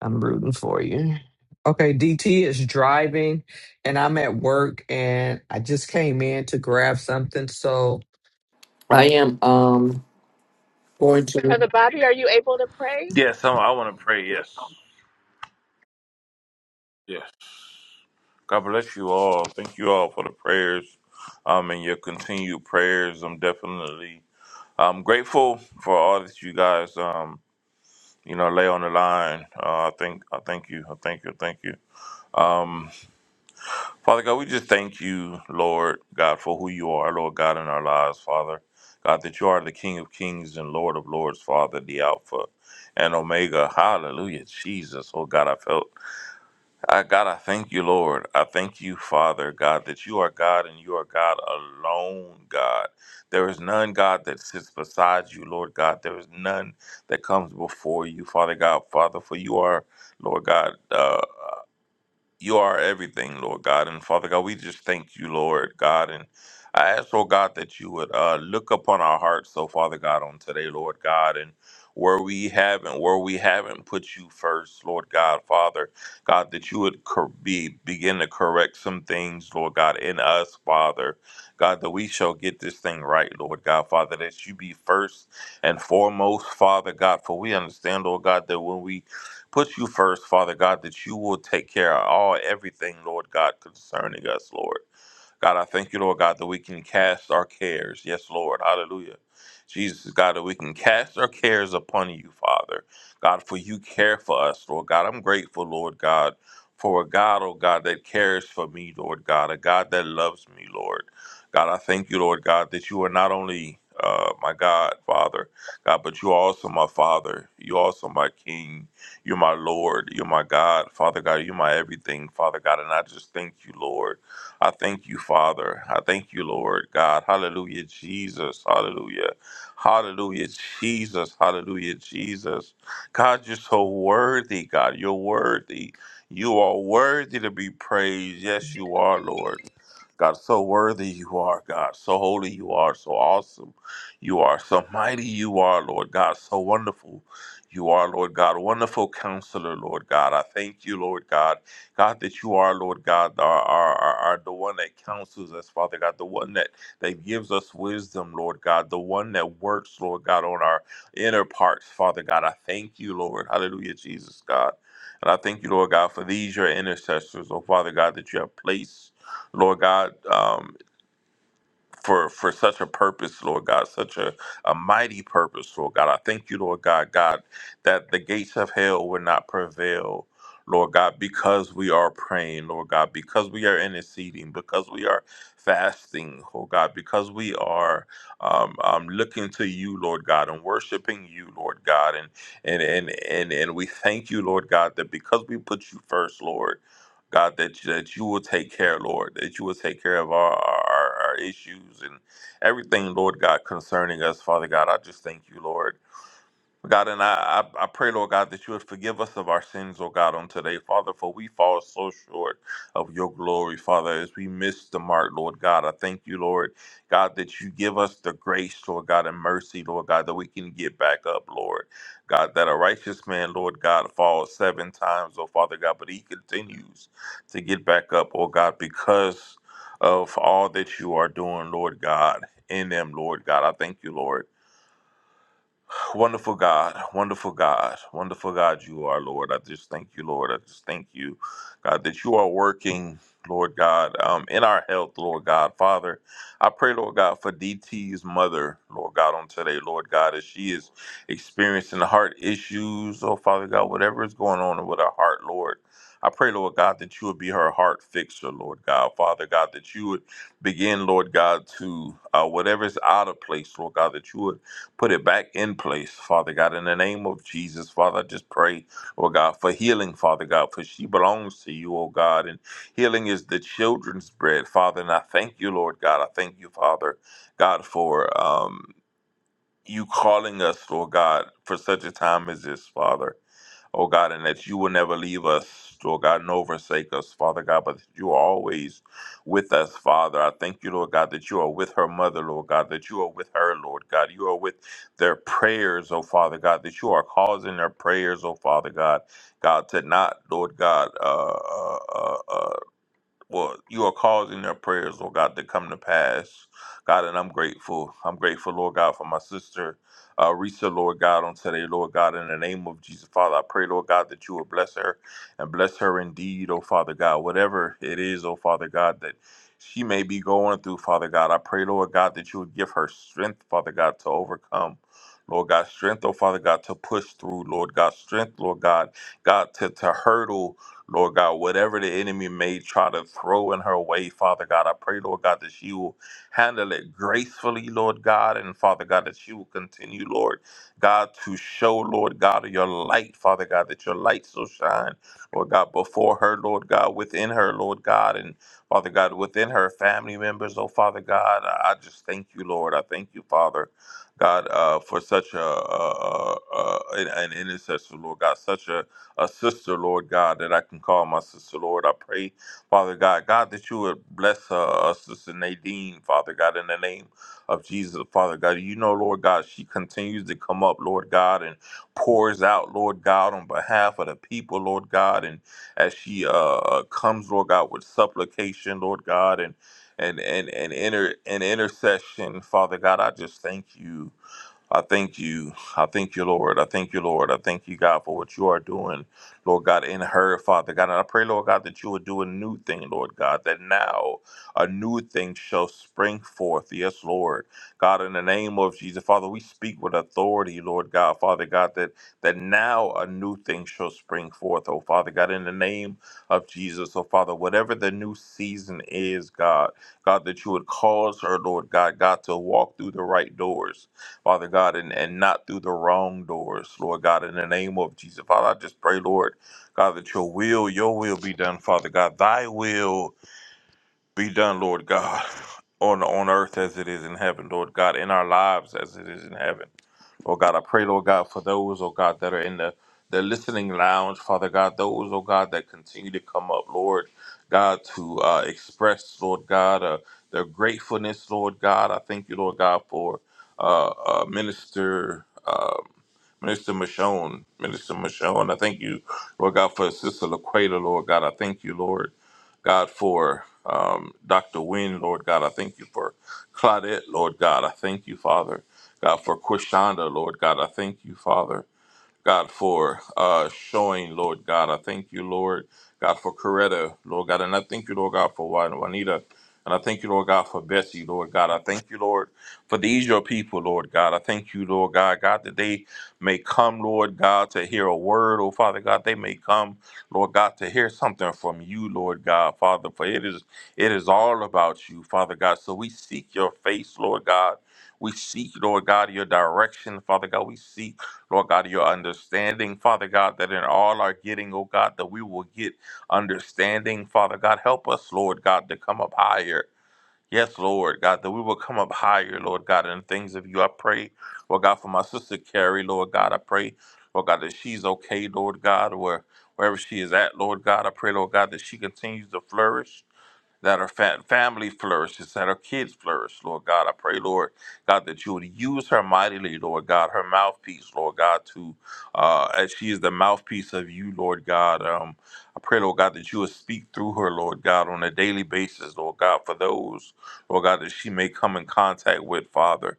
Speaker 4: I'm rooting for you. Okay, DT is driving and I'm at work and I just came in to grab something. So I am um going to
Speaker 7: Brother Bobby, are you able to pray?
Speaker 8: Yes, I, I want to pray. Yes. Yes. God bless you all. Thank you all for the prayers um, and your continued prayers. I'm definitely I'm grateful for all that you guys, um, you know, lay on the line. Uh, I think I thank you. I thank you. I Thank you. Um, Father God, we just thank you, Lord God, for who you are, Lord God, in our lives, Father. God, that you are the King of Kings and Lord of Lords, Father, the Alpha and Omega. Hallelujah. Jesus. Oh God, I felt I, God, I thank you, Lord. I thank you, Father, God, that you are God and you are God alone, God. There is none, God, that sits beside you, Lord God. There is none that comes before you, Father God, Father, for you are, Lord God. uh, you are everything, Lord God. And Father God, we just thank you, Lord God. And I ask, oh God, that you would uh, look upon our hearts, so Father God, on today, Lord God, and where we haven't, where we haven't put you first, Lord God, Father, God, that you would cor- be begin to correct some things, Lord God, in us, Father, God, that we shall get this thing right, Lord God, Father, that you be first and foremost, Father God, for we understand, Lord God, that when we Put you first, Father God, that you will take care of all everything, Lord God, concerning us, Lord. God, I thank you, Lord God, that we can cast our cares. Yes, Lord. Hallelujah. Jesus, God, that we can cast our cares upon you, Father. God, for you care for us, Lord God. I'm grateful, Lord God, for a God, oh God, that cares for me, Lord God, a God that loves me, Lord. God, I thank you, Lord God, that you are not only uh, my God, Father, God, but you are also my Father. You're also my King. You're my Lord. You're my God, Father God. You're my everything, Father God. And I just thank you, Lord. I thank you, Father. I thank you, Lord God. Hallelujah, Jesus. Hallelujah. Hallelujah, Jesus. Hallelujah, Jesus. God, you're so worthy, God. You're worthy. You are worthy to be praised. Yes, you are, Lord. God, so worthy you are, God. So holy you are. So awesome you are. So mighty you are, Lord God. So wonderful you are, Lord God. Wonderful counselor, Lord God. I thank you, Lord God. God, that you are, Lord God, are, are, are, are the one that counsels us, Father God, the one that, that gives us wisdom, Lord God, the one that works, Lord God, on our inner parts, Father God. I thank you, Lord. Hallelujah, Jesus, God. And I thank you, Lord God, for these, your intercessors, oh Father God, that you have placed, Lord God. um, for for such a purpose, Lord God, such a, a mighty purpose, Lord God. I thank you, Lord God, God, that the gates of hell will not prevail, Lord God, because we are praying, Lord God, because we are interceding, because we are fasting, oh God, because we are um, um, looking to you, Lord God, and worshiping you, Lord God, and and and and and we thank you, Lord God, that because we put you first, Lord. God, that that you will take care, Lord, that you will take care of our, our, our issues and everything, Lord God, concerning us, Father God. I just thank you, Lord. God, and I, I, I pray, Lord God, that you would forgive us of our sins, oh God, on today, Father, for we fall so short of your glory, Father, as we miss the mark, Lord God. I thank you, Lord God, that you give us the grace, Lord God, and mercy, Lord God, that we can get back up, Lord God, that a righteous man, Lord God, falls seven times, oh Father God, but he continues to get back up, oh God, because of all that you are doing, Lord God, in them, Lord God. I thank you, Lord. Wonderful God, wonderful God, wonderful God, you are, Lord. I just thank you, Lord. I just thank you, God, that you are working, Lord God, um, in our health, Lord God. Father, I pray, Lord God, for DT's mother, Lord God, on today, Lord God, as she is experiencing heart issues, oh Father God, whatever is going on with her heart, Lord. I pray, Lord God, that you would be her heart fixer, Lord God. Father God, that you would begin, Lord God, to uh, whatever's out of place, Lord God, that you would Put it back in place, Father God, in the name of Jesus, Father. I just pray, oh God, for healing, Father God, for she belongs to you, oh God, and healing is the children's bread, Father. And I thank you, Lord God. I thank you, Father God, for um, you calling us, Lord God, for such a time as this, Father oh God, and that you will never leave us, Lord God, nor forsake us, Father God, but that you are always with us, Father. I thank you, Lord God, that you are with her mother, Lord God, that you are with her, Lord God. You are with their prayers, oh Father God, that you are causing their prayers, oh Father God, God, to not, Lord God, uh, uh, uh, uh, well, you are causing their prayers, Lord God, to come to pass. God, and I'm grateful. I'm grateful, Lord God, for my sister, uh, Risa, Lord God, on today, Lord God, in the name of Jesus, Father, I pray, Lord God, that you will bless her and bless her indeed, oh Father God, whatever it is, oh Father God, that she may be going through, Father God. I pray, Lord God, that you would give her strength, Father God, to overcome. Lord God, strength, oh Father God, to push through, Lord God, strength, Lord God, God, to, to hurdle Lord God, whatever the enemy may try to throw in her way, Father God, I pray, Lord God, that she will handle it gracefully, Lord God, and Father God, that she will continue, Lord God, to show, Lord God, your light, Father God, that your light so shine, Lord God, before her, Lord God, within her, Lord God, and Father God, within her family members, oh Father God, I I just thank you, Lord. I thank you, Father God, uh, for such a, a, a, a an, an intercessor, Lord God, such a a sister, Lord God, that I can call my sister, Lord. I pray, Father God, God, that you would bless her, uh, Sister Nadine, Father God, in the name of Jesus, Father God. You know, Lord God, she continues to come up, Lord God, and pours out, Lord God, on behalf of the people, Lord God, and as she uh, uh, comes, Lord God, with supplication, Lord God, and and and and inter and intercession, Father God, I just thank you. I thank you. I thank you, Lord. I thank you, Lord. I thank you, God, for what you are doing, Lord God, in her, Father God. And I pray, Lord God, that you would do a new thing, Lord God, that now a new thing shall spring forth. Yes, Lord. God, in the name of Jesus, Father, we speak with authority, Lord God, Father God, that, that now a new thing shall spring forth, oh Father God, in the name of Jesus, oh Father, whatever the new season is, God, God, that you would cause her, Lord God, God, to walk through the right doors. Father God, and, and not through the wrong doors, Lord God, in the name of Jesus. Father, I just pray, Lord God, that your will, your will be done, Father God. Thy will be done, Lord God, [laughs] on on earth as it is in heaven, Lord God, in our lives as it is in heaven. Oh God, I pray, Lord God, for those, oh God, that are in the, the listening lounge, Father God, those, oh God, that continue to come up, Lord God, to uh, express, Lord God, uh, their gratefulness, Lord God. I thank you, Lord God, for uh, uh, Minister. Um, Minister Michonne, Minister Michonne, I thank you, Lord God, for Sister Laqueta, Lord God. I thank you, Lord God, for um, Dr. Wynne, Lord God. I thank you for Claudette, Lord God. I thank you, Father. God, for Quishanda, Lord God, I thank you, Father. God, for uh, showing, Lord God. I thank you, Lord God, for Coretta, Lord God. And I thank you, Lord God, for Juan- Juanita. And I thank you, Lord God, for Betsy, Lord God. I thank you, Lord, for these your people, Lord God. I thank you, Lord God, God, that they may come, Lord God, to hear a word, oh Father God. They may come, Lord God, to hear something from you, Lord God, Father. For it is it is all about you, Father God. So we seek your face, Lord God. We seek, Lord God, your direction, Father God. We seek. Lord God, your understanding, Father God, that in all our getting, oh God, that we will get understanding, Father God. Help us, Lord God, to come up higher. Yes, Lord God, that we will come up higher, Lord God, in things of you. I pray, Lord God, for my sister Carrie, Lord God. I pray, Lord God, that she's okay, Lord God, where wherever she is at, Lord God. I pray, Lord God, that she continues to flourish that our fa- family flourishes, that our kids flourish, Lord God. I pray, Lord God, that you would use her mightily, Lord God, her mouthpiece, Lord God, to, uh, as she is the mouthpiece of you, Lord God. Um, I pray, Lord God, that you would speak through her, Lord God, on a daily basis, Lord God, for those, Lord God, that she may come in contact with, Father.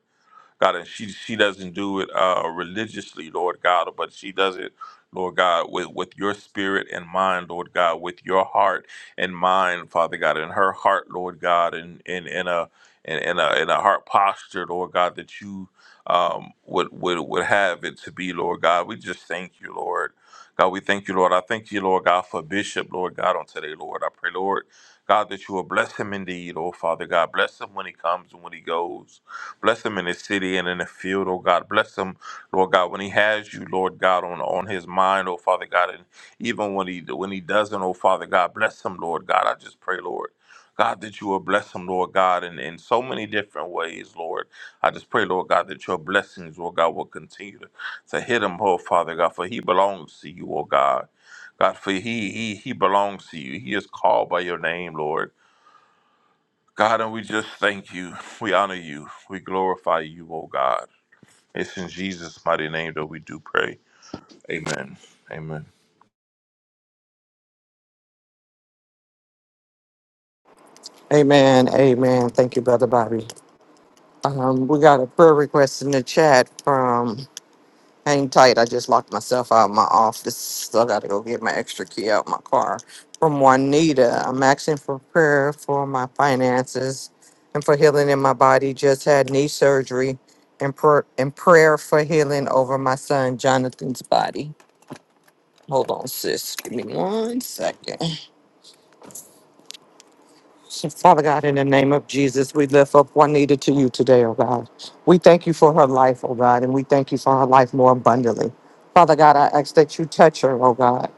Speaker 8: God, and she she doesn't do it uh, religiously, Lord God, but she does it, Lord God, with with your spirit and mind, Lord God, with your heart and mind, Father God, in her heart, Lord God, and in in in a in, in a in a heart posture, Lord God, that you um, would would would have it to be, Lord God. We just thank you, Lord. God, we thank you, Lord. I thank you, Lord God, for Bishop, Lord God, on today, Lord. I pray, Lord, God, that you will bless him indeed, oh Father God. Bless him when he comes and when he goes. Bless him in his city and in the field, oh God. Bless him, Lord God, when he has you, Lord God, on, on his mind, oh Father God, and even when he when he doesn't, oh Father God, bless him, Lord God. I just pray, Lord. God, that you will bless him, Lord God, in, in so many different ways, Lord. I just pray, Lord God, that your blessings, Lord God, will continue to, to hit him, oh Father God, for he belongs to you, oh God. God, for he he he belongs to you. He is called by your name, Lord. God, and we just thank you. We honor you. We glorify you, oh God. It's in Jesus' mighty name that we do pray. Amen. Amen.
Speaker 4: Amen. Amen. Thank you, Brother Bobby. Um, we got a prayer request in the chat from. Hang tight. I just locked myself out of my office. So I gotta go get my extra key out my car. From Juanita, I'm asking for prayer for my finances and for healing in my body. Just had knee surgery and, pr- and prayer for healing over my son Jonathan's body. Hold on, sis. Give me one second. So, Father God, in the name of Jesus, we lift up Juanita to you today, oh God. We thank you for her life, oh God, and we thank you for her life more abundantly. Father God, I ask that you touch her, oh God.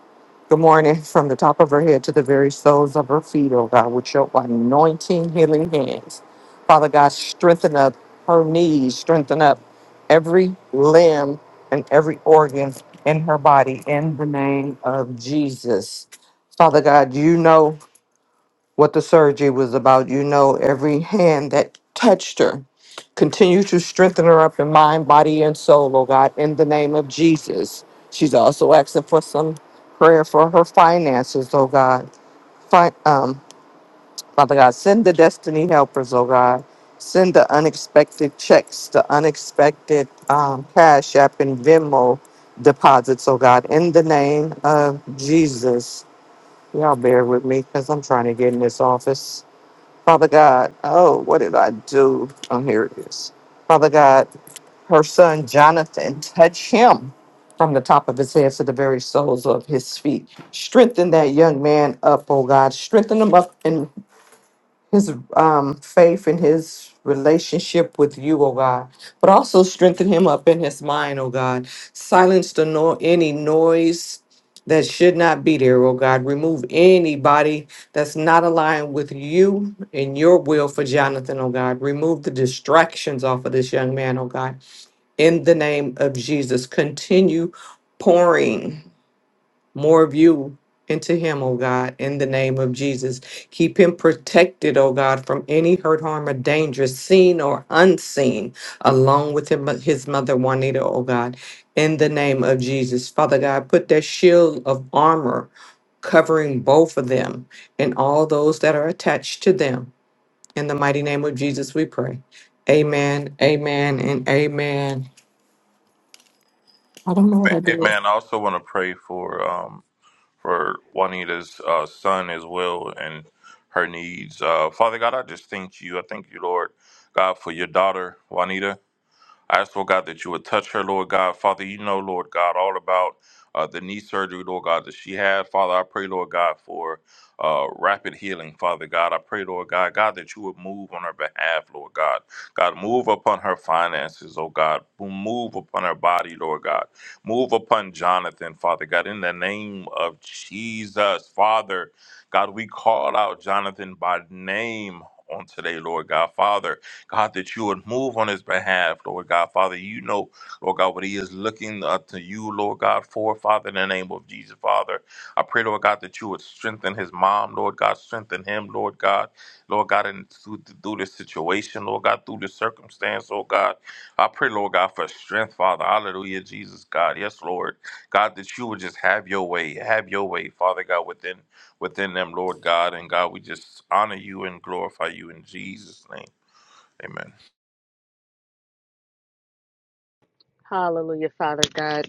Speaker 4: Good morning, from the top of her head to the very soles of her feet, oh God, with your anointing, healing hands. Father God, strengthen up her knees, strengthen up every limb and every organ in her body in the name of Jesus. Father God, you know what the surgery was about. You know, every hand that touched her. Continue to strengthen her up in mind, body, and soul, oh God, in the name of Jesus. She's also asking for some prayer for her finances, oh God. Fi- um, Father God, send the destiny helpers, oh God. Send the unexpected checks, the unexpected um, cash app and Venmo deposits, oh God, in the name of Jesus. Y'all bear with me because I'm trying to get in this office. Father God, oh, what did I do? Oh, here it is. Father God, her son Jonathan, touch him from the top of his head to the very soles of his feet. Strengthen that young man up, oh God. Strengthen him up in his um, faith and his relationship with you, oh God, but also strengthen him up in his mind, oh God. Silence the no- any noise that should not be there, oh God. Remove anybody that's not aligned with you and your will for Jonathan, oh God. Remove the distractions off of this young man, oh God. In the name of Jesus, continue pouring more of you into him, oh God, in the name of Jesus. Keep him protected, oh God, from any hurt, harm, or danger, seen or unseen, along with him, his mother Juanita, oh God, in the name of Jesus. Father God, put that shield of armor covering both of them and all those that are attached to them. In the mighty name of Jesus, we pray. Amen, amen, and amen. I don't know what I did.
Speaker 8: Amen. I also want to pray for um for Juanita's uh, son as well and her needs. Uh, Father God, I just thank you. I thank you, Lord God, for your daughter Juanita. I ask, Lord God, that you would touch her, Lord God. Father, you know, Lord God, all about uh, the knee surgery, Lord God, that she had. Father, I pray, Lord God, for uh, rapid healing, Father God. I pray, Lord God, God, that you would move on her behalf, Lord God. God, move upon her finances, oh God. Move upon her body, Lord God. Move upon Jonathan, Father God, in the name of Jesus, Father. God, we call out Jonathan by name on today, Lord God. Father, God, that you would move on his behalf, Lord God. Father, you know, Lord God, what he is looking up to you, Lord God, for, Father, in the name of Jesus, Father. I pray, Lord God, that you would strengthen his mom, Lord God, strengthen him, Lord God, Lord God, and through, through this situation, Lord God, through this circumstance, Lord God. I pray, Lord God, for strength, Father. Hallelujah, Jesus, God. Yes, Lord. God, that you would just have your way, have your way, Father God, within within them, Lord God. And God, we just honor you and glorify you in Jesus' name. Amen.
Speaker 7: Hallelujah, Father God.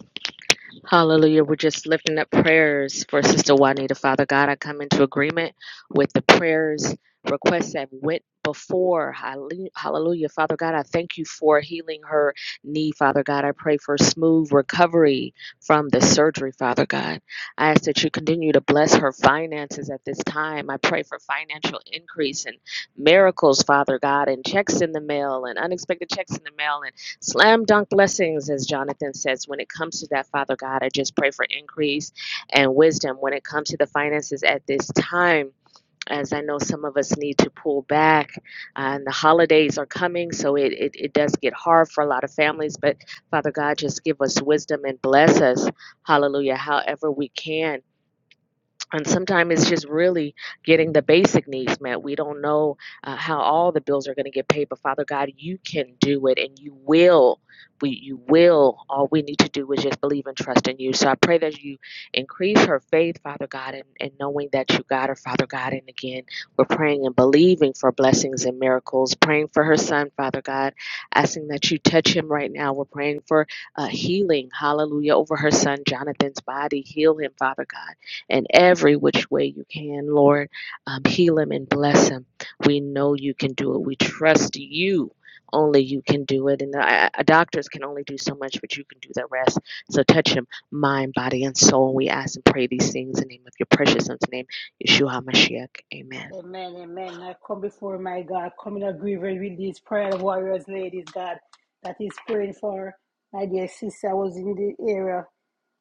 Speaker 7: Hallelujah. We're just lifting up prayers for Sister Juanita. Father God, I come into agreement with the prayers, requests that went before. Halle- Hallelujah. Father God, I thank you for healing her knee. Father God, I pray for smooth recovery from the surgery. Father God, I ask that you continue to bless her finances at this time. I pray for financial increase and miracles, Father God, and checks in the mail and unexpected checks in the mail and. Slam dunk blessings, as Jonathan says, when it comes to that, Father God. I just pray for increase and wisdom when it comes to the finances at this time. As I know, some of us need to pull back, uh, and the holidays are coming, so it, it, it does get hard for a lot of families. But Father God, just give us wisdom and bless us, hallelujah, however we can and sometimes it's just really getting the basic needs met. We don't know uh, how all the bills are going to get paid, but Father God, you can do it, and you will. We, you will. All we need to do is just believe and trust in you. So I pray that you increase her faith, Father God, and, and knowing that you got her, Father God. And again, we're praying and believing for blessings and miracles. Praying for her son, Father God, asking that you touch him right now. We're praying for uh, healing, Hallelujah, over her son Jonathan's body. Heal him, Father God in every which way you can, Lord. Um, heal him and bless him. We know you can do it. We trust you. Only you can do it. And the, I- doctors can only do so much, but you can do the rest. So touch him, mind, body, and soul. We ask and pray these things in the name of your precious son's name, Yeshua HaMashiach. Amen.
Speaker 1: Amen. Amen. I come before my God, come in agreement with these prayer warriors, ladies, God, that is praying for my dear sister. I was in the area.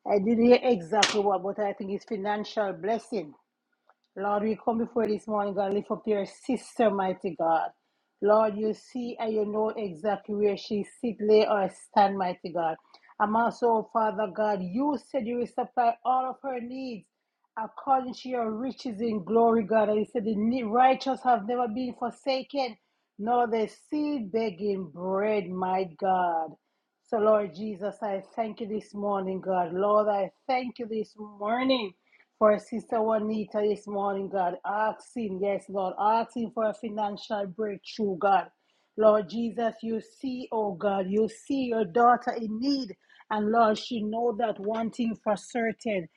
Speaker 1: I didn't hear exactly what, but I think it's financial blessing. Lord, we come before this morning, God, lift up your sister, mighty God. Lord, you see and you know exactly where she sit, lay, or stand, mighty God. I'm also, oh, Father God, you said you will supply all of her needs according to your riches in glory, God. And you said the ne- righteous have never been forsaken, nor the seed begging bread, my God. So, Lord Jesus, I thank you this morning, God. Lord, I thank you this morning for Sister Juanita this morning, God. Asking, yes, Lord, asking for a financial breakthrough, God. Lord Jesus, you see, oh God, you see your daughter in need. And Lord, she know that one thing for certain.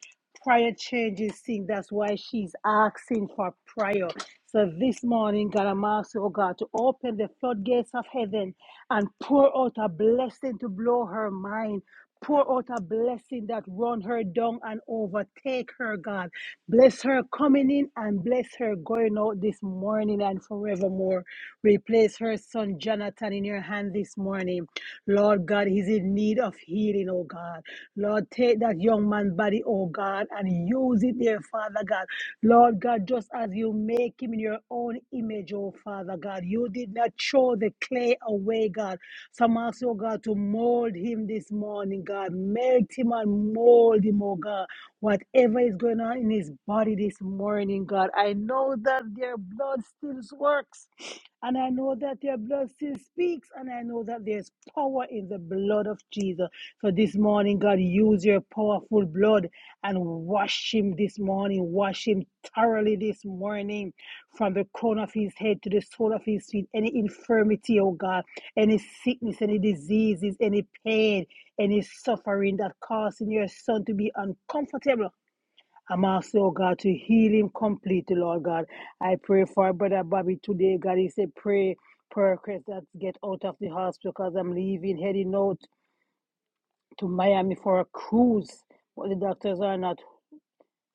Speaker 1: Prayer changes things. That's why she's asking for prayer. So this morning, God, I'm asking, oh God, to open the floodgates of heaven and pour out a blessing to blow her mind. Pour out a blessing that run her down and overtake her, God. Bless her coming in and bless her going out this morning morning and forevermore. We place her son Jonathan in your hand this morning. Lord God, he's in need of healing, oh God. Lord, take that young man's body, oh God, and use it there, Father God. Lord God, just as you make him in your own image, oh Father God, you did not throw the clay away, God. So I'm asking, oh God, to mold him this morning, God. Melt him and mold him, oh God. Whatever is going on in his body this morning, God, I know that their blood still works. And I know that their blood still speaks. And I know that there's power in the blood of Jesus. So this morning, God, use your powerful blood and wash him this morning. Wash him thoroughly this morning from the crown of his head to the sole of his feet. Any infirmity, oh God, any sickness, any diseases, any pain any suffering that causing your son to be uncomfortable. I'm asking, oh God, to heal him completely, Lord God. I pray for our brother Bobby today, God. He said, pray, prayer request that get out of the hospital because I'm leaving, heading out to Miami for a cruise. But the doctors are not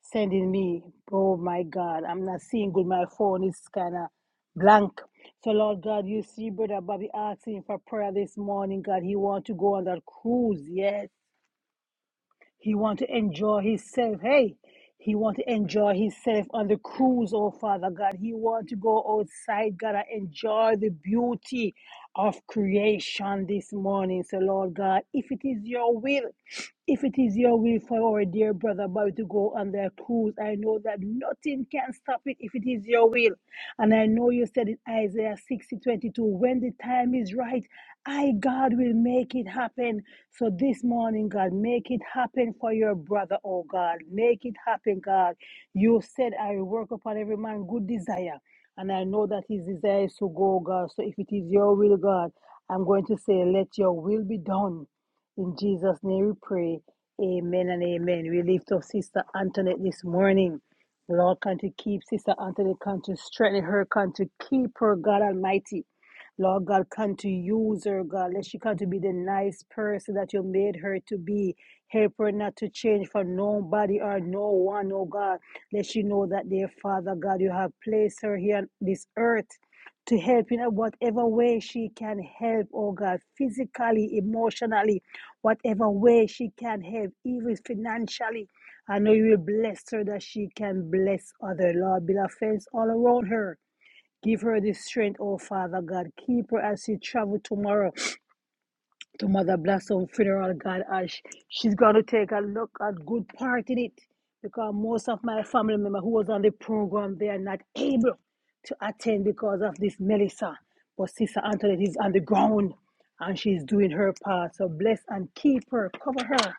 Speaker 1: sending me. Oh my God, I'm not seeing good. My phone is kind of blank. So, Lord God, you see, Brother Bobby asking for prayer this morning, God. He want to go on that cruise, yes. He want to enjoy himself. Hey, he want to enjoy himself on the cruise, oh Father God. He want to go outside, God, and enjoy the beauty of creation this morning. So, Lord God, if it is your will, if it is your will for our dear brother Bobby to go on their cruise, I know that nothing can stop it if it is your will. And I know you said in Isaiah 60 22, when the time is right, I, God, will make it happen. So this morning, God, make it happen for your brother, oh God. Make it happen, God. You said, I will work upon every man good desire. And I know that his desire is to go, God. So if it is your will, God, I'm going to say, let your will be done. In Jesus' name we pray. Amen and amen. We lift up Sister Antoinette this morning. Lord, can to keep Sister Antoinette, can to strengthen her, can to keep her, God Almighty. Lord God, come to use her, God. Let she come to be the nice person that you made her to be. Help her not to change for nobody or no one, oh God. Let she know that, dear Father God, you have placed her here on this earth to help in whatever way she can help, oh God, physically, emotionally, whatever way she can help, even financially. I know you will bless her that she can bless other Lord. Build a fence all around her. Give her the strength, oh Father God. Keep her as she travel tomorrow to Mother Blossom funeral, God. As sh- she's going to take a look at good part in it. Because most of my family member who was on the program, they are not able to attend because of this Melissa. But Sister Antoinette is on the ground and she's doing her part. So bless and keep her, cover her,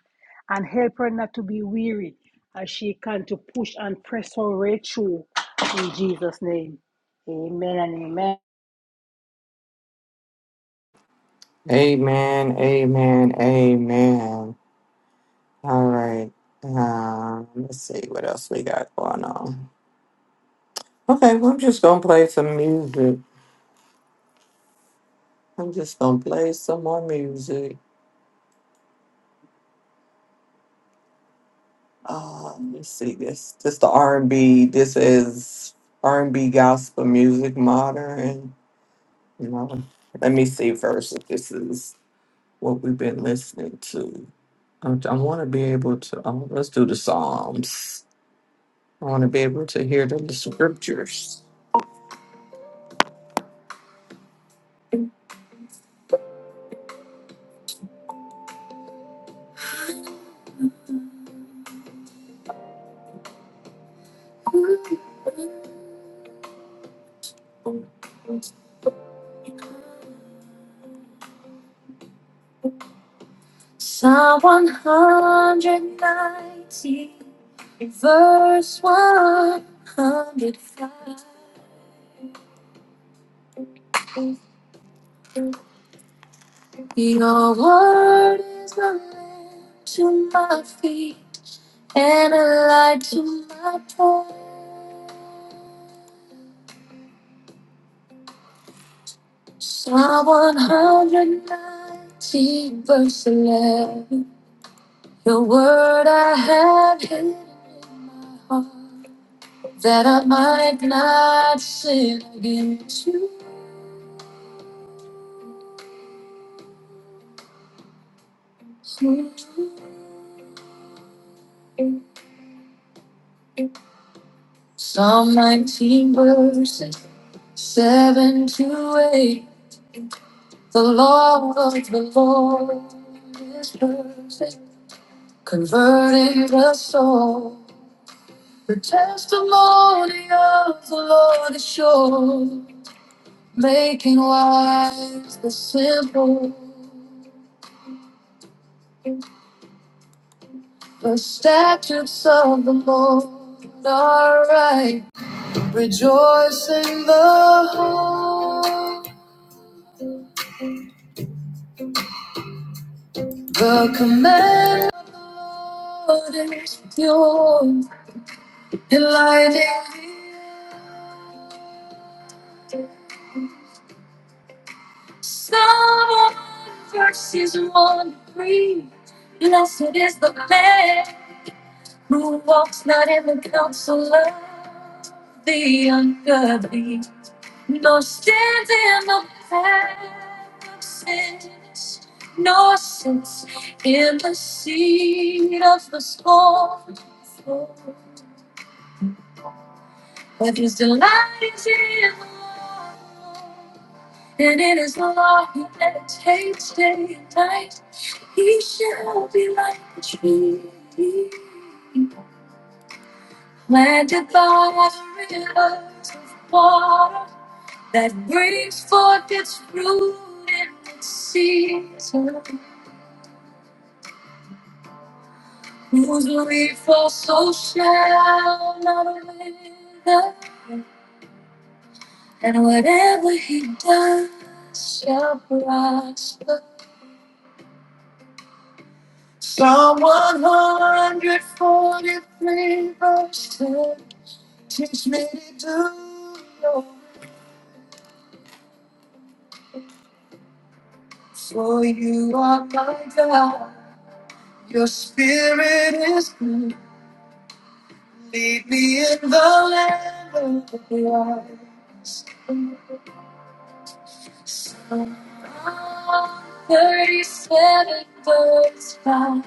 Speaker 1: and help her not to be weary as she can to push and press her way through. In Jesus' name, amen and amen.
Speaker 4: Amen, amen, amen. All right. Um, let's see what else we got going on. Okay, well, I'm just gonna play some music. I'm just gonna play some more music. Uh, let's see this. This the R and B. This is R and B gospel music, modern. You know, let me see first if this is what we've been listening to. I, I want to be able to. Um, let's do the Psalms. I want to be able to hear the the scriptures. Psalm 190, verse 105. Your word is a lamp to my feet and a light to my path. Psalm 190, verse 11. Your word I have hidden in my heart that I might not sin against you. Psalm 19 verses 7 to 8. The law of the Lord is perfect, converting the soul. The testimony of the Lord is sure, making wise the simple. The statutes of the Lord are right. Rejoice in the hope. The command of the Lord is pure, enlightening Someone verses one to three. Blessed is the man who walks not in the counsel of the ungodly, No stands in the path of sins, no sense in the seed of the storm. But his delight is in the Lord, and in his law he meditates day and night. He shall be like a tree planted by the rivers of water that brings forth its fruit in its season, whose leaf also shall not wither, and whatever he does shall prosper. Psalm 143 verse 10, teach me to do your will, for you are my God, your spirit is good. Lead me in the land of the blind. On 37 birds fly.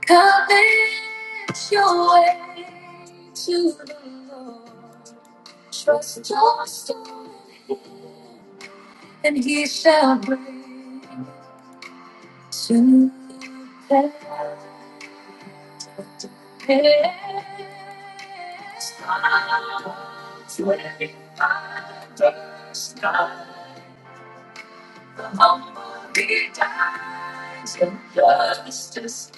Speaker 4: Commit your way to the Lord. Trust your soul in Him, and He shall bring to pass. 35 birds fly. the He dies in justice.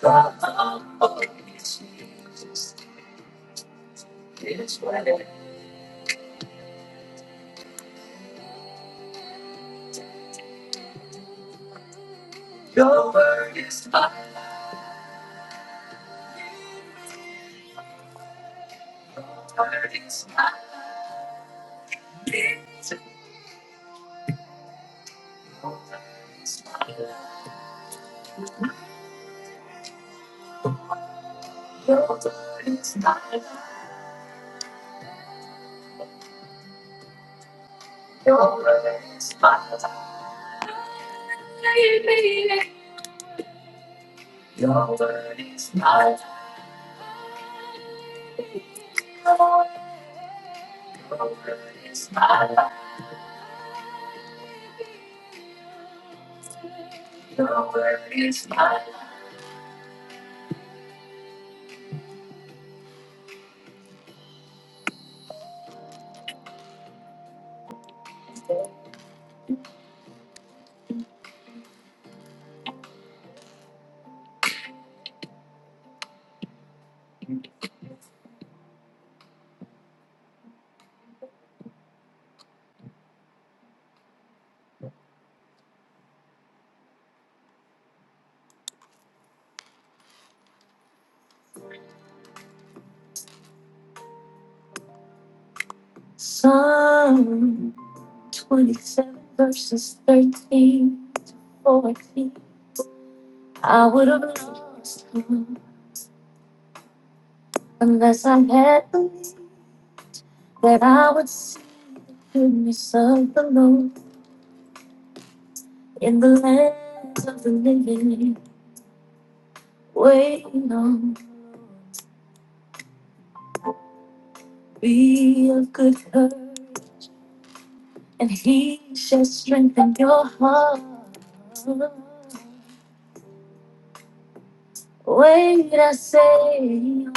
Speaker 4: The humble is Jesus. His word word word word word word is is is is is is my life. Your word is my life. Your word is my life. Your word is my life. Your word is my life. Your word is my peace. Psalm 27 verses 13. for me. I would have lost you unless I had believed that I would see the goodness of the Lord in the lands of the living, waiting on be of good hurt, and he shall strengthen your heart. Wait, I say,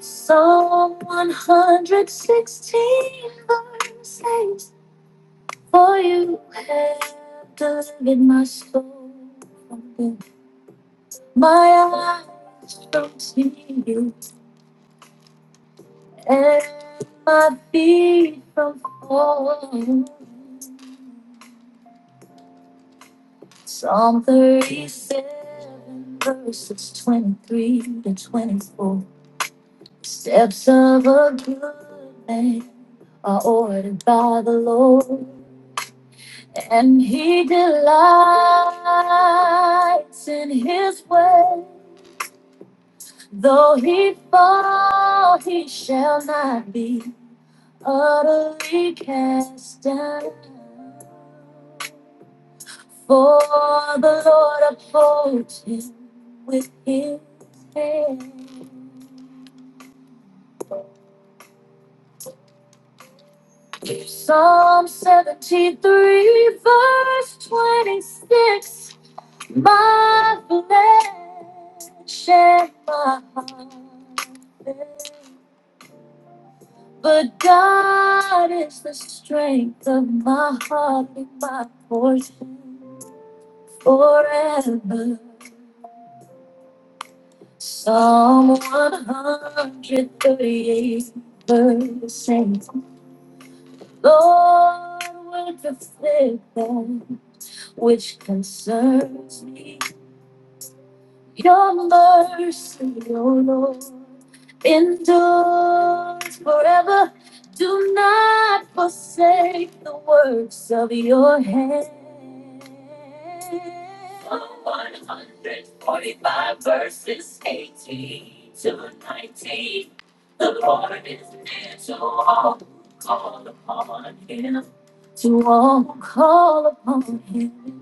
Speaker 4: Psalm 116 verse 8. For you have delivered my soul from death. My eyes don't see you, and my feet from falling. Psalm 37, verses 23 to 24. Steps of a good man are ordered by the Lord, and he delights in his way. Though he fall, he shall not be utterly cast down. For the Lord upholds him with his hand. Psalm 73, verse 26. My flesh and my heart. fail. But God is the strength of my heart and my portion forever. Psalm 138, verse 8. Lord, will perfect that which concerns me. Your mercy, O Lord, endures forever. Do not forsake the works of your hands. Psalm 145 verses 18 to 19. The Lord is near to all who call upon him. To all who call upon him,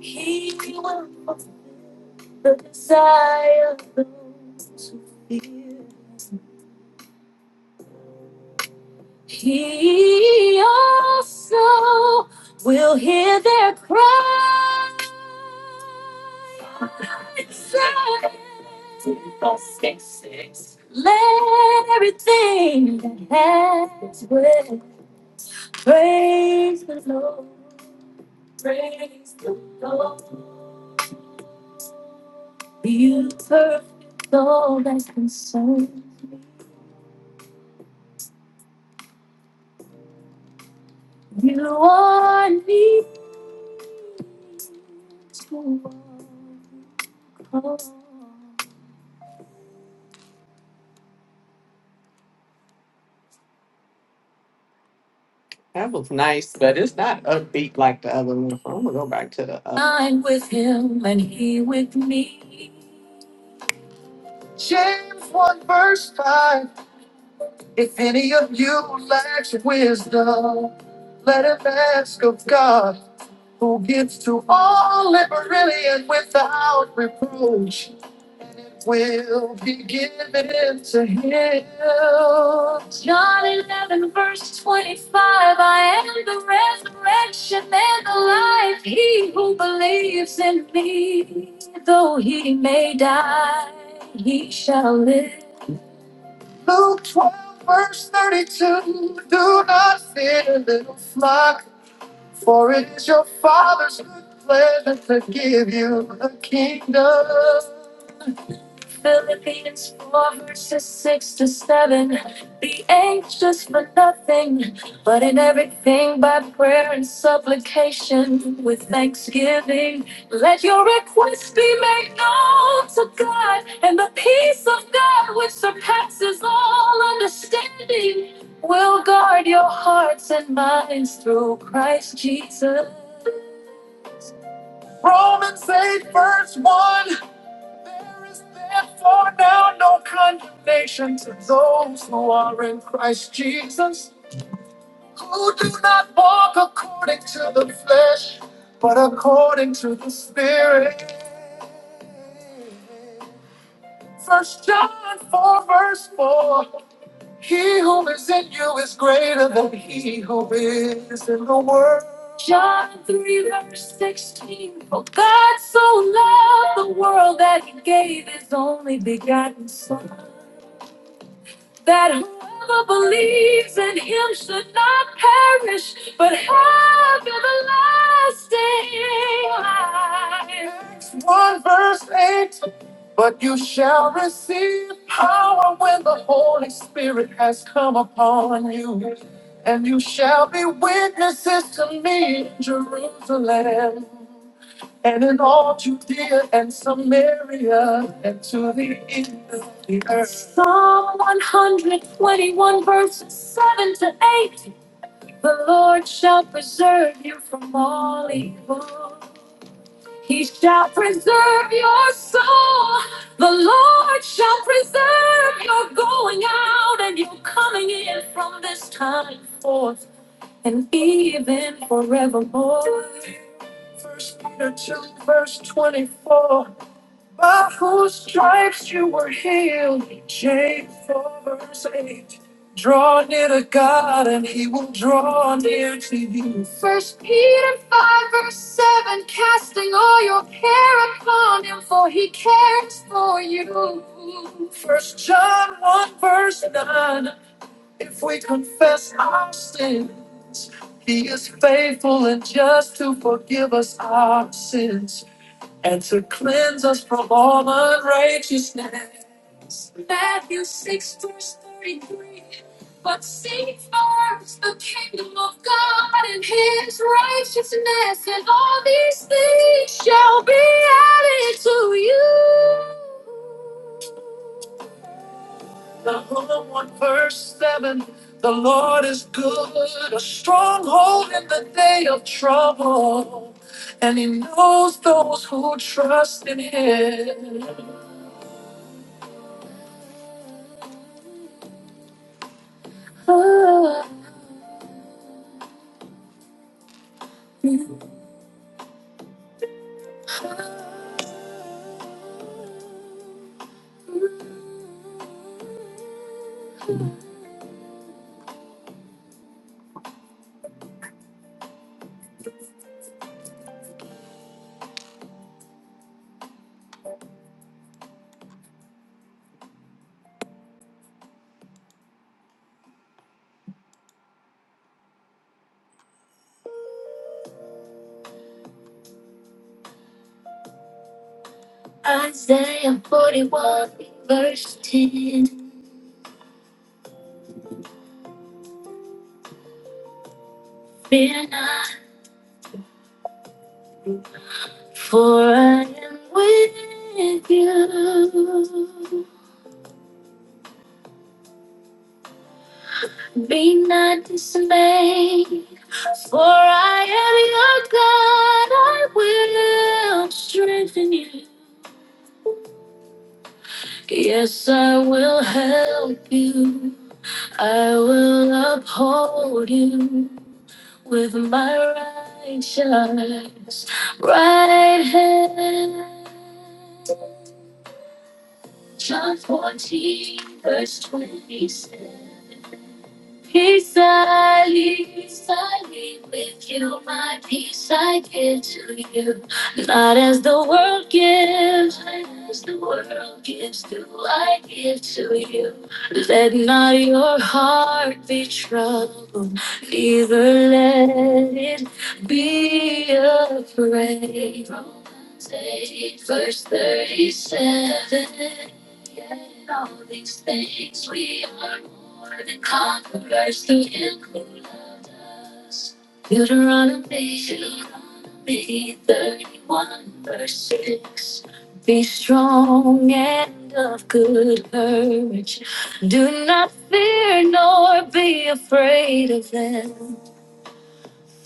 Speaker 4: he will the desire to fear. He also will hear their cry. Let everything that has breath praise the Lord. Praise the Lord. You perfect all that concerns me. You are near. That was nice, but it's not upbeat like the other one. So I'm gonna go back to the. Other. I'm with him and he with me. James one verse five. If any of you lacks wisdom, let him ask of God, who gives to all liberally and without reproach. Will be given. to heal. John 11, verse 25. I am the resurrection and the life. He who believes in me, though he may die, he shall live. Luke 12, verse 32. Do not fear, little flock, for it is your Father's good pleasure to give you the kingdom. Philippians 4 verses 6 to 7. Be anxious for nothing, but in everything by prayer and supplication with thanksgiving. Let your requests be made known to God, and the peace of God, which surpasses all understanding, will guard your hearts and minds through Christ Jesus. Romans 8, verse 1. There is therefore now no condemnation to those who are in Christ Jesus, who do not walk according to the flesh, but according to the Spirit. First John 4, verse 4. He who is in you is greater than he who is in the world. John 3, verse 16. For God so loved the world that he gave his only begotten Son, that whoever believes in him should not perish, but have everlasting life. Acts 1, verse 8. But you shall receive power when the Holy Spirit has come upon you. And you shall be witnesses to me in Jerusalem and in all Judea and Samaria and to the end of the earth. Psalm 121, verses 7 to 8. The Lord shall preserve you from all evil. He shall preserve your soul. The Lord shall preserve your going out and your coming in from this time forth and even forevermore. First Peter 2, verse 24. By whose stripes you were healed, James 4 verse 8. Draw near to God and he will draw near to you. First Peter 5 verse 7, casting all your care upon him, for he cares for you. First John 1 verse 9, if we confess our sins, he is faithful and just to forgive us our sins and to cleanse us from all unrighteousness. Matthew 6, verse 33. But seek first the kingdom of God and his righteousness, and all these things shall be added to you. The 1, verse 7. The Lord is good, a stronghold in the day of trouble, and he knows those who trust in him. Oh, Isaiah 41, verse 10. Fear not, for I am with you. Be not dismayed, for I am your God. I will strengthen you. Yes, I will help you. I will uphold you with my righteous right hand. John 14, verse 26. Peace I leave, I leave with you. My peace I give to you. Not as the world gives, not as the world gives, do I give to you. Let not your heart be troubled, neither let it be afraid. Romans 8, verse 37. In all these things, we are more than conquerors through Him who loved us. Deuteronomy, Deuteronomy 31, verse 6. Be strong and of good courage. Do not fear nor be afraid of them.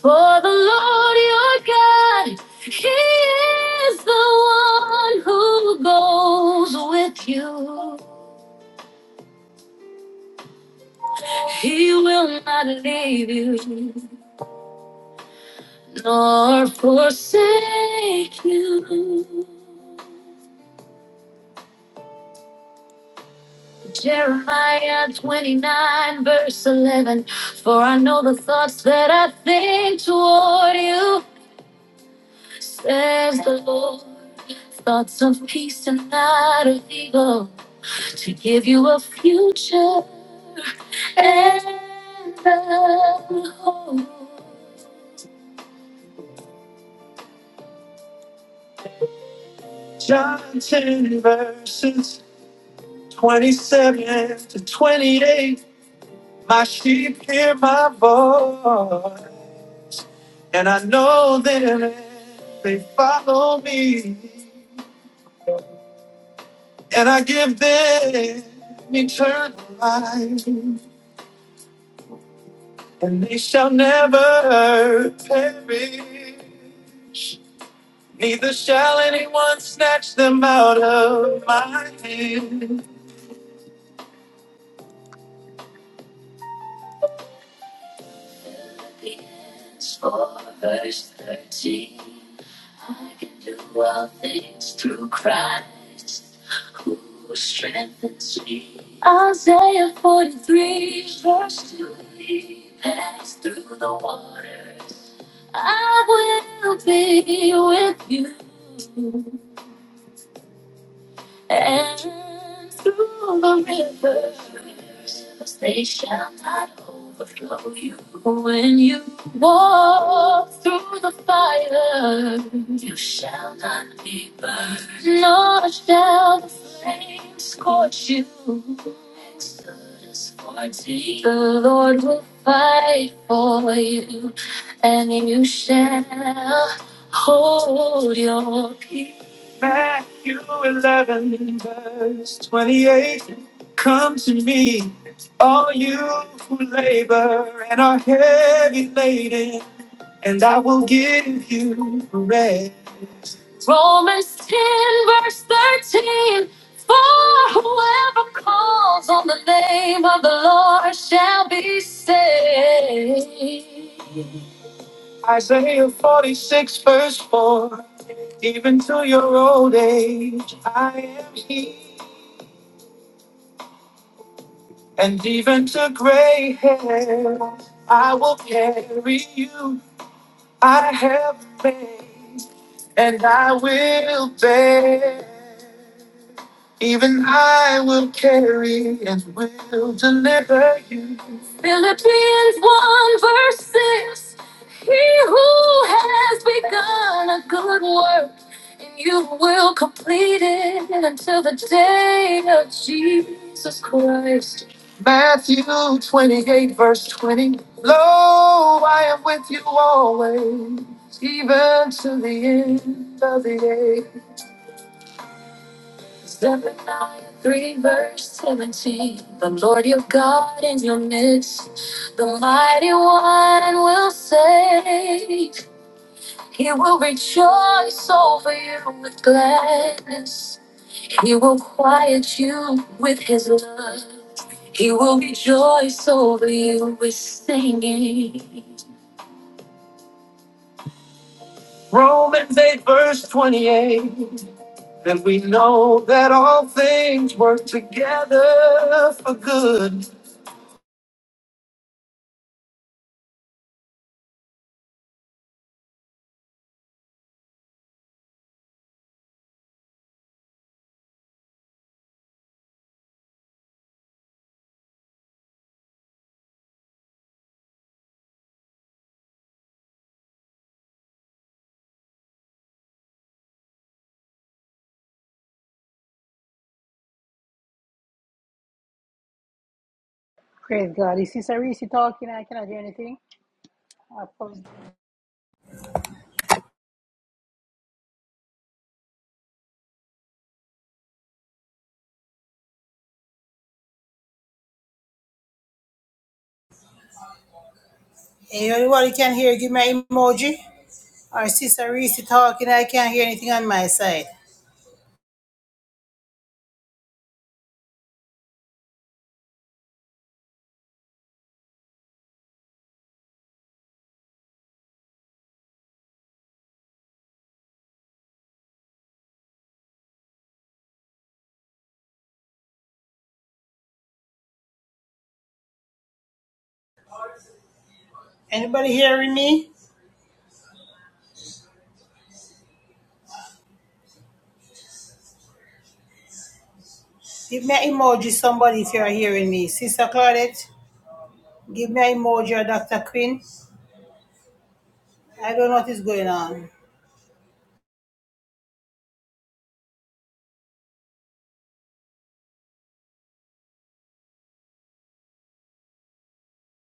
Speaker 4: For the Lord your God, He is the one who goes with you. He will not leave you nor forsake you. Jeremiah 29, verse 11. For I know the thoughts that I think toward you, says the Lord. Thoughts of peace and not of evil, to give you a future and a hope. John 10, verses 27 to 28, my sheep hear my voice, and I know them, and they follow me, and I give them eternal life, and they shall never perish, neither shall anyone snatch them out of my hand. So Verse 13. Do all things through Christ who strengthens me. Isaiah 43, verse 2. He passed through the waters. I will be with you. And through the rivers, they shall not overflow you. When you walk through the fire, you shall not be burned, nor shall the flames scorch you. Exodus 14. The Lord will fight for you, and you shall hold your peace. Matthew 11, verse 28. Come to me, all you who labor and are heavy laden, and I will give you rest. Romans 10, verse 13. For whoever calls on the name of the Lord shall be saved. Isaiah 46, verse 4. Even to your old age, I am here. And even to gray hair, I will carry you. I have faith. and I will bear. Even I will carry and will deliver you. Philippians 1 verse 6. He who has begun a good work, and you will complete it until the day of Jesus Christ. Matthew 28 verse 20. Lo, I am with you always even to the end of the age. Zephaniah 3, verse 17. The Lord your God in your midst, the mighty one will save. He will rejoice over you with gladness. He will quiet you with his love. He will rejoice over you with singing. Romans 8, verse 28. And we know that all things work together for good.
Speaker 1: Praise God. You see Sarisi talking, I cannot hear anything. I probably Anybody can hear, give me an emoji. Or Sister Reese talking, I can't hear anything on my side. Anybody hearing me? Give me an emoji, somebody, if you're hearing me. Sister Claudette, give me an emoji or Dr. Quinn. I don't know what is going on.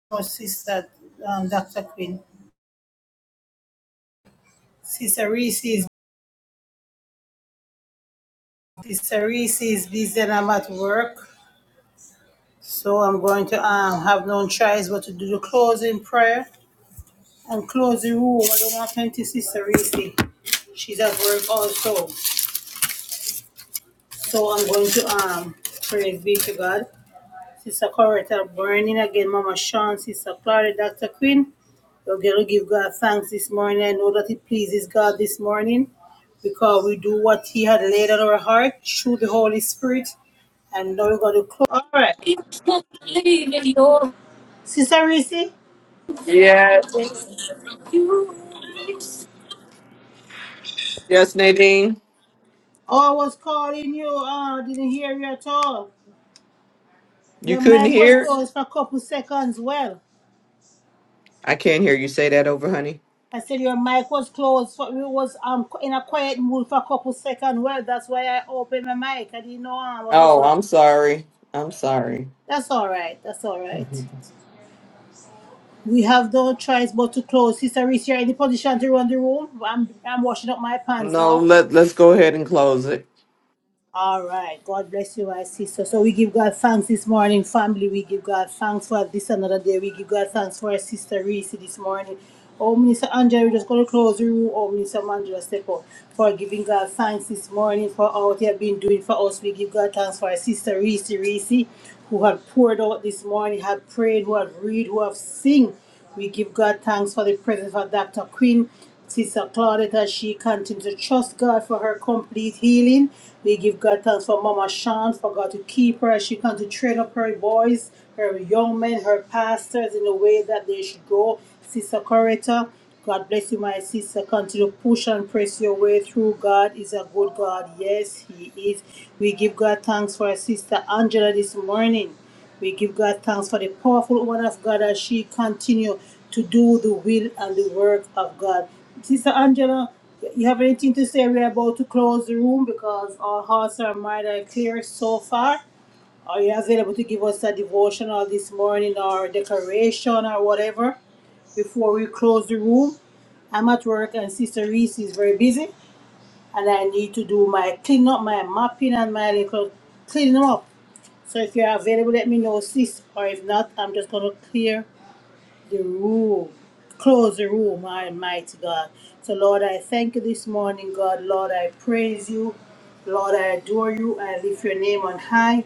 Speaker 1: Oh, Sister um, Dr. Quinn. Sister Reese is, Sister Reese is busy and I'm at work. So I'm going to um, have no choice but to do the closing prayer. and close the room. I don't have time to Sister Reese. She's at work also. So I'm going to um praise be to God. Sister Coretta burning again, Mama Sean, Sister Clara, Dr. Quinn. We're gonna give God thanks this morning. I know that it pleases God this morning because we do what He had laid on our heart through the Holy Spirit. And now we're gonna close. All right, Sister Reese.
Speaker 4: Yes. Yes, Nadine.
Speaker 1: Oh, I was calling you. Oh, I didn't hear you at all.
Speaker 4: You
Speaker 1: Your
Speaker 4: couldn't
Speaker 1: mic was
Speaker 4: hear?
Speaker 1: closed for a couple seconds. Well.
Speaker 4: I can't hear you say that over, honey.
Speaker 1: I said your mic was closed. so we was um in a quiet mood for a couple seconds. Well, that's why I opened my mic. I didn't know um, what was
Speaker 4: Oh,
Speaker 1: going.
Speaker 4: I'm sorry. I'm sorry.
Speaker 1: That's all right. That's all
Speaker 4: [laughs]
Speaker 1: right. We have no choice but to close. Sister Reese, you're in the position to run the room. I'm I'm washing up my pants
Speaker 4: No,
Speaker 1: now.
Speaker 4: let let's go ahead and close it.
Speaker 1: All right. God bless you, my sister. So we give God thanks this morning, family. We give God thanks for this another day. We give God thanks for our sister Reese this morning. Oh, Minister Angela, we're just going to close the room. Oh, Minister Mandela, step up for giving God thanks this morning for all they have been doing for us. We give God thanks for our sister Reese, Reese, who had poured out this morning, had prayed, who had read, who have sing. We give God thanks for the presence of Dr. Quinn. Sister Claudette, as she continues to trust God for her complete healing. We give God thanks for Mama Sean, for God to keep her as she continues to train up her boys, her young men, her pastors in the way that they should go. Sister Coretta, God bless you, my sister. Continue to push and press your way through. God is a good God. Yes, He is. We give God thanks for our sister Angela this morning. We give God thanks for the powerful woman of God as she continues to do the will and the work of God. Sister Angela, you have anything to say? We're about to close the room because our hearts are mind are clear so far. Are you available to give us a devotional this morning or declaration or whatever before we close the room? I'm at work and Sister Reese is very busy and I need to do my clean up, my mopping and my little cleaning up. So if you're available, let me know, sis. Or if not, I'm just gonna clear the room, close the room, Almighty God. So Lord, I thank you this morning, God. Lord, I praise you. Lord, I adore you. I lift your name on high.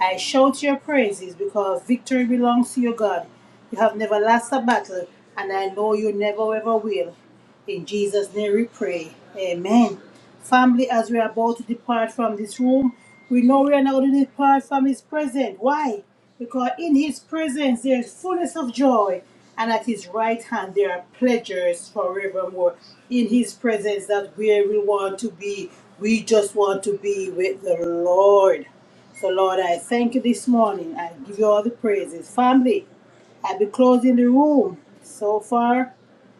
Speaker 1: I shout your praises because victory belongs to you, God. You have never lost a battle, and I know you never ever will. In Jesus' name we pray. Amen. Family, as we are about to depart from this room, we know we are not going to depart from His presence. Why? Because in His presence there is fullness of joy, and at His right hand there are pleasures forevermore. In His presence, that's where we want to be. We just want to be with the Lord. So, Lord, I thank you this morning. I give you all the praises. Family, I'll be closing the room so far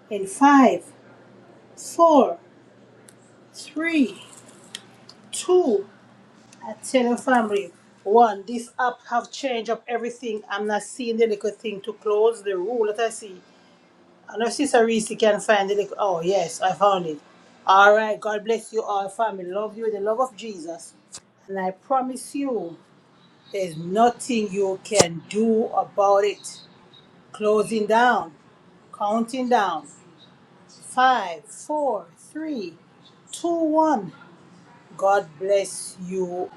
Speaker 1: in five, Four, three, two. I tell your family, one, this app have changed up everything. I'm not seeing the little thing to close the rule that I see. I know Sister Reese can find the little. Oh, yes, I found it. All right, God bless you all, family. Love you with the love of Jesus. And I promise you, there's nothing you can do about it. Closing down, counting down. Five, four, three, two, one. God bless you